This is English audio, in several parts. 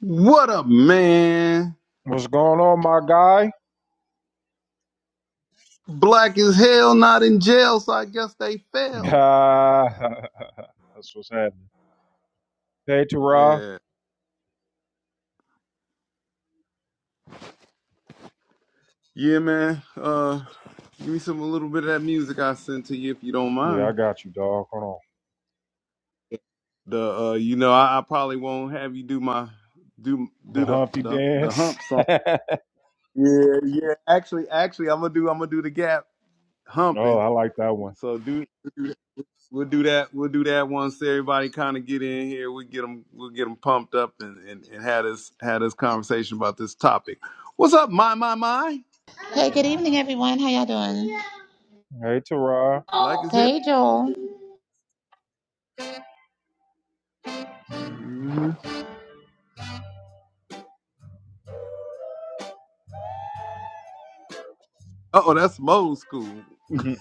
What up, man? What's going on, my guy? Black as hell, not in jail, so I guess they That's failed. what's happening. Hey, Tara. Yeah. Yeah, man. Uh give me some a little bit of that music I sent to you if you don't Yeah, I mind. got you, dog. Hold on. The uh you know, I, I probably won't have you do my do The do the Humpty the, the Dance. hump oh, song. I Yeah, yeah. Actually, actually I'm gonna do I'm gonna do the gap humping. like that one. So do We'll do that. We'll do that once everybody kind of get in here. We get them. We'll get them pumped up and and, and had this had this conversation about this topic. What's up, my my my? Hey, good evening, everyone. How y'all doing? Hey, Tara. Black as hell. Hey, Joel. hmm Uh oh, that's Mo's school.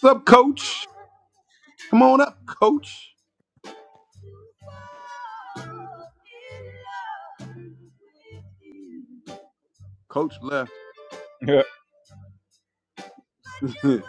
What's up, Coach? Come on up, Coach. Coach left. Yeah. did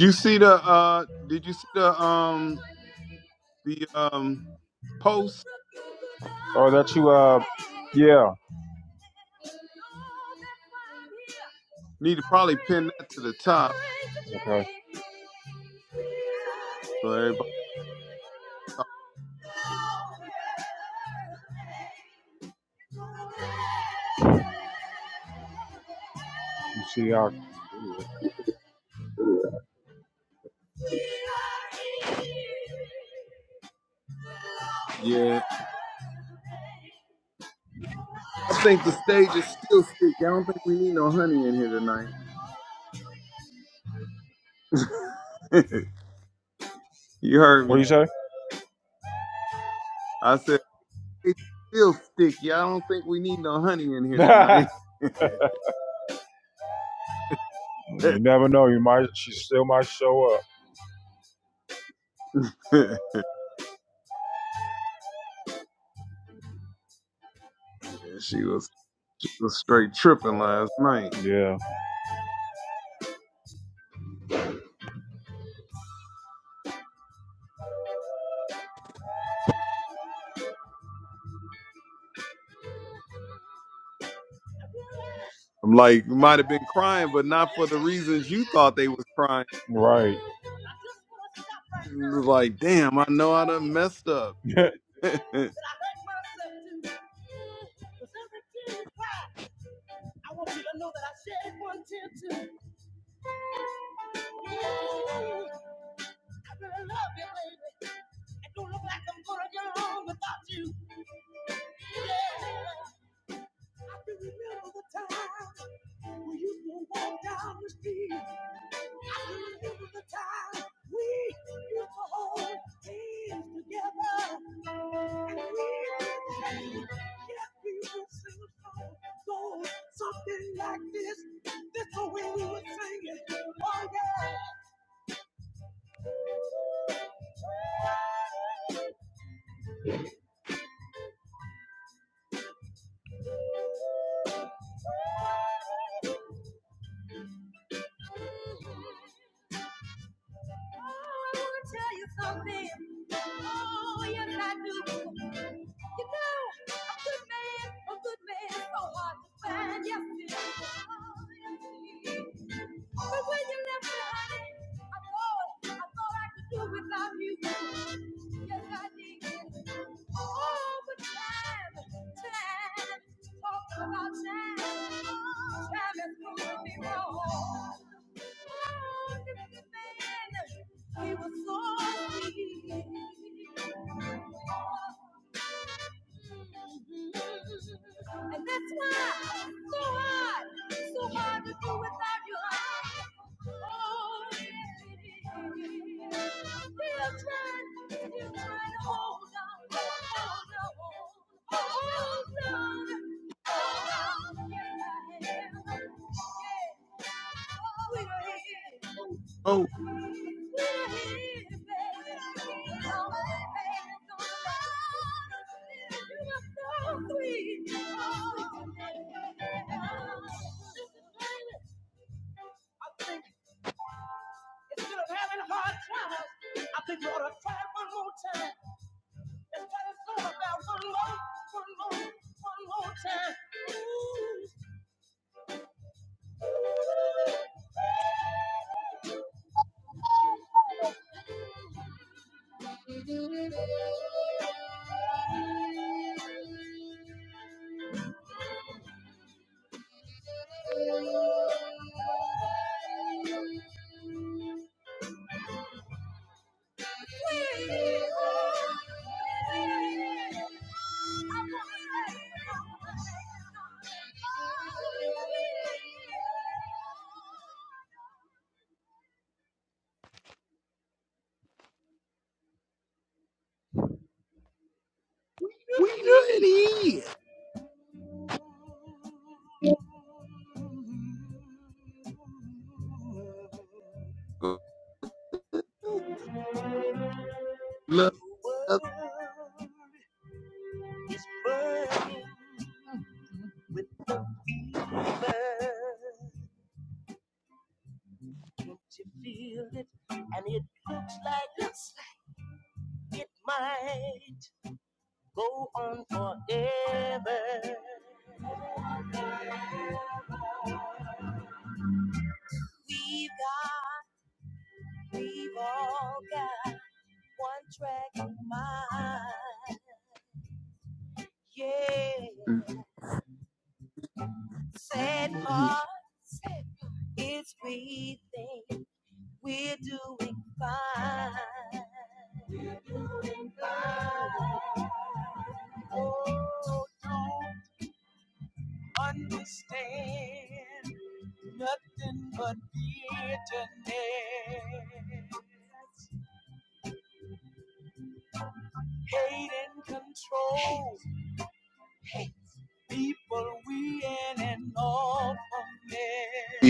you see the? uh Did you see the? Um, the um, post. Or that you, uh, yeah. Need to probably pin that to the top Okay. You so everybody. see how. Yeah. I think the stage is still sticky. I don't think we need no honey in here tonight. you heard What do you me. say? I said it's still sticky. I don't think we need no honey in here tonight. you never know. You might. She still might show up. she was she was straight tripping last night. Yeah. I'm like, might have been crying, but not for the reasons you thought they was crying. Right. It was like, damn, I know I done messed up. oh, we done it. is. Love. Go on forever. Yeah. oh, understand nothing but bitterness, hate and control. People we in an awful mess.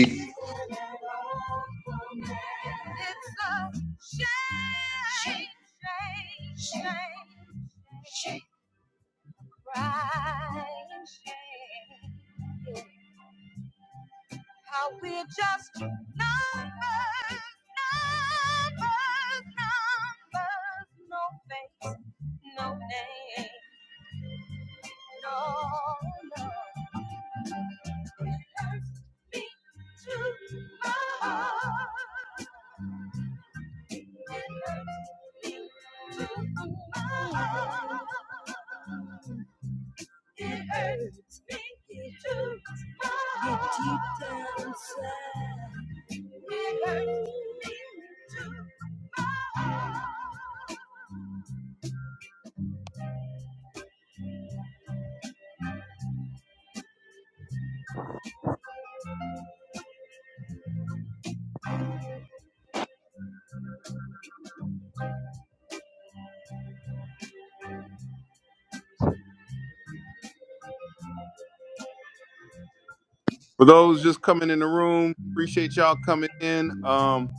For those just coming in the room, appreciate y'all coming in. Um,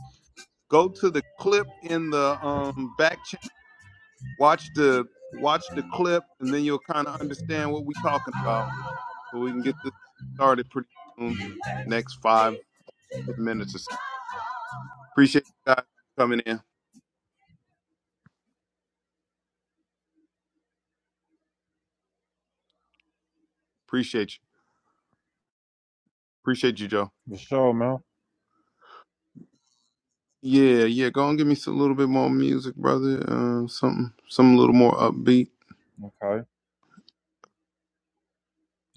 go to the clip in the um, back channel. Watch the watch the clip, and then you'll kind of understand what we're talking about. So we can get this started pretty soon. Next five ten minutes or so. Appreciate you guys coming in. Appreciate you. Appreciate you, Joe. For sure, man. Yeah, yeah. Go and give me some little bit more music, brother. Uh, something, some little more upbeat. Okay,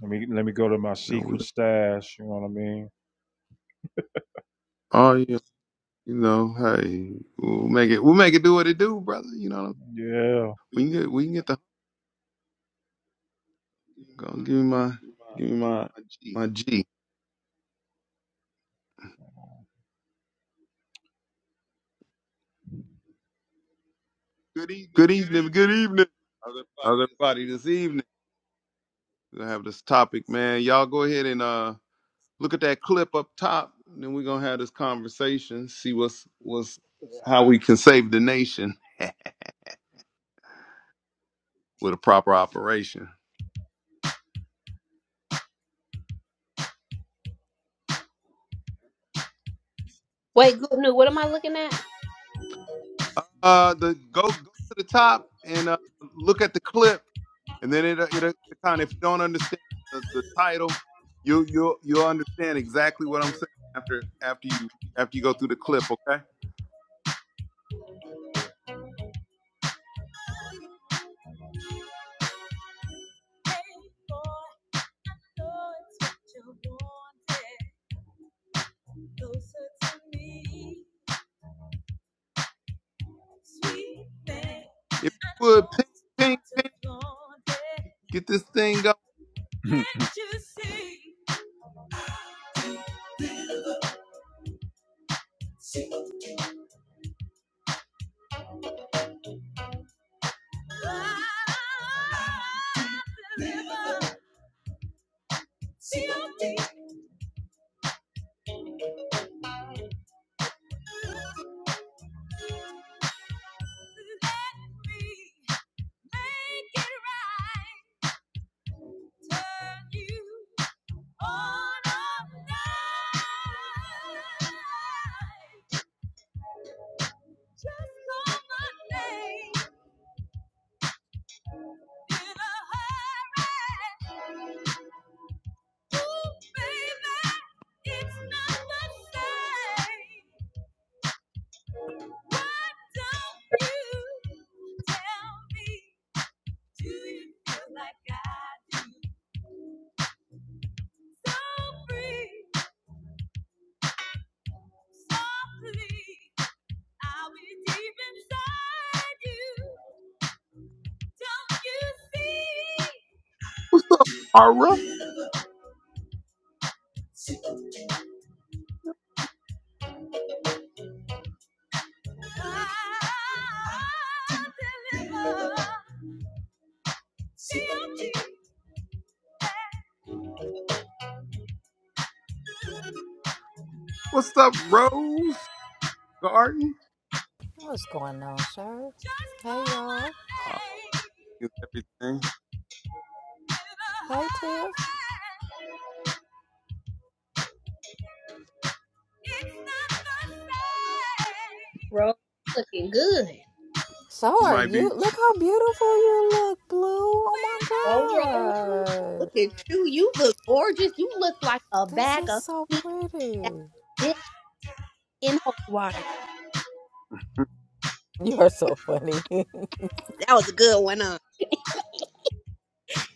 let me let me go to my No, we. secret stash. You know what I mean? Oh yeah. You know, hey, we'll make it. We'll make it do what it do, brother. You know, Yeah. Good we can get. We can get the. Go on, give me my. Give me my. My G. Good Good evening. evening. evening. evening. Good evening. How's everybody How's everybody this evening? We're gonna have this topic, man. Y'all go ahead and uh look at that clip up top. And then we're gonna have this conversation. See what's what's how we can save the nation with a proper operation. Wait, good news. What am I looking at? uh the go go to the top and uh, look at the clip and then it it it kind of if you don't understand the, the title you you you'll you'll understand exactly what I'm saying after after you after you go through the clip okay if you would ping ping ping get this thing going this evening? Mara what's up Rose Garden What's going on, sir? Hey, y'all. oh, it's everything Hey, Tiff. Roll, Looking good. So she are might be you. Look how beautiful you look, Blue. go Oh roll. my Look God. at you. You look gorgeous. You look like a This bag is of so meat that pretty. dipped in holy water. You are so funny. That was a good one, huh?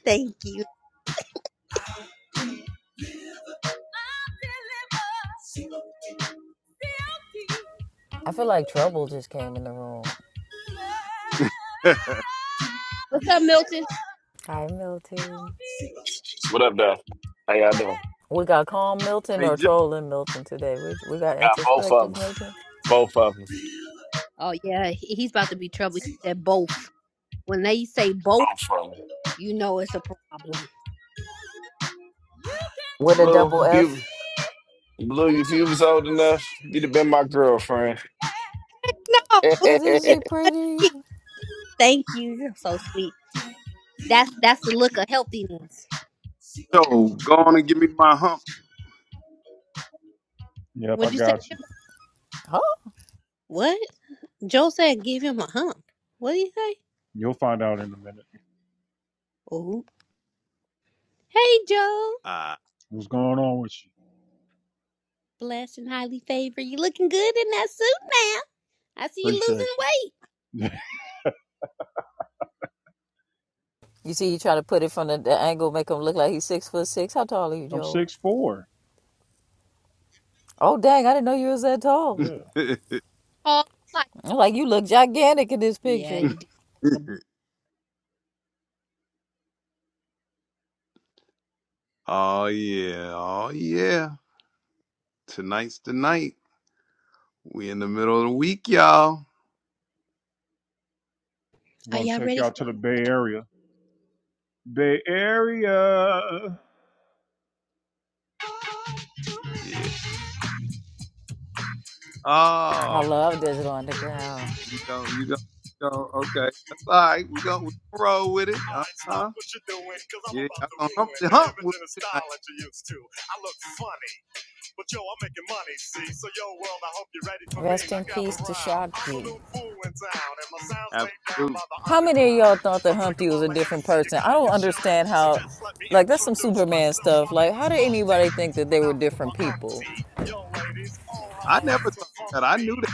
Thank you. I feel like trouble just came in the room. hey What's up, Milton? Hi, Milton. What up, though? How y'all doing? We got calm Milton or Joe trolling Milton today. We, we got Got both of introspective them. Milton Both of them. Oh yeah, he- he's about to be trouble. He said both. When they say both, Both of them. you know it's a problem. with a Blue, double if F. you, Blue, if you was old enough, you'd have been my girlfriend. No, no, Isn't it's she not. pretty? Thank you. You're so sweet. That's that's the look of healthiness. Joe, go on and give me my hump Yep, I What'd you say, got you. Joe? Huh? What? Joe said give him a hump. What did he say? You'll find out in a minute Hey, Joe. ah what's going on with you. Blessed and highly favored. You looking good in that suit now. I see you Appreciate losing weight. you. You see, you try to put it from the, the angle, make him look like he's six foot six. How tall are you, I'm Joel? six foot four. Oh dang, I didn't know you was that tall. Yeah. Oh, like I'm Like you look gigantic in this yeah, picture. he did. oh yeah, oh yeah. Tonight's the night. We in the middle of the week, y'all. I'm Are gonna y'all take ready y'all for? to the Bay Area. Bay Area. Yeah. I Oh, love Digital Underground. you go, you go, you go. Okay, that's all right. We gonna, we gonna roll with it. Uh huh. Yeah, y'all gonna hump the hump with me tonight. Rest in peace to Shock G. Absolutely. How many of y'all thought that Humpty was a different person? I don't understand how like that's some Superman stuff. Like how did anybody think that they were different people? I never thought that. I knew that.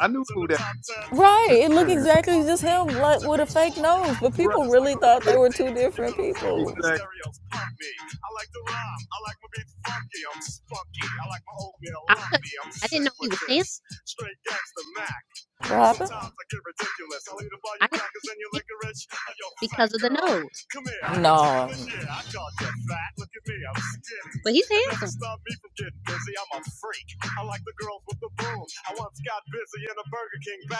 I knew who that. Right, it looked Was. exactly just him like with a fake nose, but right. people really thought Yeah. they were two different people. Exactly. I'll tell you. I didn't know he was handsome. What happened? I didn't know he was handsome because of the nose, No. but he's handsome.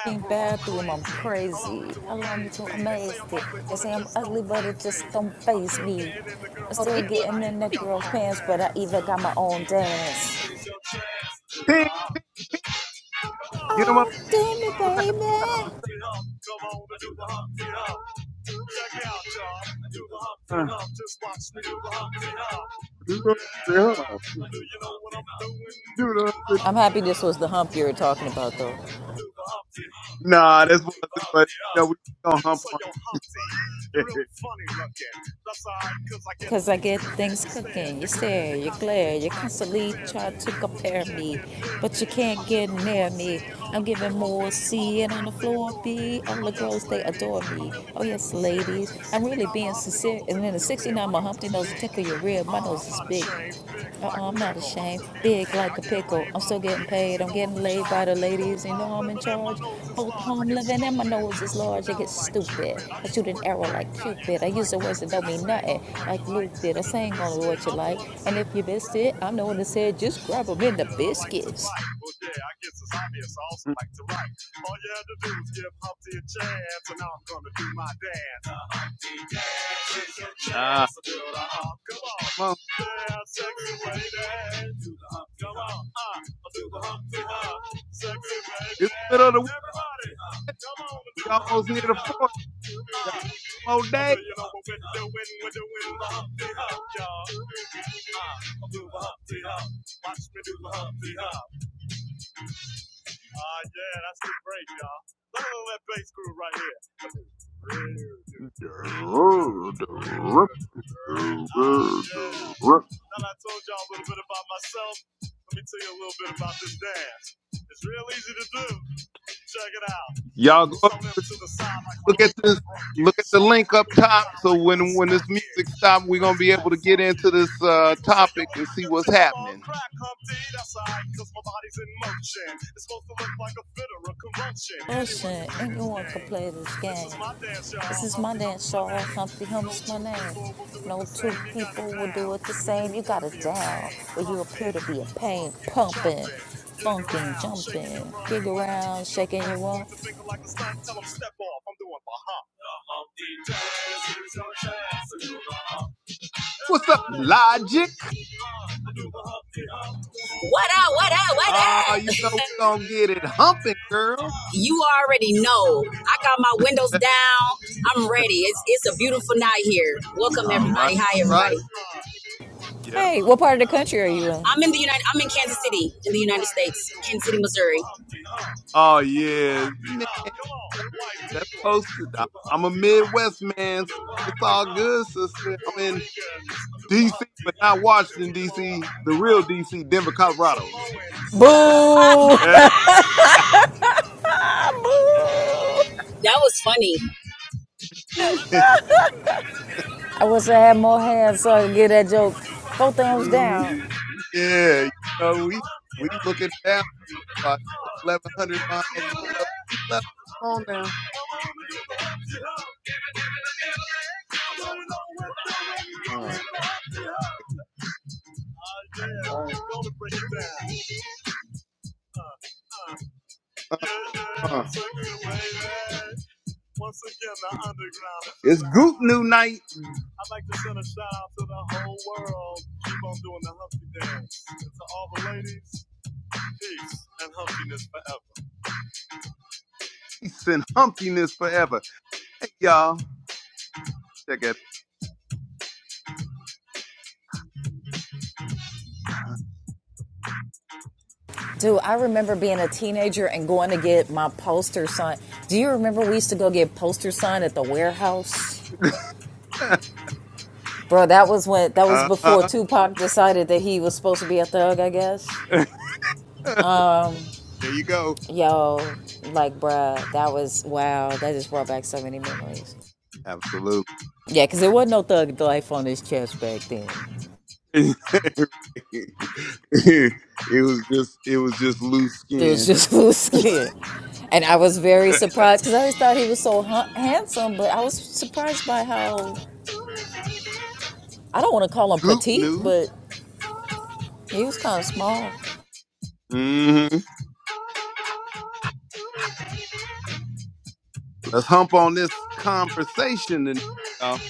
fucking bathroom, I'm crazy. Allow me to amaze it. They say I'm ugly, but it just don't face me. I'm Oh, still is he? getting in the girl's pants, but I even got my own dance. Ping, ping. Get them up. Oh, do me, Let's have baby. this conversation. Uh, Do the hump. Do the hump. I'm happy this was the hump you were talking about, though. Nah, this wasn't. But no, we just gonna hump on. it. Because I get things cooking. You stare, you glare, you constantly try to compare me, but you can't get near me. I'm giving more C and on the floor B. All the girls, they adore me. Oh, yes, ladies. I'm really being sincere. And then the 69, my Humpty nose will tickle your rib. My nose is big. Uh-uh, I'm not ashamed. Big like a pickle. I'm still getting paid. I'm getting laid by the ladies. You know I'm in charge. Both home living and my nose is large. I get stupid. I shoot an arrow like Cupid. I use the words that don't mean nothing, like Luke did. I sang on what you like. And if you missed it, I'm the one that said just grab 'em in the biscuits. Ah, come on. It's the middle of the week. We almost near the fourth. Got more days. Y'all go up, look at this. Look at the link up top. So when when this music stops, we're gonna be able to get into this uh, topic and see what's happening. Ocean, anyone can play this game. This is my dance, y'all. Humpty Hump's my name. No two people will do it the same. You got it down, but you appear to be in pain, pumping, funkin', jumping, gig around, shaking your rump. What's up, Logic? What up? What up? What Ah, you up? know we gonna get it humping, girl. You already know. I got my windows down. I'm ready. It's it's a beautiful night here. Welcome All right, everybody. Hi all everybody. right, yeah. Hey, what part of the country are you in? I'm in the United. I'm in Kansas City, in the United States, Kansas City, Missouri. Oh yeah, man. That's posted. I'm, I'm a Midwest man, so it's all good, sister. I'm in D.C., but not Washington, D.C., the real D.C., Denver, Colorado. Boo! that Eh. Boo! was funny. I wish I had more hands so I could get that joke. Four thumbs down. Mhm. yeah, you know, we, we looking down about 1,100 miles above sea level. Come on now. Uh, all right. Uh, it's Goop New Night. Peace and humpiness forever. Hey, y'all. Check Dude, I remember being a teenager and going to get my poster signed. Do you remember we used to go get poster signed at the warehouse? it Bro, that was when that was out. before uh-huh. Tupac decided that he was supposed to be a thug, I guess. there you go. Yo, like bruh, that was wow, that just brought back so many memories. Absolutely. Yeah, cause there wasn't no thug life on his chest back then. it was just it was just loose It was skin. just loose skin. And I was very surprised because I always thought he was so hu- handsome, but I was surprised by how I don't want to call him Goop petite, knew. but he was kind of small. hmm Let's hump on this conversation and y'all.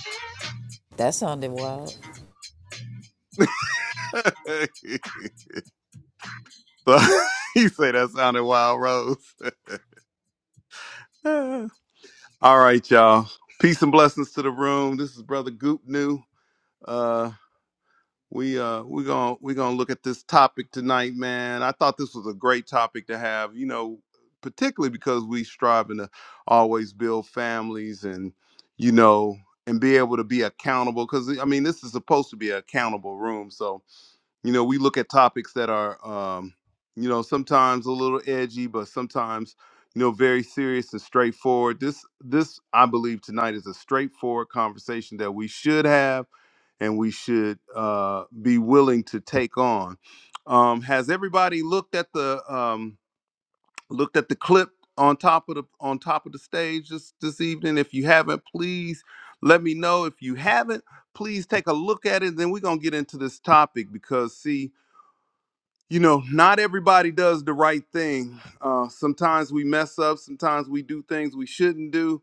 That sounded wild. so you say that sounded wild, Rose. All right, y'all. Peace and blessings to the room. This is Brother Goop New. Uh, We uh we gonna we gonna look at this topic tonight, man. I thought this was a great topic to have, you know, particularly because we striving to always build families and you know and be able to be accountable. Because I mean, this is supposed to be an accountable room, so you know we look at topics that are um you know sometimes a little edgy but sometimes you know very serious and straightforward this this i believe tonight is a straightforward conversation that we should have and we should uh be willing to take on um has everybody looked at the um looked at the clip on top of the on top of the stage this this evening if you haven't please let me know if you haven't please take a look at it then we're gonna get into this topic because see you know, not everybody does the right thing. Uh, sometimes we mess up. Sometimes we do things we shouldn't do.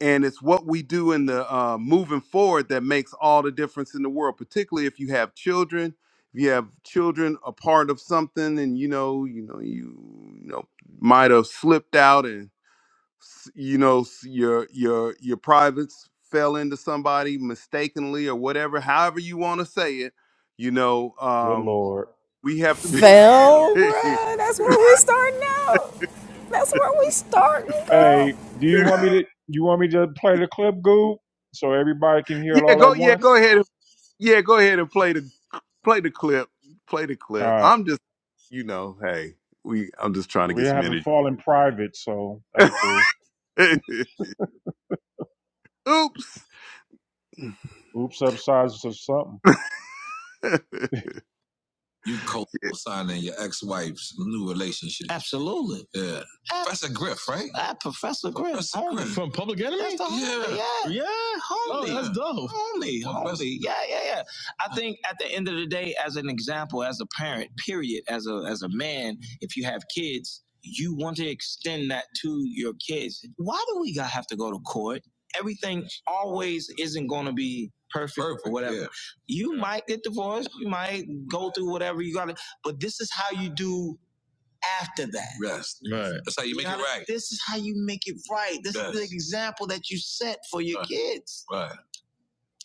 And it's what we do in the uh, moving forward that makes all the difference in the world, particularly if you have children. If you have children a part of something and you know, you know, you, you know, might have slipped out and s- you know s- your your your privates fell into somebody mistakenly or whatever, however you want to say it, you know. Good Um, lord. we have to be. Fell, bruh. That's where we starting out. That's where we starting, girl. Hey, do you want me to you want me to play the clip, Goo? So everybody can hear it yeah, all at go. Yeah, once? go ahead. Yeah, go ahead and play the play the clip. Play the All clip. right. I'm just, you know, hey, we. I'm just trying to We get some haven't energy. fallen private, so that's cool. Oops. Oops upsizes or something. You co-signing your ex-wife's new relationship. Absolutely. Yeah. Uh, Professor Griff, right? Ah, Professor Griff. Professor Griff. That's the homely, yeah. Yeah. yeah. Homely. Oh, that's dope. Homely, Well, homely. Yeah, yeah, yeah. I think at the end of the day, as an example, as a parent, period, as a as a man, if you have kids, you want to extend that to your kids. Why do we gotta have to go to court? Everything always isn't gonna be perfect, Perfect, or whatever. yeah. You might get divorced, you might go through whatever you gotta, but this is how you do after that. Yes. Right. That's how you you make it gotta- it right. This is how you make it right. This Yes. is the example that you set for your Right. kids. Right.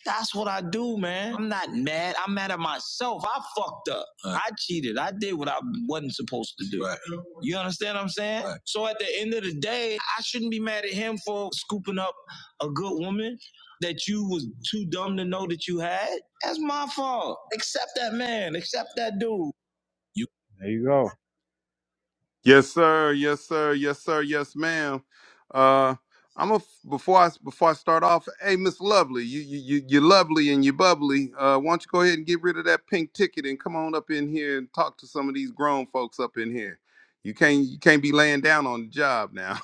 That's what I do, man. I'm not mad. I'm mad at myself. I fucked up. Right. I cheated. I did what I wasn't supposed to do. Right. You understand what I'm saying? Right. So at the end of the day, I shouldn't be mad at him for scooping up a good woman that you was too dumb to know that you had. That's my fault. Accept that man. Accept that dude. You. There you go. Yes, sir. Yes, sir. Yes, sir. Yes, ma'am. Uh, I'm a before I before I start off. Hey, Miss Lovely, you you you you're lovely and you're bubbly. Uh, why don't you go ahead and get rid of that pink ticket and come on up in here and talk to some of these grown folks up in here. You can't you can't be laying down on the job now.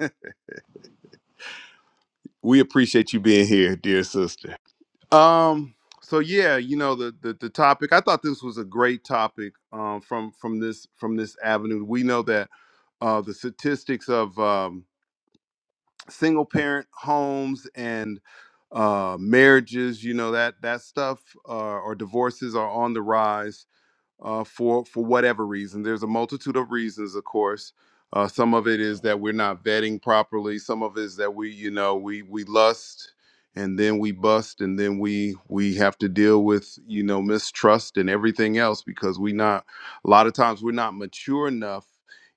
we appreciate you being here, dear sister. Um. So yeah, you know the, the the topic. I thought this was a great topic. Um. From from this from this avenue, we know that uh, the statistics of um, single parent homes and uh, marriages, you know that that stuff uh, or divorces are on the rise uh, for for whatever reason. There's a multitude of reasons, of course. Uh, some of it is that we're not vetting properly. Some of it is that we, you know, we we lust and then we bust and then we we have to deal with you know mistrust and everything else because we not a lot of times we're not mature enough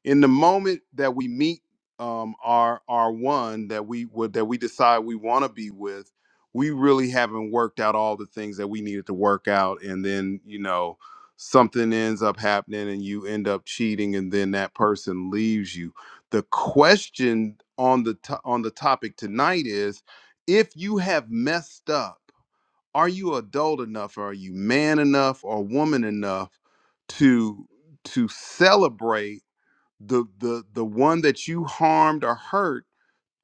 in the moment that we meet um, our our one that we would that we decide we want to be with. We really haven't worked out all the things that we needed to work out, and then you know something ends up happening and you end up cheating and then that person leaves you the question on the to- on the topic tonight is if you have messed up are you adult enough are you man enough or woman enough to to celebrate the the the one that you harmed or hurt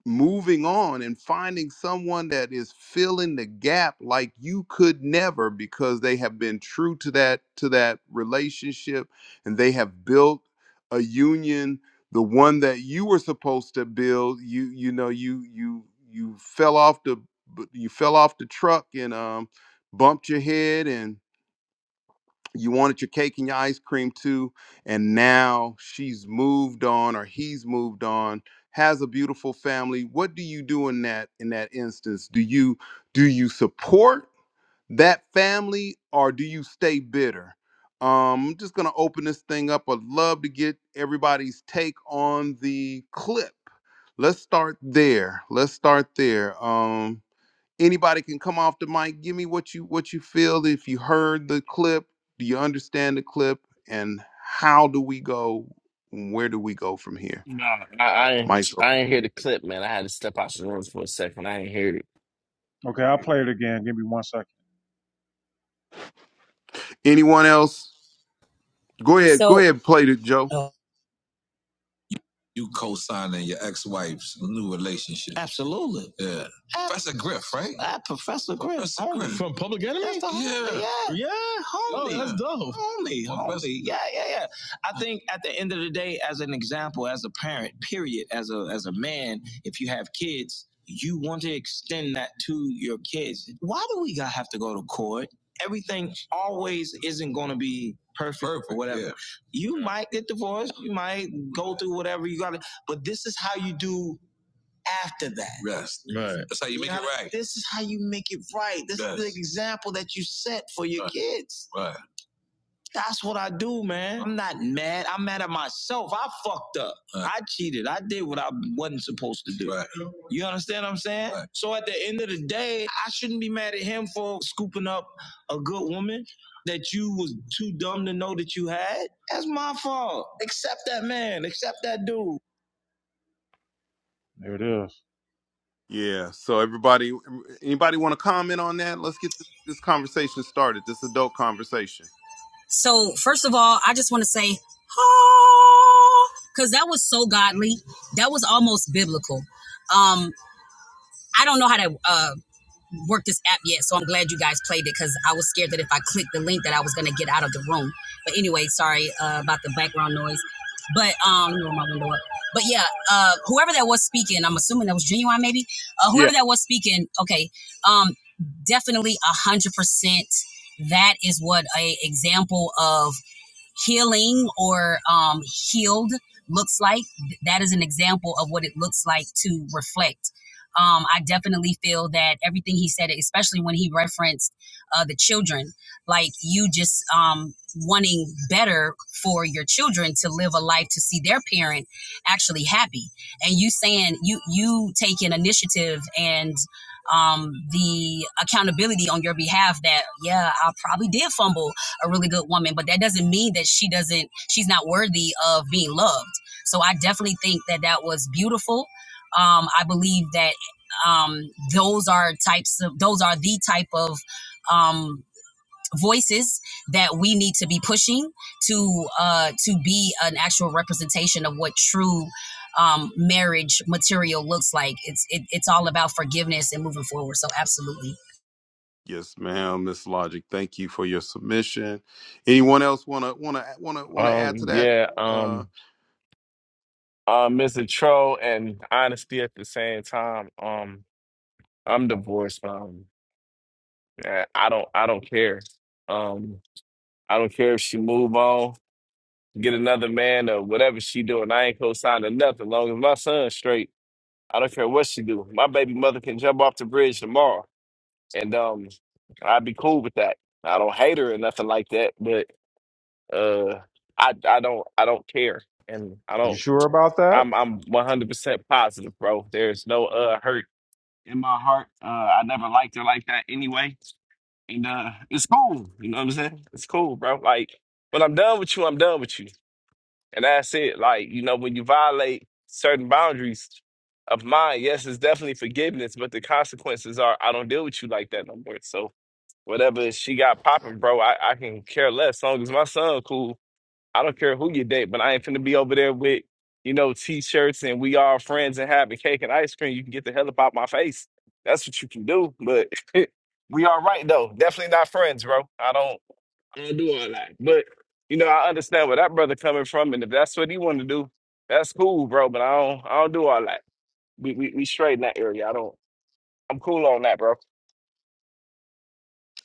moving on and finding someone that is filling the gap like you could never because they have been true to that to that relationship and they have built a union the one that you were supposed to build you you know you you you fell off the b- you fell off the truck and um bumped your head and you wanted your cake and your ice cream too and now she's moved on or he's moved on has a beautiful family what do you do in that in that instance do you do you support that family or do you stay bitter um, i'm just going to open this thing up i'd love to get everybody's take on the clip let's start there let's start there Um, anybody can come off the mic give me what you what you feel if you heard the clip do you understand the clip and how do we go where do we go from here I, I ain't. mike's open I ain't hear the clip, man. I had to step out the room for a second. I ain't hear it. Okay, I'll play it again. Give me one second. anyone else go ahead go So ahead play it joe You co-signing your ex-wife's new relationship. Absolutely. Yeah. Ab- Professor Griff, right? Ah, Professor Griff. Professor Griff. me? That's the homie. Yeah, yeah, Oh, homie. Oh, that's dope. Homie, Well, homie. Yeah, yeah, yeah. I think at the end of the day, as an example, as a parent, period, as a as a man, if you have kids, you want to extend that to your kids. Why do we gotta have to go to court? Everything always isn't gonna be perfect, Perfect. or whatever. Yeah. You might get divorced, you might go through whatever you gotta, but this is how you do after that. Yes. Right. That's how you you make know, it right. This is how you make it right. This Yes. is the example that you set for your Right. kids. Right. That's what I do, man. I'm not mad. I'm mad at myself. I fucked up. Right. I cheated. I did what I wasn't supposed to do. Right. You understand what I'm saying? Right. So at the end of the day, I shouldn't be mad at him for scooping up a good woman that you was too dumb to know that you had. That's my fault. Accept that man. Accept that dude. There it is. yeah so everybody anybody want to comment on that let's get this, this conversation started this adult conversation so first of all, I just want to say, oh, because that was so godly. That was almost biblical. Um, I don't know how to. uh, worked this app yet, so I'm glad you guys played it because I was scared that if I clicked the link that I was gonna get out of the room. But anyway, sorry uh, about the background noise. But um, let me roll my window up. But yeah, uh, whoever that was speaking, I'm assuming that was genuine, maybe. Uh, yeah whoever that was speaking, okay, um, definitely a hundred percent. That is what a example of healing or um, healed looks like. That is an example of what it looks like to reflect. Um, I definitely feel that everything he said, especially when he referenced uh, the children, like you just um, wanting better for your children to live a life to see their parent actually happy, and you saying you you taking initiative and um, the accountability on your behalf that yeah, I probably did fumble a really good woman, but that doesn't mean that she doesn't, she's not worthy of being loved. So I definitely think that that was beautiful. Um, I believe that um, those are types of, those are the type of um, voices that we need to be pushing to uh, to be an actual representation of what true um, marriage material looks like. It's it, it's all about forgiveness and moving forward. So absolutely. yes ma'am miss logic thank you for your submission anyone else want to want to want to want to add to Um, yeah. that Um, uh, Mr. Troll and honesty at the same time. Um, I'm divorced. Um, yeah, I don't. I don't care. Um, I don't care if she move on. get another man or whatever she doing. I ain't co-signing nothing. Long as my son's straight, I don't care what she do. My baby mother can jump off the bridge tomorrow, and um, I'd be cool with that. I don't hate her or nothing like that, but uh, I I don't I don't care, and I You don't. sure about that? I'm I'm 100% positive, bro. There's no uh hurt in my heart. Uh, I never liked her like that anyway, and uh, it's cool. You know what I'm saying? It's cool, bro. Like when I'm done with you, I'm done with you. And that's it. Like, you know, when you violate certain boundaries of mine, yes, it's definitely forgiveness, but the consequences are I don't deal with you like that no more. So whatever she got popping, bro, I, I can care less. As long as my son cool, I don't care who you date, but I ain't finna be over there with, you know, t-shirts and we all friends and having cake and ice cream. You can get the hell up out my face. That's what you can do. But we all right though. Definitely not friends, bro. I don't. I don't do all that. But you know, I understand where that brother coming from, and if that's what he want to do, that's cool, bro. But I don't, I don't do all that. We we, we straight in that area. I don't. I'm cool on that, bro.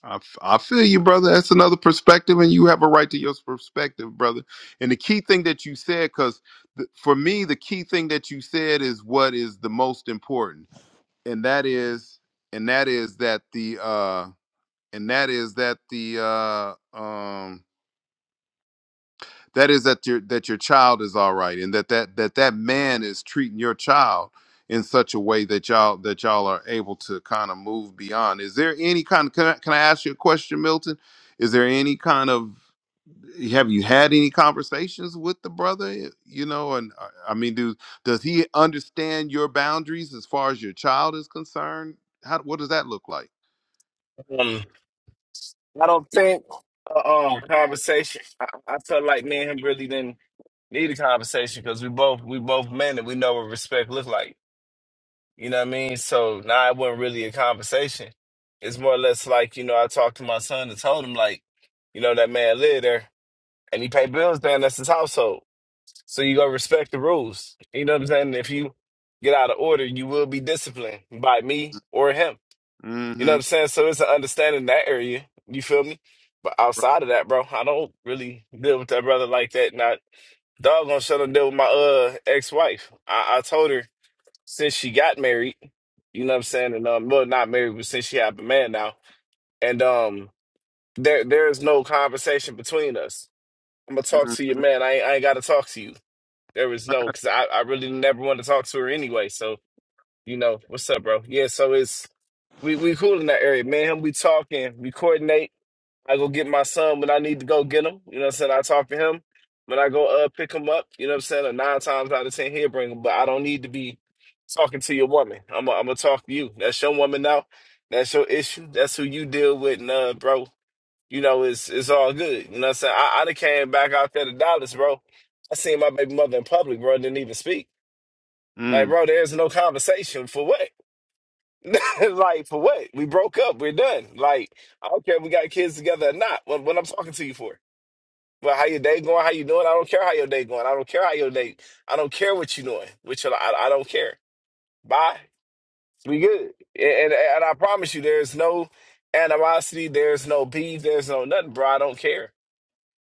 I, f- I feel you, brother. That's another perspective, and you have a right to your perspective, brother. And the key thing that you said, because th- for me, the key thing that you said is what is the most important, and that is, and that is that the, uh, and that is that the, uh, um, that is that your that your child is all right and that that that that man is treating your child in such a way that y'all that y'all are able to kind of move beyond is there any kind of can I, can I ask you a question milton is there any kind of have you had any conversations with the brother eh, you know and uh, i mean do does he understand your boundaries as far as your child is concerned how what does that look like Um, I don't think uh, um conversation. I, I felt like me and him really didn't need a conversation because we both we both men and we know what respect look like. You know what I mean? So now nah, it wasn't really a conversation. It's more or less like you know I talked to my son and told him like, you know that man live there and he pay bills there and that's his household. So you gotta respect the rules. You know what I'm saying? If you get out of order, you will be disciplined by me or him. You know what mm-hmm, I'm saying? So it's an understanding in that area. You feel me? But outside of that, bro, I don't really deal with that brother like that. Not dog gonna shut up deal with my uh ex wife. I, I told her since she got married, you know what I'm saying, and um well not married, but since she have a man now. And um there there is no conversation between us. I'm gonna talk to your mm-hmm. man. I ain't, I ain't gotta talk to you. There was no, because I, I really never wanted to talk to her anyway. So, you know, what's up, bro? Yeah, so it's, we, we cool in that area. Man, him, we talking, we coordinate. I go get my son when I need to go get him. You know what I'm saying? I talk to him. When I go uh pick him up, you know what I'm saying? And nine times out of ten, he'll bring him. But I don't need to be talking to your woman. I'm going to talk to you. That's your woman now. That's your issue. That's who you deal with. And, uh, bro you know, it's it's all good. You know what I'm saying? I, I done came back out there to Dallas, bro. I seen my baby mother in public, bro, didn't even speak. Like, Mm. bro, there's no conversation for what? like, for what? We broke up, we're done. Like, I don't care if we got kids together or not. What what I'm talking to you for. Well, how your day going? How you doing? I don't care how your day going. I don't care how your day. I don't care what you doing. Which I, I don't care. Bye. We good. And, and and I promise you, there's no animosity. There's no beef. There's no nothing, bro. I don't care.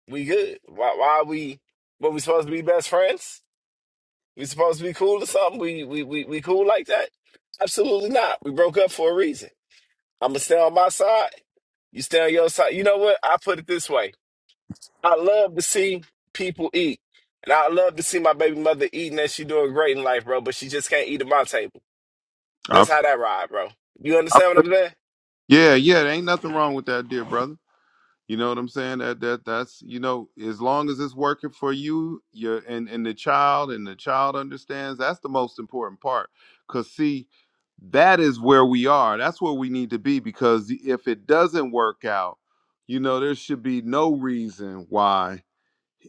We good. Why why are we what we supposed to be best friends? We supposed to be cool or something? We we we, we cool like that? Absolutely not. We broke up for a reason. I'ma stay on my side. You stay on your side. You know what? I put it this way. I love to see people eat. And I love to see my baby mother eating and she doing great in life, bro, but she just can't eat at my table. I- That's how that ride, bro. You I- understand what I'm saying? yeah yeah there ain't nothing wrong with that dear brother You know what I'm saying? That that that's you know, as long as it's working for you, your and and the child and the child understands, that's the most important part. Cause see, that is where we are. That's where we need to be because if it doesn't work out, you know, there should be no reason why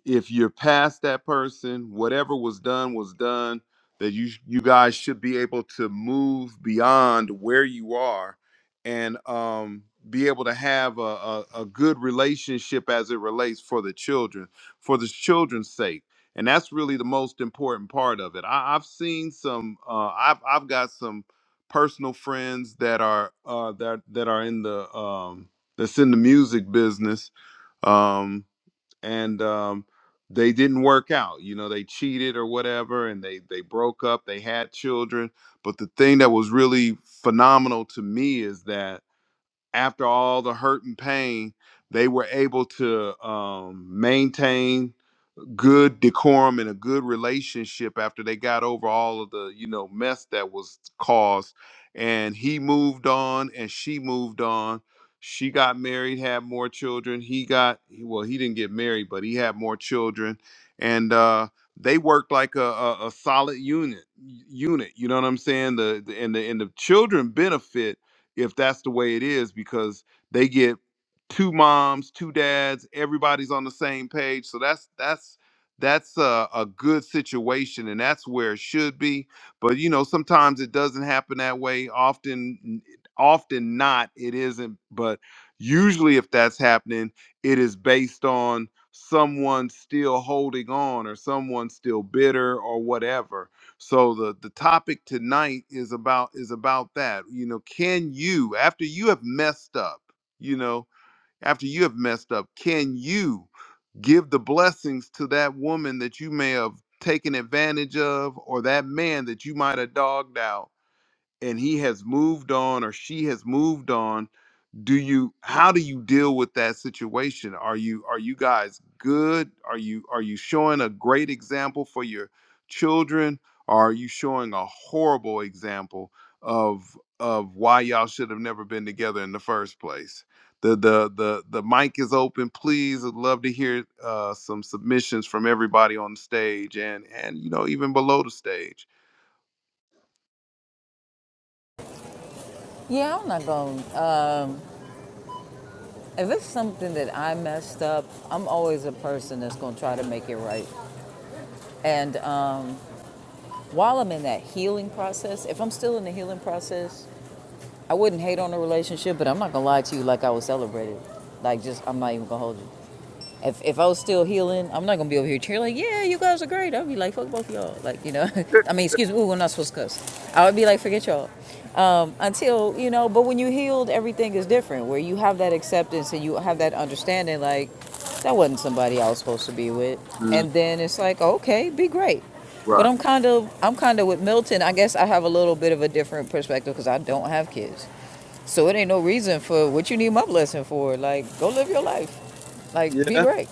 if you're past that person, whatever was done was done. That you you guys should be able to move beyond where you are, and um, be able to have a, a, a good relationship as it relates for the children, for the children's sake, and that's really the most important part of it. I, I've seen some. Uh, I've I've got some personal friends that are uh, that that are in the um, that's in the music business Um, and um, they didn't work out. You know, they cheated or whatever, and they they broke up. They had children, but the thing that was really phenomenal to me is that after all the hurt and pain, they were able to um, maintain good decorum and a good relationship after they got over all of the you know mess that was caused and he moved on and she moved on she got married had more children he got well he didn't get married but he had more children and uh they worked like a, a, a solid unit unit you know what i'm saying the, the and the and the children benefit if that's the way it is because they get two moms, two dads, everybody's on the same page. So that's that's that's a, a good situation and that's where it should be but you know sometimes it doesn't happen that way often often not it isn't but usually if that's happening it is based on someone still holding on or someone still bitter or whatever so the the topic tonight is about is about that you know can you after you have messed up you know after you have messed up? Can you give the blessings to that woman that you may have taken advantage of or that man that you might have dogged out and he has moved on or she has moved on do you how do you deal with that situation are you are you guys good are you are you showing a great example for your children or are you showing a horrible example of of why y'all should have never been together in the first place the the the the mic is open please i'd love to hear uh some submissions from everybody on the stage and and you know even below the stage Yeah, I'm not going. to Um, if it's something that I messed up, I'm always a person that's going to try to make it right. And um, while I'm in that healing process, if I'm still in the healing process, I wouldn't hate on the relationship, but I'm not going to lie to you like I was celebrated. Like, just, I'm not even going to hold you. If, if I was still healing, I'm not going to be over here cheering, like, yeah, you guys are great. I'd be like, fuck both of y'all. Like, you know, I mean, excuse me, ooh, we're not supposed to cuss. I would be like, forget y'all. Um, until you know, but when you healed, everything is different. Where you have that acceptance and you have that understanding, like that wasn't somebody I was supposed to be with, Mm, and then it's like, okay, be great. But right I'm kind of, I'm kind of with Milton. I guess I have a little bit of a different perspective because I don't have kids, so it ain't no reason for what you need my blessing for. Like, go live your life. Like, be yeah great.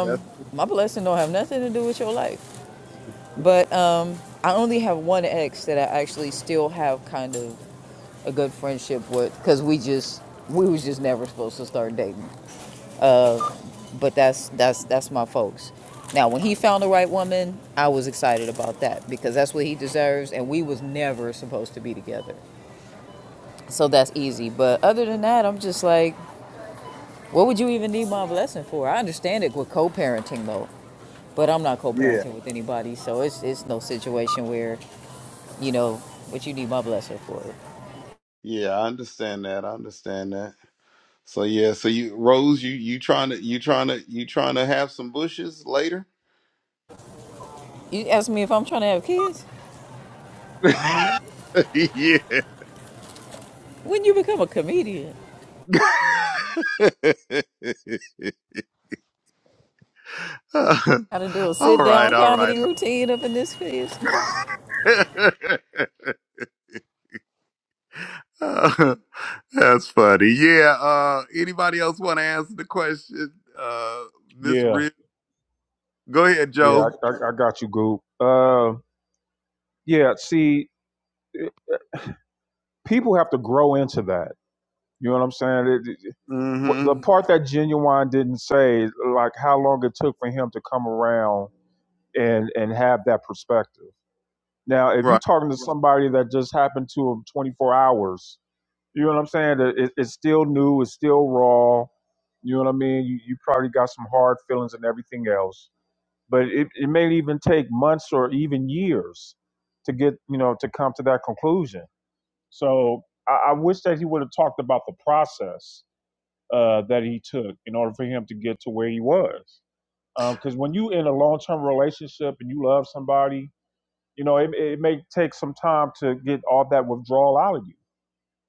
that's My blessing don't have nothing to do with your life. But um, I only have one ex that I actually still have kind of a good friendship with because we just we was just never supposed to start dating. Uh, but that's that's that's my folks. Now, when he found the right woman, I was excited about that because that's what he deserves, and we was never supposed to be together. So that's easy. But other than that, I'm just like, what would you even need my blessing for? I understand it with co-parenting though, but I'm not yeah co-parenting with anybody, so it's it's no situation where you know what you need my blessing for. yeah i understand that i understand that So yeah, so you Rose, you you trying to you trying to you trying to have some bushes later? You ask me if I'm trying to have kids. yeah. When you become a comedian, How to do a all sit right, down all right. comedy routine up in this piece. That's funny. Yeah, uh anybody else want to answer the question? Uh Miss Yeah. Real. Go ahead, Yeah, Joe. I, I, I got you, Goop. Uh, yeah, see, people have to grow into that. You know what I'm saying? It, it- mm what- the Mhm. part that Genuine didn't say, like how long it took for him to come around and and have that perspective. Now, if you're Right. talking to somebody that just happened to him 24 hours, you know what I'm saying? It, it- it's still new, it's still raw. You know what I mean? You, you probably got some hard feelings and everything else but it, it may even take months or even years to get you know to come to that conclusion so i, I wish that he would have talked about the process uh, that he took in order for him to get to where he was because um, when you in a long-term relationship and you love somebody you know it, it may take some time to get all that withdrawal out of you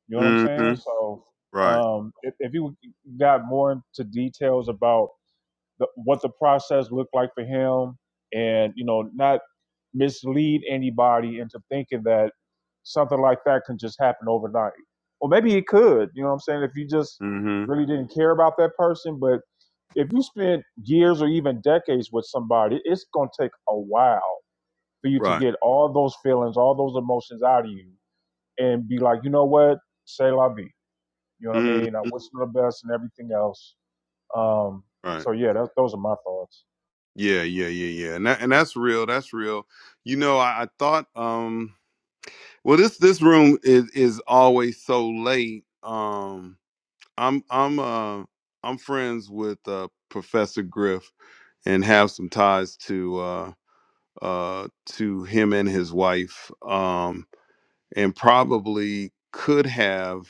you know what i'm mm saying Mhm. so Right. um, if, if you got more into details about the, what the process looked like for him, and you know, not mislead anybody into thinking that something like that can just happen overnight. Or maybe it could, you know what I'm saying, if you just mm Mhm. really didn't care about that person. But if you spent years or even decades with somebody, it's going to take a while for you to Right. get all those feelings, all those emotions out of you and be like, you know what, say la vie. You know what I Mm, mean? I wish them the best and everything else. Um, right. so, yeah, that, those are my thoughts. Yeah, yeah, yeah, yeah. And that, and that's real. That's real. You know, I, I thought um well this this room is is always so late. Um I'm I'm uh I'm friends with uh Professor Griff and have some ties to uh uh to him and his wife. Um and probably could have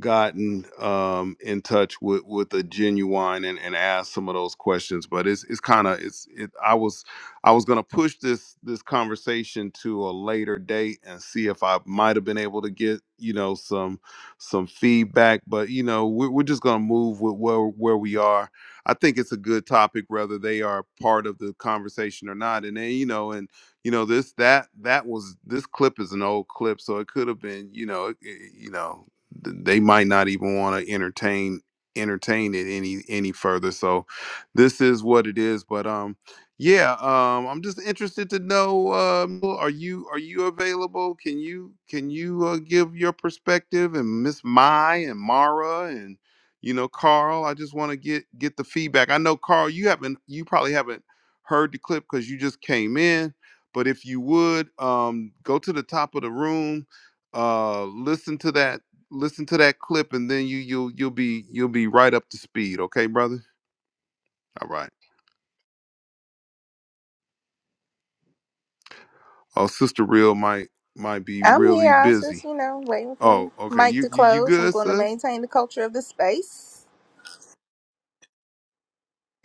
gotten um, in touch with with a genuine and, and asked some of those questions but it's it's kind of it's it, i was i was going to push this this conversation to a later date and see if i might have been able to get you know some some feedback but you know we're, we're just going to move with where where we are i think it's a good topic whether they are part of the conversation or not and then you know and you know this that that was this clip is an old clip so it could have been you know it, it- you know th- they might not even want to entertain entertain it any any further so this is what it is but um yeah um i'm just interested to know um are you are you available can you can you uh, give your perspective and miss mai and mara and you know carl i just want to get get the feedback i know carl you haven't you probably haven't heard the clip because you just came in but if you would um go to the top of the room uh listen to that listen to that clip and then you you'll you'll be you'll be right up to speed okay brother all right oh sister real might might be I'm really here. I was just, busy you know, waiting for oh okay Mike you to you, you close. I'm good going to sis maintain the culture of the space.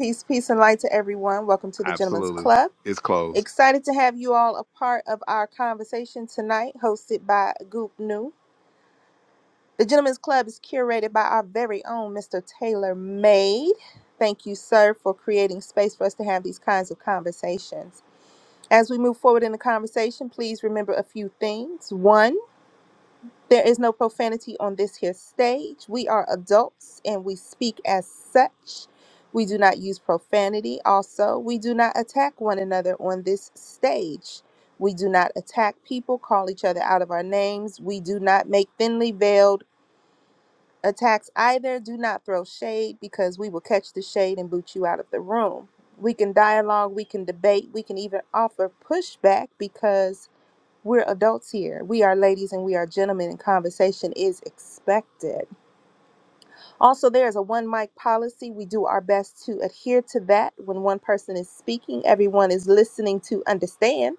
Peace, peace, and light to everyone. Welcome to the Gentlemen's absolutely Club. it's closed Excited to have you all a part of our conversation tonight, hosted by Goop New. The Gentlemen's Club is curated by our very own Mr. Taylor Made. Thank you, sir, for creating space for us to have these kinds of conversations. As we move forward in the conversation, please remember a few things. One, There is no profanity on this here stage. We are adults and we speak as such. We do not use profanity. Also, we do not attack one another on this stage. We do not attack people, call each other out of our names. We do not make thinly veiled attacks either. Do not throw shade because we will catch the shade and boot you out of the room. We can dialogue, we can debate, we can even offer pushback because we're adults here. We are ladies and we are gentlemen, and conversation is expected. Also, there is a one mic policy. We do our best to adhere to that. When one person is speaking, everyone is listening to understand.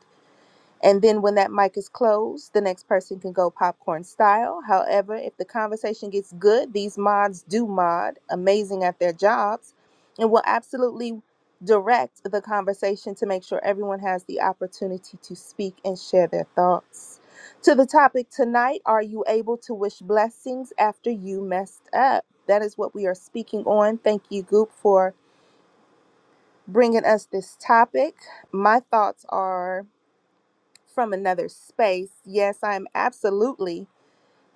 And then when that mic is closed, the next person can go popcorn style. However, if the conversation gets good, these mods do mod, amazing at their jobs, and will absolutely direct the conversation to make sure everyone has the opportunity to speak and share their thoughts. To the topic tonight, are you able to wish blessings after you messed up? That is what we are speaking on. Thank you, Goop, for bringing us this topic. My thoughts are from another space, yes, I am absolutely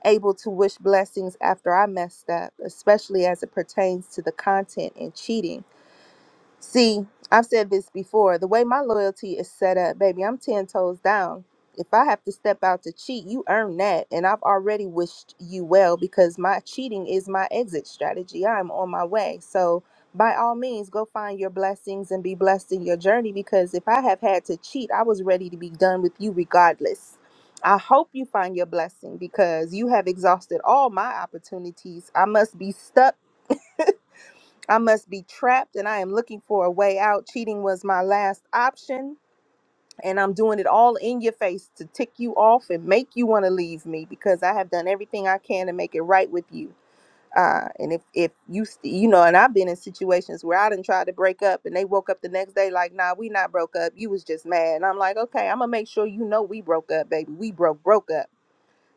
able to wish blessings after I messed up, especially as it pertains to the content and cheating. See, I've said this before. The way my loyalty is set up, baby, I'm 10 toes down. If I have to step out to cheat, you earn that. And I've already wished you well because my cheating is my exit strategy. I'm on my way. So, by all means, go find your blessings and be blessed in your journey because if I have had to cheat, I was ready to be done with you regardless. I hope you find your blessing because you have exhausted all my opportunities. I must be stuck I must be trapped and I am looking for a way out. Cheating was my last option. And I'm doing it all in your face to tick you off and make you want to leave me because I have done everything I can to make it right with you. Uh, and if, if you, st- you know, and I've been in situations where I didn't try to break up and they woke up the next day like, nah, we not broke up. You was just mad. And I'm like, okay, I'm going to make sure you know we broke up, baby. We broke, broke up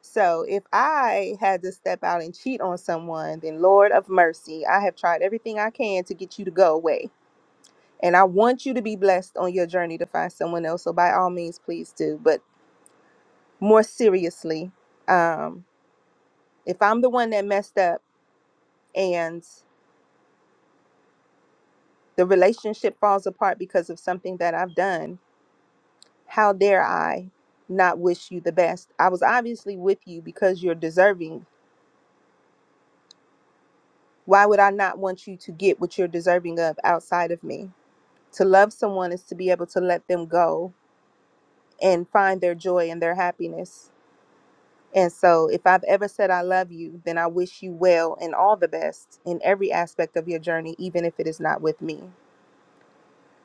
so if I had to step out and cheat on someone, then Lord of mercy, I have tried everything I can to get you to go away. And I want you to be blessed on your journey to find someone else. So by all means, please do. But more seriously, um, if I'm the one that messed up and the relationship falls apart because of something that I've done, how dare I not wish you the best? I was obviously with you because you're deserving. Why would I not want you to get what you're deserving of outside of me? To love someone is to be able to let them go and find their joy and their happiness. And so, if I've ever said I love you, then I wish you well and all the best in every aspect of your journey, even if it is not with me.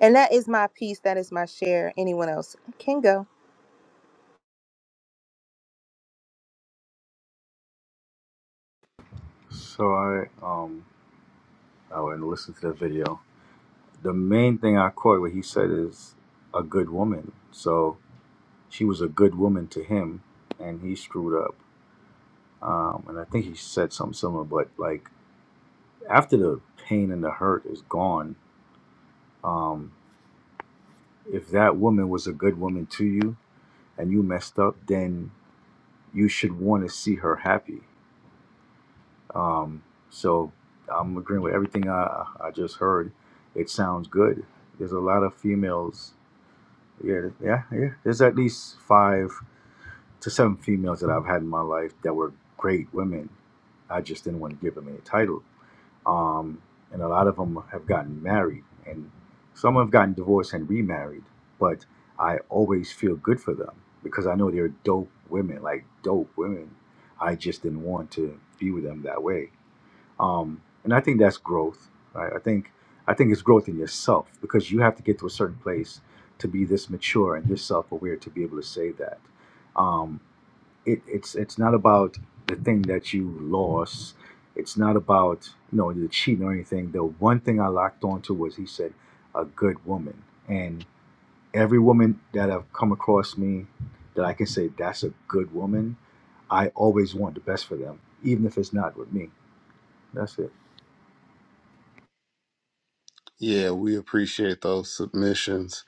And that is my piece. That is my share. Anyone else can go. So I um I went and listened to the video. The main thing I caught what he said is a good woman. So she was a good woman to him, and he screwed up. Um, and I think he said something similar, but like after the pain and the hurt is gone, um, if that woman was a good woman to you and you messed up, then you should want to see her happy. Um, so I'm agreeing with everything I I just heard. It sounds good. There's a lot of females Yeah, yeah, yeah. There's at least five to seven females that I've had in my life that were great women. I just didn't want to give them any title. Um, and a lot of them have gotten married, and some have gotten divorced and remarried. But I always feel good for them because I know they're dope women, like dope women. I just didn't want to be with them that way um, and I think that's growth. Right? I think I think it's growth in yourself because you have to get to a certain place to be this mature and yourself aware to be able to say that. Um, it, it's it's not about the thing that you lost. It's not about you know the cheating or anything. The one thing I locked onto was he said a good woman, and every woman that I've come across me that I can say that's a good woman. I always want the best for them, even if it's not with me. That's it. Yeah, we appreciate those submissions.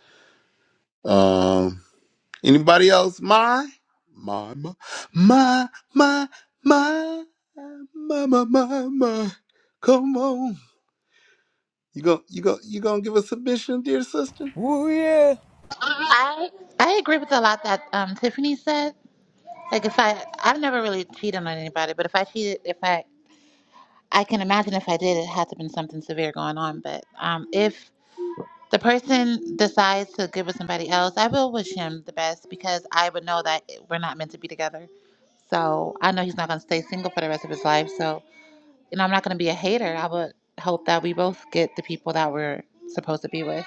Um, anybody else? My, my, my, my, my, my, my, my, my. my. Come on, you go, you go, you gonna give a submission, dear sister? Woo yeah. I I agree with a lot that um, Tiffany said. Like, if I I've never really cheated on anybody, but if I cheated, if I I can imagine if I did, it had to have been something severe going on. But um, if the person decides to get with somebody else, I will wish him the best because I would know that we're not meant to be together. So I know he's not gonna stay single for the rest of his life. So you know, I'm not gonna be a hater. I would hope that we both get the people that we're supposed to be with.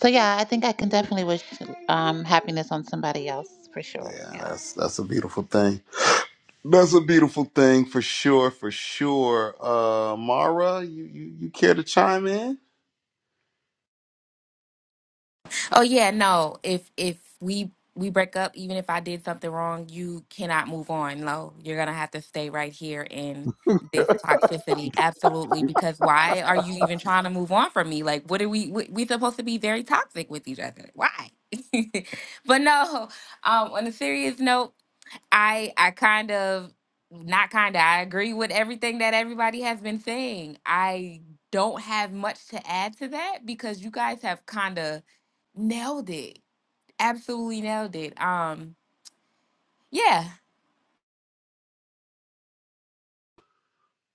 So yeah, I think I can definitely wish um, happiness on somebody else for sure. Yeah, Yeah, that's that's a beautiful thing. That's a beautiful thing for sure, for sure. Uh Mara, you, you, you care to chime in? Oh yeah, no. If if we we break up, even if I did something wrong, you cannot move on. No, you're gonna have to stay right here in this toxicity. Absolutely, because why are you even trying to move on from me? Like, what are we? We, we supposed to be very toxic with each other. Why? but no. Um, on a serious note. I I kind of not kind of I agree with everything that everybody has been saying. I don't have much to add to that because you guys have kind of nailed it. Absolutely nailed it. Um yeah.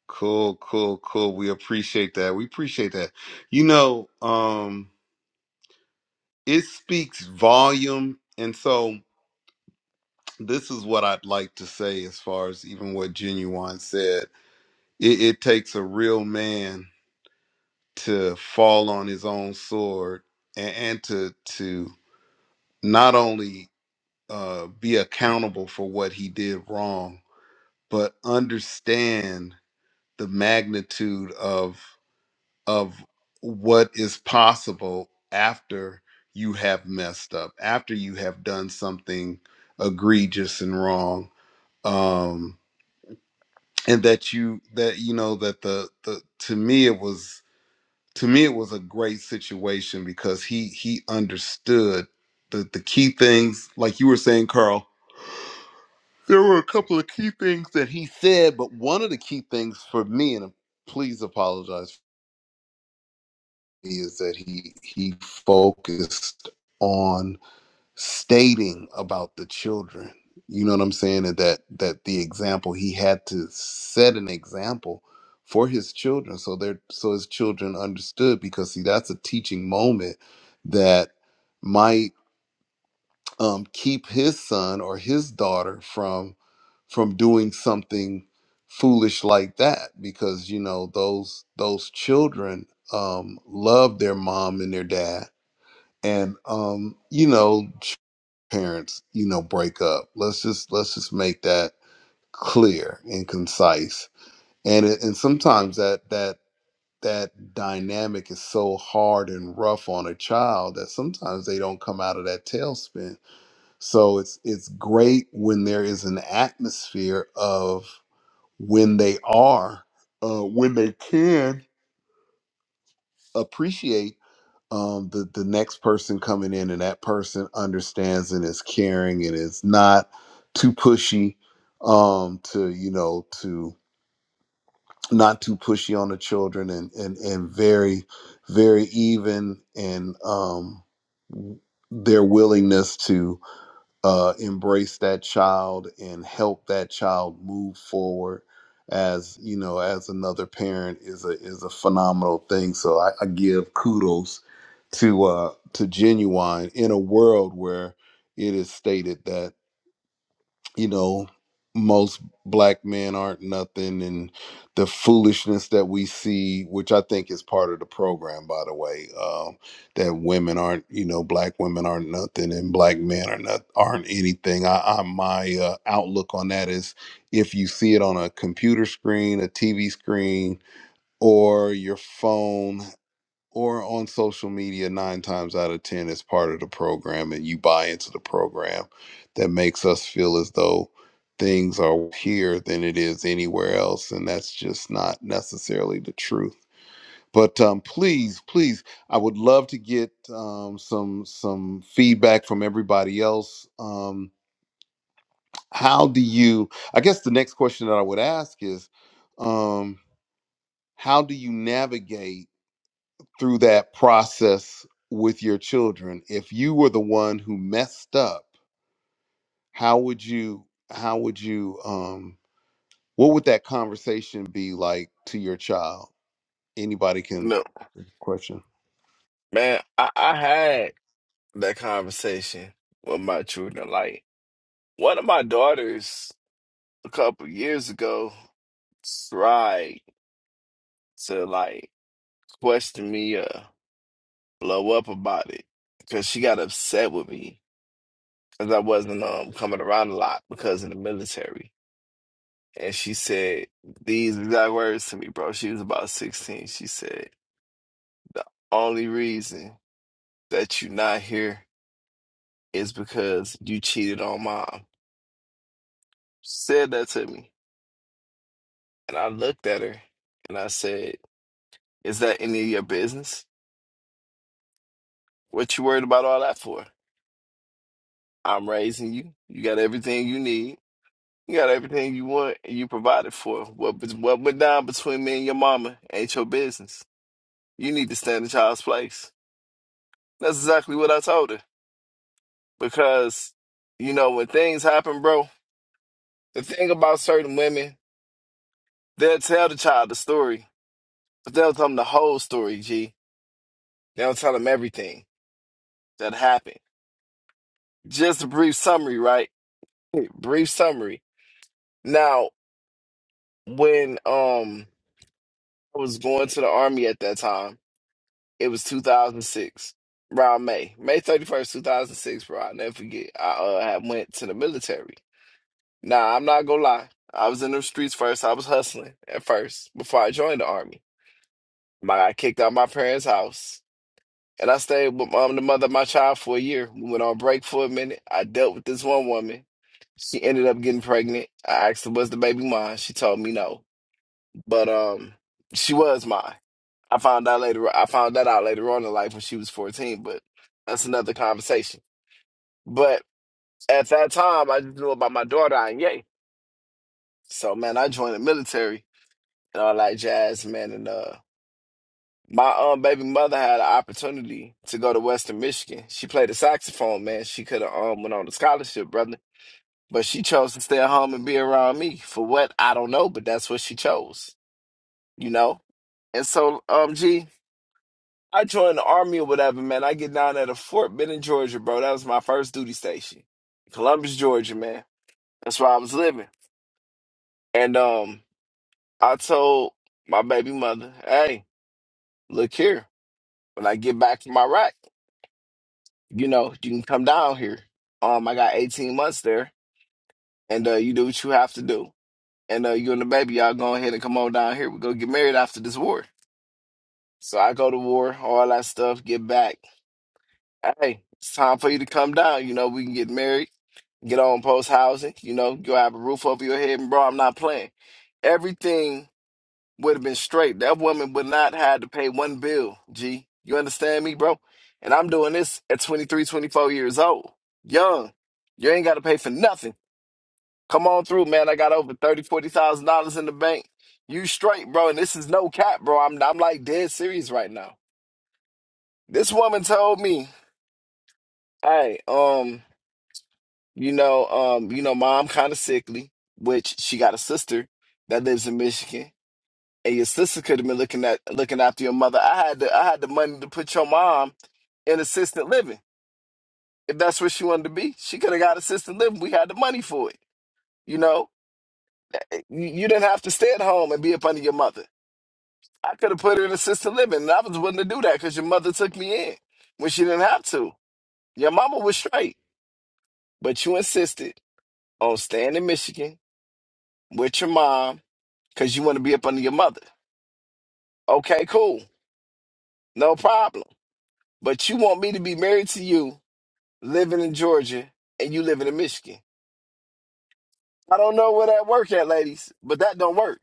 Cool, cool, cool. We appreciate that. We appreciate that. You know, um, it speaks volume. And so this is what I'd like to say as far as even what Genuine said. It, it takes a real man to fall on his own sword and, and to to not only uh, be accountable for what he did wrong, but understand the magnitude of. of what is possible after you have messed up, after you have done something egregious and wrong. Um and that you that you know that the the to me it was to me it was a great situation because he he understood the the key things like you were saying Carl there were a couple of key things that he said, but one of the key things for me, and please apologize is that he he focused on stating about the children you know what i'm saying and that that the example he had to set an example for his children so they're so his children understood because see that's a teaching moment that might um, keep his son or his daughter from from doing something foolish like that because you know those those children um, love their mom and their dad and um, you know ch- parents you know break up let's just let's just make that clear and concise and it, and sometimes that that that dynamic is so hard and rough on a child that sometimes they don't come out of that tailspin so it's it's great when there is an atmosphere of when they are, uh, when they can appreciate um, the the next person coming in, and that person understands and is caring and is not too pushy um, to you know to not too pushy on the children and and and very very even and um, their willingness to uh, embrace that child and help that child move forward as you know as another parent is a is a phenomenal thing so i, I give kudos to uh to genuine in a world where it is stated that you know most black men aren't nothing and the foolishness that we see which i think is part of the program by the way um, that women aren't you know black women aren't nothing and black men are not aren't anything i, I my uh, outlook on that is if you see it on a computer screen a tv screen or your phone or on social media nine times out of ten is part of the program and you buy into the program that makes us feel as though things are here than it is anywhere else and that's just not necessarily the truth but um, please please i would love to get um, some some feedback from everybody else um, how do you i guess the next question that i would ask is um, how do you navigate through that process with your children if you were the one who messed up how would you how would you um what would that conversation be like to your child anybody can No. question Man, I, I had that conversation with my children. Like, one of my daughters a couple years ago tried to like question me uh blow up about it because she got upset with me because I wasn't um coming around a lot because in the military. And she said these exact words to me, bro. She was about 16. She said, The only reason that you not here is because you cheated on mom. said that to me. And I looked at her and I said, Is that any of your business? What you worried about all that for? I'm raising you. You got everything you need. You got everything you want, and you provided for. What bet- what went down between me and your mama ain't your business. You need to stand in child's place. That's exactly what I told her. Because you know when things happen, bro. The thing about certain women, they'll tell the child the story, but they'll tell them the whole story. G. They don't tell them everything that happened. Just a brief summary, right? Brief summary. Now, when um I was going to the army at that time It was 2006, around May, May 31st, 2006, bro. I will never forget. I uh, had went to the military. Nah, I'm not gonna lie. I was in the streets first. I was hustling at first before I joined the army. I got kicked out my parents' house, and I stayed with um, the mother of my child for a year. We went on break for a minute. I dealt with this one woman. She ended up getting pregnant. I asked her, "Was the baby mine?" She told me no, but um, she was mine. I found out later. I found that out later on in life when she was fourteen, but that's another conversation. But at that time, I just knew about my daughter and yay. So man, I joined the military and all that jazz, man. And uh, my um baby mother had an opportunity to go to Western Michigan. She played the saxophone, man. She could have um went on a scholarship, brother, but she chose to stay at home and be around me for what I don't know, but that's what she chose, you know. And so, um, G. I joined the army or whatever, man. I get down at a Fort Benning, Georgia, bro. That was my first duty station. Columbus, Georgia, man. That's where I was living. And um, I told my baby mother, hey, look here. When I get back from Iraq, you know, you can come down here. Um, I got 18 months there, and uh, you do what you have to do. And uh, you and the baby, y'all go ahead and come on down here. we go get married after this war. So I go to war, all that stuff, get back. Hey, it's time for you to come down. You know, we can get married get on post housing, you know, go have a roof over your head. And bro, I'm not playing. Everything would have been straight. That woman would not have to pay one bill. G, you understand me, bro? And I'm doing this at 23, 24 years old, young. You ain't got to pay for nothing. Come on through, man. I got over thirty, forty thousand dollars in the bank. You straight, bro. And this is no cap, bro. I'm I'm like dead serious right now. This woman told me, "Hey, um." You know, um, you know, mom kind of sickly, which she got a sister that lives in Michigan, and your sister could have been looking at looking after your mother. I had the I had the money to put your mom in assisted living if that's what she wanted to be. She could have got assisted living. We had the money for it. You know, you, you didn't have to stay at home and be up under your mother. I could have put her in assisted living, and I was willing to do that because your mother took me in when she didn't have to. Your mama was straight, but you insisted on staying in Michigan with your mom because you want to be up under your mother. Okay, cool. No problem. But you want me to be married to you living in Georgia and you living in Michigan. I don't know where that work at, ladies, but that don't work.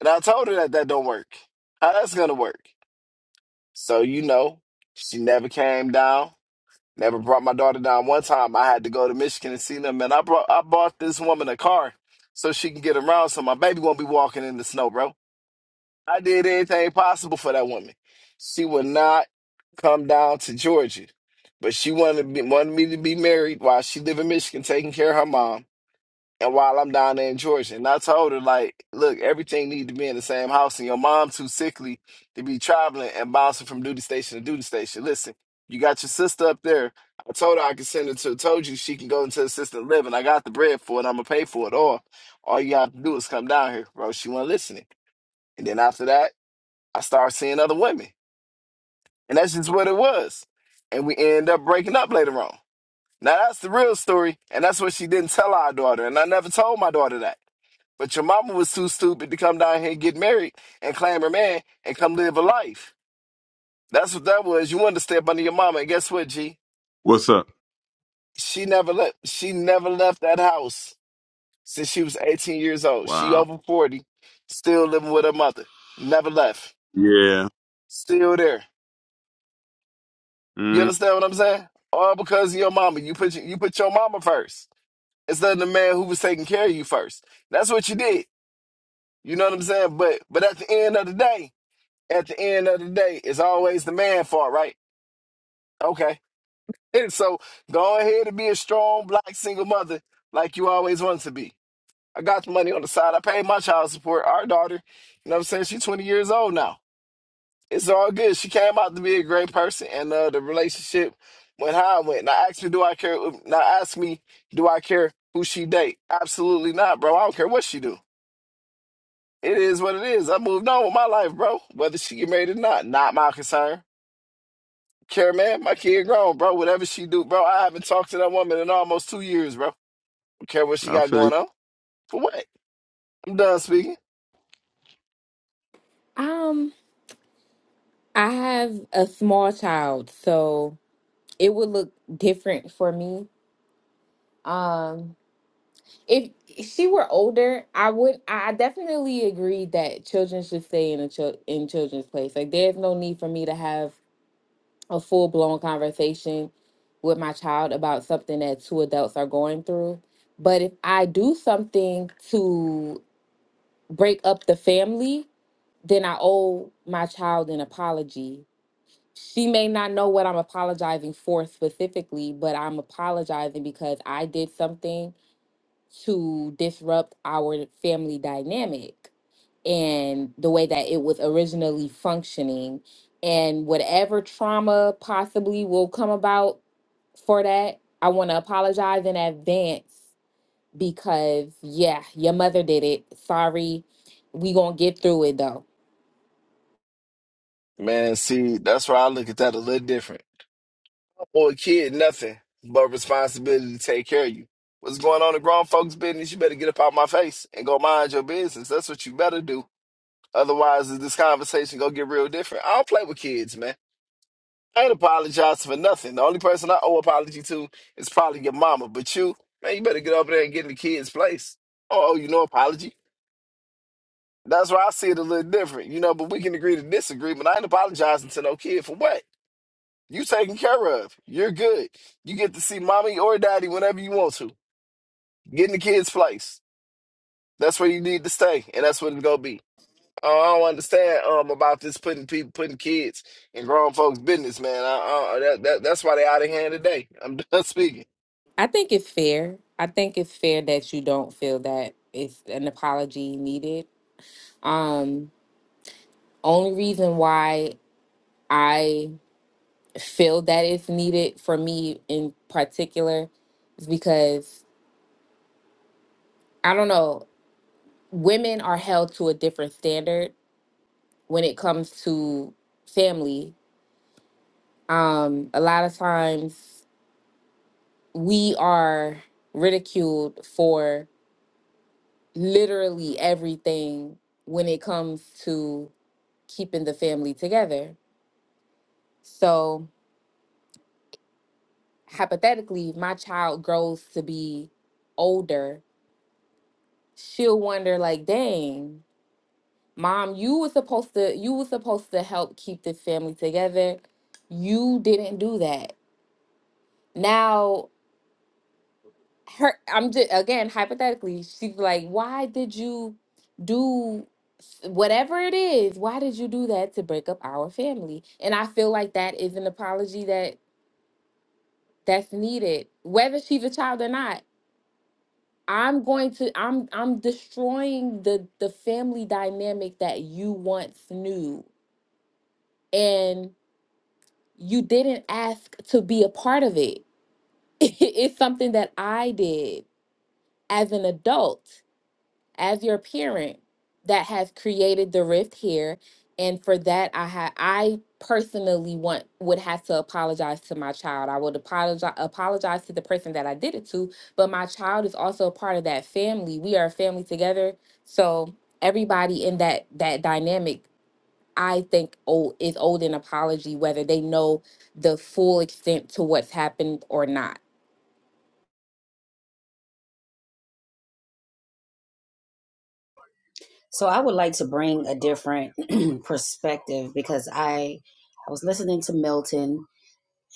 And I told her that that don't work. How that's going to work? So, you know, she never came down, never brought my daughter down. One time I had to go to Michigan and see them, and I, brought, I bought this woman a car so she can get around so my baby won't be walking in the snow, bro. I did anything possible for that woman. She would not come down to Georgia, but she wanted to be, wanted me to be married while she lived in Michigan, taking care of her mom, and while I'm down there in Georgia. And I told her like, look, everything needs to be in the same house, and your mom too sickly to be traveling and bouncing from duty station to duty station. Listen, you got your sister up there. I told her I could send her to. Told you she can go into assisted living. I got the bread for it. I'm gonna pay for it. all. all you have to do is come down here, bro. She wasn't listening. And then after that. I started seeing other women. And that's just what it was. And we end up breaking up later on. Now that's the real story, and that's what she didn't tell our daughter. And I never told my daughter that. But your mama was too stupid to come down here and get married and claim her man and come live a life. That's what that was. You wanted to step under your mama, and guess what, G? What's up? She never left she never left that house since she was 18 years old. She Wow. over 40, still living with her mother. Never left. Yeah. Still there. You Mm, understand what I'm saying? All because of your mama. You put your, you put your mama first instead of the man who was taking care of you first. That's what you did. You know what I'm saying? But but at the end of the day, at the end of the day, it's always the man fault, right? Okay. And so go ahead and be a strong black single mother like you always wanted to be. I got the money on the side. I paid my child support. Our daughter, you know what I'm saying? She's 20 years old now. it's all good. She came out to be a great person, and uh, the relationship went how it went. Now ask me, do I care? Now ask me, do I care who she date? Absolutely not, bro. I don't care what she do. It is what it is. I moved on with my life, bro. Whether she get married or not, not my concern. Care, man. My kid grown, bro. Whatever she do, bro. I haven't talked to that woman in almost two years, bro. Don't care what she I got feel going you. on. For what? I'm done speaking. Um I have a small child, so it would look different for me. Um if she were older, I would I I definitely agree that children should stay in a child in children's place. Like there's no need for me to have a full blown conversation with my child about something that two adults are going through. But if I do something to break up the family, then I owe my child an apology. She may not know what I'm apologizing for specifically, but I'm apologizing because I did something to disrupt our family dynamic and the way that it was originally functioning and whatever trauma possibly will come about for that i want to apologize in advance because yeah your mother did it sorry we gonna get through it though Man, see, that's where I look at that a little different. or a kid nothing but responsibility to take care of you. What's going on in grown folks' business? You better get up out my face and go mind your business. That's what you better do. Otherwise, this conversation gonna get real different. I don't play with kids, man. I ain't apologize for nothing. The only person I owe apology to is probably your mama. But you, man, you better get over there and get in the kid's place. Oh, you know apology. That's why I see it a little different, you know. But we can agree to disagree. But I ain't apologizing to no kid for what. You taken care of. You're good. You get to see mommy or daddy whenever you want to. Get in the kids' place. That's where you need to stay, and that's what it's gonna be. Uh, I don't understand um about this putting people putting kids in grown folks' business, man. I, I, that, that that's why they out of hand today. I'm done speaking. i think it's fair i think it's fair that you don't feel that it's an apology needed um only reason why I. feel that it's needed for me in particular is because I don't know, women are held to a different standard when it comes to family. Um, a lot of times we are ridiculed for literally everything when it comes to keeping the family together. So, hypothetically, if my child grows to be older, she'll wonder, like, dang, Mom, you were supposed to you were supposed to help keep this family together. You didn't do that. Now her I'm just again hypothetically, she's like, why did you do s- whatever it is? Why did you do that to break up our family? And I feel like that is an apology that that's needed. Whether she's a child or not, I'm going to I'm I'm destroying the the family dynamic that you once knew. And you didn't ask to be a part of it. it's something that I did as an adult, as your parent, that has created the rift here. And for that, I had I personally want would have to apologize to my child. I would apologize apologize to the person that I did it to, but my child is also a part of that family. We are a family together, so everybody in that that dynamic I think old is owed an apology, whether they know the full extent to what's happened or not. So I would like to bring a different perspective because I I was listening to Milton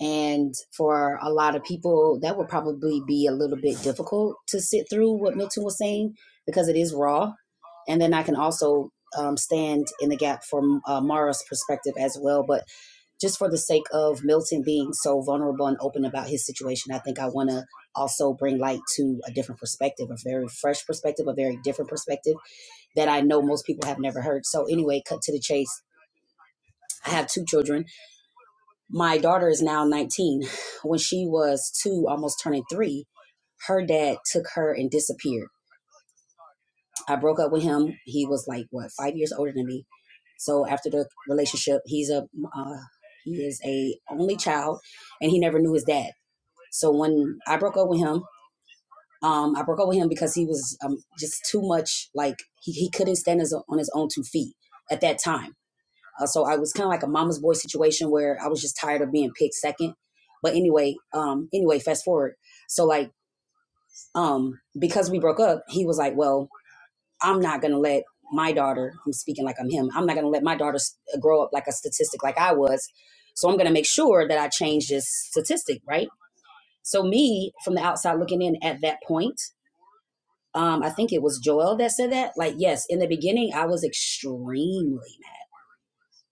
and for a lot of people that would probably be a little bit difficult to sit through what Milton was saying because it is raw and then I can also um, stand in the gap from uh, Mara's perspective as well but just for the sake of Milton being so vulnerable and open about his situation I think I want to also bring light to a different perspective a very fresh perspective a very different perspective that I know most people have never heard. So, anyway, cut to the chase. I have two children. My daughter is now 19. When she was two, almost turning three, her dad took her and disappeared. I broke up with him. He was like, what, five years older than me. So, after the relationship, he's a, uh, he is a only child and he never knew his dad. So, when I broke up with him, um, I broke up with him because he was um, just too much like he, he couldn't stand his, on his own two feet at that time Uh, so I was kind of like a mama's boy situation where I was just tired of being picked second. But anyway, um, anyway, fast forward. So like, um, because we broke up, he was like, well, I'm not gonna let my daughter. I'm speaking like I'm him. I'm not gonna let my daughter grow up like a statistic like I was. So I'm gonna make sure that I change this statistic, right? So me from the outside looking in at that point, um, I think it was Joel that said that. Like, yes, in the beginning, I was extremely mad.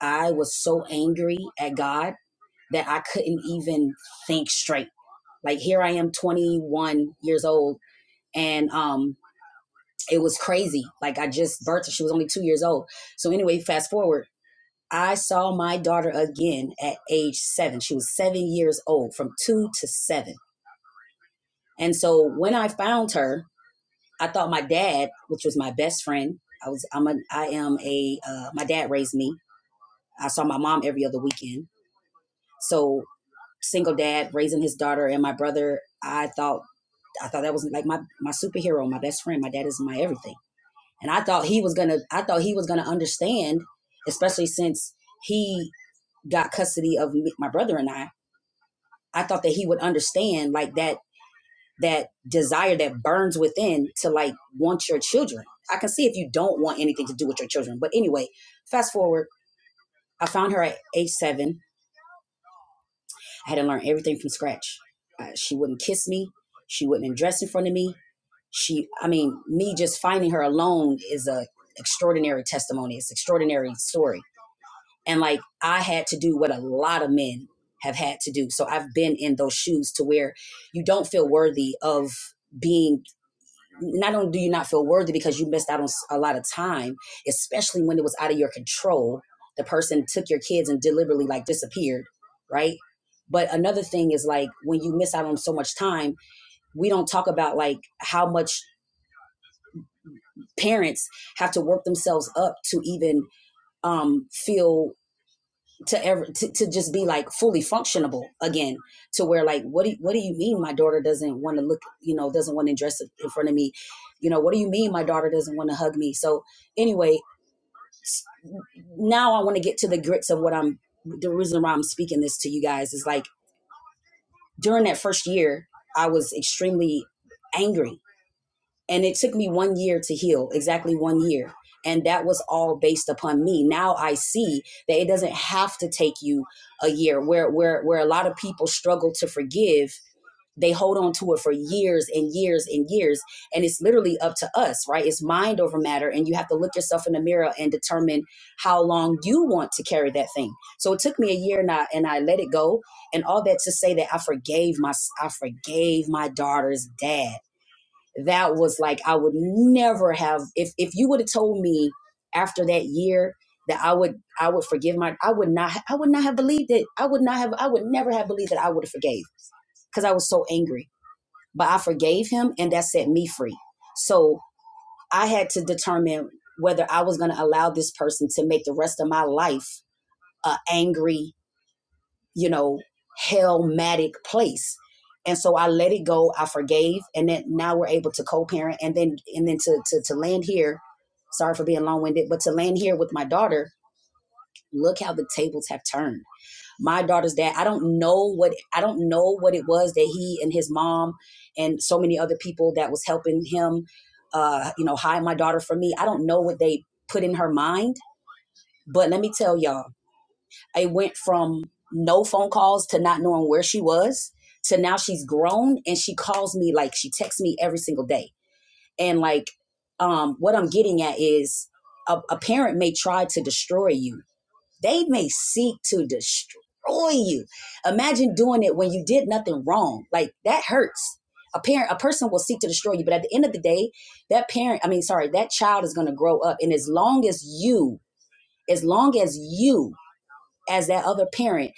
I was so angry at God that I couldn't even think straight. Like here I am 21 years old and um it was crazy. Like I just birthed her. She was only 2 years old. So anyway, fast forward. I saw my daughter again at age 7. She was 7 years old from 2 to 7. And so when I found her, I thought my dad, which was my best friend, I was I'm a I am a uh, my dad raised me. I saw my mom every other weekend. So single dad raising his daughter and my brother, I thought I thought that was like my my superhero, my best friend. My dad is my everything, and I thought he was gonna. I thought he was gonna understand, especially since he got custody of me, my brother and I. I thought that he would understand like that that desire that burns within to like want your children. I can see if you don't want anything to do with your children, but anyway, fast forward. I found her at age seven I had to learn everything from scratch. Uh, she wouldn't kiss me. She wouldn't dress in front of me. She, I mean, me just finding her alone is a extraordinary testimony. It's an extraordinary story. And like I had to do what a lot of men have had to do. So I've been in those shoes to where you don't feel worthy of being not only do you not feel worthy because you missed out on a lot of time, especially when it was out of your control. The person took your kids and deliberately like disappeared, right? But another thing is like when you miss out on so much time, we don't talk about like how much parents have to work themselves up to even um, feel to ever to, to just be like fully functionable again to where like what do what do you mean my daughter doesn't want to look you know doesn't want to dress in front of me you know what do you mean my daughter doesn't want to hug me so anyway now i want to get to the grits of what i'm the reason why i'm speaking this to you guys is like during that first year i was extremely angry and it took me one year to heal exactly one year and that was all based upon me now i see that it doesn't have to take you a year where where where a lot of people struggle to forgive they hold on to it for years and years and years and it's literally up to us right it's mind over matter and you have to look yourself in the mirror and determine how long you want to carry that thing so it took me a year and i and i let it go and all that to say that i forgave my i forgave my daughter's dad that was like I would never have if if you would have told me after that year that I would I would forgive my I would not I would not have believed it. I would not have I would never have believed that I would have forgave because I was so angry. But I forgave him and that set me free. So I had to determine whether I was going to allow this person to make the rest of my life a angry you know, hellmatic place. And so I let it go. I forgave, and then now we're able to co-parent, and then and then to to, to land here. Sorry for being long-winded, but to land here with my daughter. Look how the tables have turned. My daughter's dad. I don't know what I don't know what it was that he and his mom and so many other people that was helping him, uh, you know, hide my daughter from me. I don't know what they put in her mind, but let me tell y'all it went from no phone calls to not knowing where she was to now she's grown and she calls me like she texts me every single day. And like, um, what I'm getting at is a, a parent may try to destroy you. They may seek to destroy you. Imagine doing it when you did nothing wrong. Like that hurts. A parent, a person will seek to destroy you, but at the end of the day, that parent, I mean, sorry, that child is going to grow up. And as long as you, as long as you as that other parent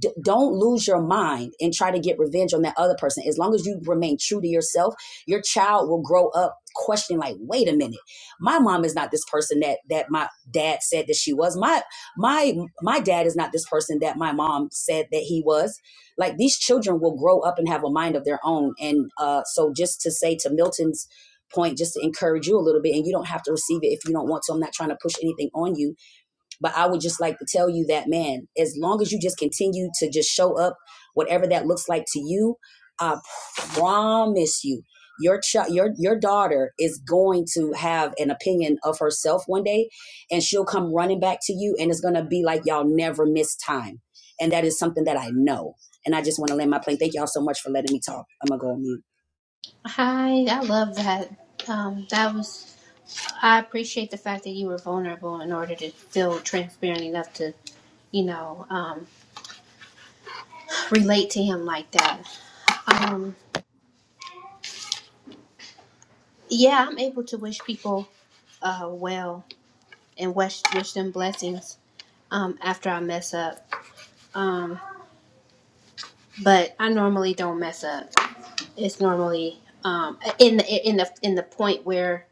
d- don't lose your mind and try to get revenge on that other person as long as you remain true to yourself your child will grow up questioning like wait a minute my mom is not this person that that my dad said that she was my my my dad is not this person that my mom said that he was like these children will grow up and have a mind of their own and uh so just to say to milton's point just to encourage you a little bit and you don't have to receive it if you don't want to i'm not trying to push anything on you but I would just like to tell you that, man, as long as you just continue to just show up, whatever that looks like to you, I promise you, your child, your your daughter is going to have an opinion of herself one day, and she'll come running back to you, and it's gonna be like y'all never miss time, and that is something that I know. And I just want to land my plane. Thank y'all so much for letting me talk. I'm gonna go on mute. Hi, I love that. Um, that was. I appreciate the fact that you were vulnerable in order to feel transparent enough to, you know, um, relate to him like that. Um, Yeah, I'm able to wish people uh, well and wish wish them blessings um, after I mess up. Um, but I normally don't mess up. It's normally um, in the in the in the point where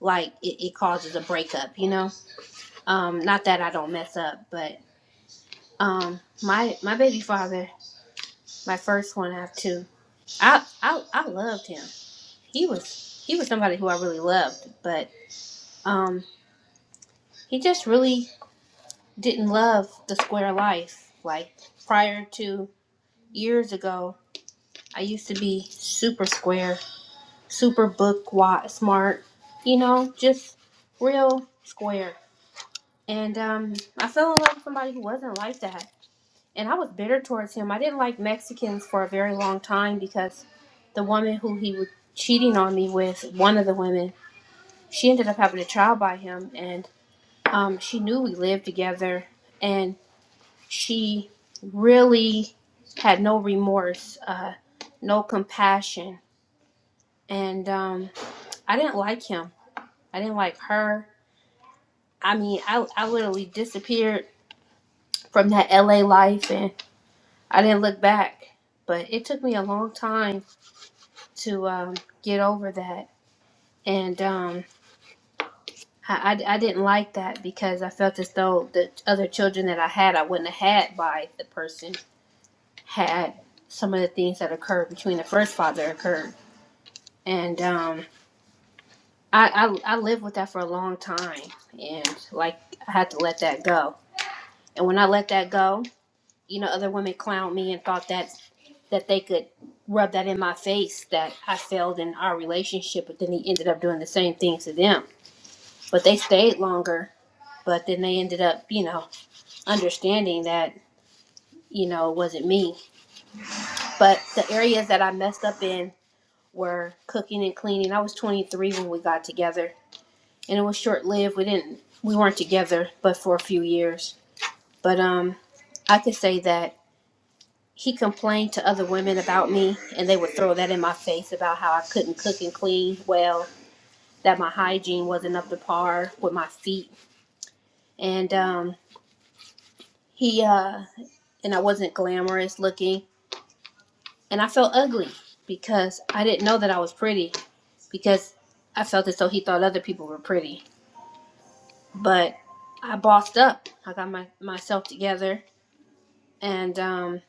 like it, it causes a breakup. You know, um, not that I don't mess up, but um, my my baby father, my first one, I have two. I I I loved him. He was he was somebody who I really loved, but um, he just really didn't love the square life. Like prior to years ago, I used to be super square, super book wa- smart, you know, just real square. And um, I fell in love with somebody who wasn't like that. And I was bitter towards him. I didn't like Mexicans for a very long time because the woman who he was cheating on me with, one of the women, she ended up having a child by him. And um, she knew we lived together. and. She really had no remorse, uh, no compassion. And um, I didn't like him. I didn't like her. I mean, I, I literally disappeared from that LA life and I didn't look back. But it took me a long time to um, get over that. And um, I, I, I didn't like that because I felt as though the other children that I had, I wouldn't have had by the person had some of the things that occurred between the first father occurred. and um, I, I I lived with that for a long time, and like I had to let that go. And when I let that go, you know, other women clowned me and thought that that they could rub that in my face that I failed in our relationship, but then he ended up doing the same thing to them. But they stayed longer, but then they ended up, you know, understanding that you know it wasn't me. But the areas that I messed up in were cooking and cleaning. I was 23 when we got together and it was short lived. We didn't we weren't together but for a few years. But um I could say that he complained to other women about me and they would throw that in my face about how I couldn't cook and clean well, that my hygiene wasn't up to par with my feet. And um he uh and I wasn't glamorous looking and I felt ugly because I didn't know that I was pretty because I felt as though he thought other people were pretty. But I bossed up. I got my myself together and um,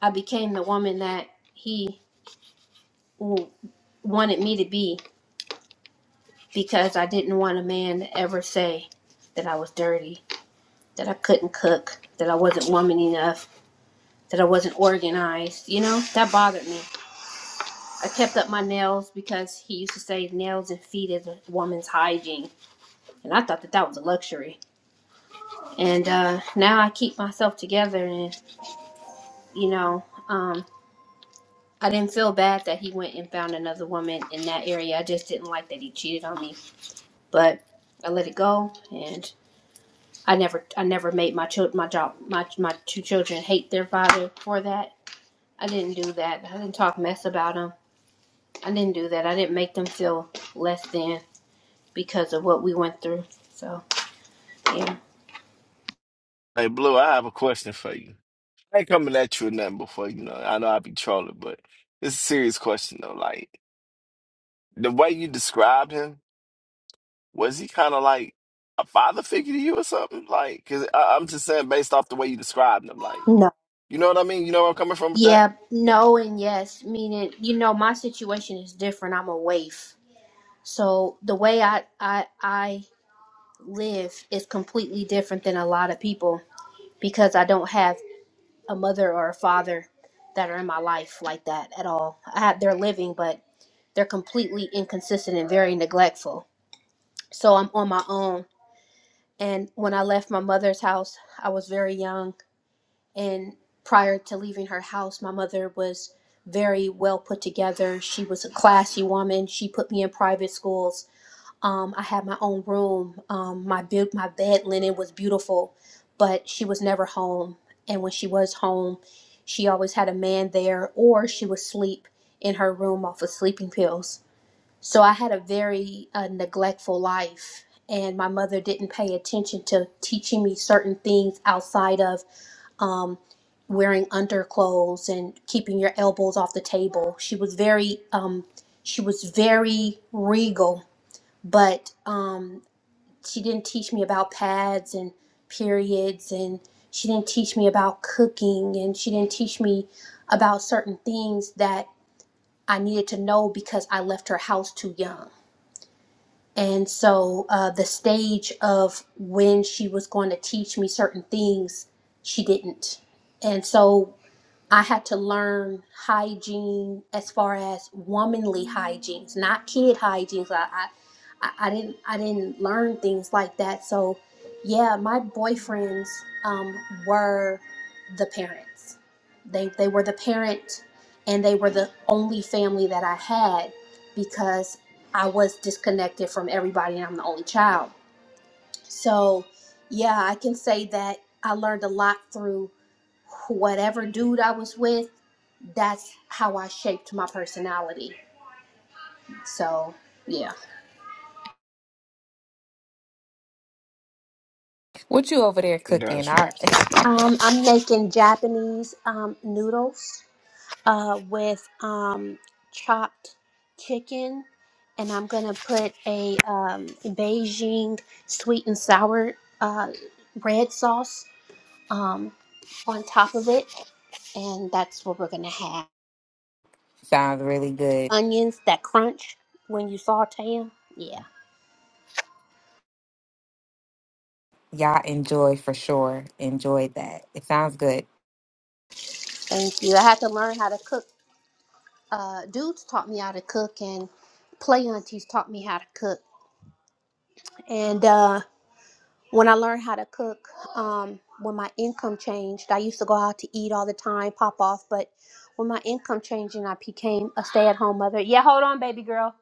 I became the woman that he w- wanted me to be because I didn't want a man to ever say that I was dirty, that I couldn't cook, that I wasn't woman enough, that I wasn't organized. You know, that bothered me. I kept up my nails because he used to say nails and feet is a woman's hygiene, and I thought that that was a luxury. And uh, now I keep myself together, and you know. Um, I didn't feel bad that he went and found another woman in that area. I just didn't like that he cheated on me, but I let it go, and I never, I never made my child, my job, my my two children hate their father for that. I didn't do that. I didn't talk mess about them. I didn't do that. I didn't make them feel less than because of what we went through. So yeah, Hey, Blue, I have a question for you. I ain't coming at you or nothing before you know. I know I be trolling, but it's a serious question though. Like the way you described him, was he kind of like a father figure to you or something? Like, cause I, I'm just saying based off the way you described him, like, no, you know what I mean? You know where I'm coming from with that? yeah, no, and yes. Meaning, you know, my situation is different. I'm a waif, so the way I, I, I live is completely different than a lot of people because I don't have a mother or a father that are in my life like that at all. I have, they're living, but they're completely inconsistent and very neglectful. So I'm on my own. And when I left my mother's house, I was very young. And prior to leaving her house, my mother was very well put together. She was a classy woman. She put me in private schools Um, I had my own room. Um, my bu- my bed linen was beautiful, but she was never home. And when she was home, she always had a man there, or she would sleep in her room off of sleeping pills. So I had a very uh, neglectful life, and my mother didn't pay attention to teaching me certain things outside of um, wearing underclothes and keeping your elbows off the table. She was very um, she was very regal but um, she didn't teach me about pads and periods and she didn't teach me about cooking and she didn't teach me about certain things that i needed to know because i left her house too young and so uh, the stage of when she was going to teach me certain things she didn't and so I had to learn hygiene as far as womanly hygienes, not kid hygienes. I, I, I I didn't, I didn't learn things like that. So, yeah, my boyfriends um, were the parents. They, they were the parent, and they were the only family that I had because I was disconnected from everybody, and I'm the only child. So, yeah, I can say that I learned a lot through whatever dude I was with. That's how I shaped my personality. So, yeah. What you over there cooking? Gotcha. Our Um, I'm making Japanese um, noodles uh, with um, chopped chicken, and I'm gonna put a um, Beijing sweet and sour uh, red sauce um, on top of it, and that's what we're gonna have. sounds really good. onions that crunch when you saute them. Yeah, Y'all enjoy for sure. Enjoy that. It sounds good. thank you. I had to learn how to cook. Uh, dudes taught me how to cook, and play aunties taught me how to cook. And uh, when I learned how to cook, um, when my income changed, I used to go out to eat all the time, pop off. But when my income changed and I became a stay at home mother, yeah, hold on, baby girl.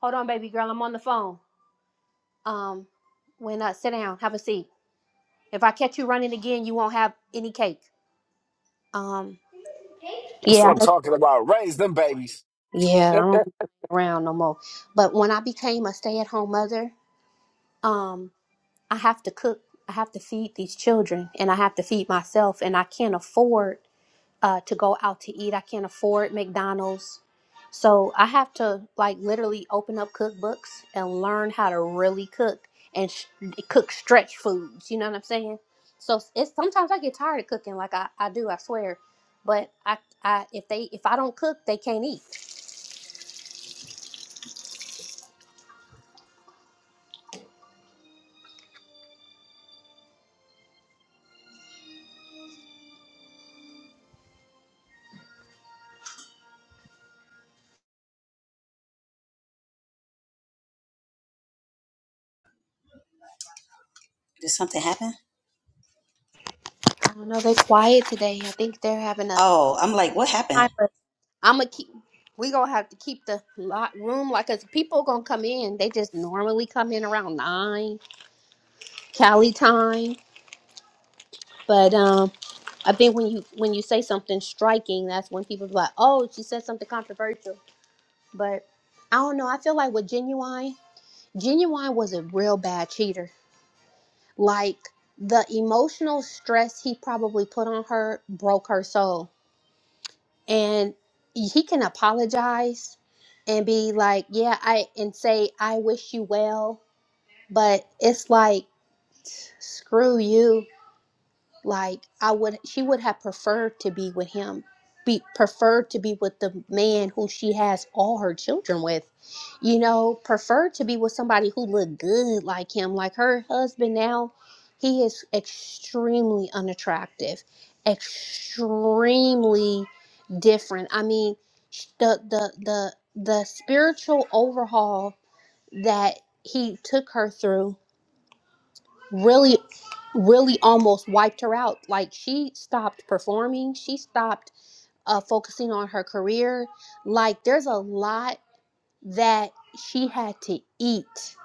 Hold on, baby girl. I'm on the phone. Um, when uh, sit down, have a seat. If I catch you running again, you won't have any cake. Um, That's what yeah, I'm talking about. Raise them babies. Yeah, I don't be around no more. But when I became a stay-at-home mother, um, I have to cook, I have to feed these children, and I have to feed myself, and I can't afford uh, to go out to eat. I can't afford McDonald's, so I have to like literally open up cookbooks and learn how to really cook and sh- cook stretch foods. You know what I'm saying? So it's sometimes I get tired of cooking, like I, I do, I swear. But I, I if they if I don't cook, they can't eat. Did something happen? I don't know they're quiet today. I think they're having a Oh, I'm like, what happened? time, but I'm gonna keep. We gonna have to keep the lot room like, cause people gonna come in. They just normally come in around nine Cali time, but um, I think when you when you say something striking, that's when people be like, "Oh, she said something controversial." But I don't know. I feel like with genuine, genuine was a real bad cheater. Like the emotional stress he probably put on her broke her soul and he can apologize and be like yeah i and say i wish you well but it's like screw you like i would she would have preferred to be with him be preferred to be with the man who she has all her children with you know preferred to be with somebody who looked good like him like her husband now he is extremely unattractive extremely different i mean sh- the the the the spiritual overhaul that he took her through really really almost wiped her out like she stopped performing she stopped uh, focusing on her career like there's a lot that she had to eat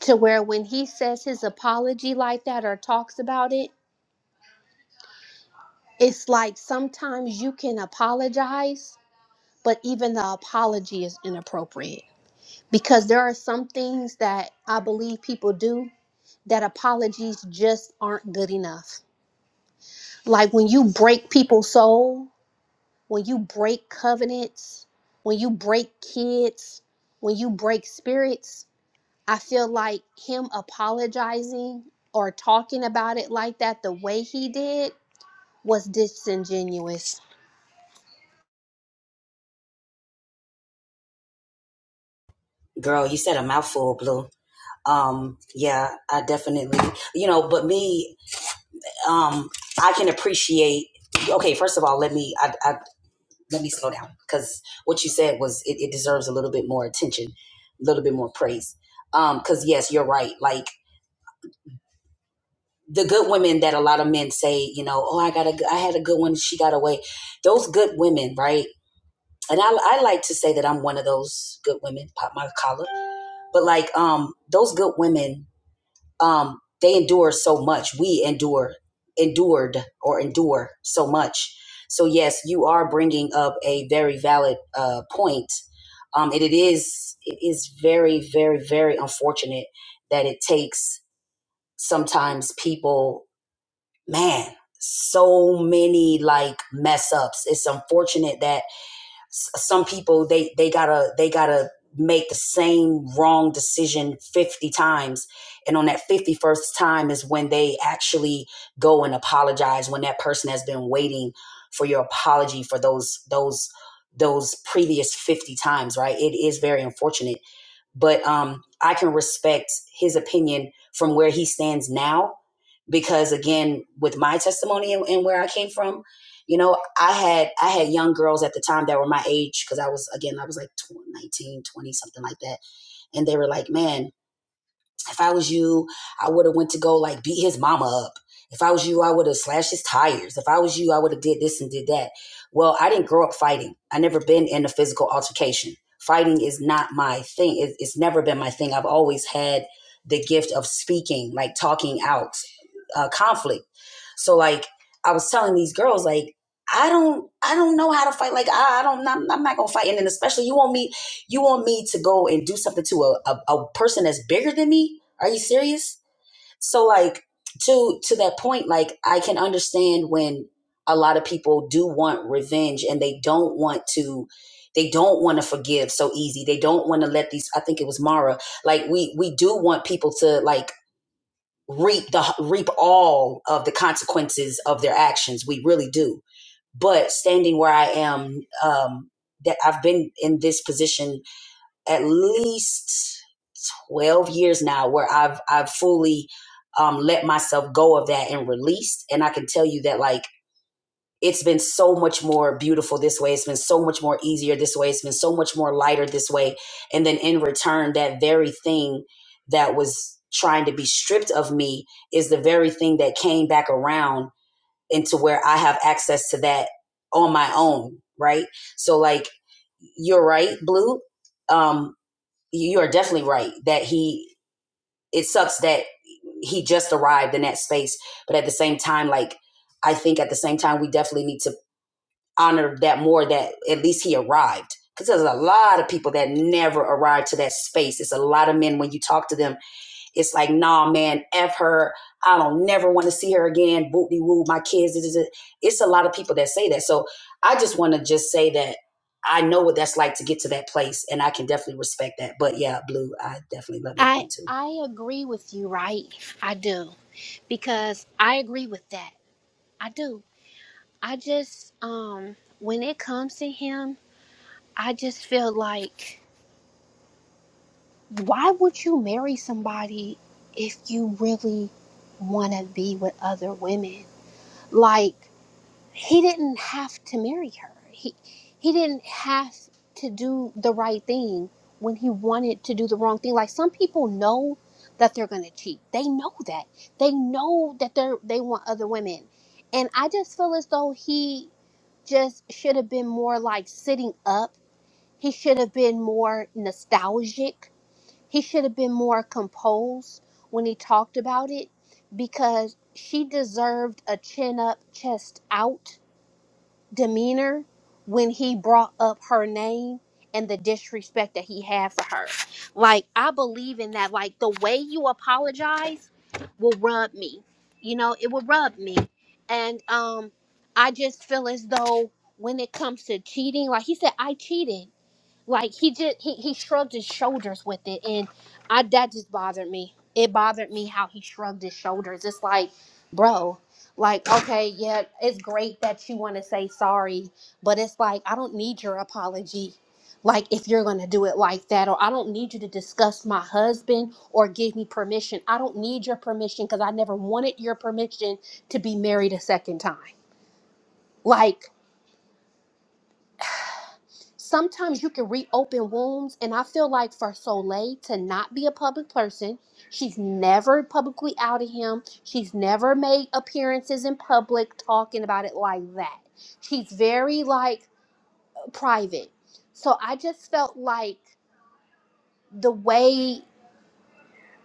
to where when he says his apology like that or talks about it it's like sometimes you can apologize but even the apology is inappropriate because there are some things that i believe people do that apologies just aren't good enough Like when you break people's soul, when you break covenants, when you break kids, when you break spirits, I feel like him apologizing or talking about it like that the way he did was disingenuous. Girl, you said a mouthful, Blue. Um, yeah, I definitely, you know, but me, um, I can appreciate. Okay, first of all, let me, I, I let me slow down because what you said was it, it deserves a little bit more attention, a little bit more praise. Um, because yes, you're right. Like the good women that a lot of men say, you know, oh, I got a, I had a good one, she got away. Those good women, right? And I, I like to say that I'm one of those good women. Pop my collar, but like, um, those good women um, they endure so much. We endure, endured, or endure so much. So yes, you are bringing up a very valid uh, point, um, and it is it is very, very, very unfortunate that it takes sometimes people, man, so many like mess ups. It's unfortunate that s- some people they they gotta they gotta make the same wrong decision 50 times and on that 51st time is when they actually go and apologize when that person has been waiting for your apology for those those those previous 50 times right it is very unfortunate but um i can respect his opinion from where he stands now because again with my testimony and, and where i came from you know i had i had young girls at the time that were my age because i was again i was like 19, 20, something like that and they were like man if I was you, I would have went to go like beat his mama up. If I was you, I would have slashed his tires. If I was you, I would have did this and did that. Well, I didn't grow up fighting. I never been in a physical altercation. Fighting is not my thing. It, it's never been my thing. I've always had the gift of speaking, like talking out uh, conflict. So like I was telling these girls, like I don't, I don't know how to fight. Like I, I don't, I'm, I'm not gonna fight. And then especially you want me. You want me to go and do something to a, a, a person that's bigger than me? Are you serious? So like to to that point, like I can understand when a lot of people do want revenge and they don't want to they don't want to forgive so easy. They don't want to let these I think it was Mara, like we we do want people to like reap the reap all of the consequences of their actions. We really do. But standing where I am, um, that I've been in this position at least 12 years now where I've I've fully um, let myself go of that and released and I can tell you that like it's been so much more beautiful this way it's been so much more easier this way it's been so much more lighter this way and then in return that very thing that was trying to be stripped of me is the very thing that came back around into where I have access to that on my own right so like you're right blue um you are definitely right that he it sucks that he just arrived in that space but at the same time like i think at the same time we definitely need to honor that more that at least he arrived because there's a lot of people that never arrived to that space it's a lot of men when you talk to them it's like, nah, man, F her. I don't never want to see her again. Boot de woo, my kids. This is it. It's a lot of people that say that. So I just want to just say that I know what that's like to get to that place, and I can definitely respect that. But yeah, Blue, I definitely love your I point too. I agree with you, right? I do. Because I agree with that. I do. I just um when it comes to him, I just feel like why would you marry somebody if you really want to be with other women like he didn't have to marry her he he didn't have to do the right thing when he wanted to do the wrong thing like some people know that they're going to cheat they know that they know that they're they want other women and i just feel as though he just should have been more like sitting up he should have been more nostalgic he should have been more composed when he talked about it because she deserved a chin up, chest out demeanor when he brought up her name and the disrespect that he had for her. Like, I believe in that. Like, the way you apologize will rub me. You know, it will rub me. And um, I just feel as though when it comes to cheating, like he said, I cheated. Like he just he, he shrugged his shoulders with it, and I that just bothered me. It bothered me how he shrugged his shoulders. It's like, bro, like okay, yeah, it's great that you want to say sorry, but it's like I don't need your apology. Like if you're gonna do it like that, or I don't need you to discuss my husband or give me permission. I don't need your permission because I never wanted your permission to be married a second time. Like sometimes you can reopen wounds and i feel like for soleil to not be a public person she's never publicly outed him she's never made appearances in public talking about it like that she's very like private so i just felt like the way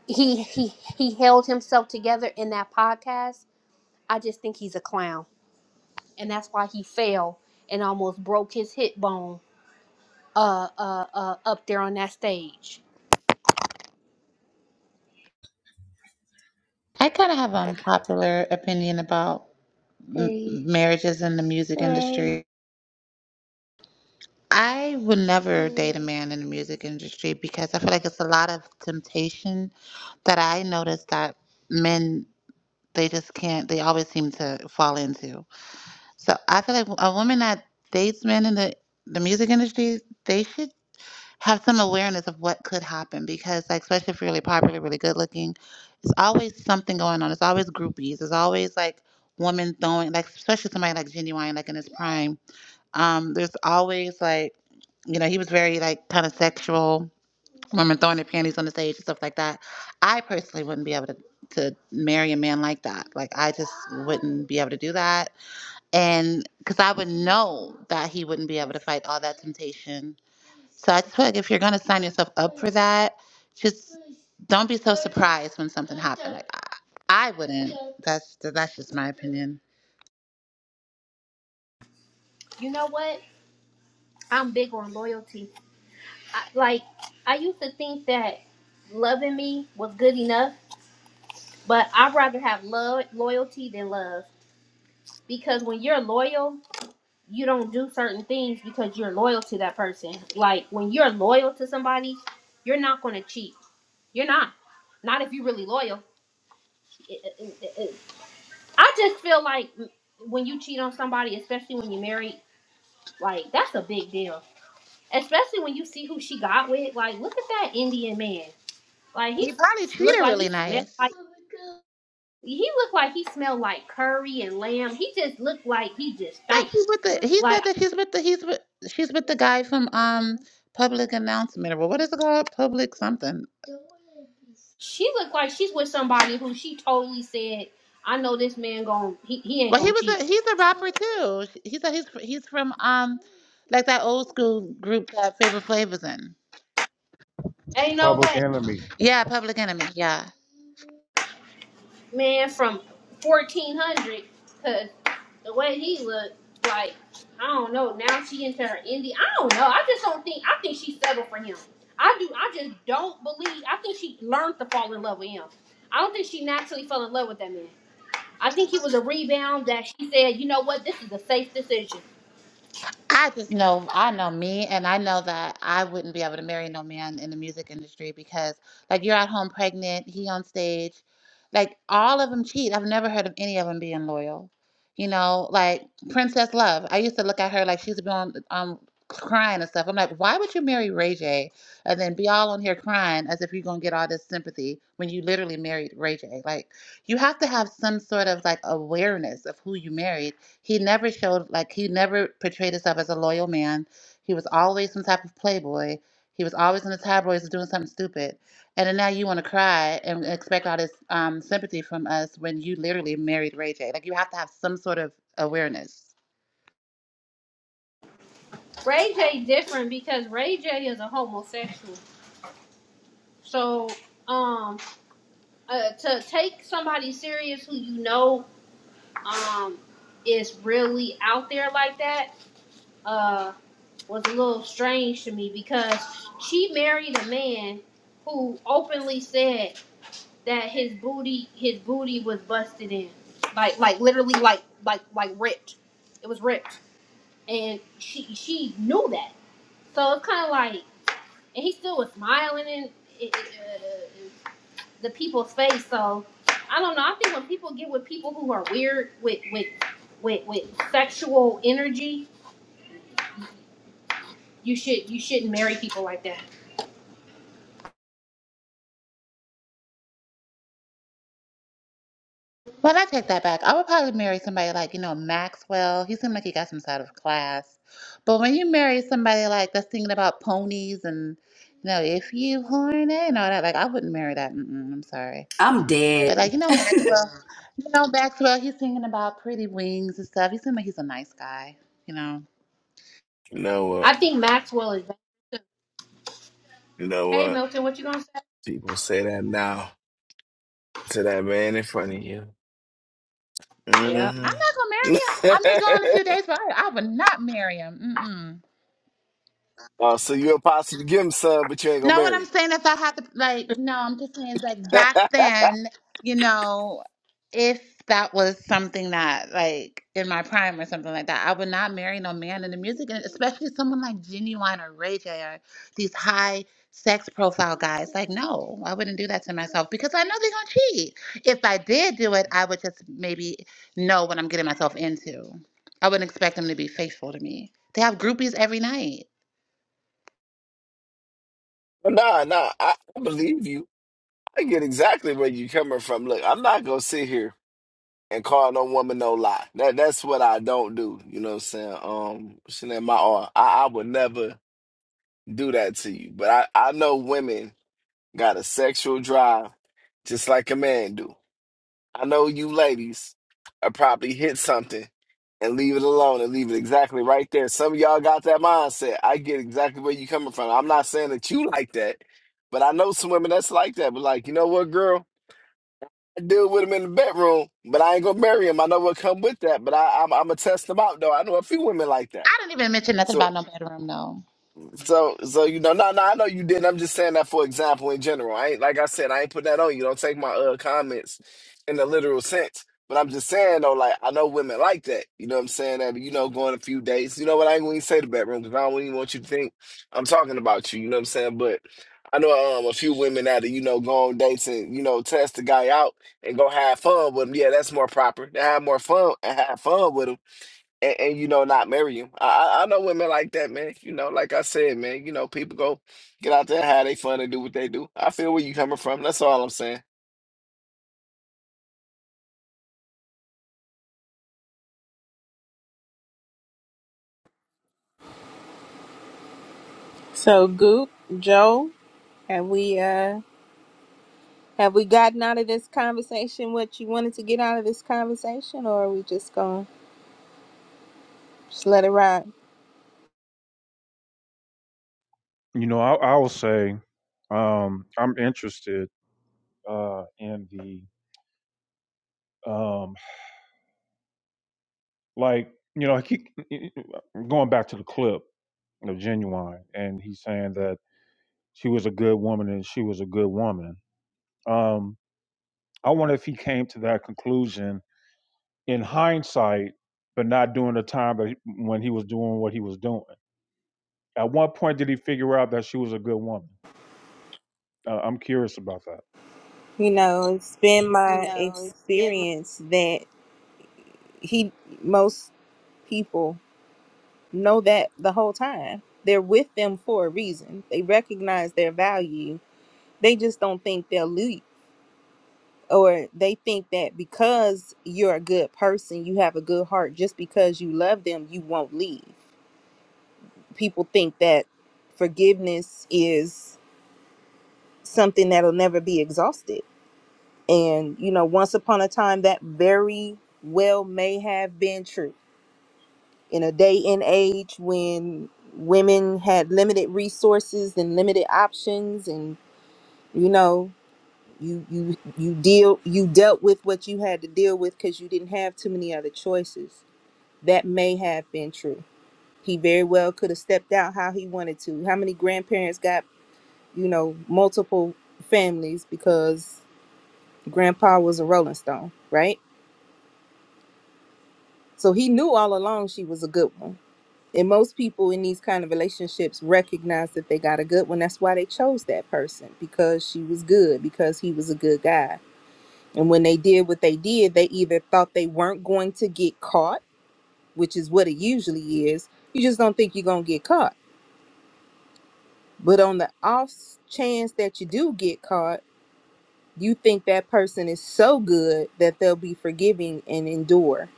he he he held himself together in that podcast i just think he's a clown and that's why he fell and almost broke his hip bone uh uh, uh up there on that stage I kind of have an unpopular opinion about m- marriages in the music industry. I would never date a man in the music industry because I feel like it's a lot of temptation that I notice that men they just can't. They always seem to fall into. So I feel like a woman that dates men in the the music industry, they should have some awareness of what could happen because like especially if you're really popular really good looking it's always something going on it's always groupies it's always like women throwing like especially somebody like genuine like in his prime um there's always like you know he was very like kind of sexual women throwing their panties on the stage and stuff like that i personally wouldn't be able to to marry a man like that like i just wouldn't be able to do that and because i would know that he wouldn't be able to fight all that temptation so I just feel like if you're going to sign yourself up for that, just don't be so surprised when something happens. Like I I wouldn't. That's that's just my opinion. You know what? I'm big on loyalty. I, like I used to think that loving me was good enough, but I'd rather have love loyalty than love because when you're loyal, you don't do certain things because you're loyal to that person. Like when you're loyal to somebody, you're not going to cheat. You're not. Not if you're really loyal. It- it- it- it- I just feel like mm, when you cheat on somebody, especially when you're married, like that's a big deal. Especially when you see who she got with. Like, look at that Indian man. Like he He probably s- treated looked her like really he smelled nice. like he looked like he smelled like curry and lamb. He just looked like he just That stank. she's with the. He said Like that she's with the. He's with. She's with the guy from um public announcement or what is it called? Public something. she looked like she's with somebody who she totally said, I know this man gon' he, he ain't Well, he gonna was cheat. a. He's a rapper too. He said he's he's from um like that old school group that Flavor Flav was in. Ain't no Public way. Enemy. Yeah, Public Enemy. Yeah. man from 1400 because the way he looked like i don't know now she into her indie i don't know i just don't think i think she settled for him i do i just don't believe i think she learned to fall in love with him i don't think she naturally fell in love with that man i think he was a rebound that she said you know what this is a safe decision I just know I know me and I know that I wouldn't be able to marry no man in the music industry because like you're at home pregnant, he on stage, like all of them cheat. I've never heard of any of them being loyal. You know, like Princess Love. I used to look at her like she's been um crying and stuff. I'm like, why would you marry Ray J and then be all on here crying as if you're gonna get all this sympathy when you literally married Ray J? Like you have to have some sort of like awareness of who you married he never showed, like, he never portrayed himself as a loyal man. He was always some type of playboy. He was always in the tabloids doing something stupid. And then now you want to cry and expect all this um, sympathy from us when you literally married Ray J. Like, you have to have some sort of awareness. ray j different because ray j is a homosexual so um uh, to take somebody serious who you know um is really out there like that uh was a little strange to me because she married a man who openly said that his booty his booty was busted in like like literally like like like ripped it was ripped and she she knew that so it's kind of like and he still was smiling and uh, the people's face. So I don't know. I think when people get with people who are weird with with with with sexual energy, you should you shouldn't marry people like that. Well, I take that back. I would probably marry somebody like, you know, Maxwell. He seemed like he got some side of class. But when you marry somebody like that's thinking about ponies and, you know, if you horny and all that, like, I wouldn't marry that. Mm-mm, I'm sorry. I'm dead. But like you know, Maxwell, you know Maxwell, he's singing about pretty wings and stuff. He seems like he's a nice guy. You know, You know I what? think Maxwell is. You know Hey what? Milton, what you gonna People say that now to that man in front of you. say? I'm hmm not gonna marry him. I may go in a few days, but I, I would not marry him. oh, so you'll possibly give him some, but you ain't gonna No, what I'm marry saying is I have to like no, I'm just saying is, like him. back then, you know, if that was something that like in my prime or something like that, I would not marry no man in the music and especially someone like Genuine or Ray J or these high sex profile guys. Like, no, I wouldn't do that to myself because I know they're gonna cheat. If I did do it, I would just maybe know what I'm getting myself into. I wouldn't expect them to be faithful to me. They have groupies every night. nah, nah, I, I believe you. I get exactly where you are coming from. Look, I'm not gonna sit here and call no woman no lie. That that's what I don't do. You know what I'm saying? Um, Chanel, my R, I, I would never do that to you. But I I know women got a sexual drive just like a man do. I know you ladies are probably hit something and leave it alone and leave it exactly right there. Some of y'all got that mindset. I get exactly where you coming from. I'm not saying that you like that, but I know some women that's like that. But like, you know what, girl? I deal with him in the bedroom, but I ain't gonna marry him. I know what come with that, but I, I'm, I'm gonna test him out though. I know a few women like that. I didn't even mention nothing so. about no bedroom though. So, so you know, no, no, I know you didn't. I'm just saying that for example in general. I ain't like I said, I ain't putting that on you. Don't take my uh comments in the literal sense. But I'm just saying though, like I know women like that. You know what I'm saying? That you know, going a few dates. You know what? I ain't gonna even say the bedroom because I don't even want you to think I'm talking about you. You know what I'm saying? But I know um a few women that you know go on dates and you know test the guy out and go have fun with him. Yeah, that's more proper. They have more fun and have fun with him and, and you know not marry you. I I I know women like that, man. You know, like I said, man. You know, people go get out there, have they fun, and do what they do. I feel where you coming from. That's all I'm saying. So, Goop, Joe, have we uh have we gotten out of this conversation what you wanted to get out of this conversation, or are we just gonna just let it ride? You know, I, I will say um, I'm interested uh, in the um, like. You know, I keep e, e, going back to the clip of Genuine, and he's saying that she was a good woman and she was a good woman. Um, I wonder if he came to that conclusion in hindsight, but not during the time that he, when he was doing what he was doing. At what point did he figure out that she was a good woman? Uh, I'm curious about that. You know, it's been my experience that he most people know that the whole time they're with them for a reason they recognize their value they just don't think they'll leap or they think that because you're a good person you have a good heart just because you love them you won't leave people think that forgiveness is something that'll never be exhausted and you know once upon a time that very well may have been true in a day and age when women had limited resources and limited options and you know you you you deal you dealt with what you had to deal with because you didn't have too many other choices that may have been true he very well could have stepped out how he wanted to how many grandparents got you know multiple families because grandpa was a rolling stone right so he knew all along she was a good one And most people in these kind of relationships recognize that they got a good one. That's why they chose that person because she was good, because he was a good guy. And when they did what they did, they either thought they weren't going to get caught, which is what it usually is. You just don't think you're going to get caught. But on the off chance that you do get caught, you think that person is so good that they'll be forgiving and endure.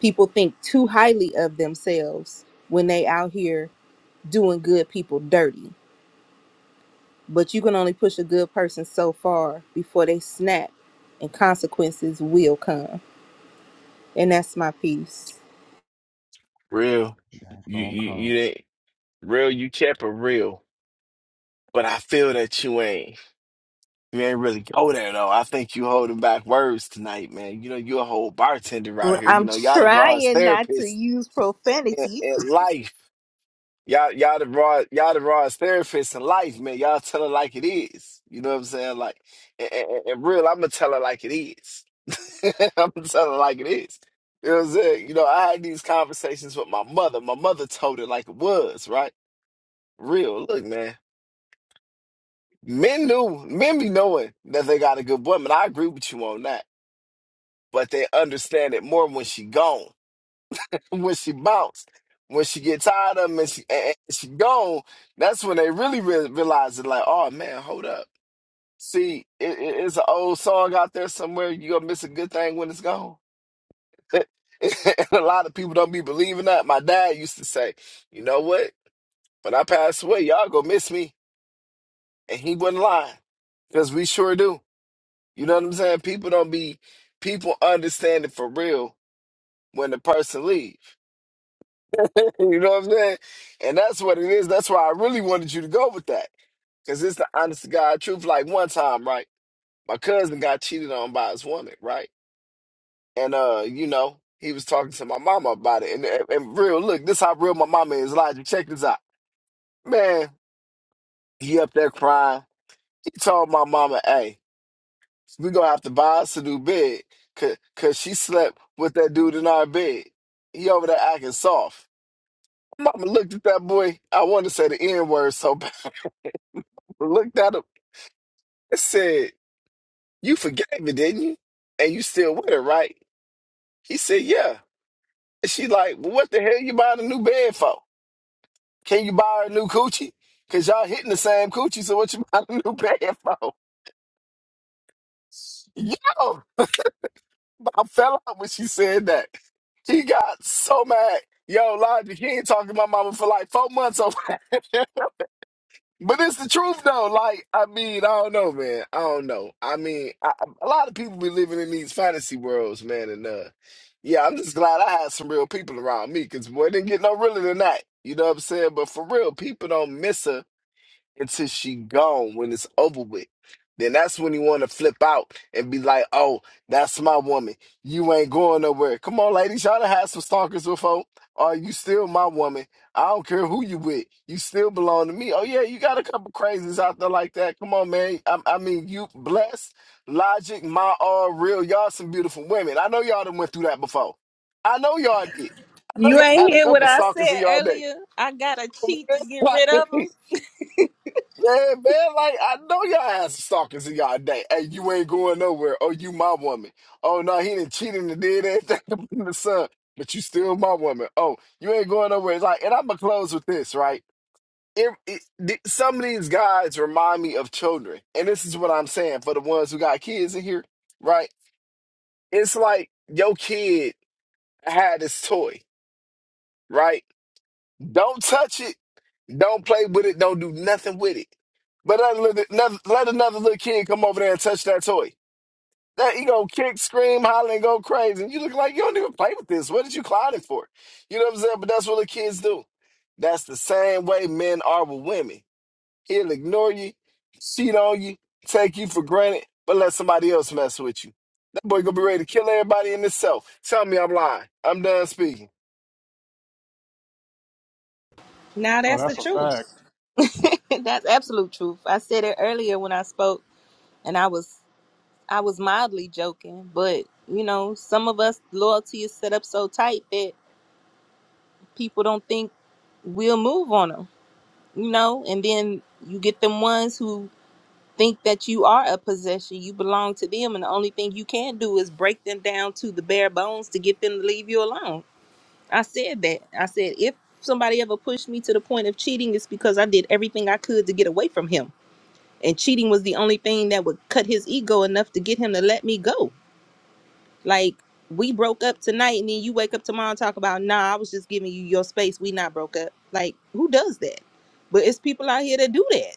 People think too highly of themselves when they out here doing good people dirty But you can only push a good person so far before they snap and consequences will come. And that's my piece. Real, Change you gonna you you come. ain't real. You kept it real, but I feel that you ain't. You ain't really go there though. I think you holding back words tonight, man. You know, you a whole bartender out Well, here. You I'm know, y'all the rawest trying not to therapist use in, profanity. in life. Y'all, y'all the raw, y'all the rawest therapist in life, man. Y'all tell her like it is. You know what I'm saying? Like, and, and, and real, I'm gonna tell her like it is. I'm gonna tell her like it is. You know what I'm saying? You know, I had these conversations with my mother. My mother told it like it was, right? Real. Look, man. Men knew, men be knowing that they got a good woman. I agree with you on that, but they understand it more when she gone. when she bounce, when she get tired of them and she, and and she gone, that's when they really re- realize it. Like, oh man, hold up. See, it, it- it's an old song out there somewhere. You gonna miss a good thing when it's gone. and a lot of people don't be believing that. My dad used to say, you know what? When I pass away, y'all gonna miss me, and he wasn't lying because we sure do. You know what I'm saying? People don't be people understand it for real when the person leave. you know what I'm saying? And that's what it is. That's why I really wanted you to go with that. Because it's the honest to God truth. Like one time, right? My cousin got cheated on by his woman, right? And uh, you know, he was talking to my mama about it. And, and, and real, look, this how real my mama is. Elijah, check this out. Man, he up there crying. He told my mama, hey, we gonna have to buy us a new bed. Cause, cause she slept with that dude in our bed. He over there acting soft. Mama looked at that boy. I wanted to say the N word so looked at him and said, You forgave it, didn't you? And you still with her, right? He said, Yeah. And she like, Well, what the hell you buying a new bed for? Can you buy her a new coochie? Cause y'all hitting the same coochie, so what you buying a new bed for? Yo, I fell out when she said that. He got so mad. Yo, Logic, he ain't talking to my mama for like four months over. But it's the truth though. Like, I mean, I don't know, man. I don't know. I mean, I, I- a lot of people be living in these fantasy worlds, man. And uh, yeah, I'm just glad I had some real people around me because boy, it didn't get no realer than that. You know what I'm saying? But for real, people don't miss a until she gone when it's over with. Then that's when he want to flip out and be like, "Oh, that's my woman. You ain't going nowhere. Come on, ladies, y'all done had some stalkers before. Are you still my woman? I don't care who you with. You still belong to me. Oh yeah, you got a couple crazies out there like that. Come on, man. I, I mean, you blessed, logic, my all real. Y'all some beautiful women. I know y'all done went through that before. I know y'all did. I know You y'all had ain't a hear what couple I stalkers in said y'all day. earlier. I got to cheat to get rid of them. Yeah, man, like I know y'all had some stalkers in y'all day. Hey, you ain't going nowhere. Oh, you my woman. Oh no, he didn't cheat and did everything up in the sun, but you still my woman. Oh, you ain't going nowhere. It's like, and I'm gonna close with this, right? It, it, th- some of these guys remind me of children, and this is what I'm saying for the ones who got kids in here, right? It's like your kid had this toy, right? Don't touch it. Don't play with it. Don't do nothing with it. But let another, another- let another little kid come over there and touch that toy. That he gonna kick, scream, holler, and go crazy. And you look like you don't even play with this. What did you clown it for? You know what I'm saying? But that's what the kids do. That's the same way men are with women. He'll ignore you, cheat on you, take you for granted, but let somebody else mess with you. That boy gonna be ready to kill everybody in himself. Tell me I'm lying. I'm done speaking. Now No, that's the that's a fact. truth. that's absolute truth. I said it earlier when I spoke and I was I was mildly joking, but you know, some of us loyalty is set up so tight that people don't think we'll move on them. you know, and then you get them ones who think that you are a possession, you belong to them, and the only thing you can do is break them down to the bare bones to get them to leave you alone. I said that. I said if somebody ever pushed me to the point of cheating, it's because I did everything I could to get away from him, and cheating was the only thing that would cut his ego enough to get him to let me go. Like we broke up tonight, and then you wake up tomorrow and talk about, nah, I was just giving you your space. We not broke up. Like who does that? But it's people out here that do that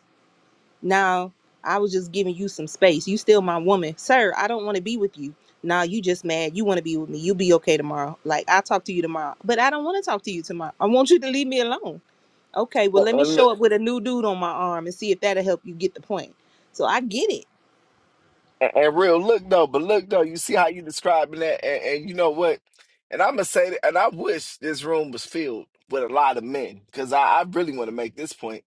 now, I was just giving you some space. You still my woman. Sir, I don't want to be with you. Now you just mad. You want to be with me. You'll be okay tomorrow. Like I'll talk to you tomorrow. But I don't want to talk to you tomorrow. I want you to leave me alone. Okay, well let me show up with a new dude on my arm and see if that'll help you get the point. So I get it. And, and real, look though, but look though, you see how you describing that, and, and you know what? And I'm gonna say that, and I wish this room was filled with a lot of men, because I, I really want to make this point.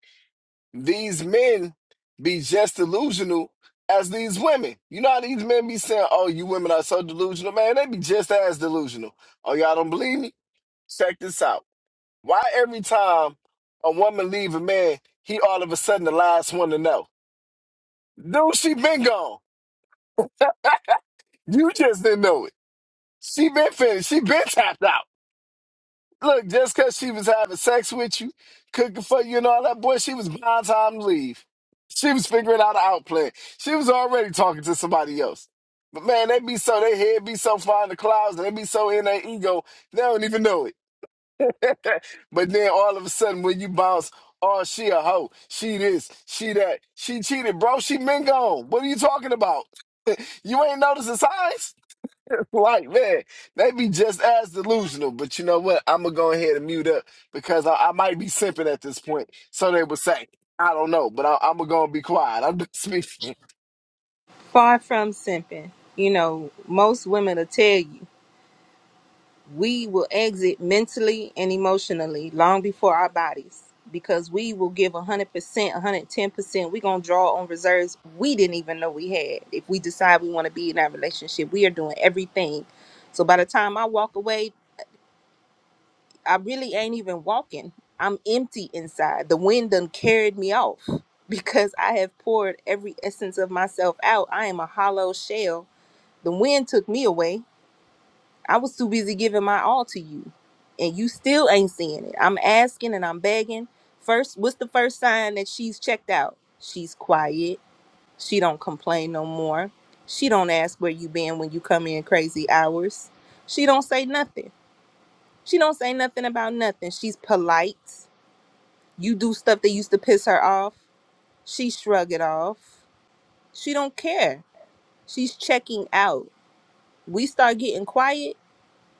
These men be just delusional as these women. You know how these men be saying, "Oh, you women are so delusional, man." They be just as delusional. Oh, y'all don't believe me? Check this out. Why every time a woman leave a man, he all of a sudden the last one to know? Dude, she been gone. You just didn't know it. She been finished. She been tapped out. Look, just cause she was having sex with you, cooking for you and all that, boy, she was behind time to leave. She was figuring out how to outplay. She was already talking to somebody else. But man, they be so they head be so far in the clouds, and they be so in their ego, they don't even know it. but then all of a sudden, when you bounce, oh, she a hoe, she this, she that, she cheated, bro. She been gone. What are you talking about? you ain't noticing signs? Like, man, they be just as delusional. But you know what? I'm gonna go ahead and mute up because I, I might be simping at this point. So they would say, I don't know, but I, I'm gonna be quiet. I'm just speaking. Far from simping. You know, most women will tell you. we will exit mentally and emotionally long before our bodies because we will give 100%, 110%. We're going to draw on reserves we didn't even know we had. If we decide we want to be in that relationship, we are doing everything. So by the time I walk away, I really ain't even walking. I'm empty inside. The wind done carried me off because I have poured every essence of myself out. I am a hollow shell. The wind took me away I was too busy giving my all to you, and you still ain't seeing it. I'm asking and I'm begging. First, what's the first sign that she's checked out? She's quiet. She don't complain no more. She don't ask where you been when you come in crazy hours. She don't say nothing. She don't say nothing about nothing. She's polite. You do stuff that used to piss her off. She shrug it off. She don't care. She's checking out. We start getting quiet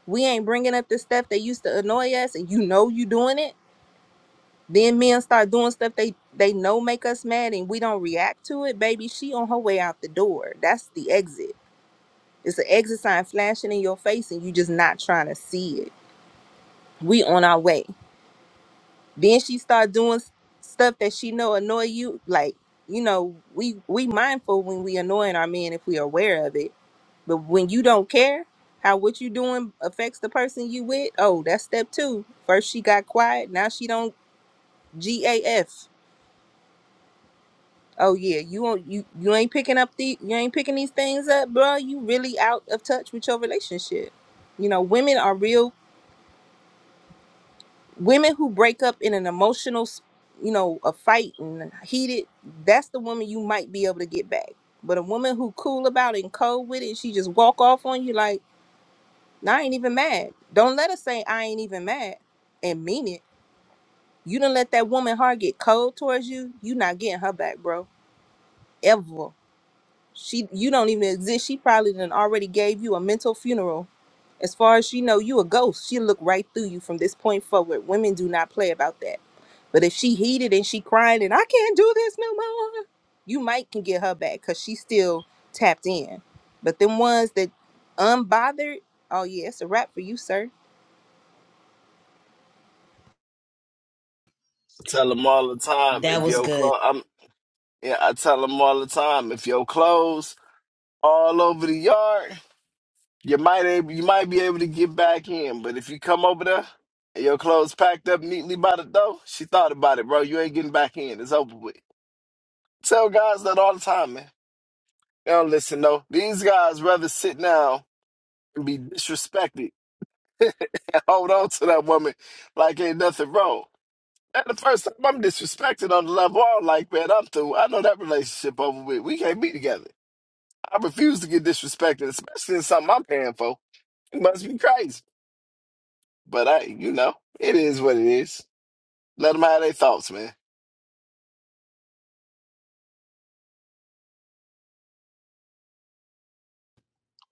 we ain't bringing up the stuff that used to annoy us and you know you doing it then men start doing stuff they they know make us mad and we don't react to it baby she on her way out the door that's the exit it's an exit sign flashing in your face and you just not trying to see it we on our way then she start doing s- stuff that she know annoy you like you know we we mindful when we annoying our men if we aware of it But when you don't care how what you doing affects the person you with, oh, that's step two. First she got quiet, now she don't GAF. Oh yeah, you will not you you ain't picking up the you ain't picking these things up, bro. You really out of touch with your relationship. You know, women are real women who break up in an emotional, s- you know, a fight and heated. That's the woman you might be able to get back. But a woman who cool about it and cold with it, she just walk off on you like. Now I ain't even mad. Don't let us say I ain't even mad and mean it. You didn't let that woman heart get cold towards you. You not getting her back, bro. Ever. She you don't even exist. She probably done already gave you a mental funeral. As far as she know, you a ghost. She look right through you from this point forward. Women do not play about that. But if she heated and she crying and I can't do this no more, you might can get her back because she still tapped in. But them ones that unbothered, oh yeah, it's a wrap for you, sir I tell them all the time That if was your good. clothes, I'm yeah, I tell them all the time if your clothes all over the yard, you might ab- you might be able to get back in. But if you come over there and your clothes packed up neatly by the door, she thought about it, bro. You ain't getting back in. It's over with. Tell guys that all the time, man. They don't listen though. These guys rather sit down and be disrespected. Hold on to that woman like ain't nothing wrong. And the first time I'm disrespected on the level I'm like, man, I'm through. I know that relationship over with. We can't be together. I refuse to get disrespected, especially in something I'm paying for. You must be crazy. But I, you know, it is what it is. Let them have their thoughts, man.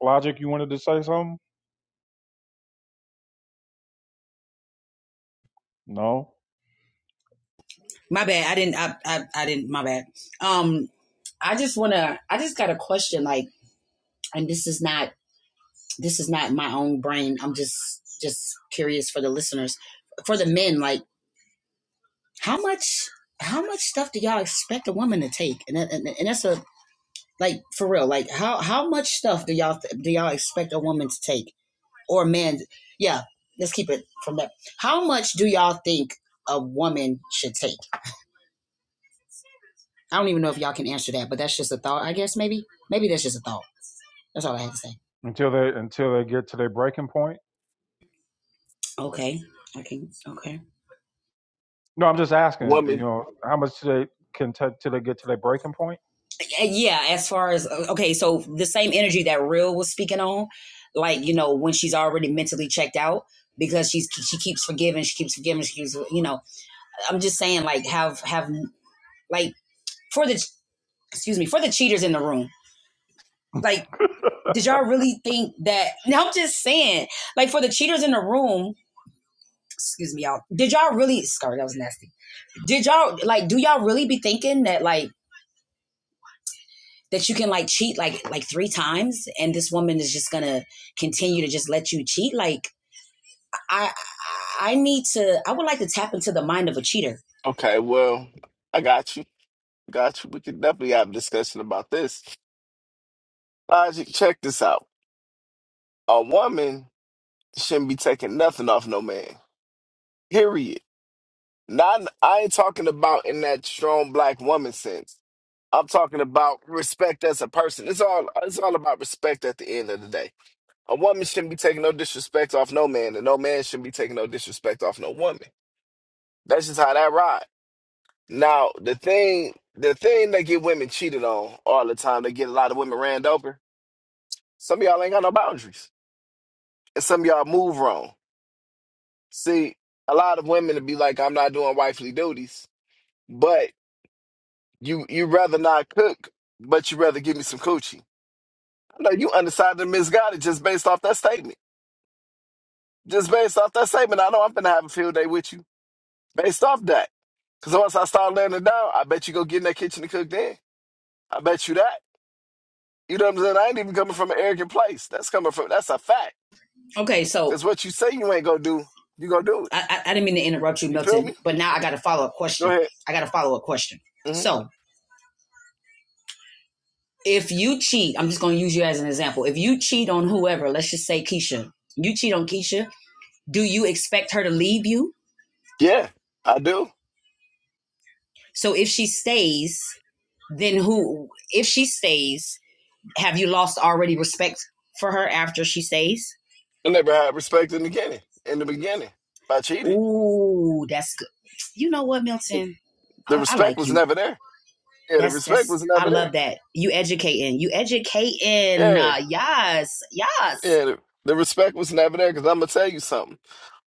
Logic, you wanted to say something? No. My bad. I didn't. I. I, I didn't. My bad. Um. I just wanna. I just got a question. Like, and this is not. This is not my own brain. I'm just. Just curious for the listeners, for the men. Like, How much? How much stuff do y'all expect a woman to take? And that, and, and that's a like for real. Like how how much stuff do y'all do y'all expect a woman to take or a man? Yeah, let's keep it from that. How much do y'all think a woman should take? I don't even know if y'all can answer that, but that's just a thought. I guess maybe maybe that's just a thought. That's all I had to say. Until they until they get to their breaking point. Okay. Okay. Okay. No, I'm just asking. You Woman, know, how much do they can take till they get to their breaking point? Uh, yeah as far as uh, okay so the same energy that real was speaking on like you know when she's already mentally checked out because she's she keeps forgiving she keeps forgiving she keeps you know i'm just saying like have have like for the excuse me for the cheaters in the room like did y'all really think that now i'm just saying like for the cheaters in the room excuse me y'all did y'all really sorry that was nasty did y'all like do y'all really be thinking that like that you can like cheat like like three times and this woman is just gonna continue to just let you cheat like i i need to i would like to tap into the mind of a cheater okay, well, I got you. Got you. We could definitely have a discussion about this. Logic, check this out. A woman shouldn't be taking nothing off no man. Period. Not I ain't talking about in that strong black woman sense. I'm talking about respect as a person. It's all it's all about respect at the end of the day. A woman shouldn't be taking no disrespect off no man, and no man shouldn't be taking no disrespect off no woman. That's just how that ride. Now the thing the thing that get women cheated on all the time, they get a lot of women ran over. Some of y'all ain't got no boundaries. And some of y'all move wrong. See, a lot of women would be like, I'm not doing wifely duties, but you you rather not cook, but you rather give me some coochie. I'm like, you undecided and misguided just based off that statement. Just based off that statement, I know I'm gonna have a field day with you. Based off that. Cause once I start laying it down, I bet you go get in that kitchen and cook then. I bet you that. You know what I'm saying? I ain't even coming from an arrogant place. That's coming from that's a fact. okay so Cause what you say you ain't gonna do, you gonna do it. i i, didn't mean to interrupt you You feel milton me? but now i got a follow-up Go question ahead. i got a follow-up question hmm so if you cheat i'm just gonna use you as an example if you cheat on whoever let's just say keisha you cheat on keisha do you expect her to leave you Yeah, I do. so if she stays then who if she stays Have you lost already respect for her after she stays? I never had respect in the beginning. In the beginning, if I cheated, Ooh, that's good. You know what, Milton? the I, I respect like was you. never there. Yeah, the That's respect that's. was I never there. love that. You educating. You educating. Yeah, Uh, yes, yes. yeah, the, the respect was never there. Cause I'm gonna tell you something.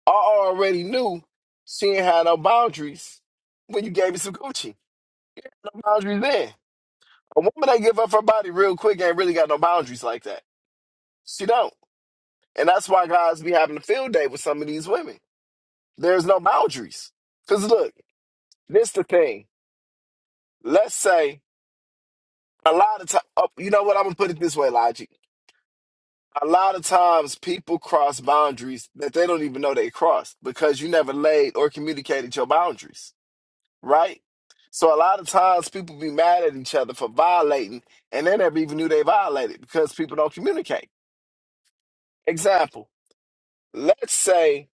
I already knew she ain't had no boundaries when you gave me some Gucci. No boundaries then. A woman that give up her body real quick ain't really got no boundaries like that. She don't, and that's why guys be having a field day with some of these women. There's no boundaries. Cause look, this the thing. Let's say A lot of time, you know what? I'm gonna put it this way, Logic. A lot of times, people cross boundaries that they don't even know they crossed because you never laid or communicated your boundaries, right? So a lot of times, people be mad at each other for violating, and they never even knew they violated because people don't communicate. Example: Let's say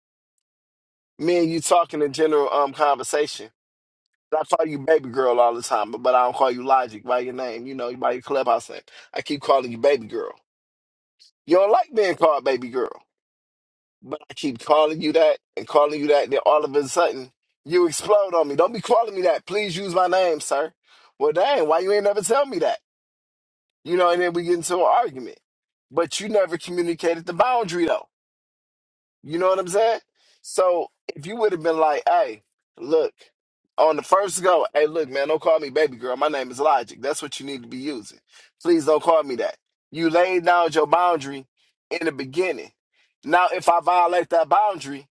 me and you talking in general um conversation. I call you baby girl all the time, but I don't call you Logic by your name. You know, by your clubhouse name. I keep calling you baby girl. You don't like being called baby girl. But I keep calling you that and calling you that. and Then all of a sudden, you explode on me. Don't be calling me that. Please use my name, sir. Well, dang, why you ain't never tell me that? You know, and then we get into an argument. But you never communicated the boundary, though. You know what I'm saying? So if you would have been like, hey, look, on the first go, hey, look, man, don't call me baby girl. My name is Logic. That's what you need to be using. Please don't call me that. You laid down your boundary in the beginning. Now, if I violate that boundary,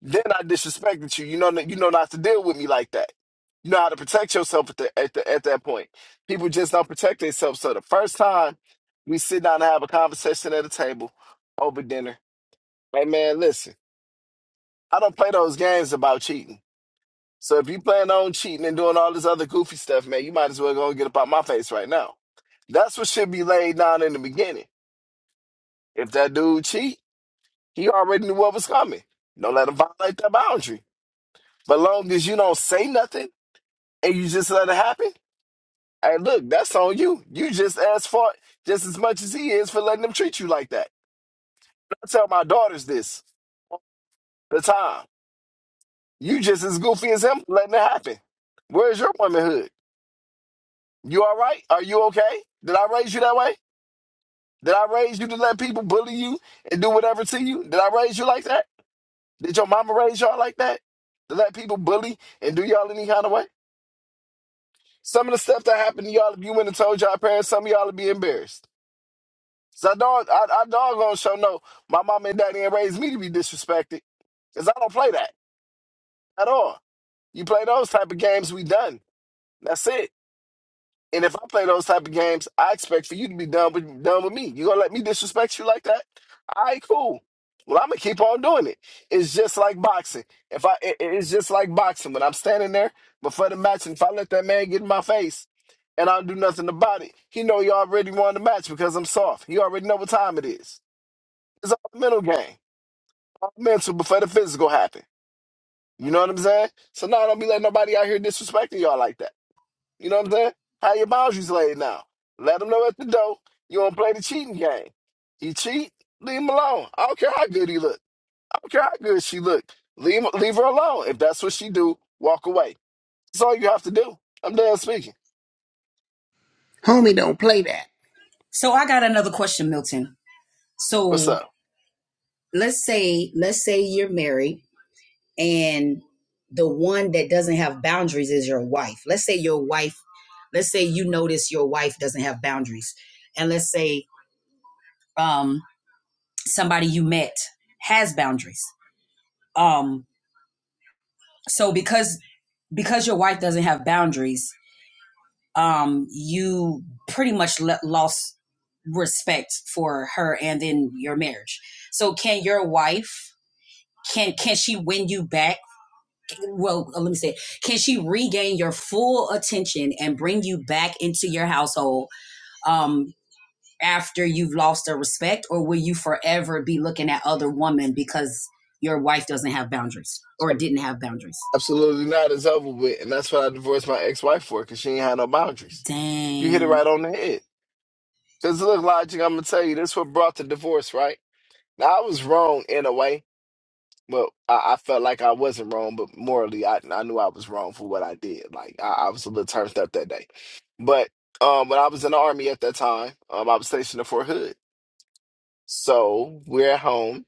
then I disrespected you. You know, you know not to deal with me like that. You know how to protect yourself at the, at the, at that point. People just don't protect themselves. So the first time we sit down and have a conversation at a table over dinner, hey man, listen, I don't play those games about cheating. So if you plan on cheating and doing all this other goofy stuff, man, you might as well go and get up out my face right now. That's what should be laid down in the beginning. If that dude cheat, he already knew what was coming. Don't let him violate that boundary. But long as you don't say nothing and you just let it happen. Hey, look, that's on you. You just as far just as much as he is for letting them treat you like that. I tell my daughters this the time. You just as goofy as him for letting it happen. Where's your womanhood? You all right? Are you okay? Did I raise you that way? Did I raise you to let people bully you and do whatever to you? Did I raise you like that? Did your mama raise y'all like that? To let people bully and do y'all any kind of way? Some of the stuff that happened to y'all, if you went and told y'all parents, some of y'all would be embarrassed. So I dog, I, I dog gonna show no. My mom and daddy ain't raised me to be disrespected, cause I don't play that at all. You play those type of games, we done. That's it. And if I play those type of games, I expect for you to be done with done with me. You gonna let me disrespect you like that? All right, cool. Well, I'm gonna keep on doing it. It's just like boxing. If I, it- it- it's just like boxing. When I'm standing there before the match, and if I let that man get in my face, and I don't do nothing about it, he know he already won the match because I'm soft. He already know what time it is. It's all mental game. All mental before the physical happen. You know what I'm saying? So now don't be letting nobody out here disrespecting y'all like that. You know what I'm saying? How your boundaries laid now? Let them know at the door. You don't play the cheating game. He cheat, leave him alone. I don't care how good he look. I don't care how good she look. Leave leave her alone. If that's what she do, walk away. That's all you have to do. I'm done speaking. Homie, don't play that. So I got another question, Milton. What's So up? let's say let's say you're married and the one that doesn't have boundaries is your wife. Let's say your wife. Let's say you notice your wife doesn't have boundaries, and let's say um somebody you met has boundaries. Um, so because because your wife doesn't have boundaries, um, you pretty much le- lost respect for her and then your marriage. So can your wife can can she win you back? Well, uh, let me say, can she regain your full attention and bring you back into your household? Um, after you've lost their respect, or will you forever be looking at other women because your wife doesn't have boundaries or didn't have boundaries? Absolutely not. It's over with, and that's what I divorced my ex-wife for because she ain't had no boundaries. You hit it Dang, right on the head. Because look, Logic, I'm going to tell you, this what brought the divorce, right? Now, I was wrong in a way. but I, I felt like I wasn't wrong, but morally, I, I knew I was wrong for what I did. Like, I, I was a little turned up that day. But um, when I was in the Army at that time, um, I was stationed at Fort Hood. So we're at home.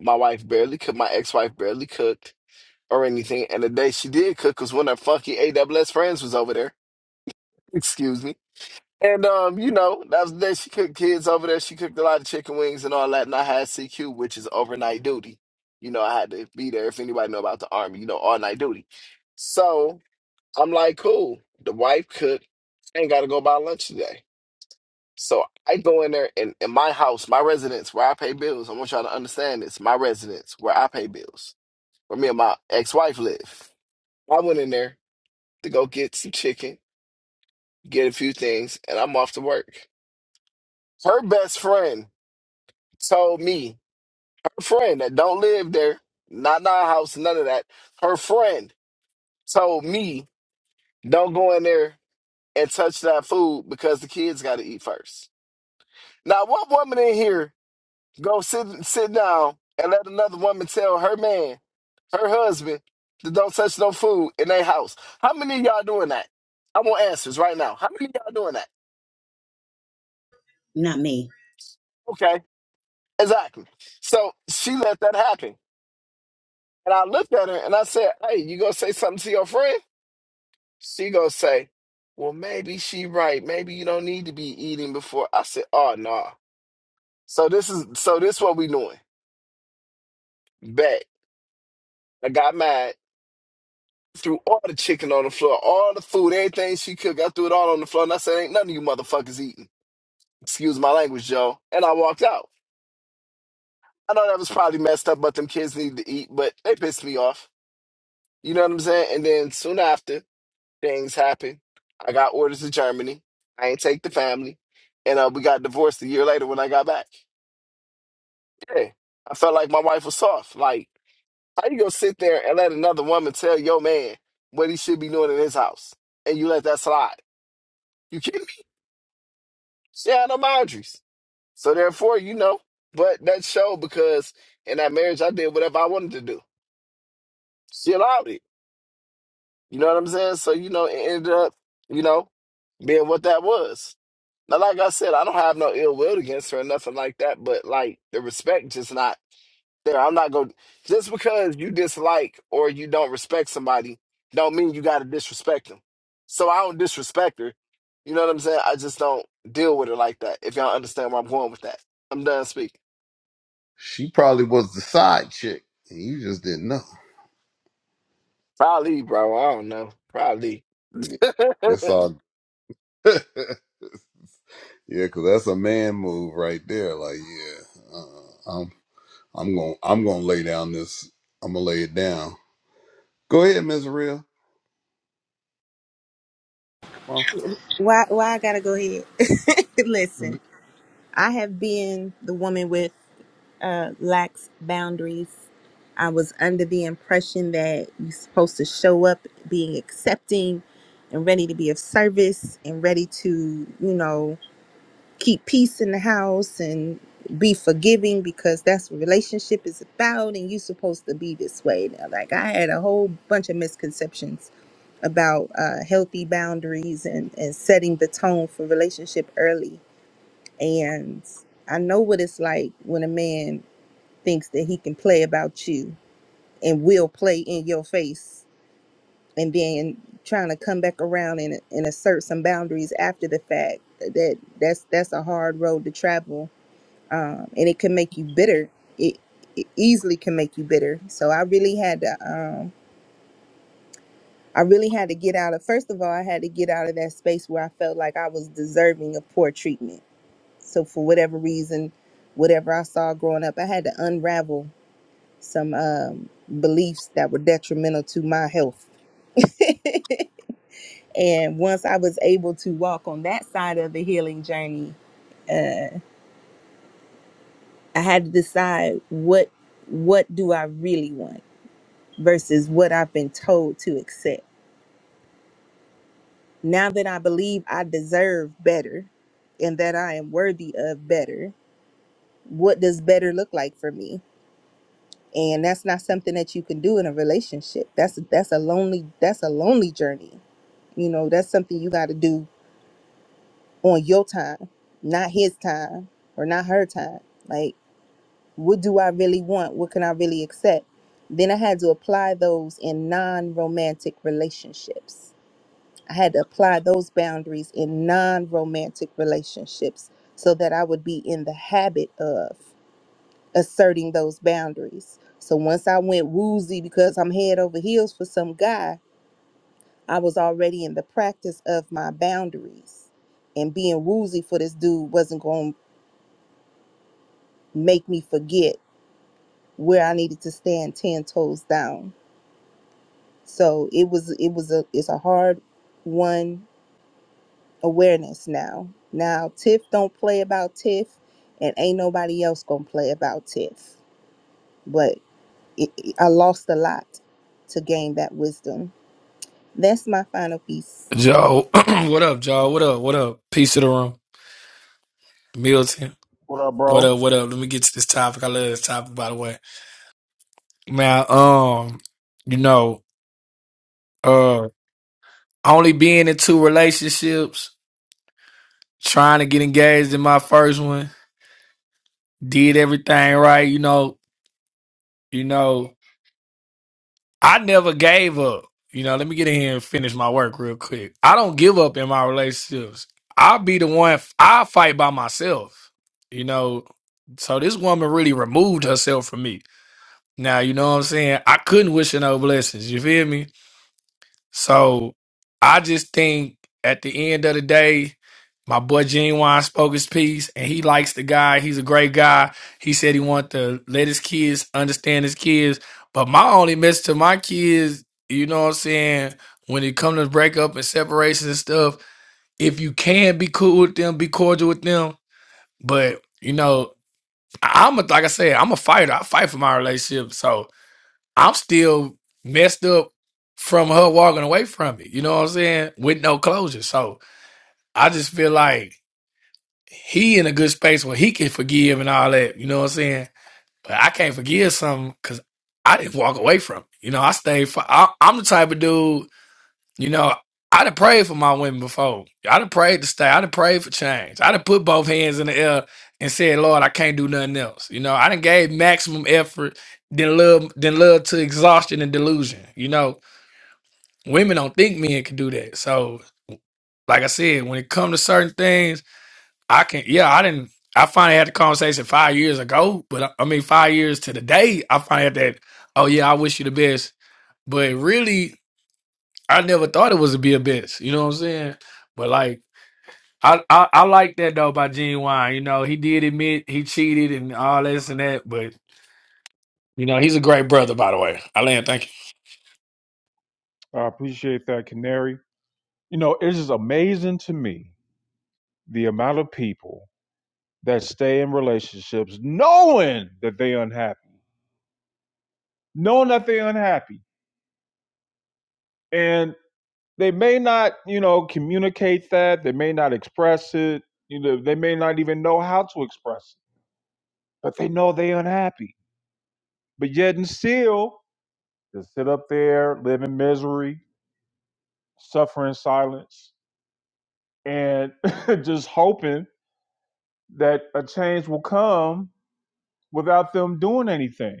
My wife barely cooked. My ex-wife barely cooked or anything. And the day she did cook was when her funky AWS friends was over there. Excuse me. And um, you know, that was the day she cooked kids over there. She cooked a lot of chicken wings and all that. And I had CQ, which is overnight duty. You know, I had to be there. If anybody know about the army, you know, all night duty. So I'm like, cool. The wife cooked. I ain't got to go buy lunch today. So I go in there and in my house, my residence where I pay bills. I want y'all to understand this. My residence where I pay bills, where me and my ex-wife live. I went in there to go get some chicken, get a few things, and I'm off to work. Her best friend told me, her friend that don't live there, not in our house, none of that. Her friend told me, don't go in there and touch that food because the kids got to eat first. Now, what woman in here go sit sit down and let another woman tell her man, her husband, that don't touch no food in their house? How many of y'all doing that? I want answers right now. How many of y'all doing that? not me. Okay, exactly. So she let that happen. And I looked at her and I said, Hey, you gonna say something to your friend? She gonna say, "Well, maybe she right. Maybe you don't need to be eating before." I said, "Oh no." So this is so this what we doing. Bet I got mad, threw all the chicken on the floor, all the food, everything she cooked. I threw it all on the floor, and I said, "Ain't none of you motherfuckers eating." Excuse my language, Joe. And I walked out. I know that was probably messed up, but them kids need to eat. But they pissed me off. You know what I'm saying? And then soon after, things happened. I got orders to Germany. I ain't take the family, and uh, we got divorced a year later when I got back. Hey, I felt like my wife was soft. Like, how you gonna sit there and let another woman tell your man what he should be doing in his house, and you let that slide? You kidding me? She had no boundaries, so therefore, you know. But that showed because in that marriage, I did whatever I wanted to do. She allowed it. You know what I'm saying? So you know, it ended up, you know, being what that was. Now, like I said, I don't have no ill will against her or nothing like that, but like the respect just not there. I'm not going to just because you dislike or you don't respect somebody, don't mean you got to disrespect them. So I don't disrespect her. You know what I'm saying? I just don't deal with her like that. If y'all understand where I'm going with that, I'm done speaking. she probably was the side chick and you just didn't know Probably, bro. I don't know. Probably. Yeah, it's all yeah because that's a man move right there like yeah uh-uh, I'm going. to I'm going to lay down this. I'm gonna lay it down. Go ahead, Miss Real. Come Why why I gotta go ahead? Listen, on. I have been the woman with uh lax boundaries. I was under the impression that you're supposed to show up being accepting and ready to be of service and ready to, you know, keep peace in the house and be forgiving because that's what relationship is about and you're supposed to be this way now like i had a whole bunch of misconceptions about uh, healthy boundaries and, and setting the tone for relationship early and i know what it's like when a man thinks that he can play about you and will play in your face and then trying to come back around and, and assert some boundaries after the fact that that's that's a hard road to travel um, and it can make you bitter. It, it easily can make you bitter. So I really had to, um, I really had to get out of. First of all, I had to get out of that space where I felt like I was deserving of poor treatment. So for whatever reason, whatever I saw growing up, I had to unravel some um, beliefs that were detrimental to my health. and once I was able to walk on that side of the healing journey, uh, I had to decide what what do I really want versus what I've been told to accept. Now that I believe I deserve better and that I am worthy of better, what does better look like for me? And that's not something that you can do in a relationship. That's that's a lonely that's a lonely journey. You know, that's something you got to do on your time, not his time or not her time. Like, what do I really want? What can I really accept? Then I had to apply those in non-romantic relationships I had to apply those boundaries in non romantic relationships so that I would be in the habit of asserting those boundaries. So once I went woozy because I'm head over heels for some guy, I was already in the practice of my boundaries. And being woozy for this dude wasn't going to make me forget where I needed to stand 10 toes down. So it was it was a it's a hard one awareness now. Now TIFF don't play about TIFF, and ain't nobody else gonna play about TIFF. But it, it- I lost a lot to gain that wisdom. That's my final piece. Joe, what up, Joe? What up? What up? Peace to the room, Milton. What up, What bro? up? What up? Let me get to this topic. I love this topic, by the way. Now, um, you know, uh, only being in two relationships, trying to get engaged in my first one, did everything right. You know, you know. I never gave up. You know, let me get in here and finish my work real quick. I don't give up in my relationships. I'll be the one, I fight by myself, you know. So this woman really removed herself from me. Now, you know what I'm saying? I couldn't wish her no blessings. You feel me? So I just think at the end of the day, my boy Genuine spoke his piece and he likes the guy. He's a great guy. He said he wanted to let his kids understand his kids. But my only message to my kids, you know what I'm saying, when it comes to breakup and separations and stuff, if you can be cool with them, be cordial with them. But you know, I- I'm a like I said, I'm a fighter. I fight for my relationship. So I'm still messed up from her walking away from it. You know what I'm saying? With no closure. So I just feel like he in a good space where he can forgive and all that. You know what I'm saying? But I can't forgive something because I didn't walk away from it. You know, I stayed. For, I, I'm the type of dude. You know, I'd have prayed for my women before. I'd have prayed to stay. I'd have prayed for change. I'd have put both hands in the air and said, Lord, I can't do nothing else. You know, I done gave maximum effort, then love, then love to exhaustion and delusion. You know, women don't think men can do that. So, like I said, when it comes to certain things, I can, yeah, I didn't, I finally had the conversation five years ago, but I I mean, five years to the day, I finally had that, oh yeah, I wish you the best. But really, I never thought it was to be a bitch. You know what I'm saying? But like, I I, I like that though by Gene Wine. You know, he did admit he cheated and all this and that. But you know, he's a great brother, by the way. I land. Thank you. I appreciate that, Canary. You know, it is amazing to me the amount of people that stay in relationships knowing that they're unhappy, knowing that they're unhappy. and they may not you know communicate that they may not express it you know they may not even know how to express it but they know they are unhappy but yet and still they sit up there live in misery suffer in silence and just hoping that a change will come without them doing anything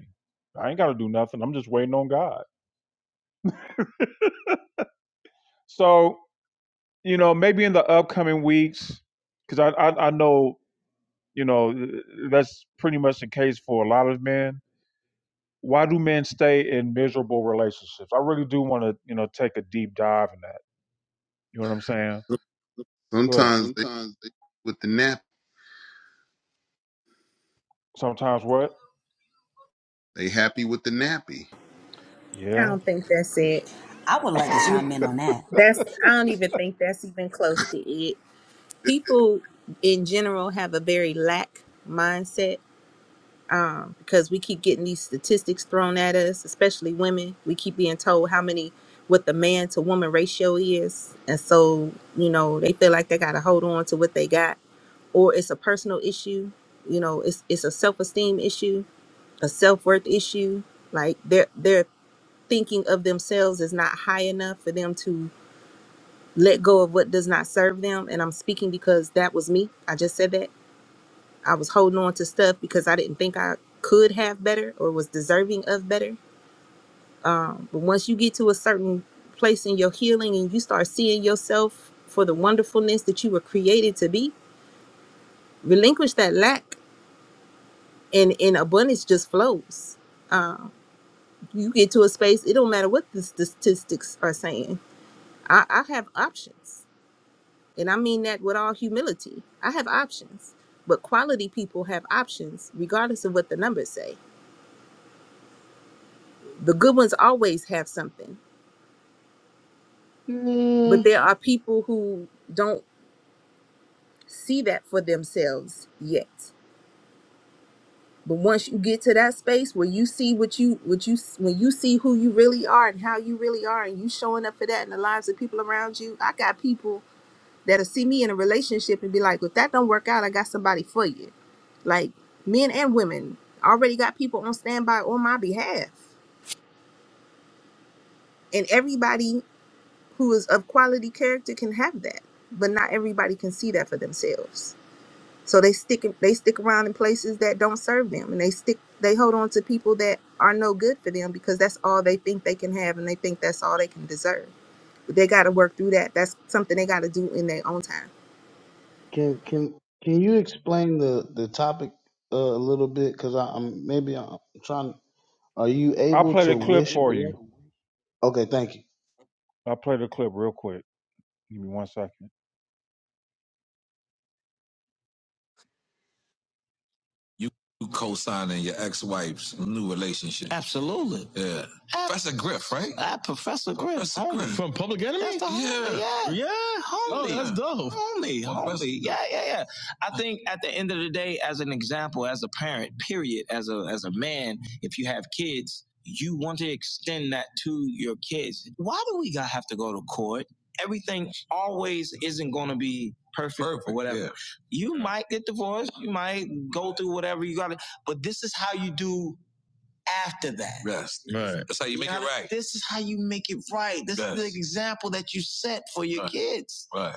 i ain't got to do nothing i'm just waiting on god so you know maybe in the upcoming weeks because I, I i know You know, that's pretty much the case for a lot of men. Why do men stay in miserable relationships? I really do want to, you know, take a deep dive in that. You know what I'm saying? Go ahead. Sometimes they Sometimes they with the nap, Sometimes what? they happy with the nappy. I Yeah. don't think that's it. I would like to chime in on that. That's I don't even think that's even close to it. People in general have a very lack mindset um, because we keep getting these statistics thrown at us, especially women. We keep being told how many what the man to woman ratio is, and so you know they feel like they got to hold on to what they got, or it's a personal issue. You know, it's it's a self esteem issue, a self worth issue. Like they're they're thinking of themselves as not high enough for them to let go of what does not serve them. And I'm speaking because that was me. I just said that I was holding on to stuff because I didn't think I could have better or was deserving of better. Um, but once you get to a certain place in your healing and you start seeing yourself for the wonderfulness that you were created to be, relinquish that lack and, and abundance just flows. Um, you get to a space, it don't matter what the statistics are saying. I, I have options. And I mean that with all humility. I have options, but quality people have options regardless of what the numbers say the good ones always have something but Mm, there are people who don't see that for themselves yet but once you get to that space where you see what you what you when you see who you really are and how you really are and you showing up for that in the lives of people around you i got people that'll see me in a relationship and be like if that don't work out i got somebody for you like men and women already got people on standby on my behalf and everybody who is of quality character can have that, but not everybody can see that for themselves. So they stick they stick around in places that don't serve them, and they stick they hold on to people that are no good for them because that's all they think they can have, and they think that's all they can deserve. But they got to work through that. That's something they got to do in their own time. can can can you explain the the topic uh, a little bit? Because I'm maybe I'm trying. Are you I'll able play the to clip wish for blood? you. Okay, thank you. I'll play the clip real quick. Give me one second. you co-signing your ex-wife's new relationship. Absolutely. Yeah. Ab- Professor Griff, right? Ah, Professor Griff. Professor Griff. kidding me? That's the homie. Yeah. Yeah. Yeah. Oh, Homie. Oh, that's dope. Homie. Well, Homie. Yeah, yeah, yeah. I think at the end of the day, as an example, as a parent, period, as a as a man, if you have kids, you want to extend that to your kids. Why do we gotta have to go to court? Everything always isn't gonna be perfect, perfect or whatever. Yeah. You might get divorced, you might go through whatever you gotta, but this is how you do after that. Yes. Right. That's how you make you it right. This is how you make it right. This Yes. is the example that you set for your Right. kids. Right.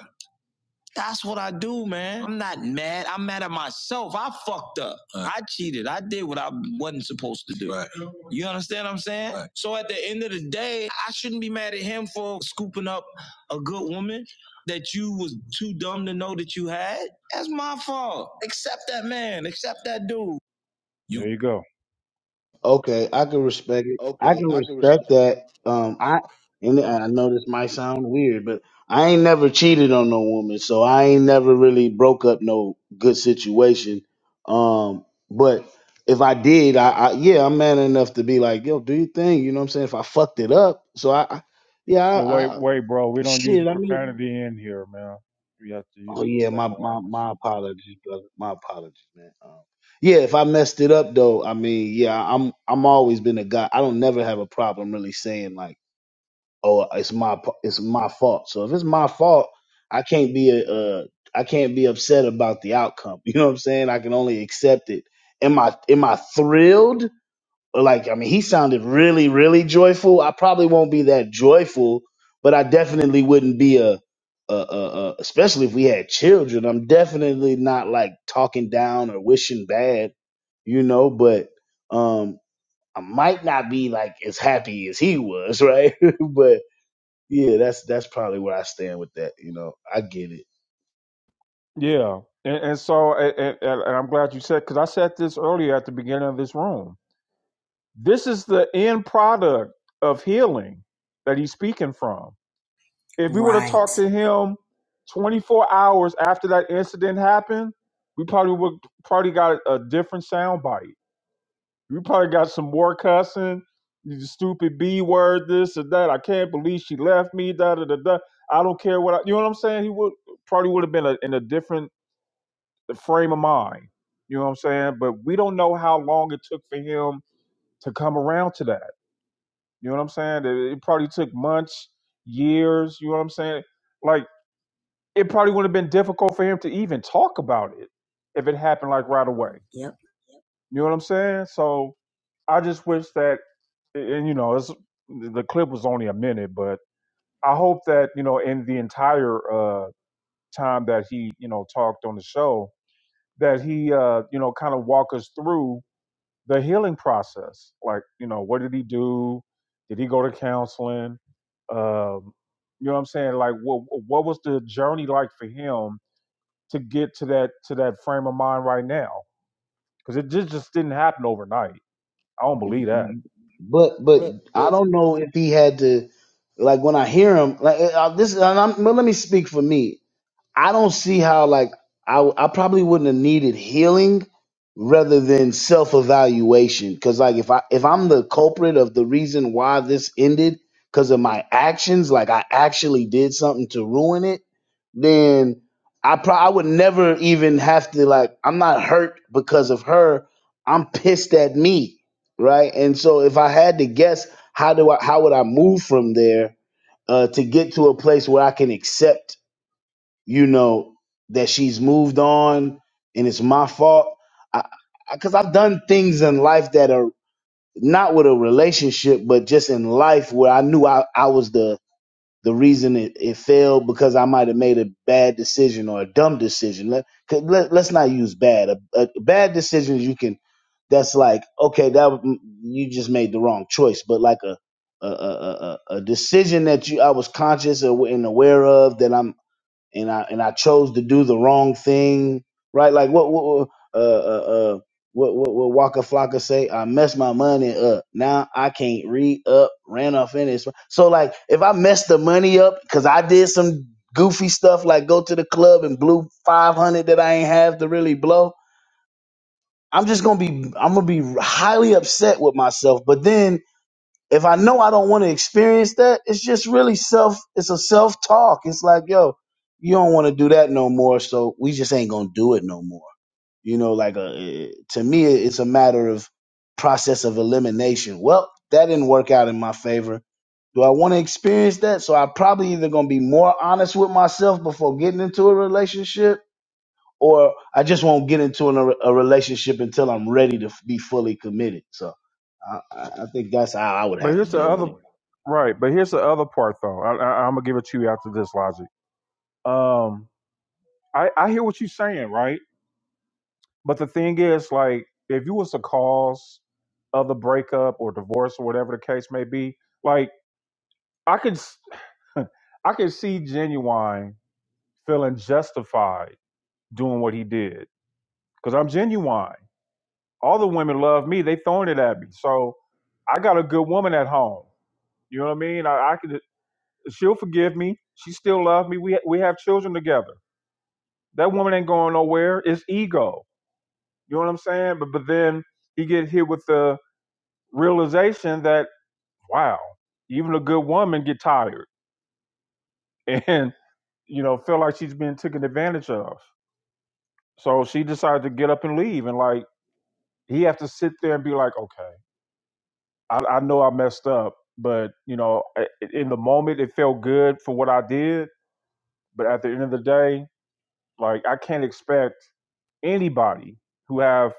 That's what I do, man. I'm not mad. I'm mad at myself. I fucked up. Right. I cheated. I did what I wasn't supposed to do. Right. You understand what I'm saying? Right. So at the end of the day, I shouldn't be mad at him for scooping up a good woman that you was too dumb to know that you had. That's my fault. Accept that man. Accept that dude. You- there you go. Okay, I can respect it. I can respect that. Um, I and I know this might sound weird, but I ain't never cheated on no woman, so I ain't never really broke up no good situation. Um, but if I did, I, I yeah, I'm man enough to be like, yo, do your thing. You know what I'm saying? If I fucked it up, so I, I yeah, Well, wait, I, wait, bro. We I don't use shit. I mean, profanity in here, man. We have to use Oh yeah, my respectful my language. my apologies, brother. My apologies, man. Um, yeah, if I messed it up though, I mean, yeah, I'm I'm always been a guy. I don't never have a problem really saying like, oh, it's my p- it's my fault. So if it's my fault, I can't be a uh, I can't be upset about the outcome. You know what I'm saying? I can only accept it. Am I am I thrilled? like I mean, he sounded really, really joyful. I probably won't be that joyful, but I definitely wouldn't be a, a, a, a especially if we had children. I'm definitely not like talking down or wishing bad, you know. But um, I might not be like as happy as he was, right? but yeah, that's that's probably where I stand with that. You know, I get it, Yeah, and, and so and, and, and I'm glad you said because I said this earlier at the beginning of this room. This is the end product of healing that he's speaking from. If we would have Right. talked to him 24 hours after that incident happened, we probably would probably got a different soundbite. You probably got some more cussing, you stupid B word, this or that. I can't believe she left me, da da da da. I don't care what I, you know what I'm saying? He would probably would have been a, in a different frame of mind. You know what I'm saying? But we don't know how long it took for him to come around to that. You know what I'm saying? It, it probably took months, years. You know what I'm saying? Like, it probably would have been difficult for him to even talk about it if it happened like right away. Yep. You know what I'm saying? So I just wish that and you know, it's the clip was only a minute, but I hope that you know, in the entire uh, time that he you know talked on the show, that he uh, you know kind of walk us through the healing process. Like, you know, what did he do? Did he go to counseling? Um, you know what I'm saying? Like, what what was the journey like for him to get to that to that frame of mind right now? Because it just just didn't happen overnight. I don't believe that. but but I don't know if he had to like when I hear him like uh, this. And I'm, well, let me speak for me. I don't see how like I I probably wouldn't have needed healing rather than self evaluation because like if I if I'm the culprit of the reason why this ended because of my actions like I actually did something to ruin it then I pro- I would never even have to like I'm not hurt because of her I'm pissed at me right and so if I had to guess how do I how would I move from there uh, to get to a place where I can accept you know that she's moved on and it's my fault i because i've done things in life that are not with a relationship but just in life where i knew i, I was the the reason it, it failed because i might have made a bad decision or a dumb decision let, 'cause let, let's not use bad a, a bad decisions you can that's like okay that w- you just made the wrong choice but like a a, a, a a- a decision that you I was conscious of and aware of that I'm and I and I chose to do the wrong thing, right? Like what what uh uh, uh what what what Waka Flocka say? I messed my money up. Now I can't re up. Ran off in this. So like if I messed the money up because I did some goofy stuff like go to the club and blew five hundred that I ain't have to really blow. I'm just gonna be I'm gonna be highly upset with myself. But then if I know I don't want to experience that, it's just really self. It's a self talk. It's like, yo, you don't want to do that no more, so we just ain't gonna do it no more. You know, like a, to me, it's a matter of process of elimination. Well, that didn't work out in my favor. Do I want to experience that? So I probably either gonna be more honest with myself before getting into a relationship, or I just won't get into a, a relationship until I'm ready to be fully committed. So I, I I think that's how I would But have to here's the deal with other it. right. But here's the other part, though. I, I, I'm gonna give it to you after this logic. Um, I, I hear what you're saying, right? But the thing is, like, if you was the cause of the breakup or divorce or whatever the case may be, like, I could, s- I could see genuine feeling justified doing what he did because I'm genuine. All the women love me. They throwing it at me, so I got a good woman at home. You know what I mean? I, I could. She'll forgive me. She still loves me. We we have children together. That woman ain't going nowhere. It's ego. You know what I'm saying? But but then he get hit with the realization that wow, even a good woman get tired and you know feel like she's being taken advantage of. So she decided to get up and leave, and like he have to sit there and be like, okay, I, I know I messed up, but you know, i- in the moment it felt good for what I did, but at the end of the day, like I can't expect anybody who have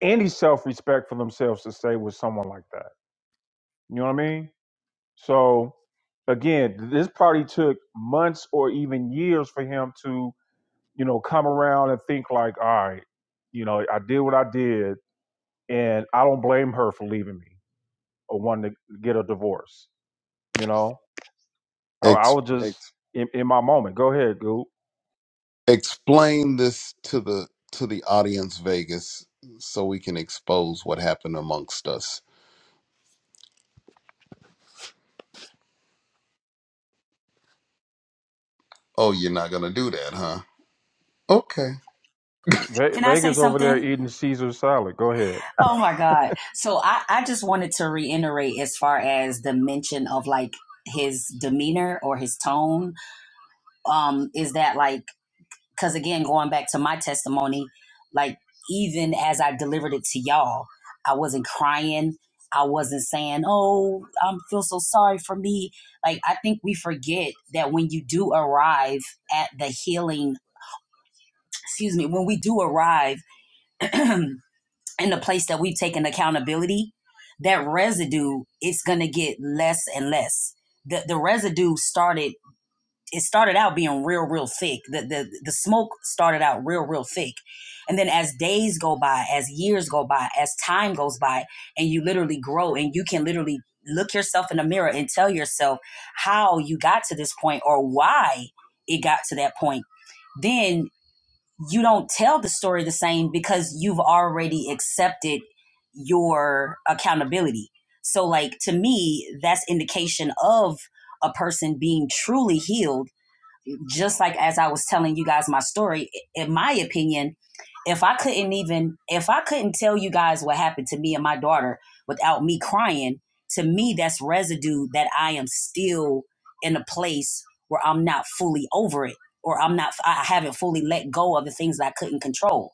any self-respect for themselves to stay with someone like that. You know what I mean? So again, this party took months or even years for him to, you know, come around and think like, all right, you know, I did what I did and I don't blame her for leaving me or wanting to get a divorce. You know, I, I Ex- was just Ex- in, in my moment. Go ahead, Goop. explain this to the to the audience, Vegas, so we can expose what happened amongst us. Oh, you're not gonna do that, huh? Okay. Ve- Can I say Vegas over there something? eating Caesar salad. Go ahead. Oh my God. So I, I just wanted to reiterate as far as the mention of like his demeanor or his tone. Um, is that like because again going back to my testimony like even as i delivered it to y'all i wasn't crying i wasn't saying oh i feel so sorry for me like i think we forget that when you do arrive at the healing excuse me when we do arrive in the place that we've taken accountability that residue it's going to get less and less the, the residue started it started out being real real thick the, the the smoke started out real real thick and then as days go by as years go by as time goes by and you literally grow and you can literally look yourself in the mirror and tell yourself how you got to this point or why it got to that point then you don't tell the story the same because you've already accepted your accountability so like to me that's indication of a person being truly healed just like as I was telling you guys my story, in my opinion, if I couldn't even if I couldn't tell you guys what happened to me and my daughter without me crying, to me that's residue that I am still in a place where I'm not fully over it or I'm not I haven't fully let go of the things that I couldn't control.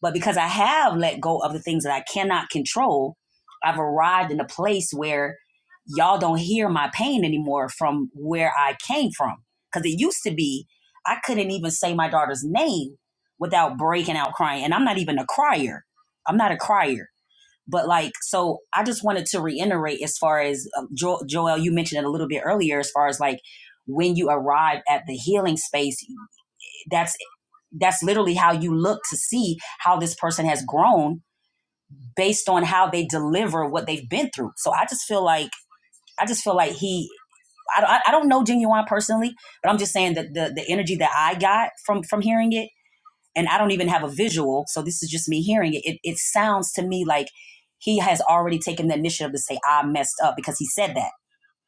But because I have let go of the things that I cannot control, I've arrived in a place where y'all don't hear my pain anymore from where I came from because it used to be, I couldn't even say my daughter's name without breaking out crying. And I'm not even a crier. I'm not a crier. But like, so I just wanted to reiterate as far as um, jo- Joel, you mentioned it a little bit earlier, as far as like when you arrive at the healing space, that's that's literally how you look to see how this person has grown based on how they deliver what they've been through. So I just feel like I just feel like he I don't, I don't know Genuine personally, but I'm just saying that the the energy that I got from from hearing it, and I don't even have a visual, so this is just me hearing it. It, it sounds to me like he has already taken the initiative to say I messed up because he said that.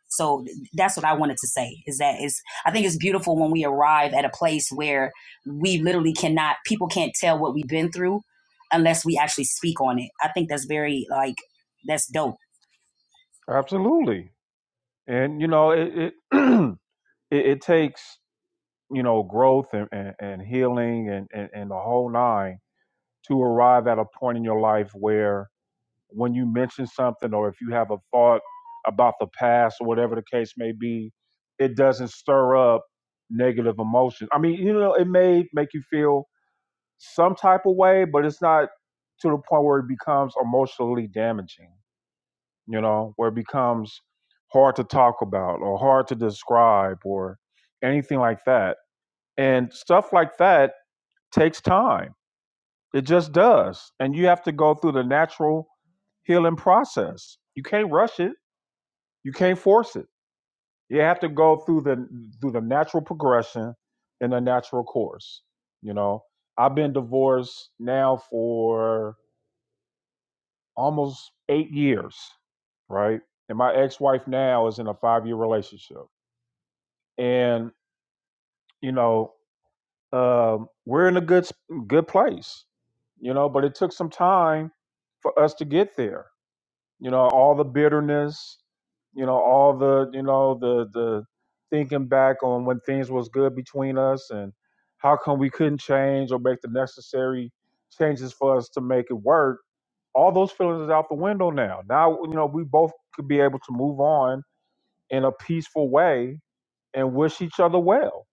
So that's what I wanted to say is that is I think it's beautiful when we arrive at a place where we literally cannot people can't tell what we've been through unless we actually speak on it. I think that's very like that's dope. Absolutely. And you know, it, it it, it takes you know growth and, and, and healing and, and, and the whole nine to arrive at a point in your life where when you mention something or if you have a thought about the past or whatever the case may be it doesn't stir up negative emotions i mean you know it may make you feel some type of way but it's not to the point where it becomes emotionally damaging you know where it becomes hard to talk about or hard to describe or anything like that and stuff like that takes time. It just does. And you have to go through the natural healing process. You can't rush it. You can't force it. You have to go through the through the natural progression in a natural course. You know, I've been divorced now for almost eight years, right? And my ex-wife now is in a five-year relationship. And, you know, um, we're in a good s- good place, you know. But it took some time for us to get there. You know, all the bitterness, you know, all the you know the the thinking back on when things was good between us and how come we couldn't change or make the necessary changes for us to make it work. All those feelings is out the window now. Now you know we both could be able to move on in a peaceful way and wish each other well.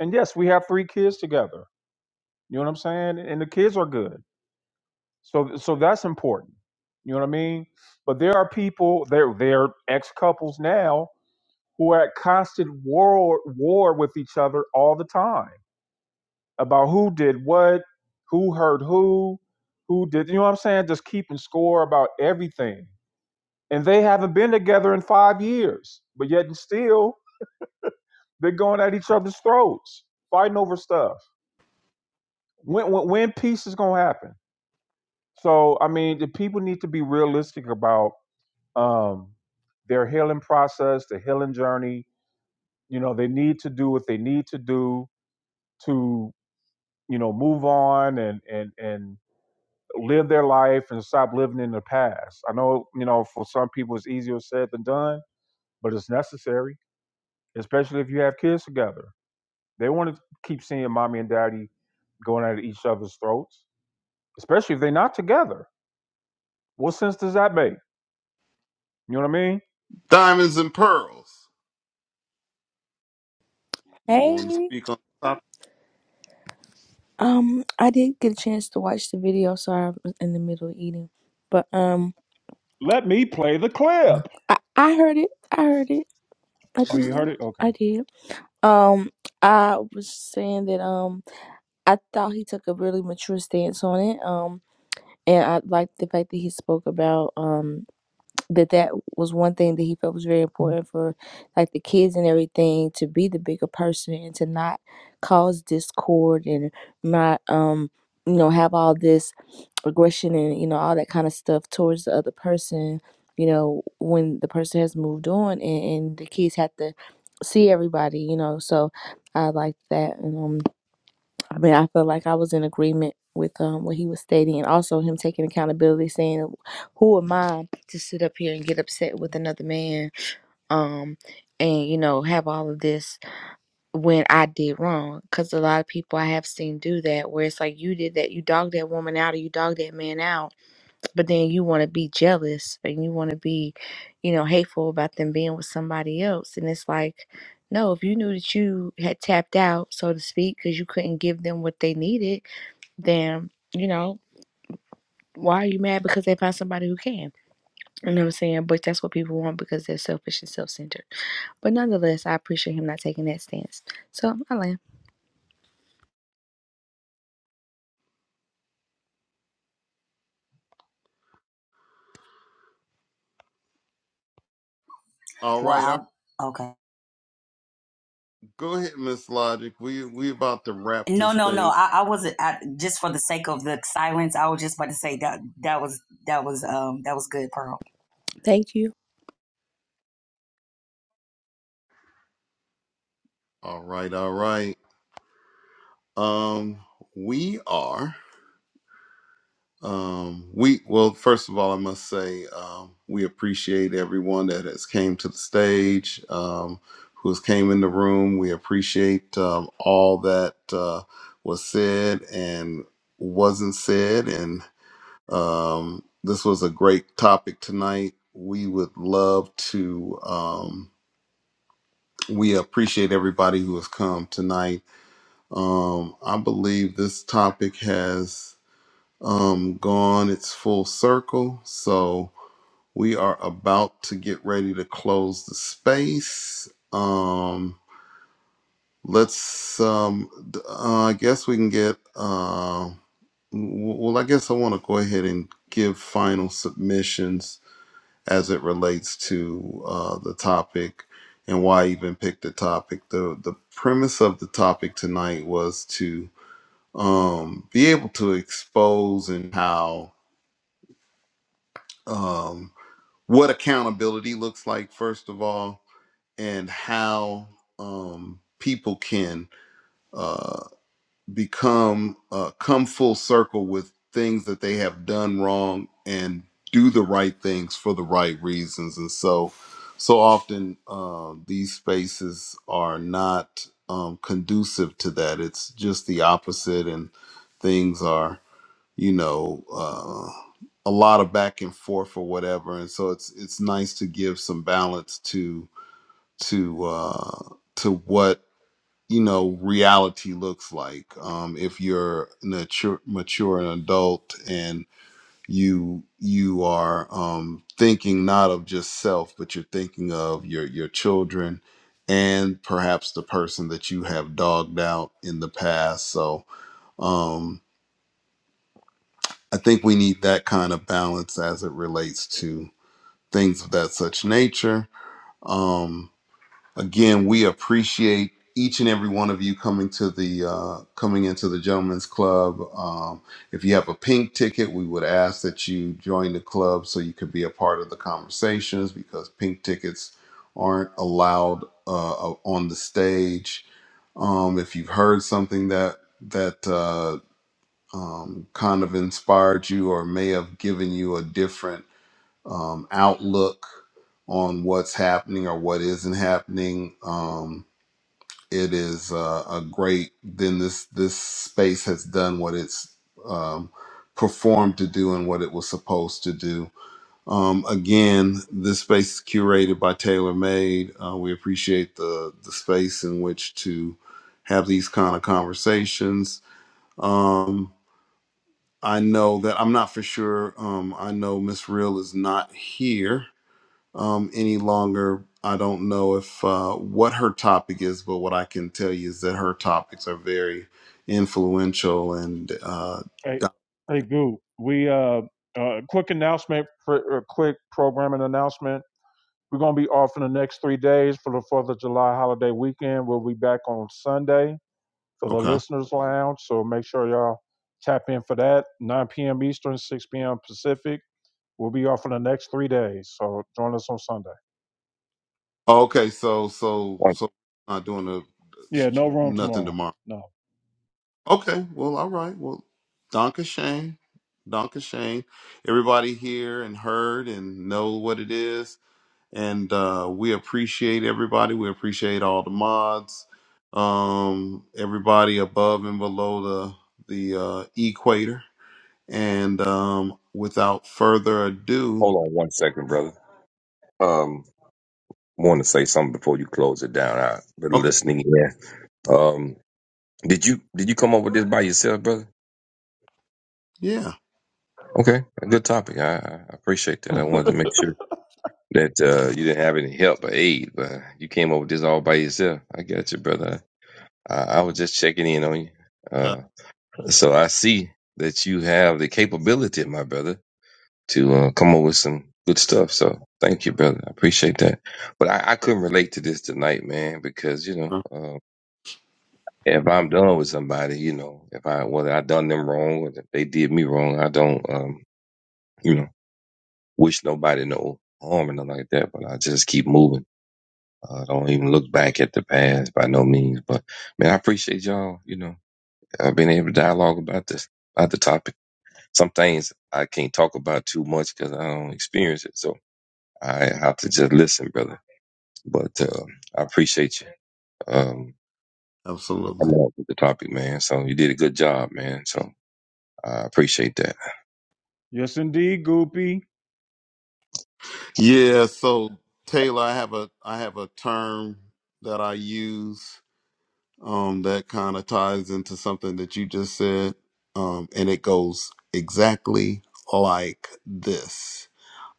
And yes, we have three kids together you know what I'm saying? And the kids are good. So so that's important. You know what I mean? But there are people, they're they're ex couples now who are at constant war war with each other all the time about who did what, who hurt who, who did you know what I'm saying? Just keeping score about everything. And they haven't been together in five years, but yet and still they're going at each other's throats, fighting over stuff. When when, when peace is gonna happen? So I mean, the people need to be realistic about um, their healing process, their healing journey. You know, they need to do what they need to do to you know move on and and and live their life and stop living in the past. I know you know for some people it's easier said than done, but it's necessary, especially if you have kids together. They want to keep seeing mommy and daddy going at each other's throats, especially if they're not together. What sense does that make? You know what I mean? Diamonds and pearls. You Hey, want to speak on the topic? um, I did get a chance to watch the video. Sorry, I was in the middle of eating, but um, Let me play the clip. I I heard it. I heard it. I Oh, you did. heard it? Okay. I did. Um, I was saying that um, I thought he took a really mature stance on it. Um, and I liked the fact that he spoke about um that that was one thing that he felt was very important for like the kids and everything to be the bigger person and to not cause discord and not um you know have all this aggression and you know all that kind of stuff towards the other person you know when the person has moved on and, and the kids have to see everybody you know so i like that and um i mean i feel like i was in agreement with um what he was stating and also him taking accountability saying who am i to sit up here and get upset with another man um and you know have all of this when i did wrong because a lot of people i have seen do that where it's like you did that you dogged that woman out or you dogged that man out but then you want to be jealous and you want to be you know hateful about them being with somebody else and it's like no if you knew that you had tapped out so to speak because you couldn't give them what they needed then you know why are you mad because they found somebody who can you know what i'm saying but that's what people want because they're selfish and self-centered but nonetheless i appreciate him not taking that stance so i land All right. I'll, Well, I'll okay. go ahead, Miss Logic. We we about to wrap No, this no, no. thing. I, I wasn't. I, just for the sake of the silence, I was just about to say that that was that was um that was good, Pearl. thank you All right. All right. Um, we are. Um, we well, first of all, I must say um, we appreciate everyone that has came to the stage, um, who has came in the room. We appreciate um, all that uh, was said and wasn't said, and um, this was a great topic tonight. We would love to. Um, we appreciate everybody who has come tonight. Um, I believe this topic has um, gone its full circle. So we are about to get ready to close the space. Um, let's, um, d- uh, I guess we can get, uh, w- well, I guess I want to go ahead and give final submissions as it relates to uh, the topic and why I even pick the topic. The, the premise of the topic tonight was to um, be able to expose and how. Um, what accountability looks like first of all and how um, people can uh, become uh, come full circle with things that they have done wrong and do the right things for the right reasons and so so often uh, these spaces are not um, conducive to that it's just the opposite and things are you know uh, a lot of back and forth or whatever and so it's it's nice to give some balance to to uh to what you know reality looks like um if you're mature mature an adult and you you are um thinking not of just self but you're thinking of your your children and perhaps the person that you have dogged out in the past so um, I think we need that kind of balance as it relates to things of that such nature. Um, again, we appreciate each and every one of you coming to the uh, coming into the Gentlemen's Club. Um, if you have a pink ticket, we would ask that you join the club so you could be a part of the conversations because pink tickets aren't allowed uh, on the stage. Um, if you've heard something that that uh, um, kind of inspired you or may have given you a different um, outlook on what's happening or what isn't happening. Um, it is uh, a great. Then this this space has done what it's um, performed to do and what it was supposed to do. Um, again, this space is curated by TaylorMade. Uh, we appreciate the the space in which to have these kind of conversations. Um, I know that I'm not for sure. Um, I know Miss Real is not here um, any longer. I don't know if uh, what her topic is, but what I can tell you is that her topics are very influential. And uh, Hey, hey, Goo. We uh, uh, quick announcement, for, uh, quick programming announcement. We're gonna be off in the next three days for the Fourth of July holiday weekend. We'll be back on Sunday for the okay, listeners' lounge. So make sure y'all tap in for that. 9 p.m. Eastern, 6 p.m. Pacific. We'll be off for the next three days. So join us on Sunday. okay, so so One, so not doing a Yeah, no room nothing tomorrow. tomorrow. No. Okay, well, all right, well, Donka Shane, Donka Shane, everybody here and heard and know what it is and uh, we appreciate everybody. We appreciate all the mods, um, everybody above and below the the uh, equator. And um, without further ado, hold on one second, brother. Um, want to say something before you close it down. I been okay, listening here. Um, did you did you come up with this by yourself, brother? yeah, Okay, a good topic. I, I appreciate that. I wanted to make sure that uh, you didn't have any help or aid, but you came up with this all by yourself. I got you, brother. I, I was just checking in on you. uh, Uh, so I see that you have the capability, my brother. to uh, come up with some good stuff. So thank you, brother. I appreciate that. But I, I couldn't relate to this tonight, man, because you know, uh, if I'm done with somebody, you know, if I whether I done them wrong, whether they did me wrong, I don't, um, you know, wish nobody no harm or nothing like that. But I just keep moving. Uh, I don't even look back at the past by no means. But man, I appreciate y'all. You know, uh, being able to dialogue about this about the topic. Some things I can't talk about too much because I don't experience it. So I have to just listen, brother. But uh, I appreciate you um, for absolutely, coming up with the topic, man. So you did a good job, man. So I appreciate that. Yes, indeed, Goopy. yeah. So Taylor, I have a I have a term that I use um, that kind of ties into something that you just said, um, and it goes exactly like this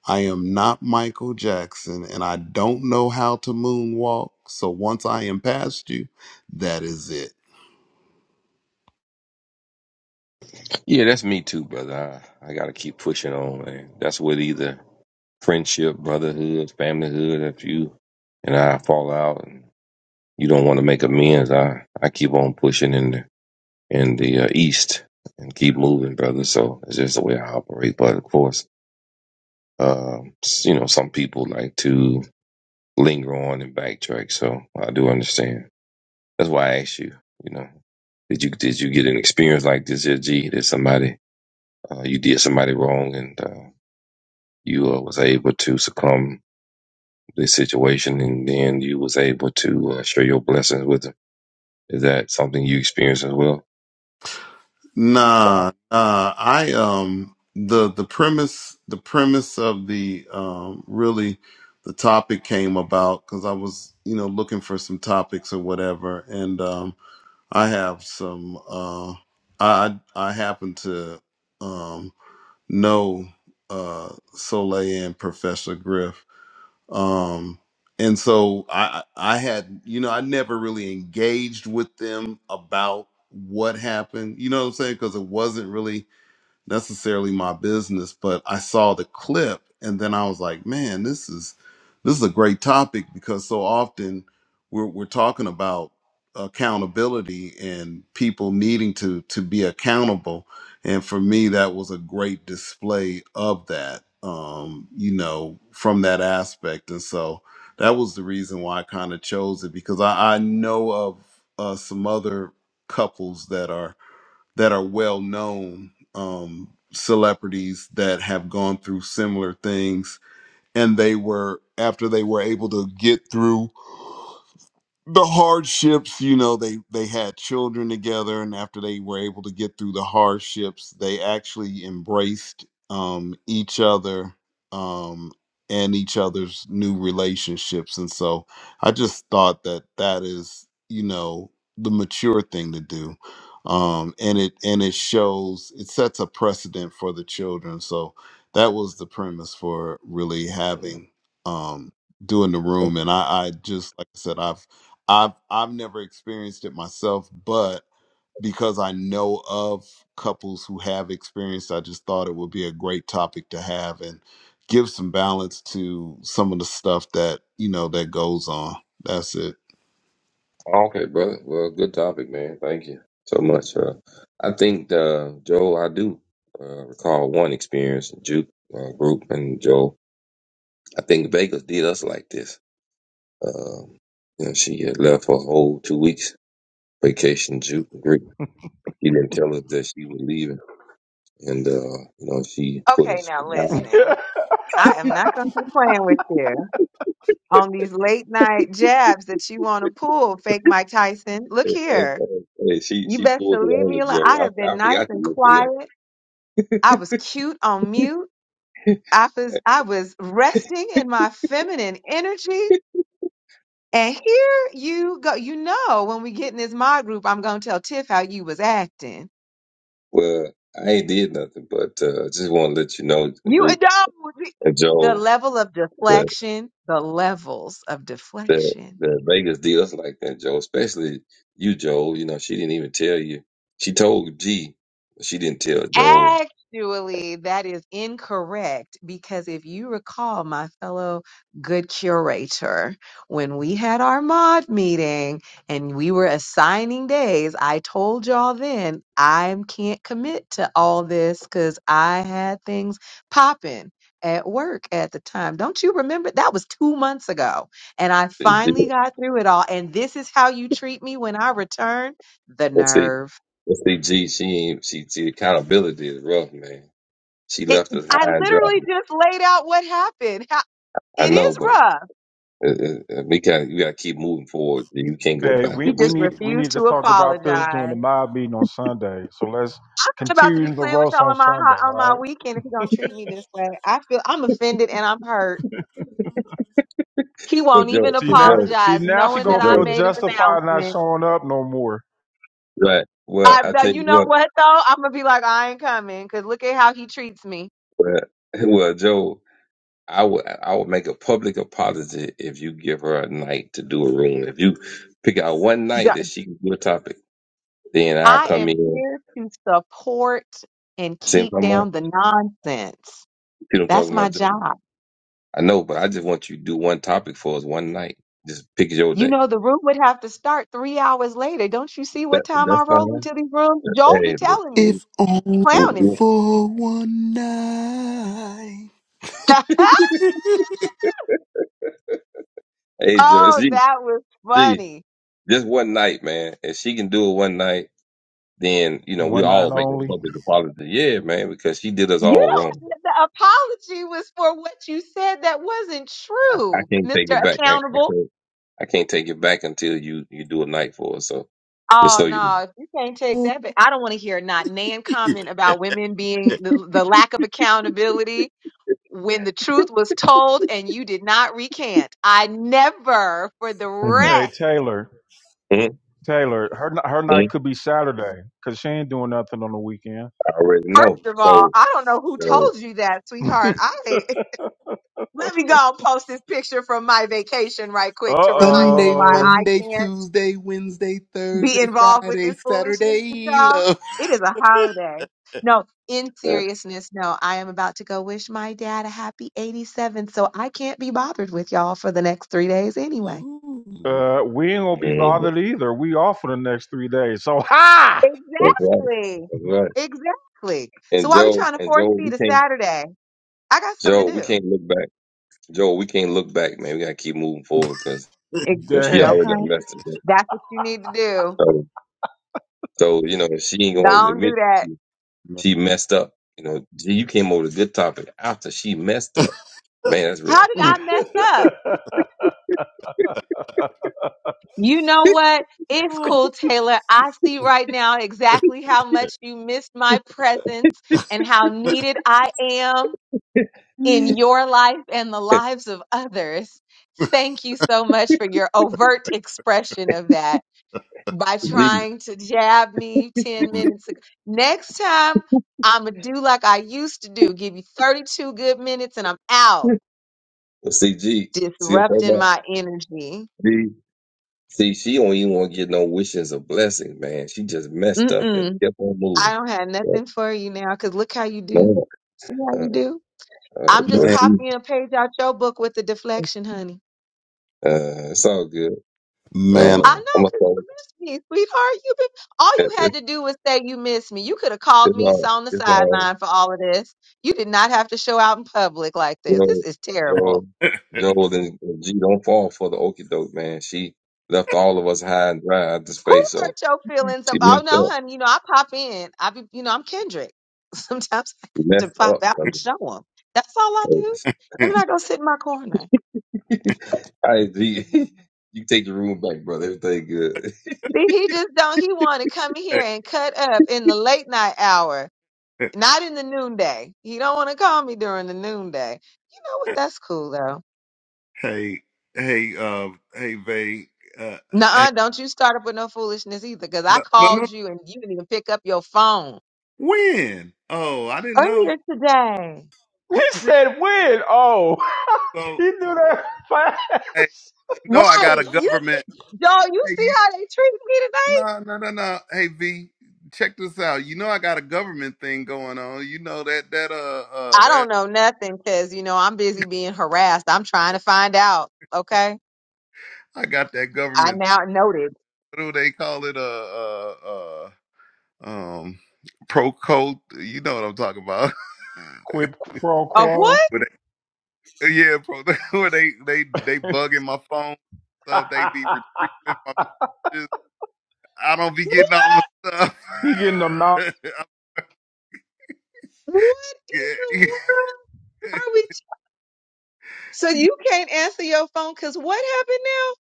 I am not Michael Jackson and I don't know how to moonwalk. So once I am past you, that is it. Yeah, that's me too, brother. I, I got to keep pushing on, man. That's with either friendship, brotherhood, familyhood. If you and I fall out and you don't want to make amends, I, I keep on pushing in the, in the uh, east and keep moving, brother. So it's just the way I operate. But of course, um, s- you know, some people like to linger on and backtrack. So I do understand. That's why I asked you. You know, did you did you get an experience like this, G? That somebody uh, you did somebody wrong and uh, you uh, was able to succumb to this situation, and then you was able to uh, share your blessings with them. Is that something you experienced as well? Nah, nah. I um the the premise the premise of the um really the topic came about because I was you know looking for some topics or whatever, and um I have some uh I I happen to um know uh Soleil and Professor Griff um and so i i I had you know i never really engaged with them about what happened you know what i'm saying because it wasn't really necessarily my business, but I saw the clip and then I was like, man, this is this is a great topic because so often we're we're talking about accountability and people needing to to be accountable. And for me, that was a great display of that, um, you know, from that aspect. And so that was the reason why I kind of chose it because I, I know of uh, some other couples that are that are well known um, celebrities that have gone through similar things. And they were, after they were able to get through the hardships you know they they had children together and after they were able to get through the hardships they actually embraced um each other um and each other's new relationships and so i just thought that that is you know the mature thing to do um and it and it shows it sets a precedent for the children so that was the premise for really having um doing the room and i i just like i said i've I've I've never experienced it myself, but because I know of couples who have experienced, I just thought it would be a great topic to have and give some balance to some of the stuff that you know that goes on. That's it. Okay, brother. Well, good topic, man. Thank you so much. Uh, I think, uh, Joel, I do uh, recall one experience, Juke uh, group, and Joel. I think Vegas did us like this. Um you know, she had left for a whole two weeks vacation, Juke group. She didn't tell us that she was leaving, and uh, you know she put Okay, us. now listen. I am not going to keep playing with you on these late night jabs that you want to pull, fake Mike Tyson. Look Hey, hey, here. hey, she You she best pulled to it leave on me the alone. Joe. I I, have been I nice forgot to and mention that. quiet. I was cute on mute. I was I was resting in my feminine energy. And here you go. You know, when we get in this mod group, I'm going to tell Tiff how you was acting. Well, I ain't did nothing, but uh, just want to let you know, the You group no, and the Joe, level of that deflection, the levels of that deflection. that Vegas deals like that, Joe. Especially you, Joe. You know she didn't even tell you. She told G, but she didn't tell Joe. Actually, that is incorrect because if you recall, my fellow good curator, when we had our mod meeting and we were assigning days, I told y'all then I can't commit to all this because I had things popping at work at the time. Don't you remember? That was two months ago. And I finally got through it all. And this is how you treat me when I return the Let's see, nerve. let's see, G. She ain't. She, she accountability is rough, man. She It, left us high I and dry. literally just laid out what happened. How, I it know, is but. rough. Uh, uh, uh, we got you got to keep moving forward. You can't go Hey, we, He we backwards. just need we need refused to to talk about this during the apologize. mob meeting on Sunday. So let's I'm not about to continue be the playing with roast y'all on on my Sunday. ho- on All my right. weekend if you don't treat me this way. I feel I'm offended and I'm hurt. He Well, won't Joe, even See well, now, Joe, see apologize, now she knowing well, gonna that I feel Joe, made an justified not announcement. showing up no more. right? Well, I, I tell but you you know what, what though? I'm gonna be like, I ain't coming because look at how he treats me. well, well, Joe, I would I would make a public apology if you give her a night to do a room. If you pick out one D- night that she can do a topic, then I'll I come am in. here to support and See what I'm keep talking about? down the nonsense. You know what I'm That's talking my about, Joe? job. I know, but I just want you to do one topic for us one night. Just pick your You day. know, the room would have to start three hours later. Don't you see That, what time that's I roll fine. into these rooms? Joel be Hey, look, telling me, we, If only we, clowning we, me. for one night. hey, Joe, oh, see. that was funny. Just one night, man. If she can do it one night, then you know we One all night make a only. public apology. Yeah, man, because she did us You all wrong. don't, the apology was for what you said that wasn't I true, can't take it Mr. back. I, I Accountable. can't. I can't take it back until you you do a night for us. So just Oh, so you, no, you can't take that. But I don't want to hear not Nan comment about women being the, the lack of accountability when the truth was told and you did not recant. I never, for the Mhm. Hey rest. Taylor, Mhm. Taylor, her her night Mhm. could be Saturday because she ain't doing nothing on the weekend. I already know. First of all, So, I don't know who so told you that, sweetheart. I let me go and post this picture from my vacation right Uh quick to remind you Sunday, why I oh. Monday, can't Tuesday, Wednesday, be Thursday, involved with Friday, this foolishness with Saturday, y'all. love. It is a holiday. No, in uh, seriousness, no, I am about to go wish my dad a happy 87th, so I can't be bothered with y'all for the next three days anyway. Ooh. Uh, we ain't gonna be mhm. bothered either. We off for the next three days. So ha, that's right. Exactly. That's right. Exactly. So And why we Joe, trying to and force Joe, feed we a can't. Saturday? I got something Joe, to we do. can't look back. Joe, we can't look back, man. We gotta keep moving forward because you know, Ex- she dang. already done Okay. messed it up. That's what you need to do. So, so you know, if she ain't gonna Don't do admit. that. She messed up. You know, G, you came over with a good topic after she messed up. Man, that's real. How did I mess up? You know what? It's Oh, cool, Taylor. I see right now exactly how much you missed my presence and how needed I am mm. in your life and the lives of others. Thank you so much for your overt expression of that by G, trying to jab me 10 minutes ago. Next time, I'm going to do like I used to do give you 32 good minutes and I'm out, well, see, G, see what I'm talking disrupting about? my energy. G, see, she don't even want to get no wishes or blessings, man. She just messed up and Mm-mm. kept on I moving. don't have So, nothing for you now because look how you do. no, See how uh, you do? uh, I'm just but Man, G, copying a page out your book with the deflection, honey. uh, it's all good. man, Uh, I I'm know gonna because you say missed me, sweetheart. You been all it, you it, had to do was say you missed me. You could have called it's me, all, saw on the it's all, sideline for all of this. You did not have to show out in public like you this. know, This is terrible. Joe, Joe, and G don't fall for the okie doke, man. She left all of us high and dry out the Who space. so. hurt your feelings? Of, She oh messed no, up. honey. You know I pop in. I be, you know, I'm Kendrick. Sometimes I She have to messed pop up, out and brother. show them. That's all I All do. And then I go sit in my corner. right, G. you take the room back, brother. Everything good. See, he just don't. He want to come here Hey, and cut up in the late night hour, not in the noonday. He don't want to call me during the noonday. You know what? That's cool though. hey, hey, uh, hey, Vay, uh, hey, Nuh-uh, don't you start up with no foolishness either, because I no, no, no, called you and you didn't even pick up your phone when? Oh, I didn't know. earlier today. He Really? said when? Oh, So, he knew that fast. hey, you know I got a Right. You, government. y'all, you Hey, see you, how they treat me today? no, no, no, no. Hey, V, check this out. You know I got a government thing going on. You know that that uh uh I that don't know nothing because, you know, I'm busy being harassed. I'm trying to find out. Okay. I got that I government now noted. what do they call it? Uh, uh, uh, um, pro coat. You know what I'm talking about? Quid pro Of quo. what? Where they- yeah, pro. Where they they they bugging my phone stuff. They be retrieving my messages. I don't be What getting all my stuff. you getting the mouth? I'm what in the scared. world? are we? So you can't answer your phone because what happened now?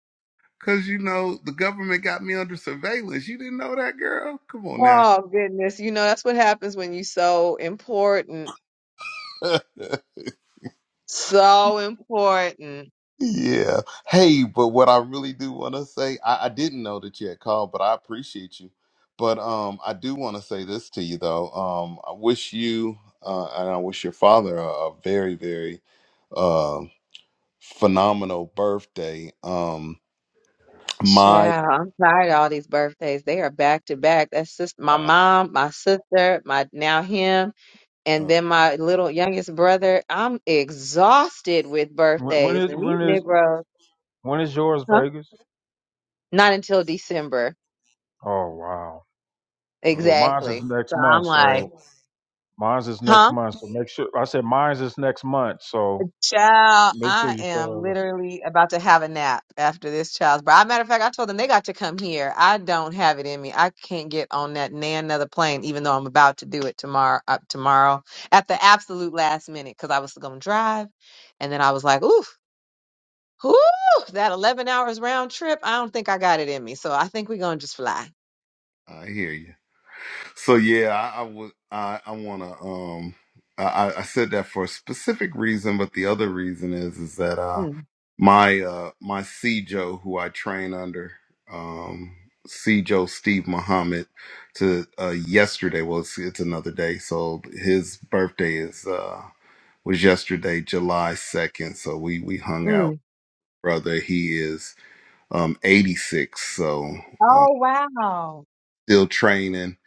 Cause you know the government got me under surveillance. You didn't know that, girl? Come on now. Oh goodness, you know that's what happens when you so important, so important. Yeah. Hey, but what I really do want to say, I, I didn't know that you had called, but I appreciate you. But um, I do want to say this to you though. Um, I wish you uh, and I wish your father a, a very, very uh, phenomenal birthday. Um, my Child, I'm tired of all these birthdays. They are back to back. That's just my wow. mom, my sister, my now him, and then my little youngest brother. I'm exhausted with When when birthdays, is and these when is Negroes, when is yours, huh? Vegas? Not until December, Oh wow. Uh, Well, mine's is exactly. next So I'm month, like, so mine's is next huh? month. So make sure I said mine's is next month. So Child, make sure I you am show up. literally about to have a nap after this child's birth. Matter of fact, I told them they got to come here. I don't have it in me. I can't get on that nan another plane, even though I'm about to do it tomorrow. Up tomorrow at the absolute last minute because I was going to drive, and then I was like, "Oof, whoo, that 11 hours round trip. I don't think I got it in me. So I think we're gonna just fly." I hear you. So yeah, I, I would. I I want to. Um, I I I said that for a specific reason, but the other reason is is that uh, Mm, my uh my Joe who I train under, um Joe Steve Muhammad to uh yesterday well it's, it's another day, so his birthday is uh was yesterday, July second. So we we hung out, mm. brother. He is um eighty six, so uh, Oh wow! still training.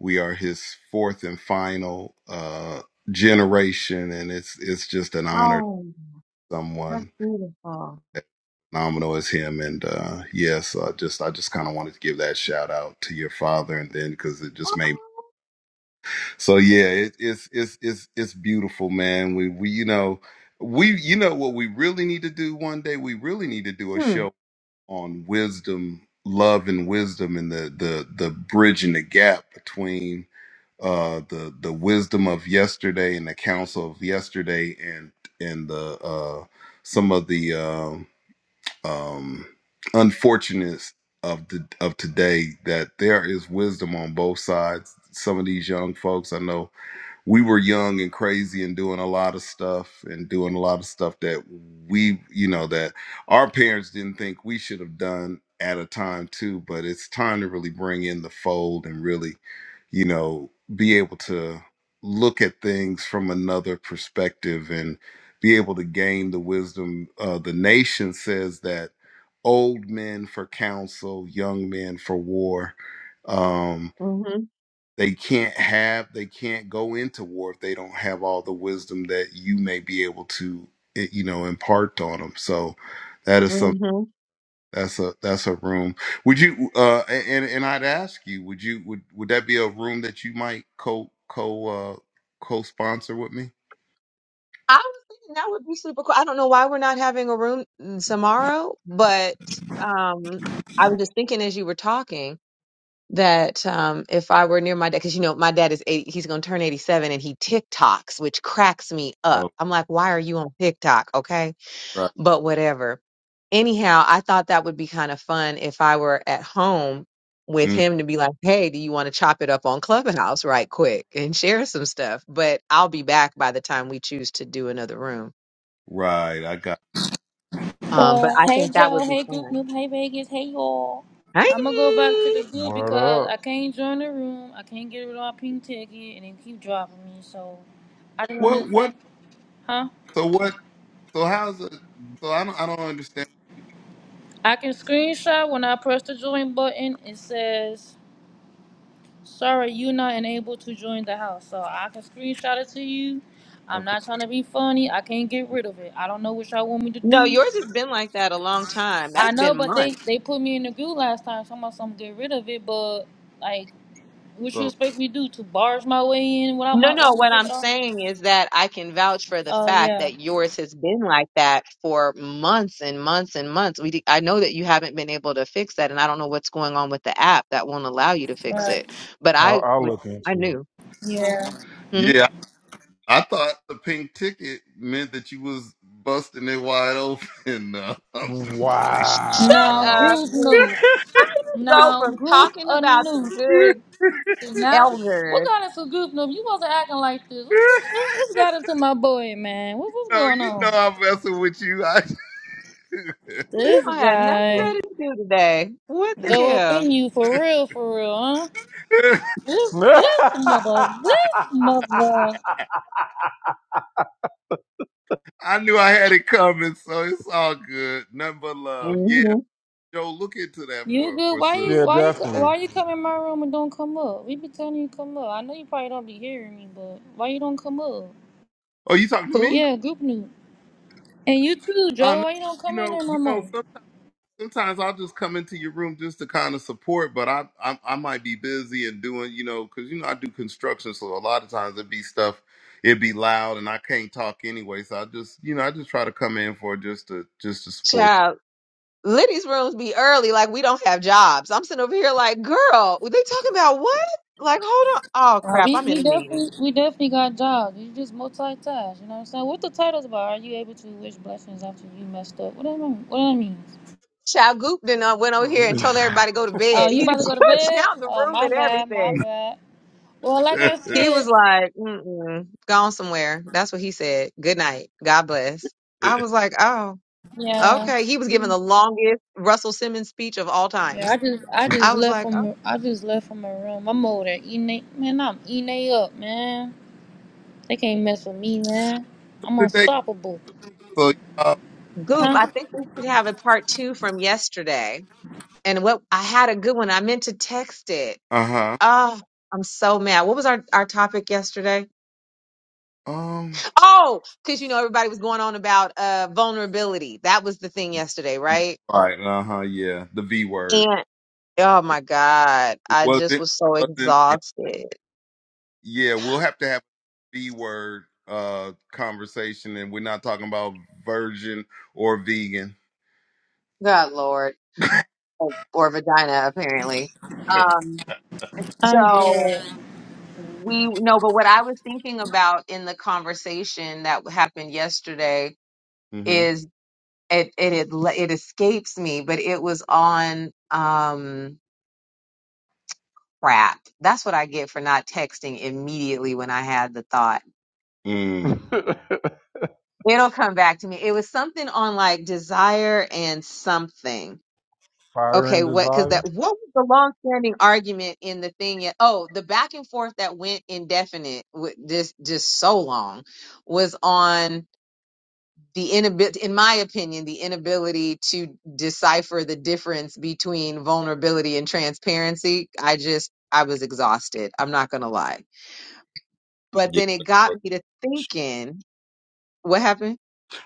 We are his fourth and final uh generation and it's it's just an honor to Oh, that's someone beautiful. phenomenal as him. And uh, yes, uh, just I just kind of wanted to give that shout out to your father, and then because it just made Oh. so yeah, it, it's it's it's it's beautiful, man. We we you know we you know what we really need to do one day. We really need to do a Hmm. show on wisdom, love, and wisdom, and the the the bridge and the gap between uh the the wisdom of yesterday and the counsel of yesterday and and the uh some of the um um, unfortunate of the of today that there is wisdom on both sides. Some of these young folks I know we were young and crazy and doing a lot of stuff and doing a lot of stuff that we, you know, that our parents didn't think we should have done at a time too. But it's time to really bring in the fold and really, you know, be able to look at things from another perspective and be able to gain the wisdom. Uh, the nation says that old men for counsel, young men for war. Um, they can't have they can't go into war if they don't have all the wisdom that you may be able to eh, you know impart on them so that is some Mm-hmm. that's a that's a room would you uh a- and and i'd ask you would you would would that be a room that you might co co uh co-sponsor with me I was thinking that would be super cool. I don't know why we're not having a room tomorrow, but um, I was just thinking as you were talking that um, if I were near my dad, because you know my dad is 80, he's going to turn 87 and he TikToks, which cracks me up. Oh, I'm like, why are you on TikTok? Okay, right, but whatever. Anyhow, I thought that would be kind of fun if I were at home with Mm, him to be like, hey, do you want to chop it up on Clubhouse right quick and share some stuff? But I'll be back by the time we choose to do another room. right i got Um, but Well, I hey think that Joe, would be hey Goop fun. Noop, hey Vegas, hey y'all. Hey. I'm gonna go back to the group Word because I up. can't join the room. I can't get rid of my pink ticket, and they keep dropping me. So I just wanted what to say, what huh? so what so how's it so i don't i don't understand I can screenshot when I press the join button. It says, "Sorry, you're not enabled to join the house." So I can screenshot it to you. I'm okay. not trying to be funny. I can't get rid of it. I don't know what y'all want me to No, do. yours has been like that a long time. I That's know, been but they months. they put me in the group last time. Somebody some get rid of it, but. like. What you so expect me to do? To barge my way in without No, my no, woman what take I'm off? saying is that I can vouch for the Oh fact yeah, that yours has been like that for months and months and months. We, d- I know that you haven't been able to fix that, and I don't know what's going on with the app that won't allow you to fix right. it. But I'll, I I'll would, look I into it. knew. Yeah. Hmm? yeah. I thought the pink ticket meant that you was busting it wide open. No, I'm just playing. Sh- Shut Now Wow. up. group boo. new. You Go Now from group talking a about the new. good Now what elders. got into group new? You wasn't acting like this. What, what, what what got into my boy, man? What, what's No, going you on? know I'm messing with you. I You This don't have nothing guy better to do today. What the go up hell? in you for real, for real, huh? This this mother, yeah, this mother. I knew I had it coming, so it's all good. Nothing but love. Yeah, Mhm. Joe, look into that You for good? for Why you sis. why you co- definitely. why you come in my room and don't come up? We be telling you come up. I know you probably don't be hearing me, but why you don't come up? Oh, you talking to Who? me? Yeah, group new. And you too, Oh Joe. no, Why you don't you come in know, there no you know. more? some sometimes I'll just come into your room just to kind of support, but I I, I might be busy and doing you know because you know I do construction, so a lot of times it'd be stuff it'd be loud and I can't talk anyway, so I just you know I just try to come in for just to just to support Child. Liddy's rooms be early, like we don't have jobs. I'm sitting over here like, girl, they talking about what? Like, hold on. Oh Nah, crap, we, I'm in we a meeting. definitely we definitely got jobs. You just multitask. You know what I'm saying? What the title's about? Are you able to wish blessings after you messed up? What that mean? What that means? Child Goop then uh, went over here and told everybody to go to Oh, bed. you He about to just go to took bed? down the Oh, room my and bad, my everything. you. bad. Well, like so I He was said, like, Mm-mm, gone somewhere. That's what he said. Good night. God bless. I was like, oh, yeah. okay. He was giving the longest Russell Simmons speech of all Yeah, I times. just I just I was left like, oh, from I just left from my room. I'm over there eating they, man. I'm eating they up, man. They can't mess with me, man. I'm today, unstoppable. so y'all, Goop, Huh? I think we should have a part two from yesterday. And what I had a good one. I meant to text it. uh huh, Oh, I'm so mad. What was our, our topic yesterday? um, Oh, because you know everybody was going on about uh vulnerability. That was the thing yesterday, right? right, uh huh, yeah, the V word. And oh my God. It I wasn't. just It was so wasn't. exhausted. Yeah, we'll have to have B word uh conversation and we're not talking about virgin or vegan. God Lord. Or, or vagina, apparently. Um, I'm so dead. we no, but what I was thinking about in the conversation that happened yesterday Mm-hmm. is. it and it le- it escapes me, but it was on um crap. That's what I get for not texting immediately when I had the thought. Mm. It'll come back to me. It was something on like desire and something. Fire Okay, and what? Because desire. that what was the long-standing argument in the thing? Yet, oh, the back and forth that went indefinite, with this just so long, was on. the inability, in my opinion, the inability to decipher the difference between vulnerability and transparency, I just, I was exhausted. I'm not going to lie. But Yeah. then it got me to thinking, what happened?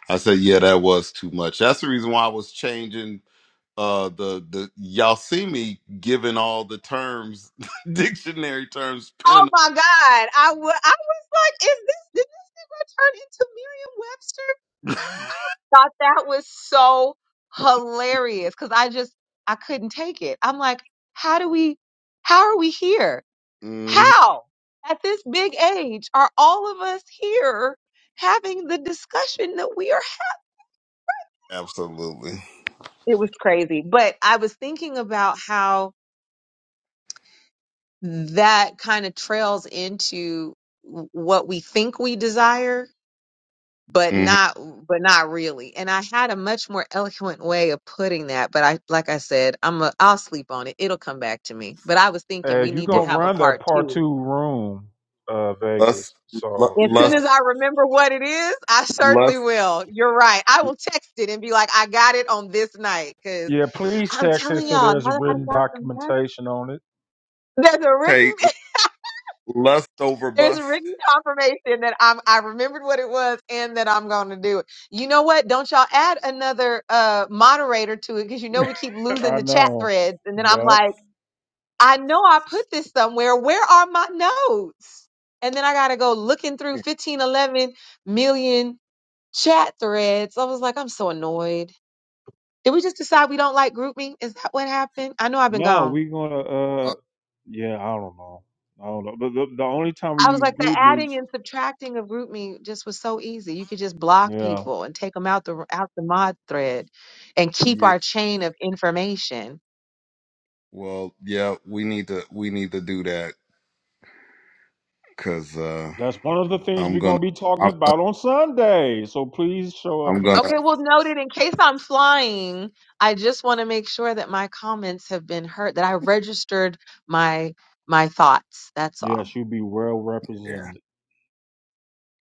I said, yeah, that was too much. That's the reason why I was changing uh the the y'all see me giving all the terms dictionary terms Oh pinning my God. I w- I was like, is this, did it turn into Merriam Webster? them. Thought that was so hilarious because I just, I couldn't take it. I'm like, how do we, how are we here? Mhm. How, at this big age, are all of us here having the discussion that we are? absolutely It was crazy. But I was thinking about how that kind of trails into w- what we think we desire but hmm not but not really and i had a much more eloquent way of putting that but i like i said i'm a, i'll sleep on it it'll come back to me but i was thinking Uh, we you need to gonna have a run that part part 2 two room, uh, lust Vegas. lu- So As soon yeah, as lust I remember what it is, I certainly lust will. You're right. I will text it and be like, I got it on this night. Cause yeah. Please I'm text it telling so y'all, there's now that I done written got some rest, documentation on it. there's a hey written, lust over there's a bust written confirmation that I'm, I remembered what it was and that I'm going to do it. You know what? Don't y'all add another, uh, moderator to it. Cause you know, we keep losing I the chat know. threads. And then I'm Yep. like, I know I put this somewhere. Where are my notes? And then I got to go looking through 15, 11 million chat threads. I was like, I'm so annoyed. Did we just decide we don't like GroupMe? Is that what happened? I know I've been No, gone. we gonna. Uh, Uh, yeah. I don't know. I don't know. But the, the only time we I was use like, the group adding meets. and subtracting of GroupMe just was so easy. You could just block Yeah, people and take them out the out the mod thread, and keep yeah. our chain of information. Well, yeah, we need to we need to do that because uh, that's one of the things I'm we're gonna gonna be talking I'm gonna about on Sunday. So please show up I'm for gonna Okay, that. well, noted. In case I'm flying, I just want to make sure that my comments have been heard, that I registered my my thoughts. That's Yeah, all. she'll be well yeah represented.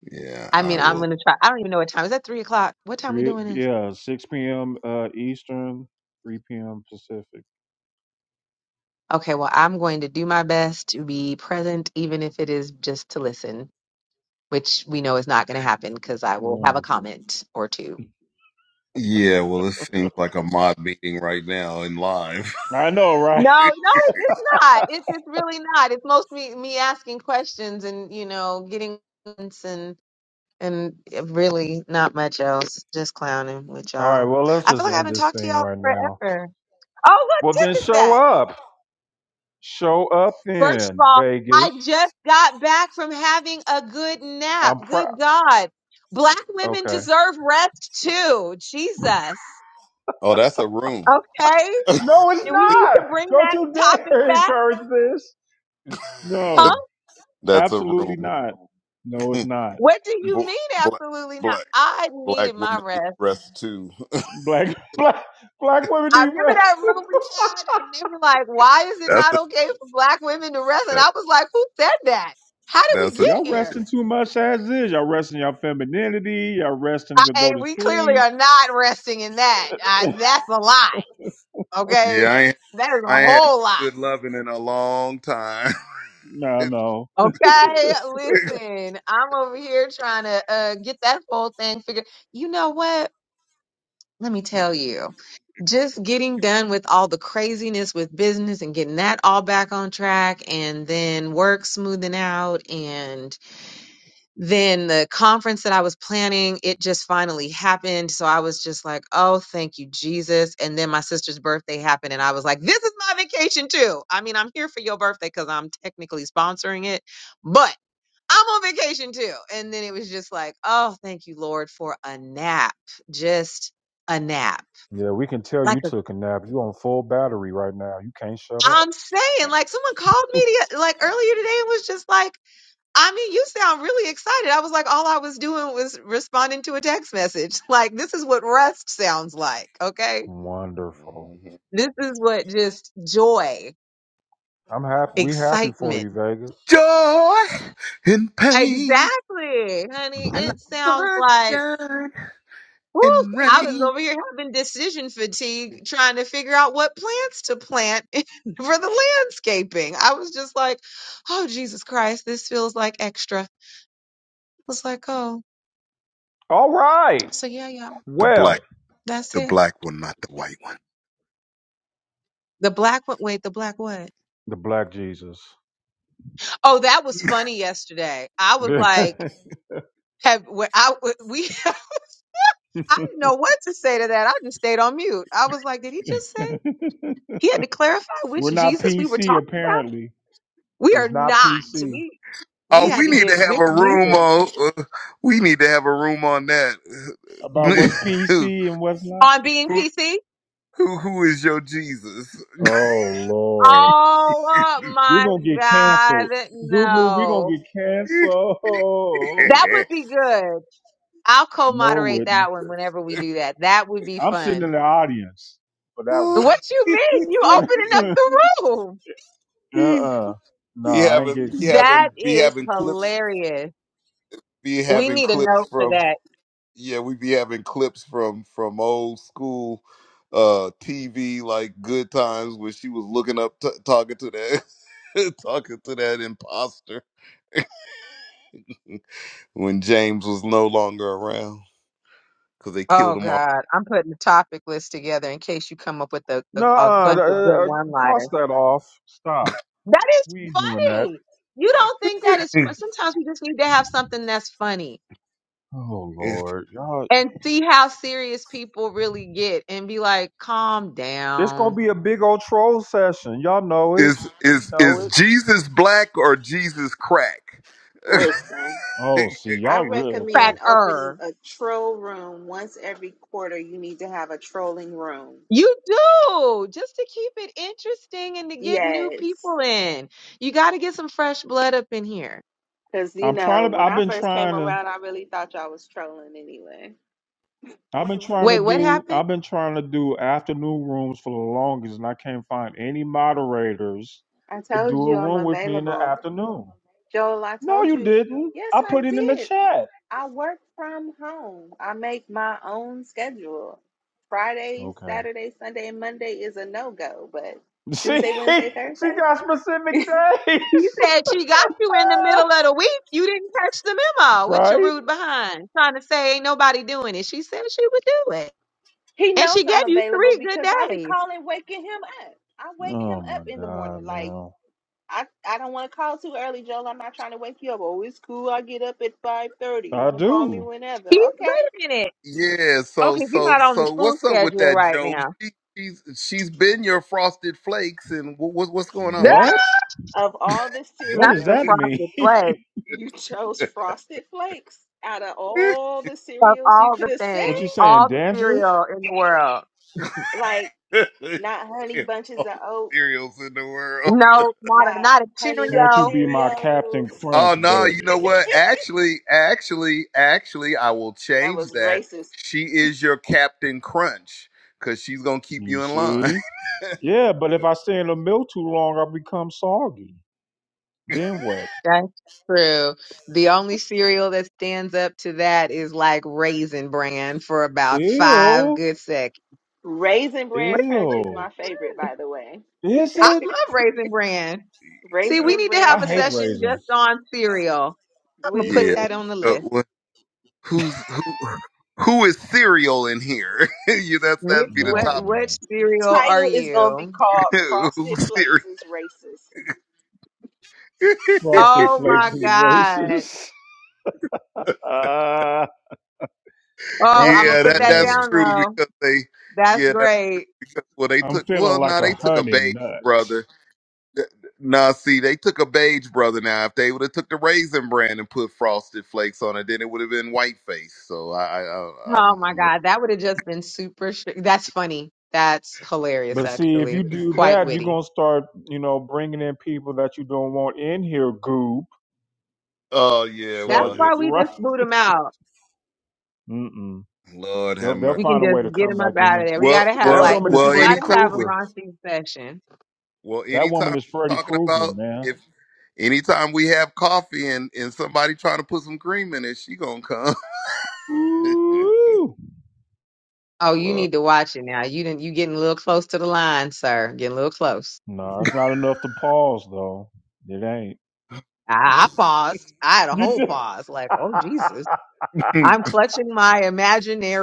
yeah I I mean, I'm will gonna try. I don't even know what time. Is that three o'clock? What time we Three. doing this? Yeah, six p.m. Uh, Eastern, three p.m. Pacific. Okay, well, I'm going to do my best to be present, even if it is just to listen, which we know is not going to happen because I will have a Wonderful. comment or two. yeah. Well, it seems like a mod meeting right now in live. I know, right? No, no, it, it's not. It's it's really not. It's mostly me asking questions and you know getting comments and and really not much else. Just clowning with All right, y'all. well, let's I feel just like I end haven't this talked to thing y'all right now. forever. Oh, look, Well, then Tip is show back. up. Show up First of then, all, Vegas. I just got back from having a good nap. I'm proud. Good God. Black women Okay. deserve rest too. Jesus. Oh, that's a room. Okay. No, it's Do we need to not. bring Don't that you topic dare back? encourage this. Huh? No, that's a absolutely room. not. No, it's not. What do you Bla- mean? black Absolutely not. black I black needed my women need rest. rest too. Black black black women I need remember rest. that room we had and they were like, why is it that's not a, okay for black women to rest? And that, I was like, who said that? How did we that's a get Y'all here? resting too much as is. Y'all resting your femininity. Y'all resting to I, go and to we clearly sleep. are not resting in that. Uh, that's a lie. Okay. yeah. I ain't, That is I a ain't had no whole lot. good loving in a long time. No, no. Okay. Listen, I'm over here trying to uh, get that whole thing figured. You know what? Let me tell you. Just getting done with all the craziness with business and getting that all back on track and then work smoothing out and. then the conference that I was planning, it just finally happened. So I was just like, oh, thank you, Jesus. And then my sister's birthday happened, and I was like, this is my vacation too. I mean, I'm here for your birthday because I'm technically sponsoring it, but I'm on vacation too. And then it was just like, oh, thank you, Lord, for a nap, just a nap. Yeah, we can tell Like, you a, took a nap. You on full battery right now. You can't shut up. I'm saying, like, someone called me the, like earlier today and was just like, I mean, you sound really excited. I was like, all I was doing was responding to a text message. Like, this is what rest sounds like. Okay. Wonderful. Mhm. This is what just joy, I'm happy. We happy for excitement. you, Vegas. joy and pain. Exactly, honey. I like It sounds the like, sunshine whew, and I was rain. over here having decision fatigue trying to figure out what plants to plant for the landscaping. I was just like, oh, Jesus Christ, this feels like extra. I was like, oh, All right. so yeah, yeah, The black, Well, that's the it. black one, not the white one. The black one, wait, the black what? the Black Jesus. Oh, that was funny yesterday. I was We're like, have when I we I didn't know what to say to that. I just stayed on mute. I was like, did he just say he had to clarify which not Jesus we were PC talking about? apparently We are it's not not. PC. We Oh, we had we to need to get have with a room Jesus on. uh, we need to have a room on that. about what's who, PC and what's not. on being who, PC. who is your Jesus? Oh Lord. Oh oh We're my gonna get canceled. God, Goobly, we're gonna no. get canceled. That would be good. I'll No, it co-moderate wouldn't. that one whenever we do that. That would be I'm sitting in fun. the audience for that What you mean? You opening up one. the room. Uh uh No, be I ain't having, getting be canceled. That having, be is having clips hilarious. be We having need a clips note for from that. yeah we be having clips from from old school uh tv like good times when she was looking up t- talking to that talking to that imposter when james was no longer around because they killed Oh him off God, I'm putting a topic list together in case you come up with a, a, No, a uh, bunch of good uh, uh, cross one-liners. that off. Stop. That is We ain't doing that. funny. You don't think that is fun. Sometimes we just need to have something that's funny Oh is Lord, y'all, and see how serious people really get and be like, calm this gonna down, be a big old troll session. Y'all know it. is We is know is it. jesus black or jesus crack Listen, Oh, see, I y'all real okay. recommend opening cracker. a troll room once every quarter. You need to have a trolling room. You do just to keep it interesting and to get new Yes. people in. You got to get some fresh blood up in here. Because, you I'm know, trying to. when I've I been first came trying to. around, I really thought y'all was trolling anyway. I've been trying to Wait, what do. happened? I've been trying to do afternoon rooms for the longest, and I can't find any moderators I to do told a you I'm room with me in the available. afternoon. Joel, I No, told you you. didn't. Yes, I I put it in the did. chat. I work from home, I make my own schedule. Friday, Okay. Saturday, Sunday, and Monday is a no go, but See, Tuesday, Wednesday, she Thursday, got specific days. You said she got you in the middle of the week. You didn't catch the memo with your right? rude behind, trying to say ain't nobody doing it. She said she would do it. he And knows she gave I'm you available three good because I be days. calling, waking him up. I wake Oh him up my in the God, morning. Like, man. I I don't want to call too early, Joel. I'm not trying to wake you up. Oh, it's cool. I get up at five thirty. You I can call me do. whenever. He, Okay. wait a minute. Yeah, so Okay, you're so not on the so school what's up with schedule that, right Joe? now. She, she's she's been your frosted flakes, and what, what what's going on with What? Of all the What Not does the cereals, that mean? frosted flakes you chose that? Frosted Flakes. Out of all the of cereals you all the could have said, what things, you saying, all the Dandruff? cereal in the world. like not Honey Damn, Bunches All of the Oat, cereals in the world. No, not a, not not a Honey Nut Won't you Cheerio. be my Captain Cheerios. Crunch, Oh no, you know baby? what? Actually, actually, actually, I will That change was that. racist. She is your Captain Crunch because she's gonna keep You you in line. see? Yeah, but if I stay in the milk too long, i become soggy. yeah. Then what? That's true. The only cereal that stands up to that is like Raisin Bran for about five Ew. good seconds. Raisin Bran Crunch is Ew. my favorite, by the way. Is I it? love Raisin Bran. See, we Raisin need to I Bran have a hate session Crunch. just raisins. on cereal. I'm gonna We put Yeah. that do. on the list. who's who who is cereal in here? you that's Which that'd be the what No, topic. what man. The cereal are title is going to be you? called Frosted Who's Flakes cereal? is Racist. Frosted Oh Flakes my is god. racist. Ah, Oh, that I'm gonna is yeah, put that that that's hilarious. down true though. because they That's yeah, that, great. well they I'm took feeling well like no, a they took a honey beige nut. brother. Th- Nah, see, they took a beige brother now. If they would have took the raisin brand and put frosted flakes on it, then it would have been white face. So I, I, I Oh I'm, my I'm god, that would have just been super. Sh- That's funny. That's hilarious, But see, if you actually. do Quite that, you're witty. gonna start, you know, bringing in people that you don't want in here, goob. oh yeah, That's So well, he- why we right, just boot them out. mm-mm. Lord have they'll they'll mercy. We can find a way just to get come them up back in out here. of there. We Well, gotta have That well, like, woman but is well. you Freddy gotta Anytime have a Krueger. raunchy session. Well, That woman anytime is Freddy we're talking Krueger, about man. if anytime we have coffee and and somebody trying to put some cream in it, she gonna come. Ooh, Oh, you Lord, need to watch it now. You didn't. You getting a little close to the line, sir. Getting a little close. no, it's not enough to pause though. It ain't. what I, I paused. I had a You whole just, pause. Like, oh Jesus, you- I'm clutching my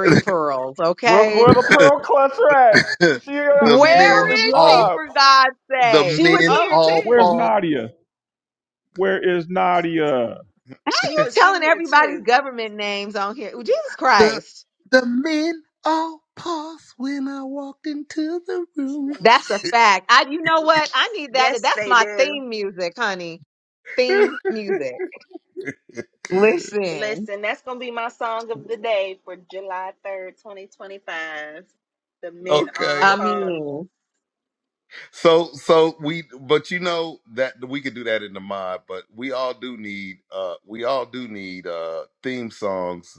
pearls. where where Okay, the pearl clutcher at? the She uh, she ain't where men on the is she? all job. For God's the She sakes! was men Oh, here all Where's too. pause. Nadia? Where is Nadia? how She you was in telling here everybody's too. government names on here? Jesus The Christ, the men all pause when I walked into the room. that's a fact. I. You know what? I need that. Yes, That's they my do. theme music, honey. Theme music. Listen. Listen, that's going to be my song of the day for July 3rd, 2025. The Men All okay, I Pause. mean. So so we but you know that we could do that in the mod, but we all do need uh we all do need uh theme songs.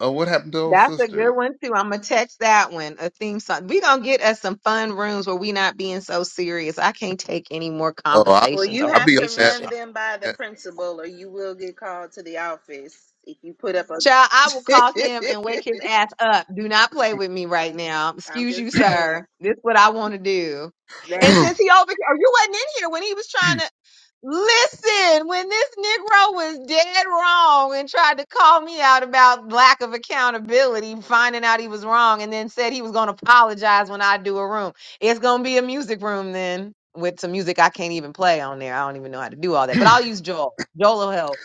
Oh, what happened to old That's a sister? good one too. I'm gonna text that one a theme song. We gonna get us some fun rooms where we not being so serious. I can't take any more Oh, I Well, conversations you or I'll have be on to that. relationship. run them by the principal or you will get called to the office if you put up a. Child, I will call him and wake his ass up. Do not play with me right now. I'm Excuse you, just saying. sir. This is what I want to do. I- And That's. that- since he over here, oh, you wasn't in here when he was trying to. Listen, when this Negro was dead wrong and tried to call me out about lack of accountability, finding out he was wrong, and then said he was going to apologize when I do a room. It's going to be a music room then with some music I can't even play on there. I don't even know how to do all that, but I'll use Joel. Joel will help.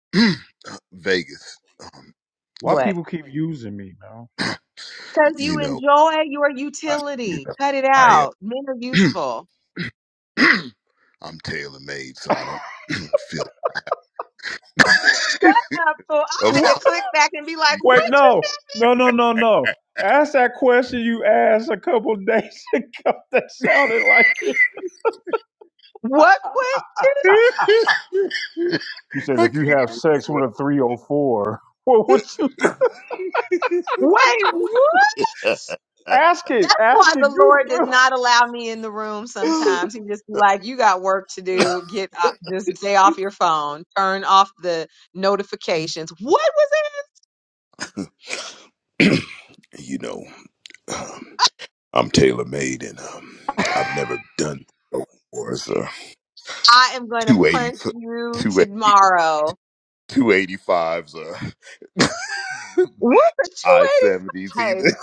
Vegas. Um, Why you, What? people keep using me, man? Because you you know, enjoy your I you utility. know Cut it I out. Men are am. useful. I'm tailor made, so I don't feel Shut up, fool. I had about to click back and be like, the. Wait, what? Just, no, no, no, no, no. Ask that question you asked a couple days ago. That sounded like it. what question? You said I if you can't have even sex with remember a three hundred four. or well, what you what Wait, what? I. ask it? That's Ask why it, the Lord does Google. not allow me in the room sometimes. He just be like, you got work to did. do. Get up, just stay off your phone. Turn off the notifications. What was it? you know, um, I'm tailor made, and um, I've never done this before. So I am going to 280, punch you 280, tomorrow. uh, What's a I 70s either. 285?